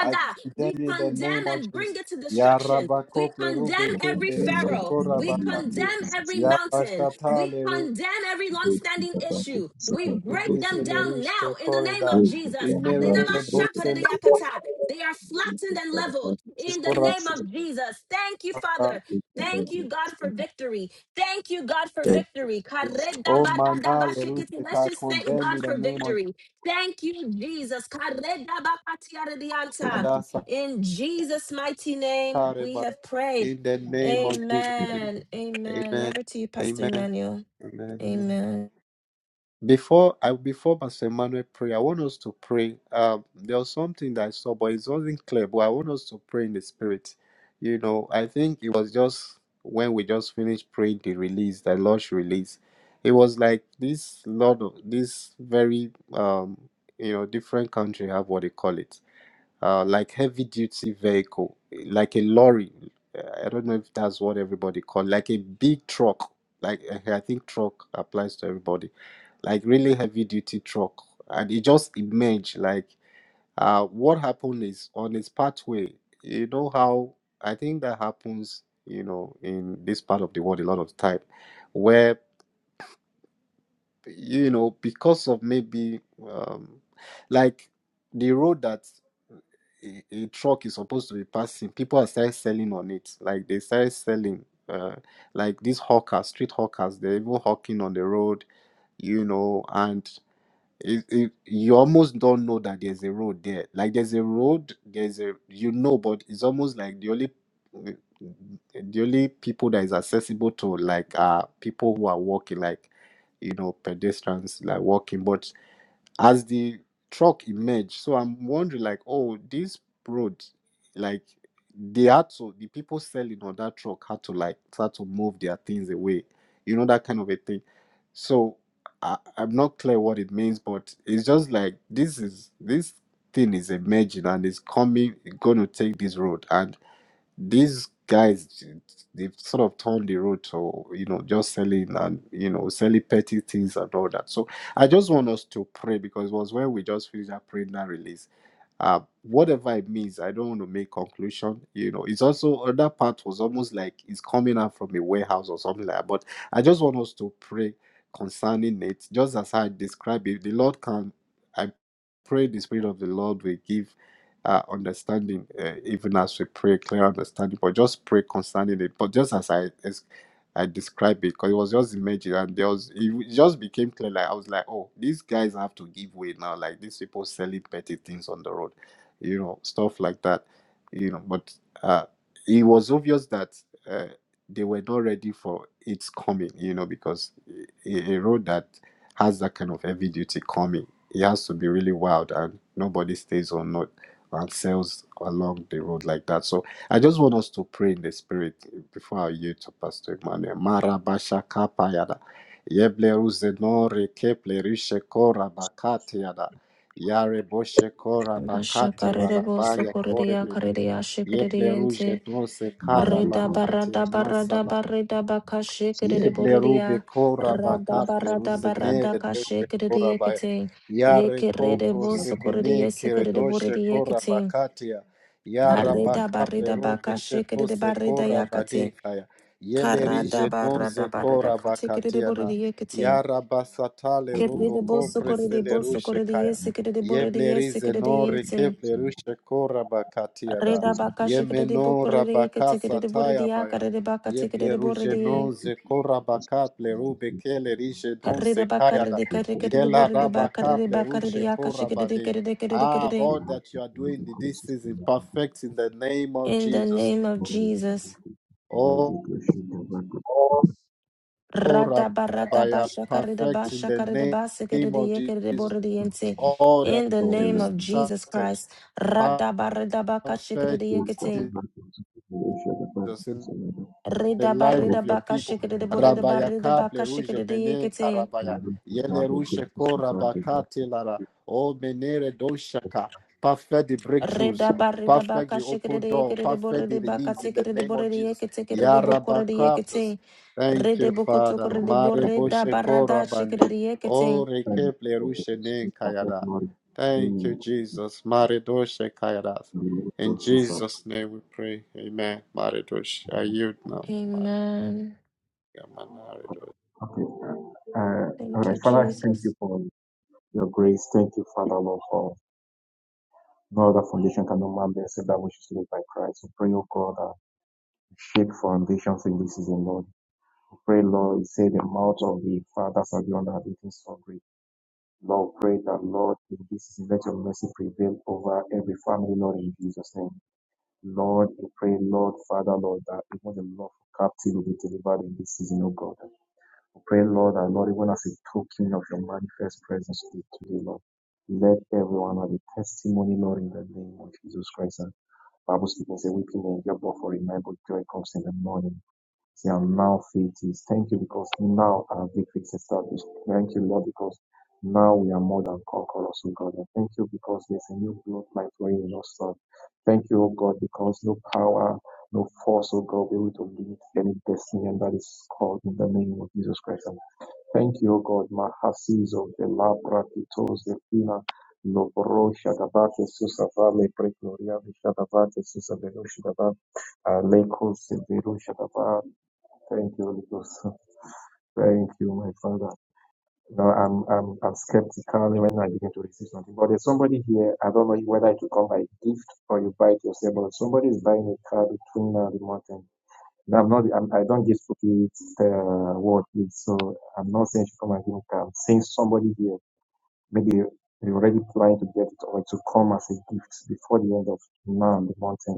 I
We
condemn you in the name
condemn
of
and bring
Jesus.
it to
Ya
destruction.
rabako
We condemn
plerube
every
plerishe
pharaoh. We condemn
korabakate.
every
Ya
mountain.
bashata
We
le
condemn every long-standing issue. We break
rube
them down now in the name of
koreda.
Jesus. They
Imere bose
are flattened and leveled in the
korabakate.
name of Jesus. Thank you, Father. Thank you, God, for victory. Thank you, God, for victory. Let's
Oh, man, I
just thank
condemn you in
God
the
for
name of Jesus.
victory. Thank you, Jesus. Karedabakatiaredianta. In Jesus' mighty name, we have prayed.
In the name of Jesus.
Amen. Amen.
Amen.
Over to you, Pastor
Amen.
Emmanuel.
Amen. Amen.
Amen.
Before I before Pastor Emmanuel pray, I want us to pray. Um, there was something that I saw, but it wasn't clear. But I want us to pray in the spirit. You know, I think it was just when we just finished praying the release, the Lord's release. It was like this lot of this very um you know different country have what they call it vehicle like and it like uh it, Um, like the road that a, a truck is supposed to be passing, people are started selling on it. Like they started selling, uh, like these hawkers, street hawkers, they're even hawking on the road, you know, and it, it, you almost don't know that there's a road there. Like there's a road, there's a, you know, but it's almost like the only, the only people that is accessible to like are people who are walking, like, you know, pedestrians, like walking. But as the truck emerged so i'm wondering like oh this road like they had to the people selling on that truck had to like start to move their things away you know that kind of a thing so I, i'm not clear what it means but it's just like this is this thing is emerging and it's coming going to take this road and these guys they've sort of turned the road to you know just selling and you know selling petty things and all that so i just want us to pray because it was when we just finished that prayer now release uh whatever it means i don't want to make conclusion you know it's also other part was almost like it's coming out from a warehouse or something like that but i just want us to pray concerning it just as i describe it the lord can i pray the spirit of the lord will give uh, understanding, uh, even as we pray, clear understanding, but just pray concerning it. But just as I as I described it, because it was just imagine, and there was it just became clear. Like I was like, oh, these guys have to give way now. Like these people selling petty things on the road, you know, stuff like that, you know. But uh, it was obvious that uh, they were not ready for its coming, you know, because a, a road that has that kind of heavy duty coming, it has to be really wild, and nobody stays on it and cells along the road like that. So I just want us to pray in the spirit before I yield to Pastor Emmanuel. Marabasha kapayada. Yebleru zenore keplerishe kora bakate yada. Yare boshe kora bakate
Shakarebo
larabaya kore
sokoreya
beli.
kareya
Yebleru
shikeriente
jedose kara
reda barada barada
bakate
barada baka shikerede
Yebleru bekora
rada
baka pleru
barada barada
zenere
ka
doshe
shikerede
kora baya.
yekete
Yare ko
yekerede bo sokorede
prosemene kere doshe kora bakatia. Yara
Karida
baka
barida
pleru
baka shikida
besheto
de
se
barida
kora
yakati.
badekaya. Yeleri
Karada
jenon ze
barada barida
kora
katikida de borida
bakatiana.
yakati.
Yara basatale robo
Kirida
ko
bosu korida
preseleru
bosu korida
shekaya.
yesikida de borida
Yebleri
yesikida de
zenore ke
yentim.
pleru shekora bakatiada.
Rida baka shikida de
Yemeno
bokorida
rabaka
yakatikida de borida
sataya baya.
yakada de baka tikida
Yeble
de borida
ruje non
ye.
ze korabaka pleru bekele rije don se
Karida baka
kayada.
de karikida de
Yela
borida baka
rabaka
de
pleru
baka de
she
yaka de
korabade.
kida de kida de kida
Ah,
de.
all that you are doing in this season, perfect in the name of
In the
Jesus.
name of Jesus.
Oh, Rabaya, perfect in the name name of Jesus.
Radabaradabashakaridabashakaridabasikiridiyekiridiboridiyente.
All that
In the
you
name of Jesus
started,
Christ.
perfect
Radabaridabakashikiridiyekiting.
Jesus. in the life of your people. Rabaya kaple ruje mene
Ridabaridabakashikiridiboridabaridabakishikiridiyekiting.
karabaya. Yele ruje
you.
korabakate lara. O menere doshaka. Perfect the breakthroughs. Perfect the open door. Perfect the release in the name of Jesus. Ya rabakapos.
Ridabaridabakashikiridiyekiridiboridibakitikiridiboridiyekitikiridibokoridiyekiting.
Thank you, Father. Mare boshe korabane. O
Ridibokotokoridiboridabara-
And
rekeple
uh,
ruje nen
perfect
kayada.
knowledge
Thank you,
in
Jesus. Mare doshe kayada.
the
In
process of
Jesus' name we pray. Amen. Maridosh, I yield now.
Amen.
okay. Uh, uh, all
Thank
right,
you,
Father, I thank
Jesus.
you for your grace. Thank you, Father, Lord, for no other foundation can no man build except that which is laid by Christ. We pray, O God, that shape foundations in this season, Lord. We pray, Lord, you say the mouth of the fathers are beyond our beating so great. Lord, we pray that, Lord, in this season, let your mercy prevail over every family, Lord, in Jesus' name. Lord, we pray, Lord, Father, Lord, that even the love of captive will be delivered in this season, O God. I Pray, Lord, our Lord, even as a token of your manifest presence with you today, Lord. Let everyone have a testimony, Lord, in the name of Jesus Christ. And Bible speaking, say, weeping may endure but for a night, but joy comes in the morning. Say, and now faith is. Thank you because now our victory is established. Thank you, Lord, because now we are more than conquerors, O God. And thank you because there's a new bloodline flowing in us, Lord. Thank you, O God, because no power, no force, O God, will be able to limit any destiny, and that is called in the name of Jesus Christ. Thank you, O God. Mahasizo velabra kitos vina novoro shadavate susavale pregloriavi shadavate susaveru shadavat aleko severu shadavat. Thank you, Holy Ghost. Thank you, my Father. No, I'm, I'm, I'm skeptical when I begin to receive something. But there's somebody here, I don't know whether it will come by gift or you buy it yourself, but somebody is buying a car between now and the mountain. No, I'm not. I'm, I don't give cookies uh, word, So I'm not saying she come and give me card. I'm saying somebody here maybe they already planning to get it or to come as a gift before the end of now and the mountain.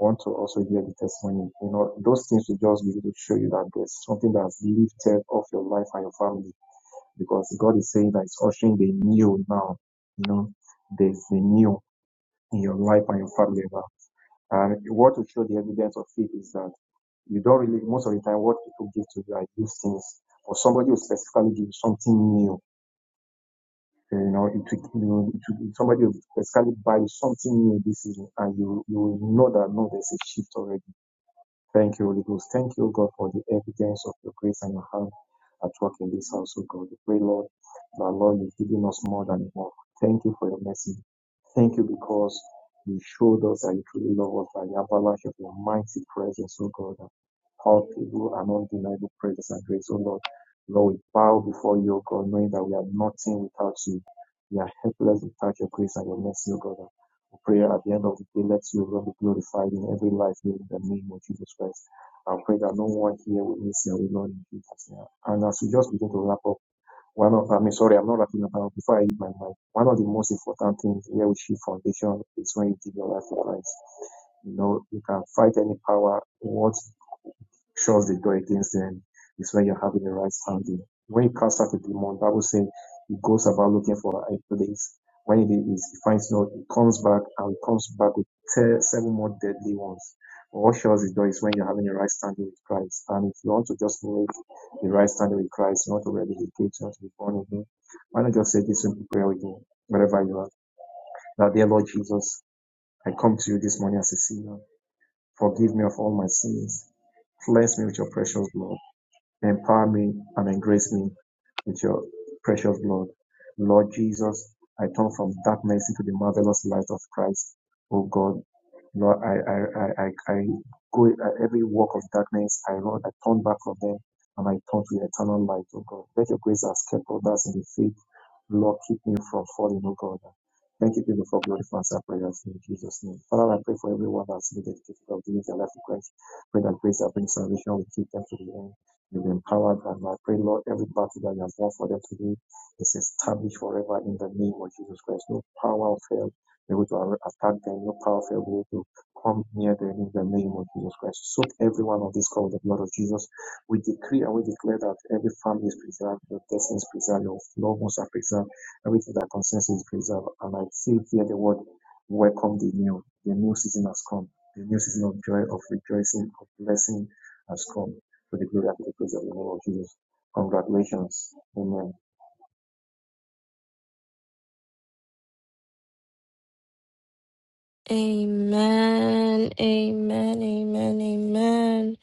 I want to also hear the testimony. You know, those things will just be able to show you that there's something that's lifted off your life and your family because God is saying that it's ushering the new now. You know, there's the new in your life and your family now. And what will show the evidence of it is that you don't really, most of the time, what people give to you are used things, or somebody will specifically give you something new. You know, it, you know it, somebody will specifically buy something new this season, and you you will know that no, there's a shift already Thank you, Holy Ghost. Thank you, God, for the evidence of your grace and your hand at work in this house, oh God. We pray, Lord, that Lord, you've given us more than enough. Thank you for your mercy. Thank you because you showed us that you truly love us by the avalanche of your mighty presence, oh God. and All people and undeniable presence and grace, oh Lord. Lord, we bow before you, oh God, knowing that we are nothing without you. We are helpless without your grace and your mercy, oh God prayer at the end of the day, let your name be glorified in every life here in the name of Jesus Christ. I pray that no one here will miss your Lord in Jesus' name. And as we just begin to wrap up, one of, I mean, sorry, I'm not wrapping up, but before I leave my mind, one of the most important things here with Shield Foundation is when you give your life to Christ. You know, you can fight any power, What Shows the door against them is when you're having the right standing. When you cast out a demon, Bible says he goes about looking for a place. When it is, he finds not, he comes back and comes back with te- seven more deadly ones. What shows the door is when you're having the right standing with Christ. And if you want to just make the right standing with Christ, you want to rededicate, you want to be born again, why not just say this simple prayer with me, wherever you are. Now, dear Lord Jesus, I come to you this morning as a sinner. Forgive me of all my sins. Cleanse me with your precious blood. Empower me and embrace me with your precious blood. Lord Jesus, I turn from darkness into the marvelous light of Christ. Oh God, Lord, I, I, I, I, I go at every walk of darkness. I, Lord, I turn back from them and I turn to eternal light. Oh God, let your grace escape us in the faith Lord, keep me from falling, oh God. Thank you, people, for glorifying our prayers in Jesus' name. Father, I pray for everyone that's been dedicated of giving their life to Christ. Pray that grace that brings salvation will keep them to the end. You'll be empowered, and I pray, Lord, every battle that you have won for them today is established forever in the name of Jesus Christ. No power of hell be able to attack them, no power of hell be able to come near them in the name of Jesus Christ. Soak every one of these call with the blood of Jesus. We decree and we declare that every family is preserved, your destiny is preserved, your loved ones are preserved, everything that concerns you is preserved. And I still hear the word, welcome the new. The new season has come. The new season of joy, of rejoicing, of blessing has come. for the glory and the praise of the name of Jesus. Congratulations. Amen.
Amen, amen, amen, amen.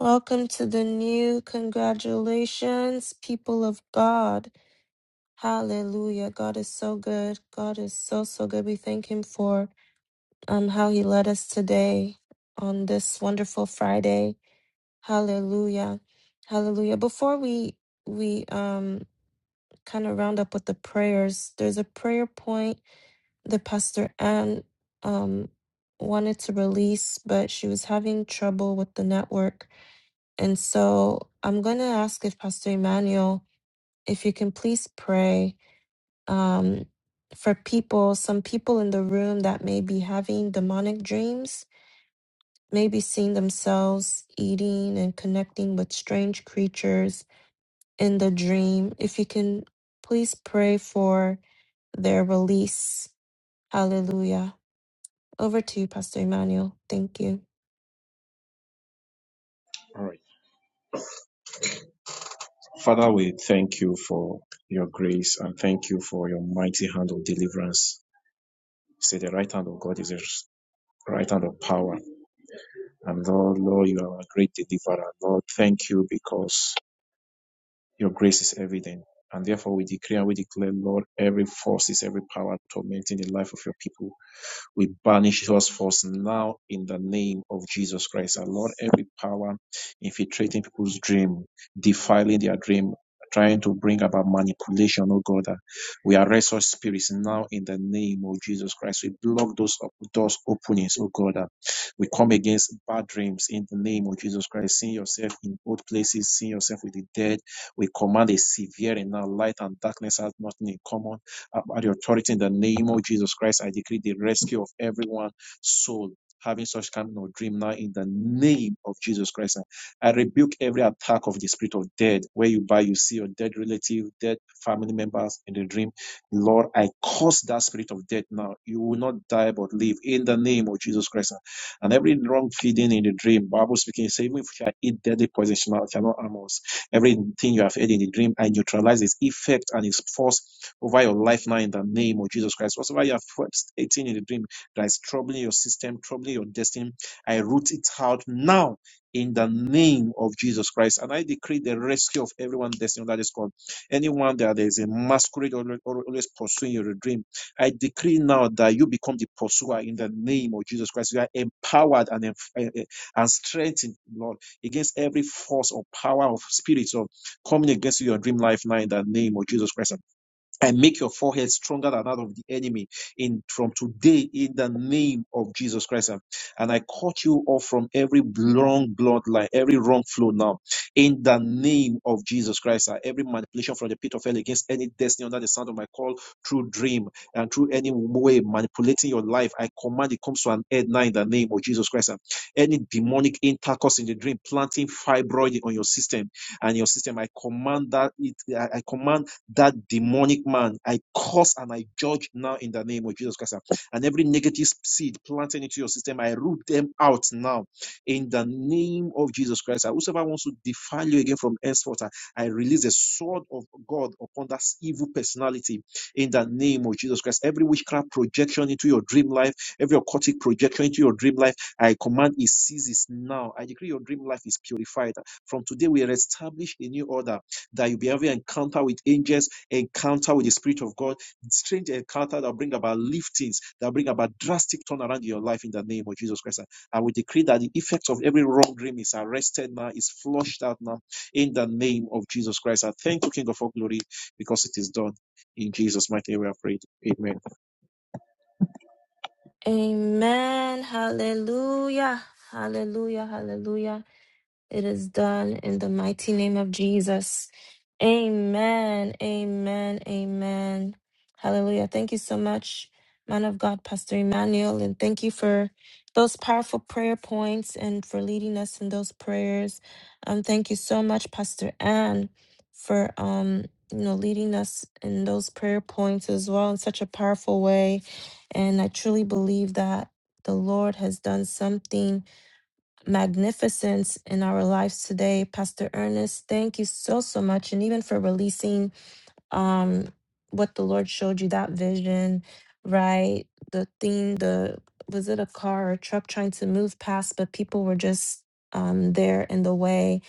Welcome to the new congratulations, people of God. Hallelujah. God is so good. God is so, so good. We thank Him for um, how He led us today on this wonderful Friday. Hallelujah. Hallelujah. Before we, we, um, kind of round up with the prayers, there's a prayer point the pastor Anne um, wanted to release, but she was having trouble with the network. And so I'm going to ask if Pastor Emmanuel, if you can please pray um, for people, some people in the room that may be having demonic dreams, maybe seeing themselves eating and connecting with strange creatures in the dream. If you can please pray for their release. Hallelujah. Over to you, Pastor Emmanuel. Thank you.
All right. Father, we thank you for your grace and thank you for your mighty hand of deliverance. Say the right hand of God is a right hand of power And Lord, Lord, you are a great deliverer. Lord, thank you because your grace is evident. And therefore we decree and we declare, Lord, every forces, every power tormenting the life of your people. We banish those forces now in the name of Jesus Christ. Our Lord, every power infiltrating people's dream, defiling their dream, trying to bring about manipulation, oh God. uh, We arrest all spirits now in the name of Jesus Christ. We block those op- doors openings, oh God. uh, we come against bad dreams in the name of Jesus Christ. Seeing yourself in old places, seeing yourself with the dead. We command a severe and now light and darkness has nothing in common uh, by the authority in the name of Jesus Christ, I decree the rescue of everyone soul having such kind of dream now in the name of Jesus Christ. I rebuke every attack of the spirit of death, where you buy, you see your dead relative, dead family members in the dream. Lord, I curse that spirit of death now. You will not die but live in the name of Jesus Christ. And every wrong feeding in the dream, Bible speaking, say, even if you eat deadly poison, it cannot harm us. Everything you have heard in the dream, I neutralize its effect and its force over your life now in the name of Jesus Christ. whatsoever you have stating in the dream that is troubling your system, troubling your destiny, I root it out now in the name of Jesus Christ. And I decree the rescue of everyone destined that is called Anyone that there is a masquerade always always pursuing your dream, I decree now that you become the pursuer in the name of Jesus Christ. You are empowered and, eh, eh, and strengthened, Lord against every force or power of spirits of coming against your dream life now in the name of Jesus Christ and make your forehead stronger than that of the enemy in from today in the name of Jesus Christ. And and I cut you off from every wrong bloodline, every wrong flow now in the name of Jesus Christ. And Every manipulation from the pit of hell against any destiny under the sound of my call through dream and through any way manipulating your life, I command it comes to an end now in the name of Jesus Christ. And Any demonic intercourse in the dream, planting fibroid on your system and your system, I command that it, I I command that demonic man. I curse and I judge now in the name of Jesus Christ. And every negative seed planted into your system, I root them out now in the name of Jesus Christ. And Whosoever wants to defile you again from henceforth, I I release the sword of God upon that evil personality in the name of Jesus Christ. Every witchcraft projection into your dream life, every occultic projection into your dream life, I command it ceases now. I decree your dream life is purified. From today, we establish a new order that you'll be having an encounter with angels, encounter with the Spirit of God, strange encounter that bring about liftings, that bring about drastic turnaround in your life in the name of Jesus Christ. And we decree that the effects of every wrong dream is arrested now, is flushed out now in the name of Jesus Christ. I thank you, King of all glory, because it is done. In Jesus' mighty name, we have prayed. Amen.
Amen. Hallelujah. Hallelujah. Hallelujah. It is done in the mighty name of Jesus. Amen. Amen. Amen. Hallelujah. Thank you so much, man of God, Pastor Emmanuel. And thank you for those powerful prayer points and for leading us in those prayers. Um, thank you so much, Pastor Ann, for um, you know, leading us in those prayer points as well in such a powerful way. And I truly believe that the Lord has done something magnificence in our lives today. Pastor Ernest, thank you so, so much. And even for releasing um, what the Lord showed you, that vision, right? The thing, the was it a car or a truck trying to move past, but people were just um, there in the way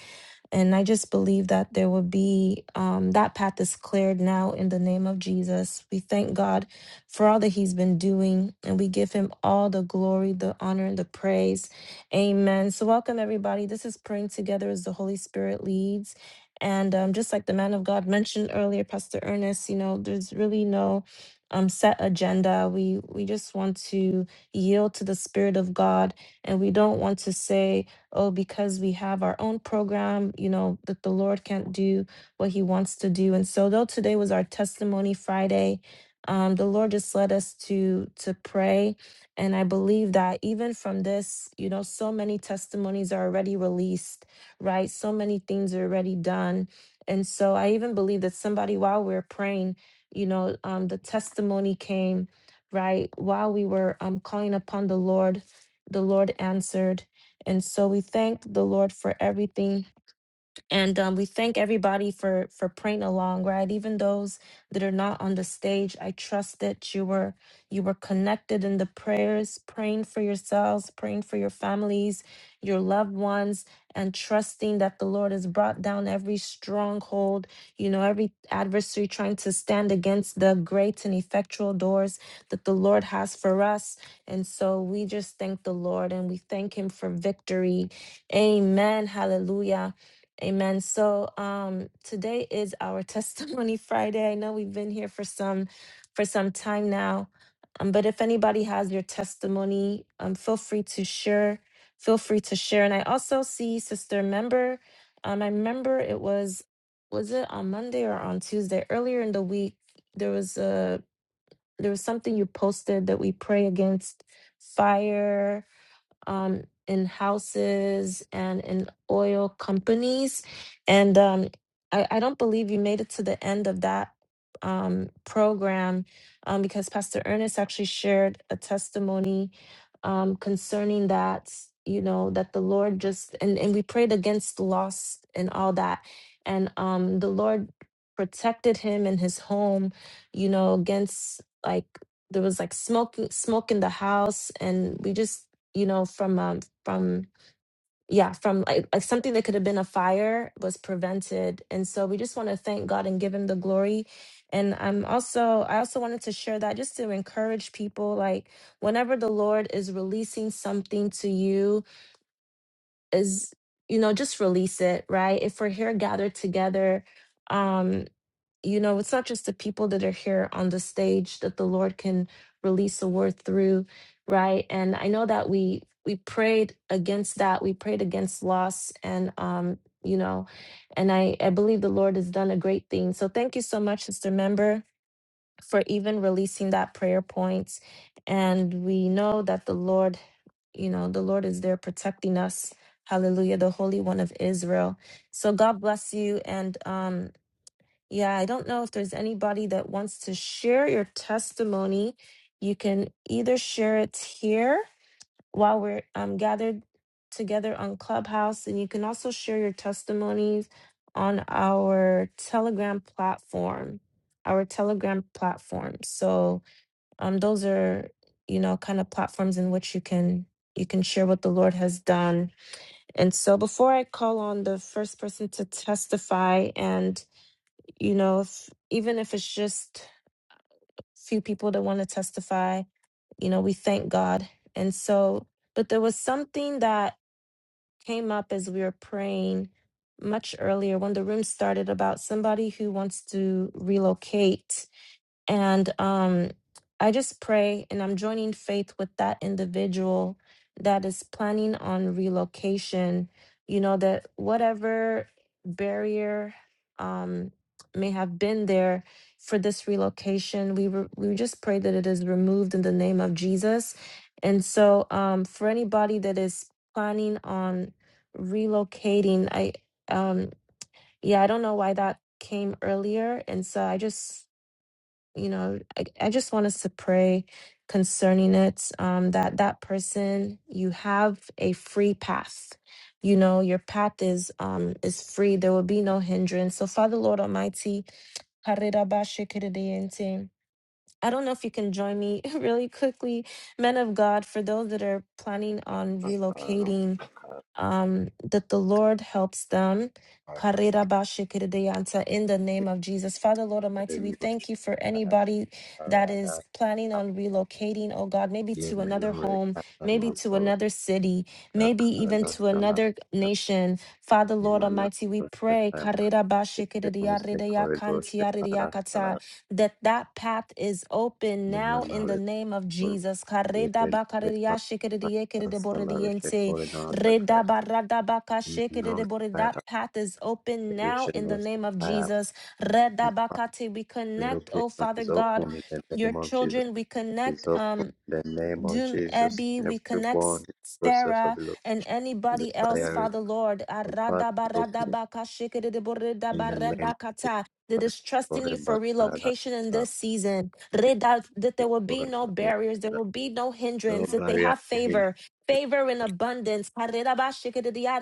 and I just believe that there will be um, that path is cleared now in the name of Jesus. We thank God for all that He's been doing, and we give Him all the glory, the honor, and the praise. Amen. So, welcome everybody. This is Praying Together as the Holy Spirit leads. And um, just like the man of God mentioned earlier, Pastor Ernest, you know, there's really no um, set agenda. We we just want to yield to the Spirit of God, and we don't want to say oh, because we have our own program, you know, that the Lord can't do what he wants to do. And so though today was our testimony Friday, um, the Lord just led us to to pray. And I believe that even from this, you know, so many testimonies are already released, right? So many things are already done. And so I even believe that somebody while we are praying, you know, um, the testimony came, right? While we were um calling upon the Lord, the Lord answered and so we thank the Lord for everything and um, we thank everybody for for praying along right even those that are not on the stage i trust that you were you were connected in the prayers praying for yourselves praying for your families your loved ones and trusting that the lord has brought down every stronghold you know every adversary trying to stand against the great and effectual doors that the lord has for us and so we just thank the lord and we thank him for victory amen hallelujah Amen. So um today is our testimony Friday. I know we've been here for some for some time now. Um, but if anybody has your testimony, um feel free to share. Feel free to share. And I also see Sister Member. Um, I remember it was was it on Monday or on Tuesday earlier in the week, there was a there was something you posted that we pray against fire um, in houses and in oil companies. And um, I, I don't believe you made it to the end of that um, program um, because Pastor Ernest actually shared a testimony um, concerning that, you know, that the Lord just, and, and we prayed against loss and all that. And um, the Lord protected him and his home, you know, against like, there was like smoking smoke in the house and we just you know from um from yeah from like, like something that could have been a fire was prevented and so we just want to thank god and give him the glory and i'm also i also wanted to share that just to encourage people like whenever the lord is releasing something to you is you know just release it right if we're here gathered together um you know, it's not just the people that are here on the stage that the Lord can release a word through, right? And I know that we we prayed against that. We prayed against loss and um, you know, and I I believe the Lord has done a great thing. So thank you so much, Sister Member, for even releasing that prayer point. And we know that the Lord, you know, the Lord is there protecting us. Hallelujah, the Holy One of Israel. So God bless you and um yeah, I don't know if there's anybody that wants to share your testimony. You can either share it here while we're um, gathered together on Clubhouse, and you can also share your testimonies on our Telegram platform. Our Telegram platform. So um, those are you know kind of platforms in which you can you can share what the Lord has done. And so before I call on the first person to testify and you know, if, even if it's just few people that want to testify, you know, we thank God. And so, but there was something that came up as we were praying much earlier when the room started about somebody who wants to relocate and um, I just pray, and I'm joining faith with that individual that is planning on relocation, you know, that whatever barrier um, may have been there for this relocation, we, re- we just pray that it is removed in the name of Jesus. And so um, for anybody that is planning on relocating, I, um, yeah, I don't know why that came earlier. And so I just you know I, I just want us to pray concerning it um that that person you have a free path you know your path is um is free there will be no hindrance so father lord almighty Karirabashikiridiente. I don't know if you can join me really quickly, men of God, for those that are planning on relocating um, that the Lord helps them.
Maridosh.
Karirabashikiridianta, In the name of Jesus. Father, Lord Almighty, we thank you for anybody that is planning on relocating, oh God, maybe to another home, maybe to another city, maybe even to another nation. Father, Lord Almighty, we pray karirabashikiridiaridiakantiaridiakata, that that path is open now in the name of Jesus. Karidabakaririyashikiridiyekiridiboridiente. Redabaradabaka that path is open now in the
Salary,
name of Jesus. Redabakate, we connect,
Relocation
oh Father
is
God,
open in the
your
name of Jesus.
children. We connect.
It's open
um
in the name of
Doom
Jesus.
Abby, we
Everyone in
connect
the process
Stara
of relocation,
and
the
anybody else,
fire is
Father Lord.
the path is open in the name of
Aradabaradabakashikiridiburidabakata, That
Jesus.
is trusting you
Forever,
for
Father,
relocation in
Father,
this season. Reda- That there will be
forever,
no barriers, there
Father.
will be no
No
hindrance, that they
barrier,
have
no hindrance,
favor, favor in
no
abundance.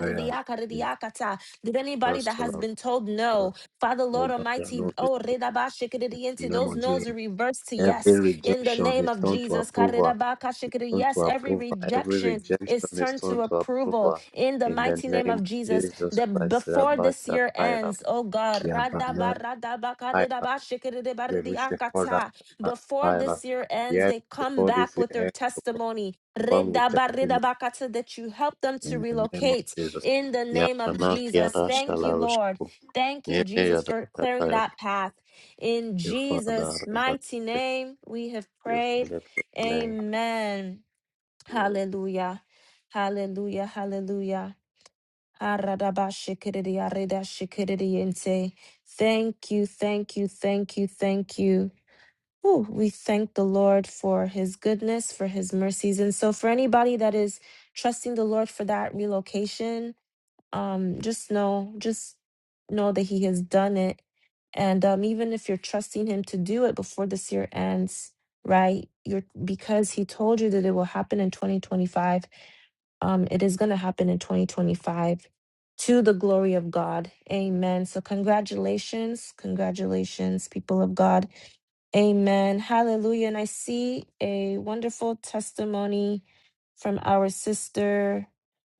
barrier, in
That anybody
us,
that has been told no, Father Lord
no barrier, no
Almighty,
hindrance.
oh,
In
redabashikiridiente,
the name
those
of Jesus.
no's are reversed to yes
Every
in the
rejection
name
is
of
turned to
Jesus.
approval.
Karirabakashikiri.
turned to
Yes, every
approval. Every
rejection
rejection
is
is
turned to
turned to
approval
approval.
in the
In the
mighty name
name
of
of
Jesus.
Jesus
That
Christ,
before
Rabba
this year
Shakaira,
ends, oh God,
Yabana Kaira, Yerusha Koda
radabaradabakarerabashikiribaririakata. before
Kaira.
this year ends,
Yes,
they come
before
back
this year
with their
ends,
testimony.
come with testimony
Redabaridabakata, That you help them to
in the name of
relocate
Jesus.
in the name of
Yabana
Jesus.
Kiara
Thank you, Lord.
Shalarushaku,
Thank you,
Yene
Jesus,
Yada
for clearing
Shakaira.
that path. In
You Father,
Jesus'
Rabba
mighty name, we have prayed.
Yosef, Amen.
Amen. Hallelujah. Hallelujah. Hallelujah. Aradabashikiridi, aridashikiridiente. Thank you, thank you, thank you, thank you. Ooh, we thank the Lord for his goodness, for his mercies. And so, for anybody that is trusting the Lord for that relocation, um just know just know that he has done it and um even if you're trusting him to do it before this year ends right you're because he told you that it will happen in 2025 um it is going to happen in 2025 to the glory of God amen so congratulations congratulations people of God Amen. Hallelujah. And I see a wonderful testimony from our sister,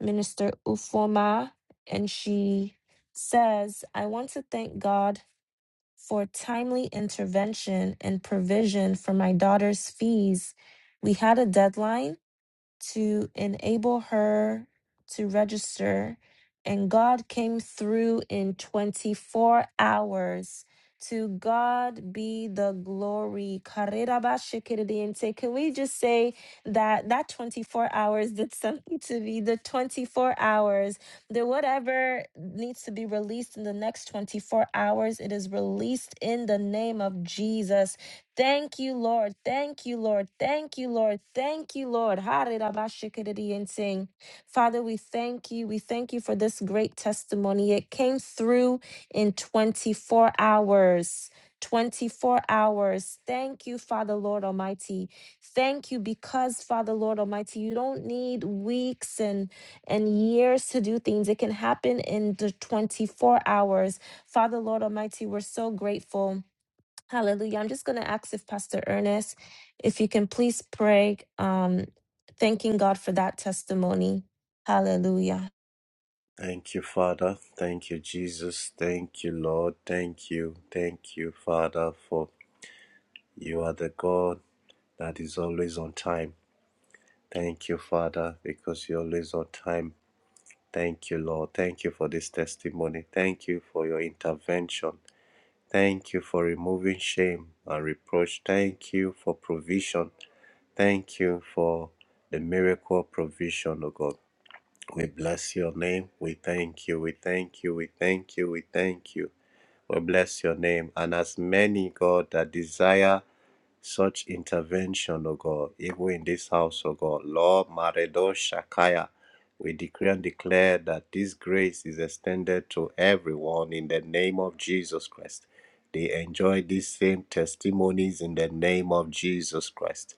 Minister Ufoma. And she says, I want to thank God for timely intervention and provision for my daughter's fees. We had a deadline to enable her to register. And God came through in 24 hours. To God be the glory. Karirabashikiridiyente. Can we just say that that 24 hours did something to me? The 24 hours, that whatever needs to be released in the next 24 hours, it is released in the name of Jesus. Thank you, Lord. Thank you, Lord. Thank you, Lord. Thank you, Lord. Harirabashikiridiyenting. Father, we thank you. We thank you for this great testimony. It came through in 24 hours. 24 hours. Thank you, Father, Lord Almighty. Thank you because, Father, Lord Almighty, you don't need weeks and, and years to do things. It can happen in the 24 hours. Father, Lord Almighty, we're so grateful. Hallelujah. I'm just going to ask if Pastor Ernest, if you can please pray, um, thanking God for that testimony. Hallelujah.
Thank you, thank you, Father, for name and intervention. Higher, next, next,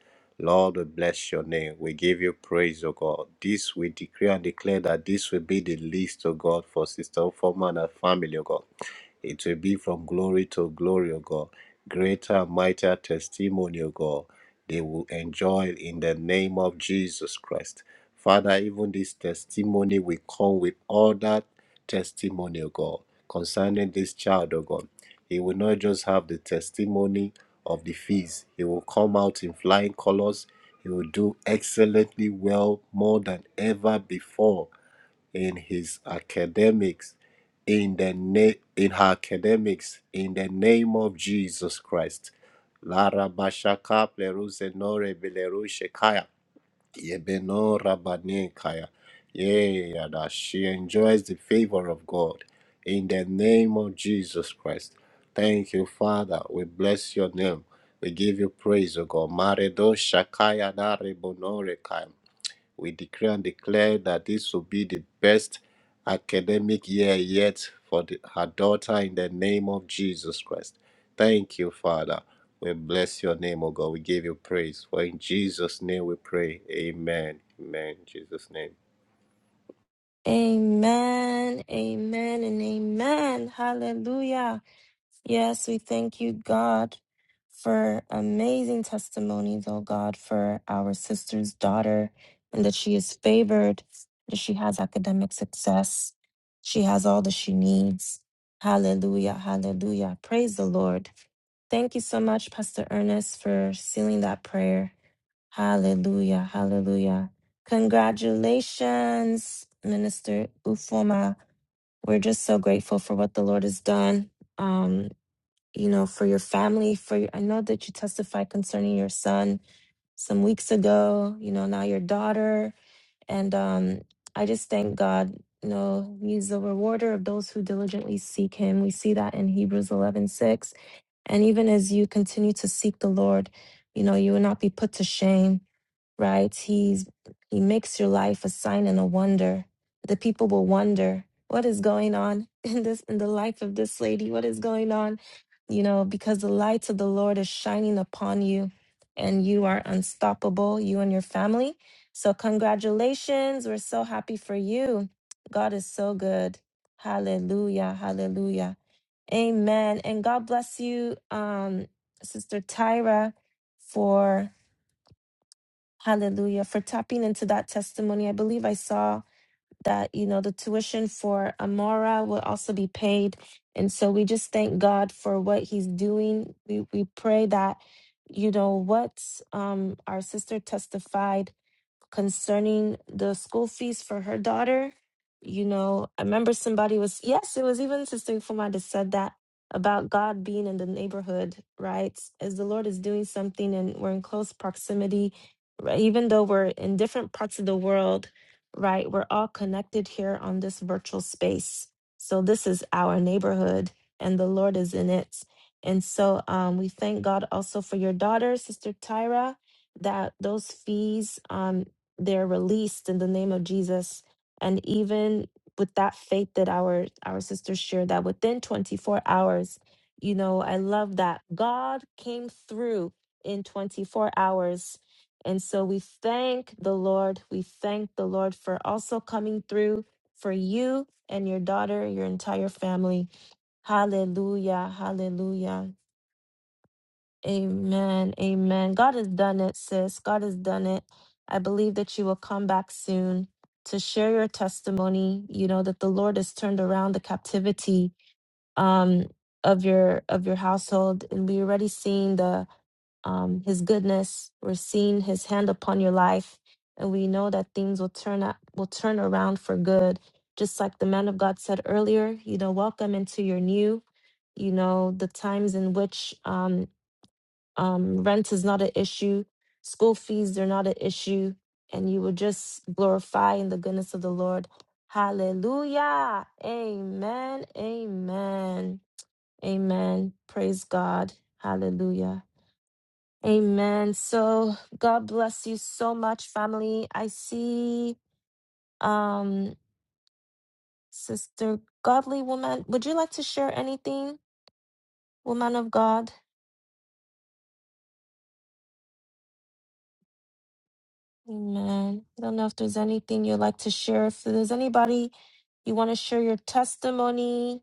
next. was ever before. in his academics in the na- in her academics in the name of Jesus Christ. Lara bashaka pleruse nore belerushe kaya yebeno rabane kaya. Yeah, that she enjoys the favor of God in the name of Jesus Christ. Thank you, Father. We bless your name. We give you praise, O God. Maredo shakaya dare rebonore kaya. We decree and declare that this will be the best academic year yet for the, her daughter in the name of Jesus Christ. Thank you, Father. We bless your name, O God. We give you praise. For in Jesus' name we pray. Amen. Amen. In Jesus' name.
Amen. Amen and amen. Hallelujah. Yes, we thank you, God, for amazing testimonies, oh God, for our sister's daughter, and that she is favored, that she has academic success, she has all that she needs. Hallelujah, hallelujah. Praise the Lord. Thank you so much, Pastor Ernest, for sealing that prayer. Hallelujah, hallelujah. Congratulations, Minister Ufoma. We're just so grateful for what the Lord has done. Um, you know, for your family, for your, I know that you testified concerning your son some weeks ago, you know, now your daughter. And um, I just thank God, you know, he's the rewarder of those who diligently seek him. We see that in Hebrews 11 6. And even as you continue to seek the Lord, you know, you will not be put to shame right? He's he makes your life a sign and a wonder. The people will wonder what is going on in this in the life of this lady. What is going on? You know, because the light of the Lord is shining upon you and you are unstoppable, you and your family. So congratulations. We're so happy for you. God is so good. Hallelujah. Hallelujah. Amen. And God bless you um Sister Tyra for Hallelujah. For tapping into that testimony, I believe I saw that, you know, the tuition for Amora will also be paid. And so we just thank God for what he's doing. We, we pray that, you know, what um, our sister testified concerning the school fees for her daughter. You know, I remember somebody was, yes, it was even Sister Fuma that said that about God being in the neighborhood, right? As the Lord is doing something and we're in close proximity, right? even though we're in different parts of the world, right? We're all connected here on this virtual space. So this is our neighborhood and the Lord is in it. And so um, we thank God also for your daughter, Sister Tyra that those fees. um they're released in the name of Jesus. And even with that faith that our our sisters shared, that within 24 hours, you know, I love that God came through in 24 hours. And so we thank the Lord. We thank the Lord for also coming through for you and your daughter, your entire family. Hallelujah. Hallelujah. Amen. Amen. God has done it, sis. God has done it. I believe that you will come back soon to share your testimony. You know that the Lord has turned around the captivity um, of your of your household, and we already seen the um, His goodness. We're seeing His hand upon your life, and we know that things will turn up will turn around for good. Just like the man of God said earlier, you know, welcome into your new. You know the times in which um, um, rent is not an issue. School fees, they're not an issue. And you will just glorify in the goodness of the Lord. Hallelujah. Amen. Amen. Amen. Praise God. Hallelujah. Amen. So God bless you so much, family. I see um Sister Godly Woman. Would you like to share anything, woman of God? Amen. I don't know if there's anything you'd like to share. If there's anybody you want to share your testimony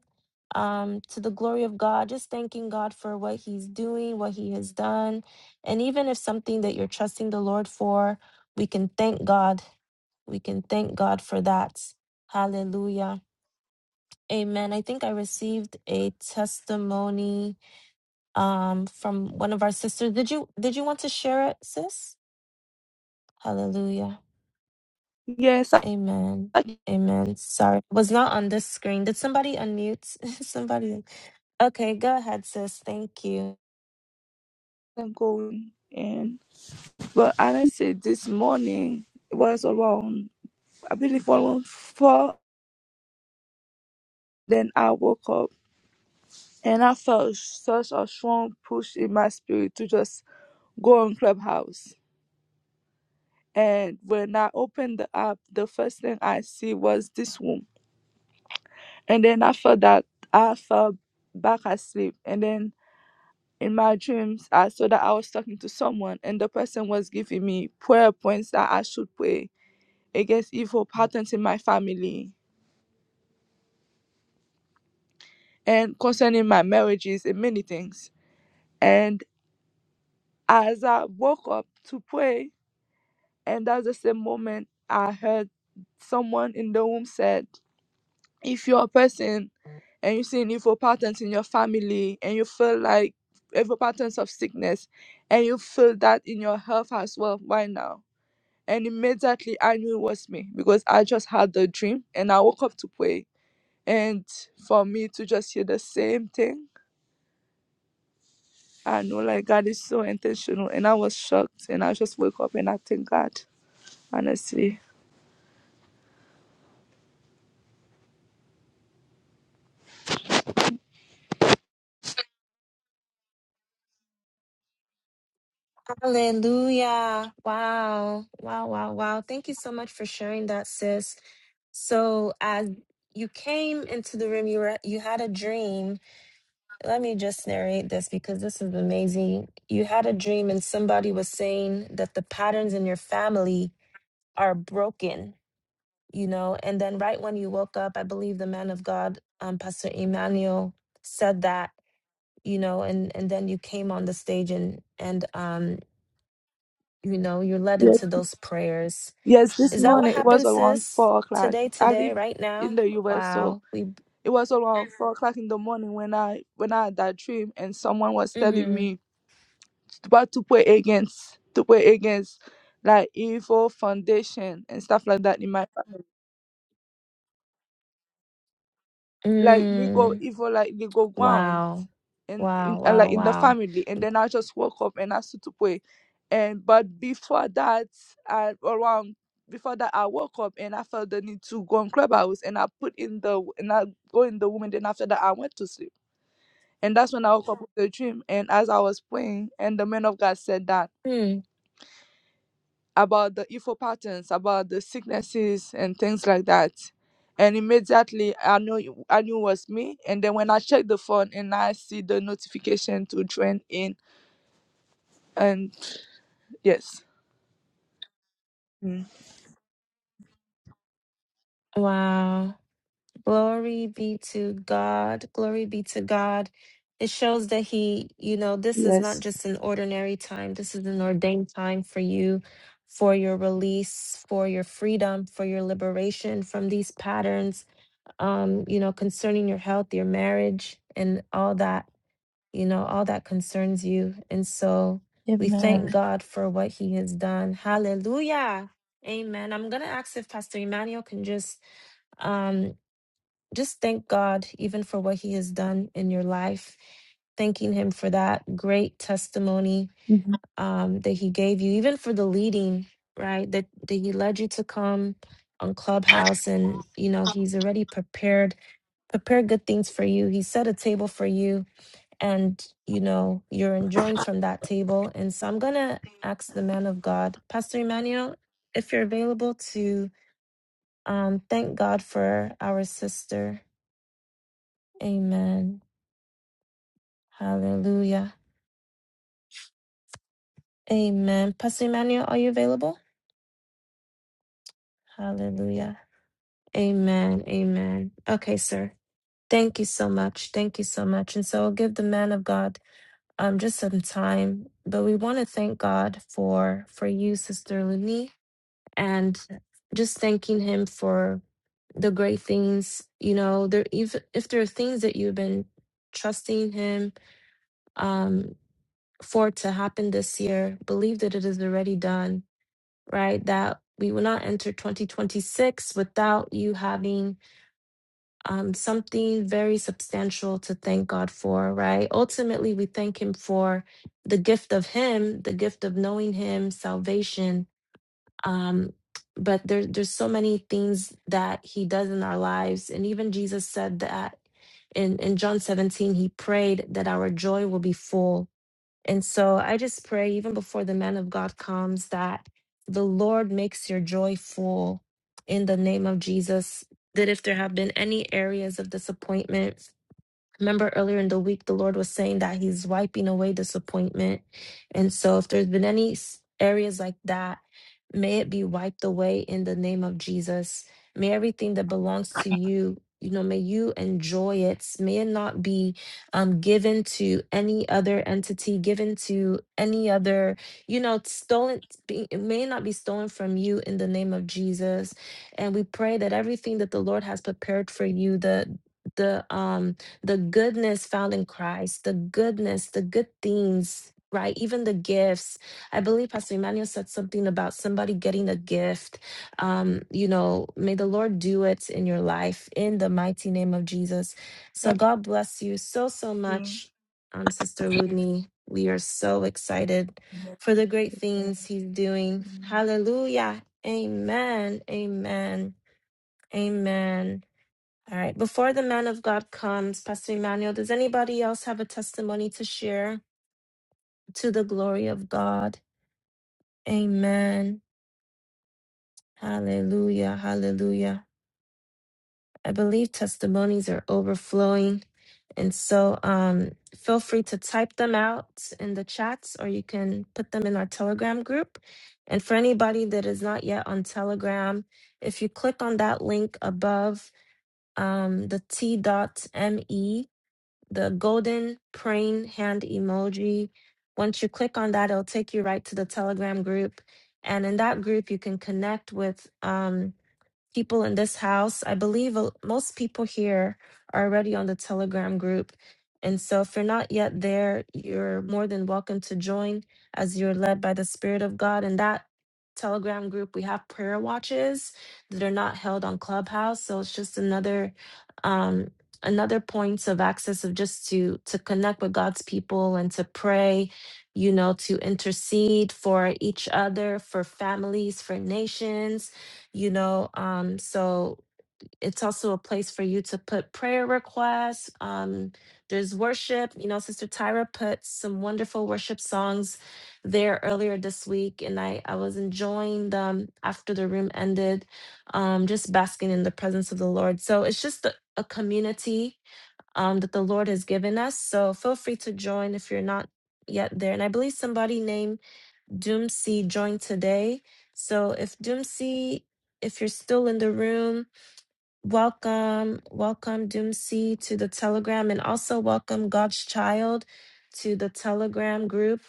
um, to the glory of God, just thanking God for what He's doing, what He has done. And even if something that you're trusting the Lord for, we can thank God. We can thank God for that. Hallelujah. Amen. I think I received a testimony um, from one of our sisters. Did you did you want to share it, sis? Hallelujah.
Yes,
Amen.
I am
Amen. Sorry, was not on this screen. Did somebody unmute? somebody. Okay, go ahead, sis. Thank you.
going. And but and I said this morning it was around I believe around four. Then I woke up and I felt such a strong push in my spirit to just go on Clubhouse. And when I opened the app, the first thing I see was this room. And then I felt that I fell back asleep. And then in my dreams, I saw that I was talking to someone, and the person was giving me prayer points that I should pray against evil patterns in my family and concerning my marriages and many things. And as I woke up to pray, and that's the same moment I heard someone in the room said, if you're a person and you see an evil patterns in your family and you feel like evil patterns of sickness and you feel that in your health as well right now. And immediately I knew it was me because I just had the dream and I woke up to pray. And for me to just hear the same thing I know like God is so intentional and I was shocked and I just woke up and I thank God, honestly.
Hallelujah. Wow. Wow, wow, wow. Thank you so much for sharing that, sis. So, as you came into the room, you were you had a dream. Let me just narrate this because this is amazing. You had a dream and somebody was saying that the patterns in your family are broken you know and then right when you woke up i believe the man of god um, pastor emmanuel said that you know and and then you came on the stage and and um you know you're led
Yes.
into those prayers
Yes, this
is that what
morning it was
happened
around
sis
four o'clock.
today
I
today
live
right
in
now
the US so
wow we
it was around four o'clock in the morning when I when I had that dream and someone was telling
mm-hmm
me what to pray against to pray against like evil foundation and stuff like that in my like they go
mm,
evil like they go ground
wow
and
wow
in, uh,
wow
like in the
wow
family and then i just woke up and i started to pray and but before that i around before that i woke up and i felt the need to go on clubhouse and i put in the and i go in the woman then after that i went to sleep and that's when i woke up with a dream and as i was praying and the man of god said that
hmm,
about the info patterns, about the sicknesses and things like that. And immediately I know it- I knew it was me. And then when I checked the phone and I see the notification to join in and yes. Mm.
wow Glory be to God. Glory be to God. It shows that He, you know, this is not
Yes.
just an ordinary time. This is an ordained time for you, for your release, for your freedom, for your liberation from these patterns, um, you know, concerning your health, your marriage, and all that, you know, all that concerns you. And so we thank
Amen.
God for what He has done. Hallelujah. Amen. I'm going to ask if Pastor Emmanuel can just um just thank God even for what He has done in your life, thanking Him for that great testimony um, that He gave you, even for the leading, right? That, that He led you to come on Clubhouse, and you know He's already prepared prepared good things for you. He set a table for you, and you know you're enjoying from that table. And so I'm gonna ask the man of God, Pastor Emmanuel, if you're available to um, thank God for our sister. Amen. Hallelujah. Amen. Pastor Emmanuel, are you available? Hallelujah. Amen. Amen. Okay, sir. Thank you so much. Thank you so much. And so I'll give the man of God um just some time. But we want to thank God for for you, Sister Luni, and just thanking him for the great things. You know, there if if there are things that you've been trusting him um for to happen this year, believe that it is already done right? That we will not enter 2026 without you having um, something very substantial to thank God for, right? Ultimately, we thank Him for the gift of Him, the gift of knowing Him, salvation. Um, but there, there's so many things that He does in our lives. And even Jesus said that in, in John 17, He prayed that our joy will be full and so I just pray, even before the man of God comes, that the Lord makes your joy full in the name of Jesus. That if there have been any areas of disappointment, remember earlier in the week the lord was saying that he's wiping away disappointment and so if there's been any s- areas like that may it be wiped away in the name of jesus may everything that belongs to you you know may you enjoy it may it not be um, given to any other entity given to any other you know stolen be- it may not be stolen from you in the name of jesus and we pray that everything that the lord has prepared for you the the um the goodness found in Christ, the goodness, the good things, right? Even the gifts. I believe Pastor Emmanuel said something about somebody getting a gift. Um, you know, may the Lord do it in your life in the mighty name of Jesus. So God bless you so, so much, um, Sister Ludney. We are so excited for the great things he's doing. Hallelujah. Amen. Amen. Amen. All right. Before the man of God comes, Pastor Emmanuel, does anybody else have a testimony to share to the glory of God? Amen. Hallelujah. Hallelujah. I believe testimonies are overflowing. And so um, feel free to type them out in the chats or you can put them in our Telegram group. And for anybody that is not yet on Telegram, if you click on that link above um, the t.me the golden praying hand emoji. Once you click on that, it'll take you right to the Telegram group. And in that group, you can connect with. um, people in this house. I believe a- most people here are already on the Telegram group. And so, if you're not yet there, you're more than welcome to join as you're led by the Spirit of God. In that Telegram group, we have prayer watches that are not held on Clubhouse. So, it's just another. Um, another points of access of just to to connect with god's people and to pray you know to intercede for each other for families for nations you know um so it's also a place for you to put prayer requests um there's worship you know sister tyra put some wonderful worship songs there earlier this week and i i was enjoying them after the room ended um just basking in the presence of the lord so it's just a, a community um that the lord has given us so feel free to join if you're not yet there and i believe somebody named Doomsy joined today. So if Doomsy, if you're still in the room, welcome, welcome Doomsy to the Telegram and also welcome God's Child to the Telegram group.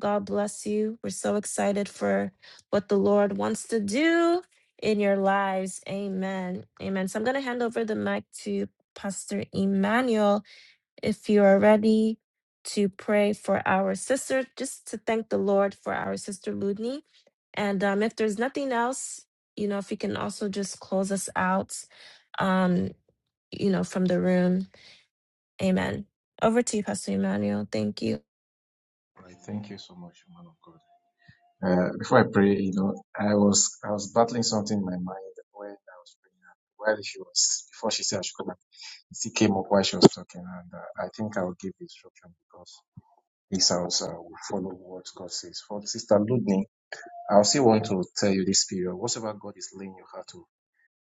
God bless you. We're so excited for what the Lord wants to do in your lives. Amen. Amen. So I'm going to hand over the mic to Pastor Emmanuel if you are ready to pray for our sister, just to thank the Lord for our sister Ludney. And um, if there's nothing else, you know, if you can also just close us out, um, you know, from the room. Amen. Over to you, Pastor Emmanuel. Thank you.
All right. Thank you so much, man of God. Uh, before I pray, you know, I was I was battling something in my mind when I was praying. While she was before she said I should come back, it came up while she was talking, and uh, I think I will give the instruction because this house uh, will follow what God says. For Sister Ludney, I also want to tell you this period: whatever God is laying your heart to,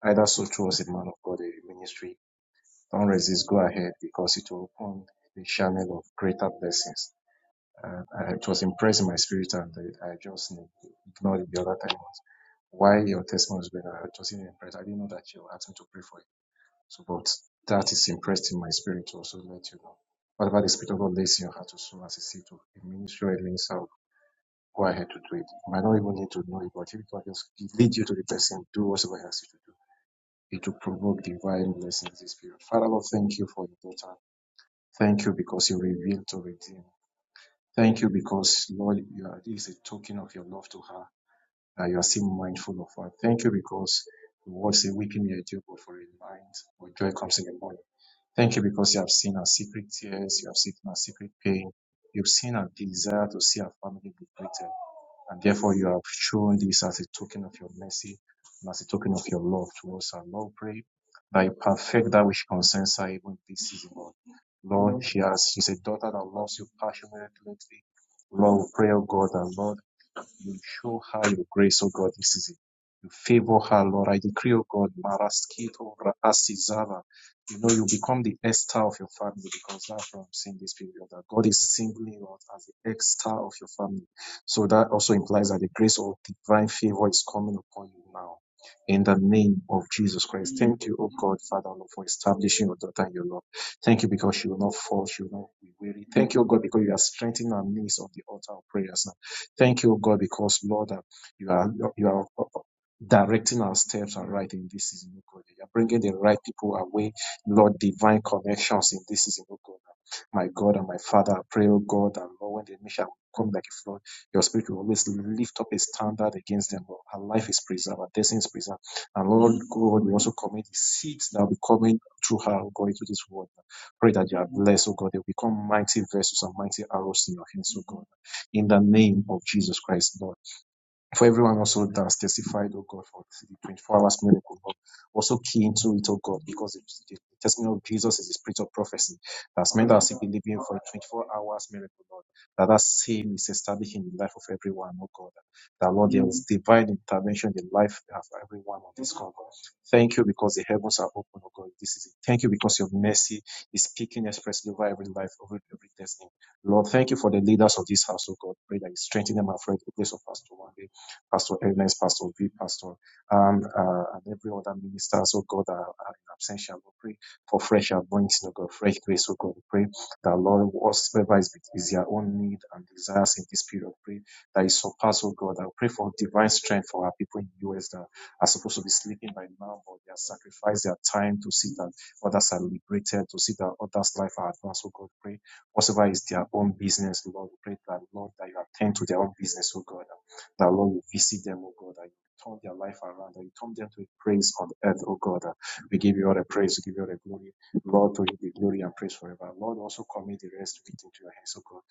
either so through us a man of God, a ministry, don't resist. Go ahead because it will open the channel of greater blessings. Uh, I, it was impressing my spirit, and I, I just ignored it the other time. Why your testimony was better? I just didn't impress. I didn't know that you asked me to pray for it. So, but that is impressed in my spirit to also let you know. Whatever the Spirit of God lays in your heart to sow as a seed to a ministry or a minister, go ahead to do it. You might not even need to know it, but if God just lead you to the person, do whatever He asks you to do. It will provoke divine blessings this period. Father, Lord, thank you for your daughter. Thank you because you revealed to redeem. Thank you because, Lord, you are, this is a token of your love to her, that you are still mindful of her. Thank you because the word say, Weeping may endure but for a night, but joy comes in the morning. Thank you because you have seen her secret tears, you have seen her secret pain, you've seen her desire to see her family liberated. And therefore, you have shown this as a token of your mercy and as a token of your love towards our Lord, pray that you perfect that which concerns her even this season, Lord. Lord, she has, she's a daughter that loves you passionately. Lord, we pray, oh God, that Lord. You show her your grace, O God, this season. You favor her, Lord. I decree, O God, Maraskito Rasizava. You know, you become the Esther of your family because that's what I'm seeing this period. That God is singling out as the Esther of your family. So that also implies that the grace of divine favor is coming upon you now. In the name of Jesus Christ. Thank you, O God, Father, Lord, for establishing your daughter and your love. Thank you because she will not fall, she will not be weary. Thank you, O God, because you are strengthening our knees on the altar of prayers now. Thank you, O God, because Lord, uh, you are you are uh, uh, directing our steps and right in this season, O God. You are bringing the right people away, Lord, divine connections in this season, O God. My God and my Father, I pray, O God, and Lord, when the mission come like a flood, your spirit will always lift up a standard against them. Lord. Our life is preserved, our destiny is preserved. And Lord God, we also commit the seeds that will be coming through her, O God, into this world. Pray that you are blessed, O God. They will become mighty vessels and mighty arrows in your hands, O God in the name of Jesus Christ, Lord for everyone also that's testified, oh God, for the 24 hours miracle, but also key into it, oh God, because the, the testimony of Jesus is the spirit of prophecy. That's meant that as we believe in for 24 hours miracle, Lord, that that same is established in the life of everyone, oh God, that Lord, is divine intervention in the life of everyone on this call. God. Thank you because the heavens are open, oh God. This is it. Thank you because your mercy is speaking expressly over every life, over every destiny. Lord, thank you for the leaders of this house, oh God. Pray that you strengthen them and afraid the place of us to one. day. Pastor Ernest, Pastor V, Pastor um, uh, and every other minister, so God, are, in absentia. We pray for fresh anointing, oh God, fresh grace, so God. We pray that Lord, whatsoever is, is their own need and desires in this period, pray that it surpass, oh God. I pray for divine strength for our people in the US that are supposed to be sleeping by now, but they have sacrificed their time to see that others are liberated, to see that others' life are advanced, oh God. Pray whatsoever is their own business, Lord. We pray that, Lord, that you attend to their own business, oh God that Lord, you visit them, oh God, that you turn their life around, that you turn them to a praise on earth, oh God. That we give you all the praise, we give you all the glory. Lord, to you be glory and praise forever. Lord, also commit the rest of it into your hands, oh God.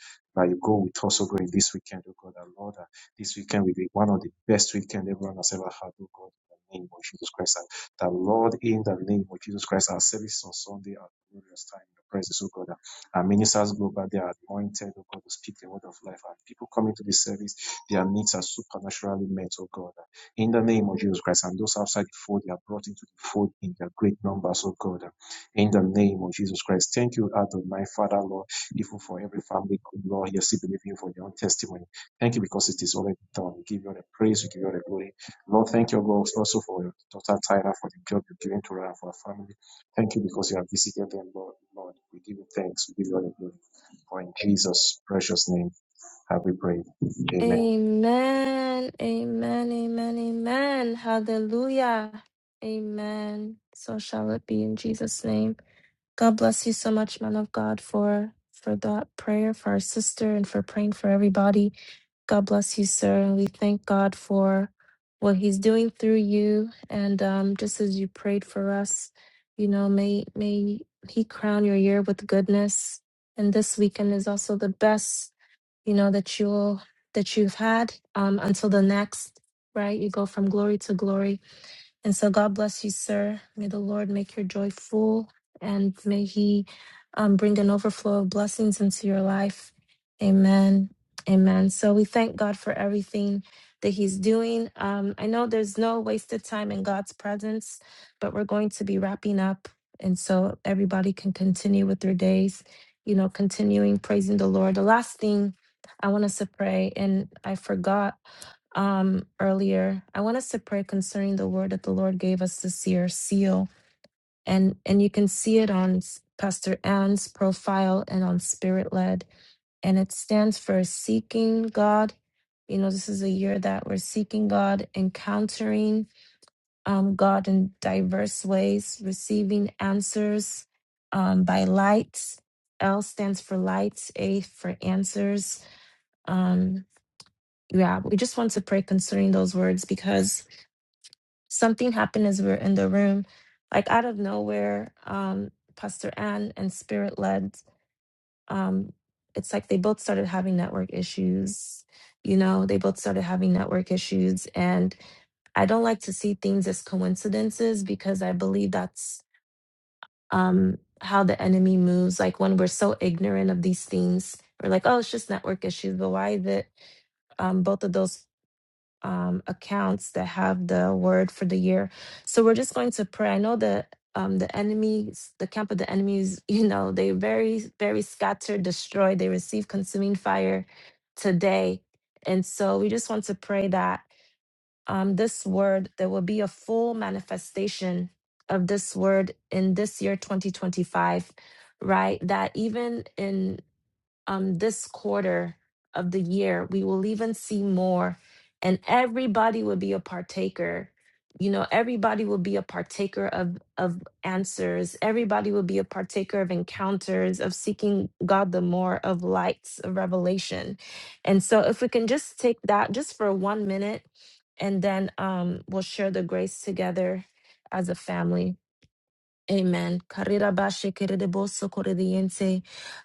That you go with us, oh God, in this weekend, oh God. That Lord, that this weekend will be one of the best weekend everyone has ever had, oh God. In the name of Jesus Christ. And That Lord, in the name of Jesus Christ, our services on Sunday are glorious time in the presence, oh God. Our ministers go back, they are anointed, oh God, to speak the word of life. And people come into this service their needs are supernaturally met, O God. In the name of Jesus Christ, and those outside the fold, they are brought into the fold in their great numbers, O God. In the name of Jesus Christ. Thank you, Adonai, Father, Lord, even for every family, good Lord, here still believing you for your own testimony. Thank you because it is already done. We give you all the praise, we give you all the glory. Lord, thank you, God, also for your daughter Tyra, for the job you're giving to her and for her family. Thank you because you have visited them, Lord. Lord, we give you thanks. We give you all the glory. For in Jesus' precious name have we prayed. Amen.
Amen. Amen. Amen. Amen. Hallelujah. Amen. So shall it be in Jesus' name. God bless you so much, man of God, for for that prayer for our sister and for praying for everybody. God bless you, sir, and we thank God for what He's doing through you. And um, just as you prayed for us, you know, may may He crown your year with goodness. And this weekend is also the best, you know, that you'll that you've had um, until the next. Right, you go from glory to glory and so God bless you, sir. May the Lord make your joy full and may he um, bring an overflow of blessings into your life. Amen. Amen. So we thank God for everything that he's doing. Um, I know there's no wasted time in God's presence, but we're going to be wrapping up. And so everybody can continue with their days, you know, continuing praising the Lord. The last thing I want us to pray, and I forgot um, earlier, I want us to pray concerning the word that the Lord gave us this year, seal. And and you can see it on S- Pastor Ann's profile and on Spirit Led. And it stands for seeking God. You know, this is a year that we're seeking God, encountering um, God in diverse ways, receiving answers um, by lights. L stands for lights, A for answers. Um, yeah, we just want to pray concerning those words because something happened as we were in the room like out of nowhere um pastor ann and spirit led um it's like they both started having network issues you know they both started having network issues and i don't like to see things as coincidences because i believe that's um how the enemy moves like when we're so ignorant of these things we're like oh it's just network issues but why is it um both of those um, accounts that have the word for the year. So we're just going to pray. I know that um, the enemies, the camp of the enemies, you know, they very, very scattered, destroyed. They receive consuming fire today. And so we just want to pray that um, this word, there will be a full manifestation of this word in this year, 2025, right? That even in um, this quarter of the year, we will even see more, and everybody will be a partaker. You know, everybody will be a partaker of of answers. Everybody will be a partaker of encounters, of seeking God the more, of lights, of revelation. And so, if we can just take that just for one minute, and then um, we'll share the grace together as a family. Amen. Karira ba shekere de boso kore de yense.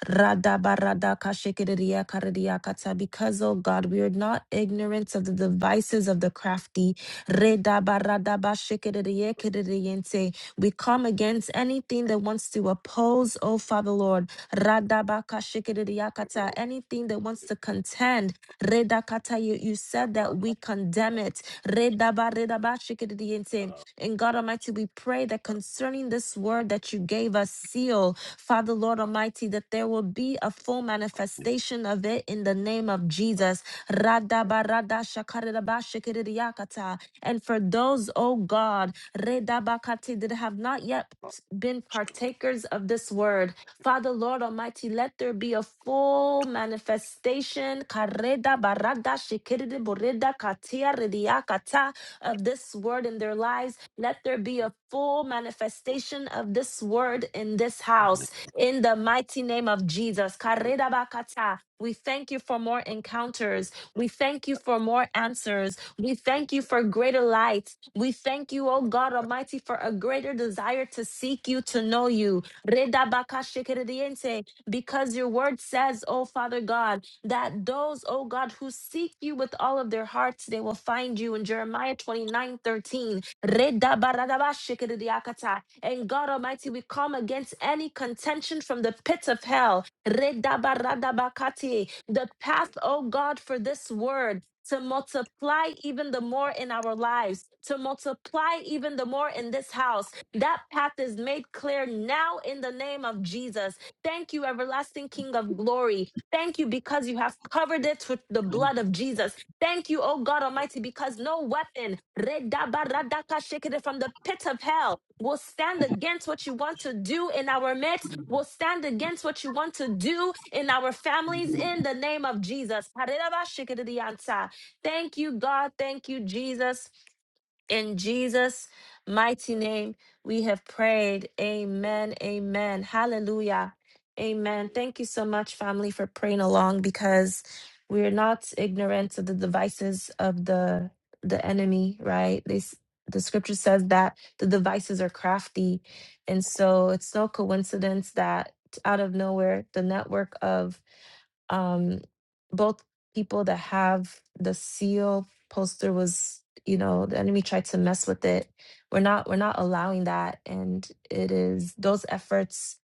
Rada ba rada ka shekere de ya kare de ya kata. Because, oh God, we are not ignorant of the devices of the crafty. Reda ba rada ba shekere de ye kere de yense. We come against anything that wants to oppose, oh Father Lord. Rada ba ka shekere de ya kata. Anything that wants to contend. Reda kata, You you said that we condemn it. Reda ba reda ba shekere de yense. And God Almighty, we pray that concerning this word that you gave us, seal, Father Lord Almighty, that there will be a full manifestation of it in the name of Jesus. Radabarada shakarabah shikiriyakata. And for those, oh God, redabakati that have not yet accept, been partakers of this word. Father, Lord Almighty, let there be a full manifestation kareda barada shikiridi borida katia ridia kata, of this word in their lives. Let there be a full manifestation of this word in this house. In the mighty name of Jesus. kareda bakata. We thank you for more encounters. We thank you for more answers. We thank you for greater light. We thank you, oh God Almighty, for a greater desire to seek you, to know you. Redabakashikerediente, Because your word says, oh Father God, that those, oh God, who seek you with all of their hearts, they will find you in Jeremiah 29 13. Redabaradabashikiridiakata. And God Almighty, we come against any contention from the pit of hell. Redabaradabakati. The path, oh God, for this word. To multiply even the more in our lives, to multiply even the more in this house. That path is made clear now in the name of Jesus. Thank you, everlasting King of glory. Thank you because you have covered it with the blood of Jesus. Thank you, oh God Almighty, because no weapon redabaradaka, shikede, from the pit of hell will stand against what you want to do in our midst, will stand against what you want to do in our families in the name of Jesus. Hariraba, shikede, dianta. Thank you, God. Thank you, Jesus. In Jesus' mighty name, we have prayed. Amen. Amen. Hallelujah. Amen. Thank you so much, family, for praying along because we're not ignorant of the devices of the the enemy, right? This the scripture says that the devices are crafty. And so it's no coincidence that out of nowhere, the network of um both people that have the seal poster was you know the enemy tried to mess with it we're not we're not allowing that and it is those efforts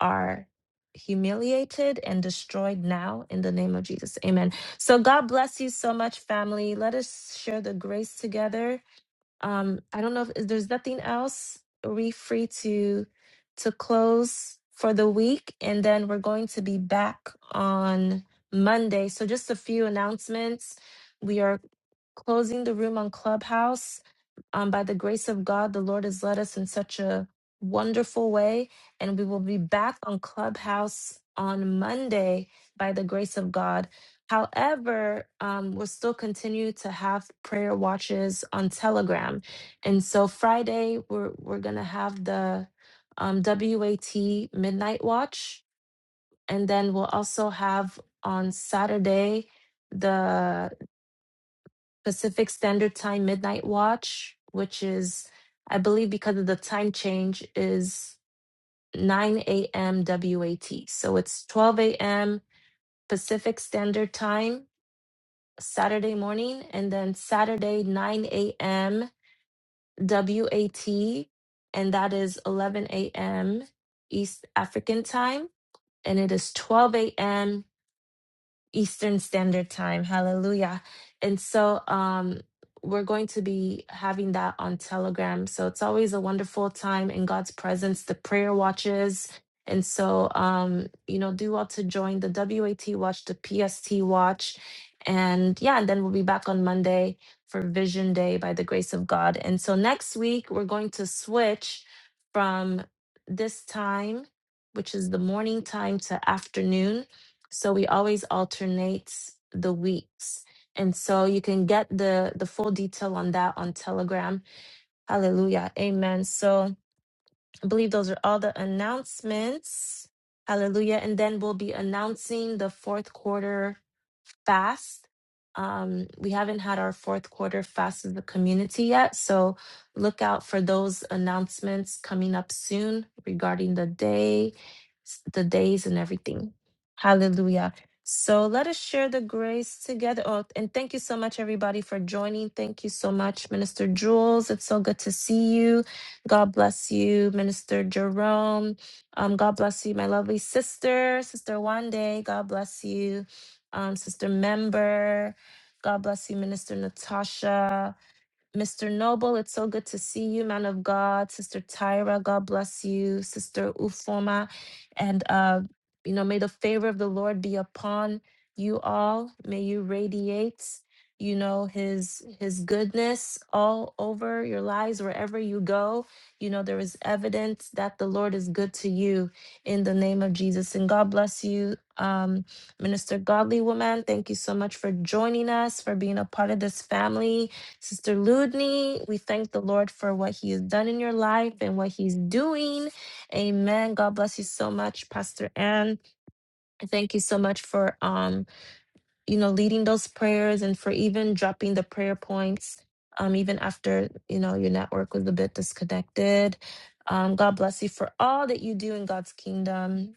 are humiliated and destroyed now in the name of Jesus amen so god bless you so much family let us share the grace together um, I don't know if if there's nothing else. We're free to to close for the week, and then we're going to be back on Monday. So just a few announcements. We are closing the room on Clubhouse um, by the grace of God, the Lord has led us in such a wonderful way, and we will be back on Clubhouse on Monday by the grace of God. However, um, we'll still continue to have prayer watches on Telegram, and so Friday we're we're gonna have the um, WAT midnight watch, and then we'll also have on Saturday the Pacific Standard Time midnight watch, which is, I believe, because of the time change, is 9 a.m. WAT. So it's 12 a.m. Pacific Standard Time Saturday morning, and then Saturday 9 a.m. WAT, and that is 11 a.m. East African Time, and it is 12 a.m. Eastern Standard Time. Hallelujah. And so um we're going to be having that on Telegram. So it's always a wonderful time in God's presence, the prayer watches. And so um you know, do well to join the WAT watch, the PST watch. And yeah, and then we'll be back on Monday for Vision Day by the grace of God. And so next week we're going to switch from this time, which is the morning time to afternoon so we always alternate the weeks and so you can get the the full detail on that on telegram hallelujah amen so i believe those are all the announcements hallelujah and then we'll be announcing the fourth quarter fast. Um, we haven't had our fourth quarter fast as a community yet, so look out for those announcements coming up soon regarding the day, the days, and everything. Hallelujah. So let us share the grace together. Oh, and thank you so much, everybody, for joining. Thank you so much, Minister Jules. It's so good to see you. God bless you, Minister Jerome. Um, God bless you, my lovely sister, Sister Wande. God bless you um, Sister Member. God bless you, Minister Natasha. Mr. Noble, it's so good to see you, man of God. Sister Tyra, God bless you. Sister Ufoma, and uh, you know, may the favor of the Lord be upon you all. May you radiate, you know, His His goodness all over your lives wherever you go. You know, there is evidence that the Lord is good to you in the name of Jesus. And God bless you, um, Minister Godly Woman. Thank you so much for joining us, for being a part of this family Sister Ludney, we thank the Lord for what He has done in your life and what He's doing. Amen. God bless you so much, Pastor Ann. Thank you so much for um you know, leading those prayers and for even dropping the prayer points, um, even after, you know, your network was a bit disconnected. Um, God bless you for all that you do in God's kingdom,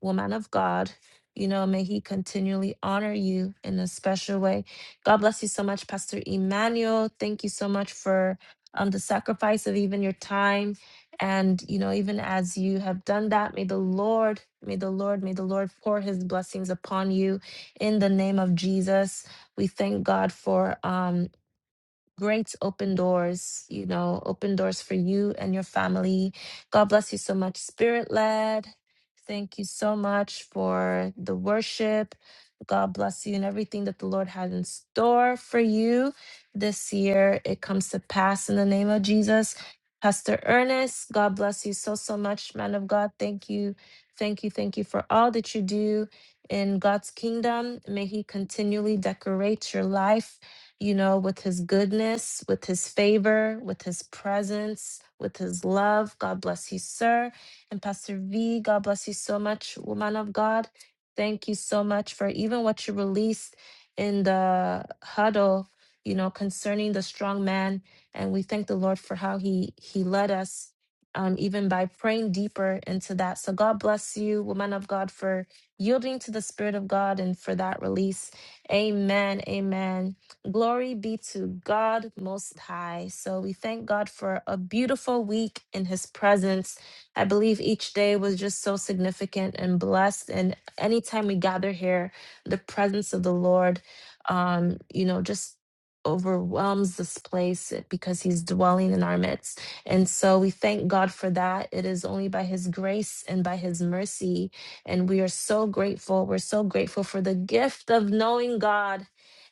woman of God. You know, may He continually honor you in a special way. God bless you so much, Pastor Emmanuel. Thank you so much for um, the sacrifice of even your time. And, you know, even as you have done that, may the Lord, may the Lord, may the Lord pour His blessings upon you in the name of Jesus. We thank God for um, great open doors, you know, open doors for you and your family. God bless you so much, Spirit led. Thank you so much for the worship. God bless you and everything that the Lord had in store for you this year. It comes to pass in the name of Jesus. Pastor Ernest, God bless you so, so much, man of God. Thank you. Thank you. Thank you for all that you do in God's kingdom. May He continually decorate your life you know, with his goodness, with his favor, with his presence, with his love. God bless you, sir. And Pastor V, God bless you so much, woman of God. Thank you so much for even what you released in the huddle, you know, concerning the strong man. And we thank the Lord for how he he led us. Um, even by praying deeper into that. So, God bless you, woman of God, for yielding to the Spirit of God and for that release. Amen. Amen. Glory be to God Most High. So we thank God for a beautiful week in His presence. I believe each day was just so significant and blessed. And anytime we gather here, the presence of the Lord, um, you know, just overwhelms this place because He's dwelling in our midst. And so we thank God for that. It is only by His grace and by His mercy. And we are so grateful. We're so grateful for the gift of knowing God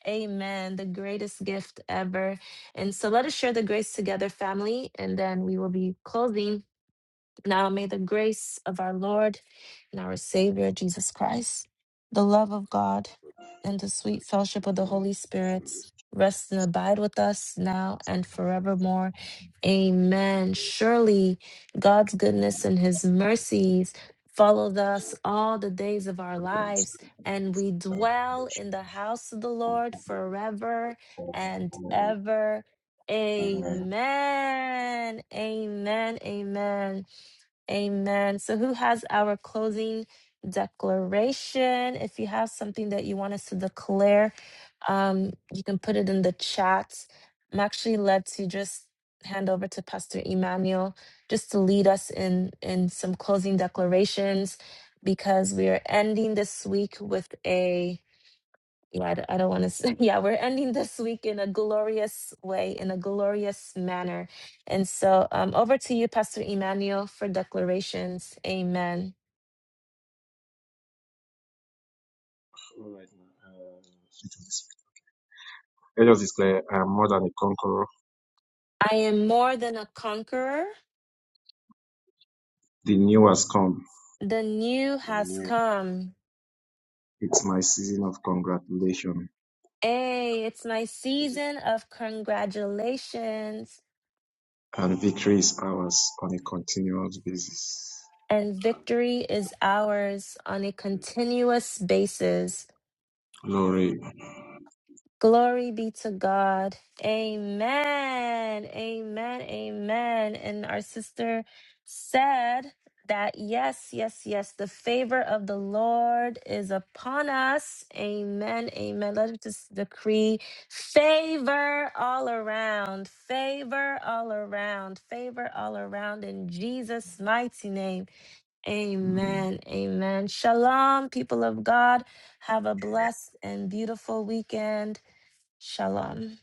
Amen. The greatest gift ever. And so let us share the grace together, family, and then we will be closing. Now may the grace of our Lord and our Savior Jesus Christ, the love of God, and the sweet fellowship of the Holy Spirit rest and abide with us now and forevermore. Amen. Surely God's goodness and his mercies followed us all the days of our lives, and we dwell in the house of the Lord forever and
Amen.
ever.
Uh, All
Amen. Amen. Amen. Amen. So, who has our closing declaration? If you have something that you want us to declare, um, you can put it in the chat. I'm actually led to just hand over to Pastor Emmanuel just to lead us in in some closing declarations because we are ending this week with a. Yeah, I d- I don't want to say. Yeah, we're ending this week in a glorious way, in a glorious manner. And so um, over to you, Pastor Emmanuel, for declarations. Amen.
right Uh, let us declare, I am more than a conqueror.
I am more than a conqueror.
The new has come.
The new has come. Hey, it's my season of congratulations, and victory is ours on a continuous basis. Glory be to God. Amen. Amen. Amen. And our sister said that yes, yes, yes, the favor of the Lord is upon us. Amen. Amen. Let us just decree favor all around, favor all around, favor all around in Jesus' mighty name. Amen. Amen. Shalom, people of God. Have a blessed and beautiful weekend. Shalom.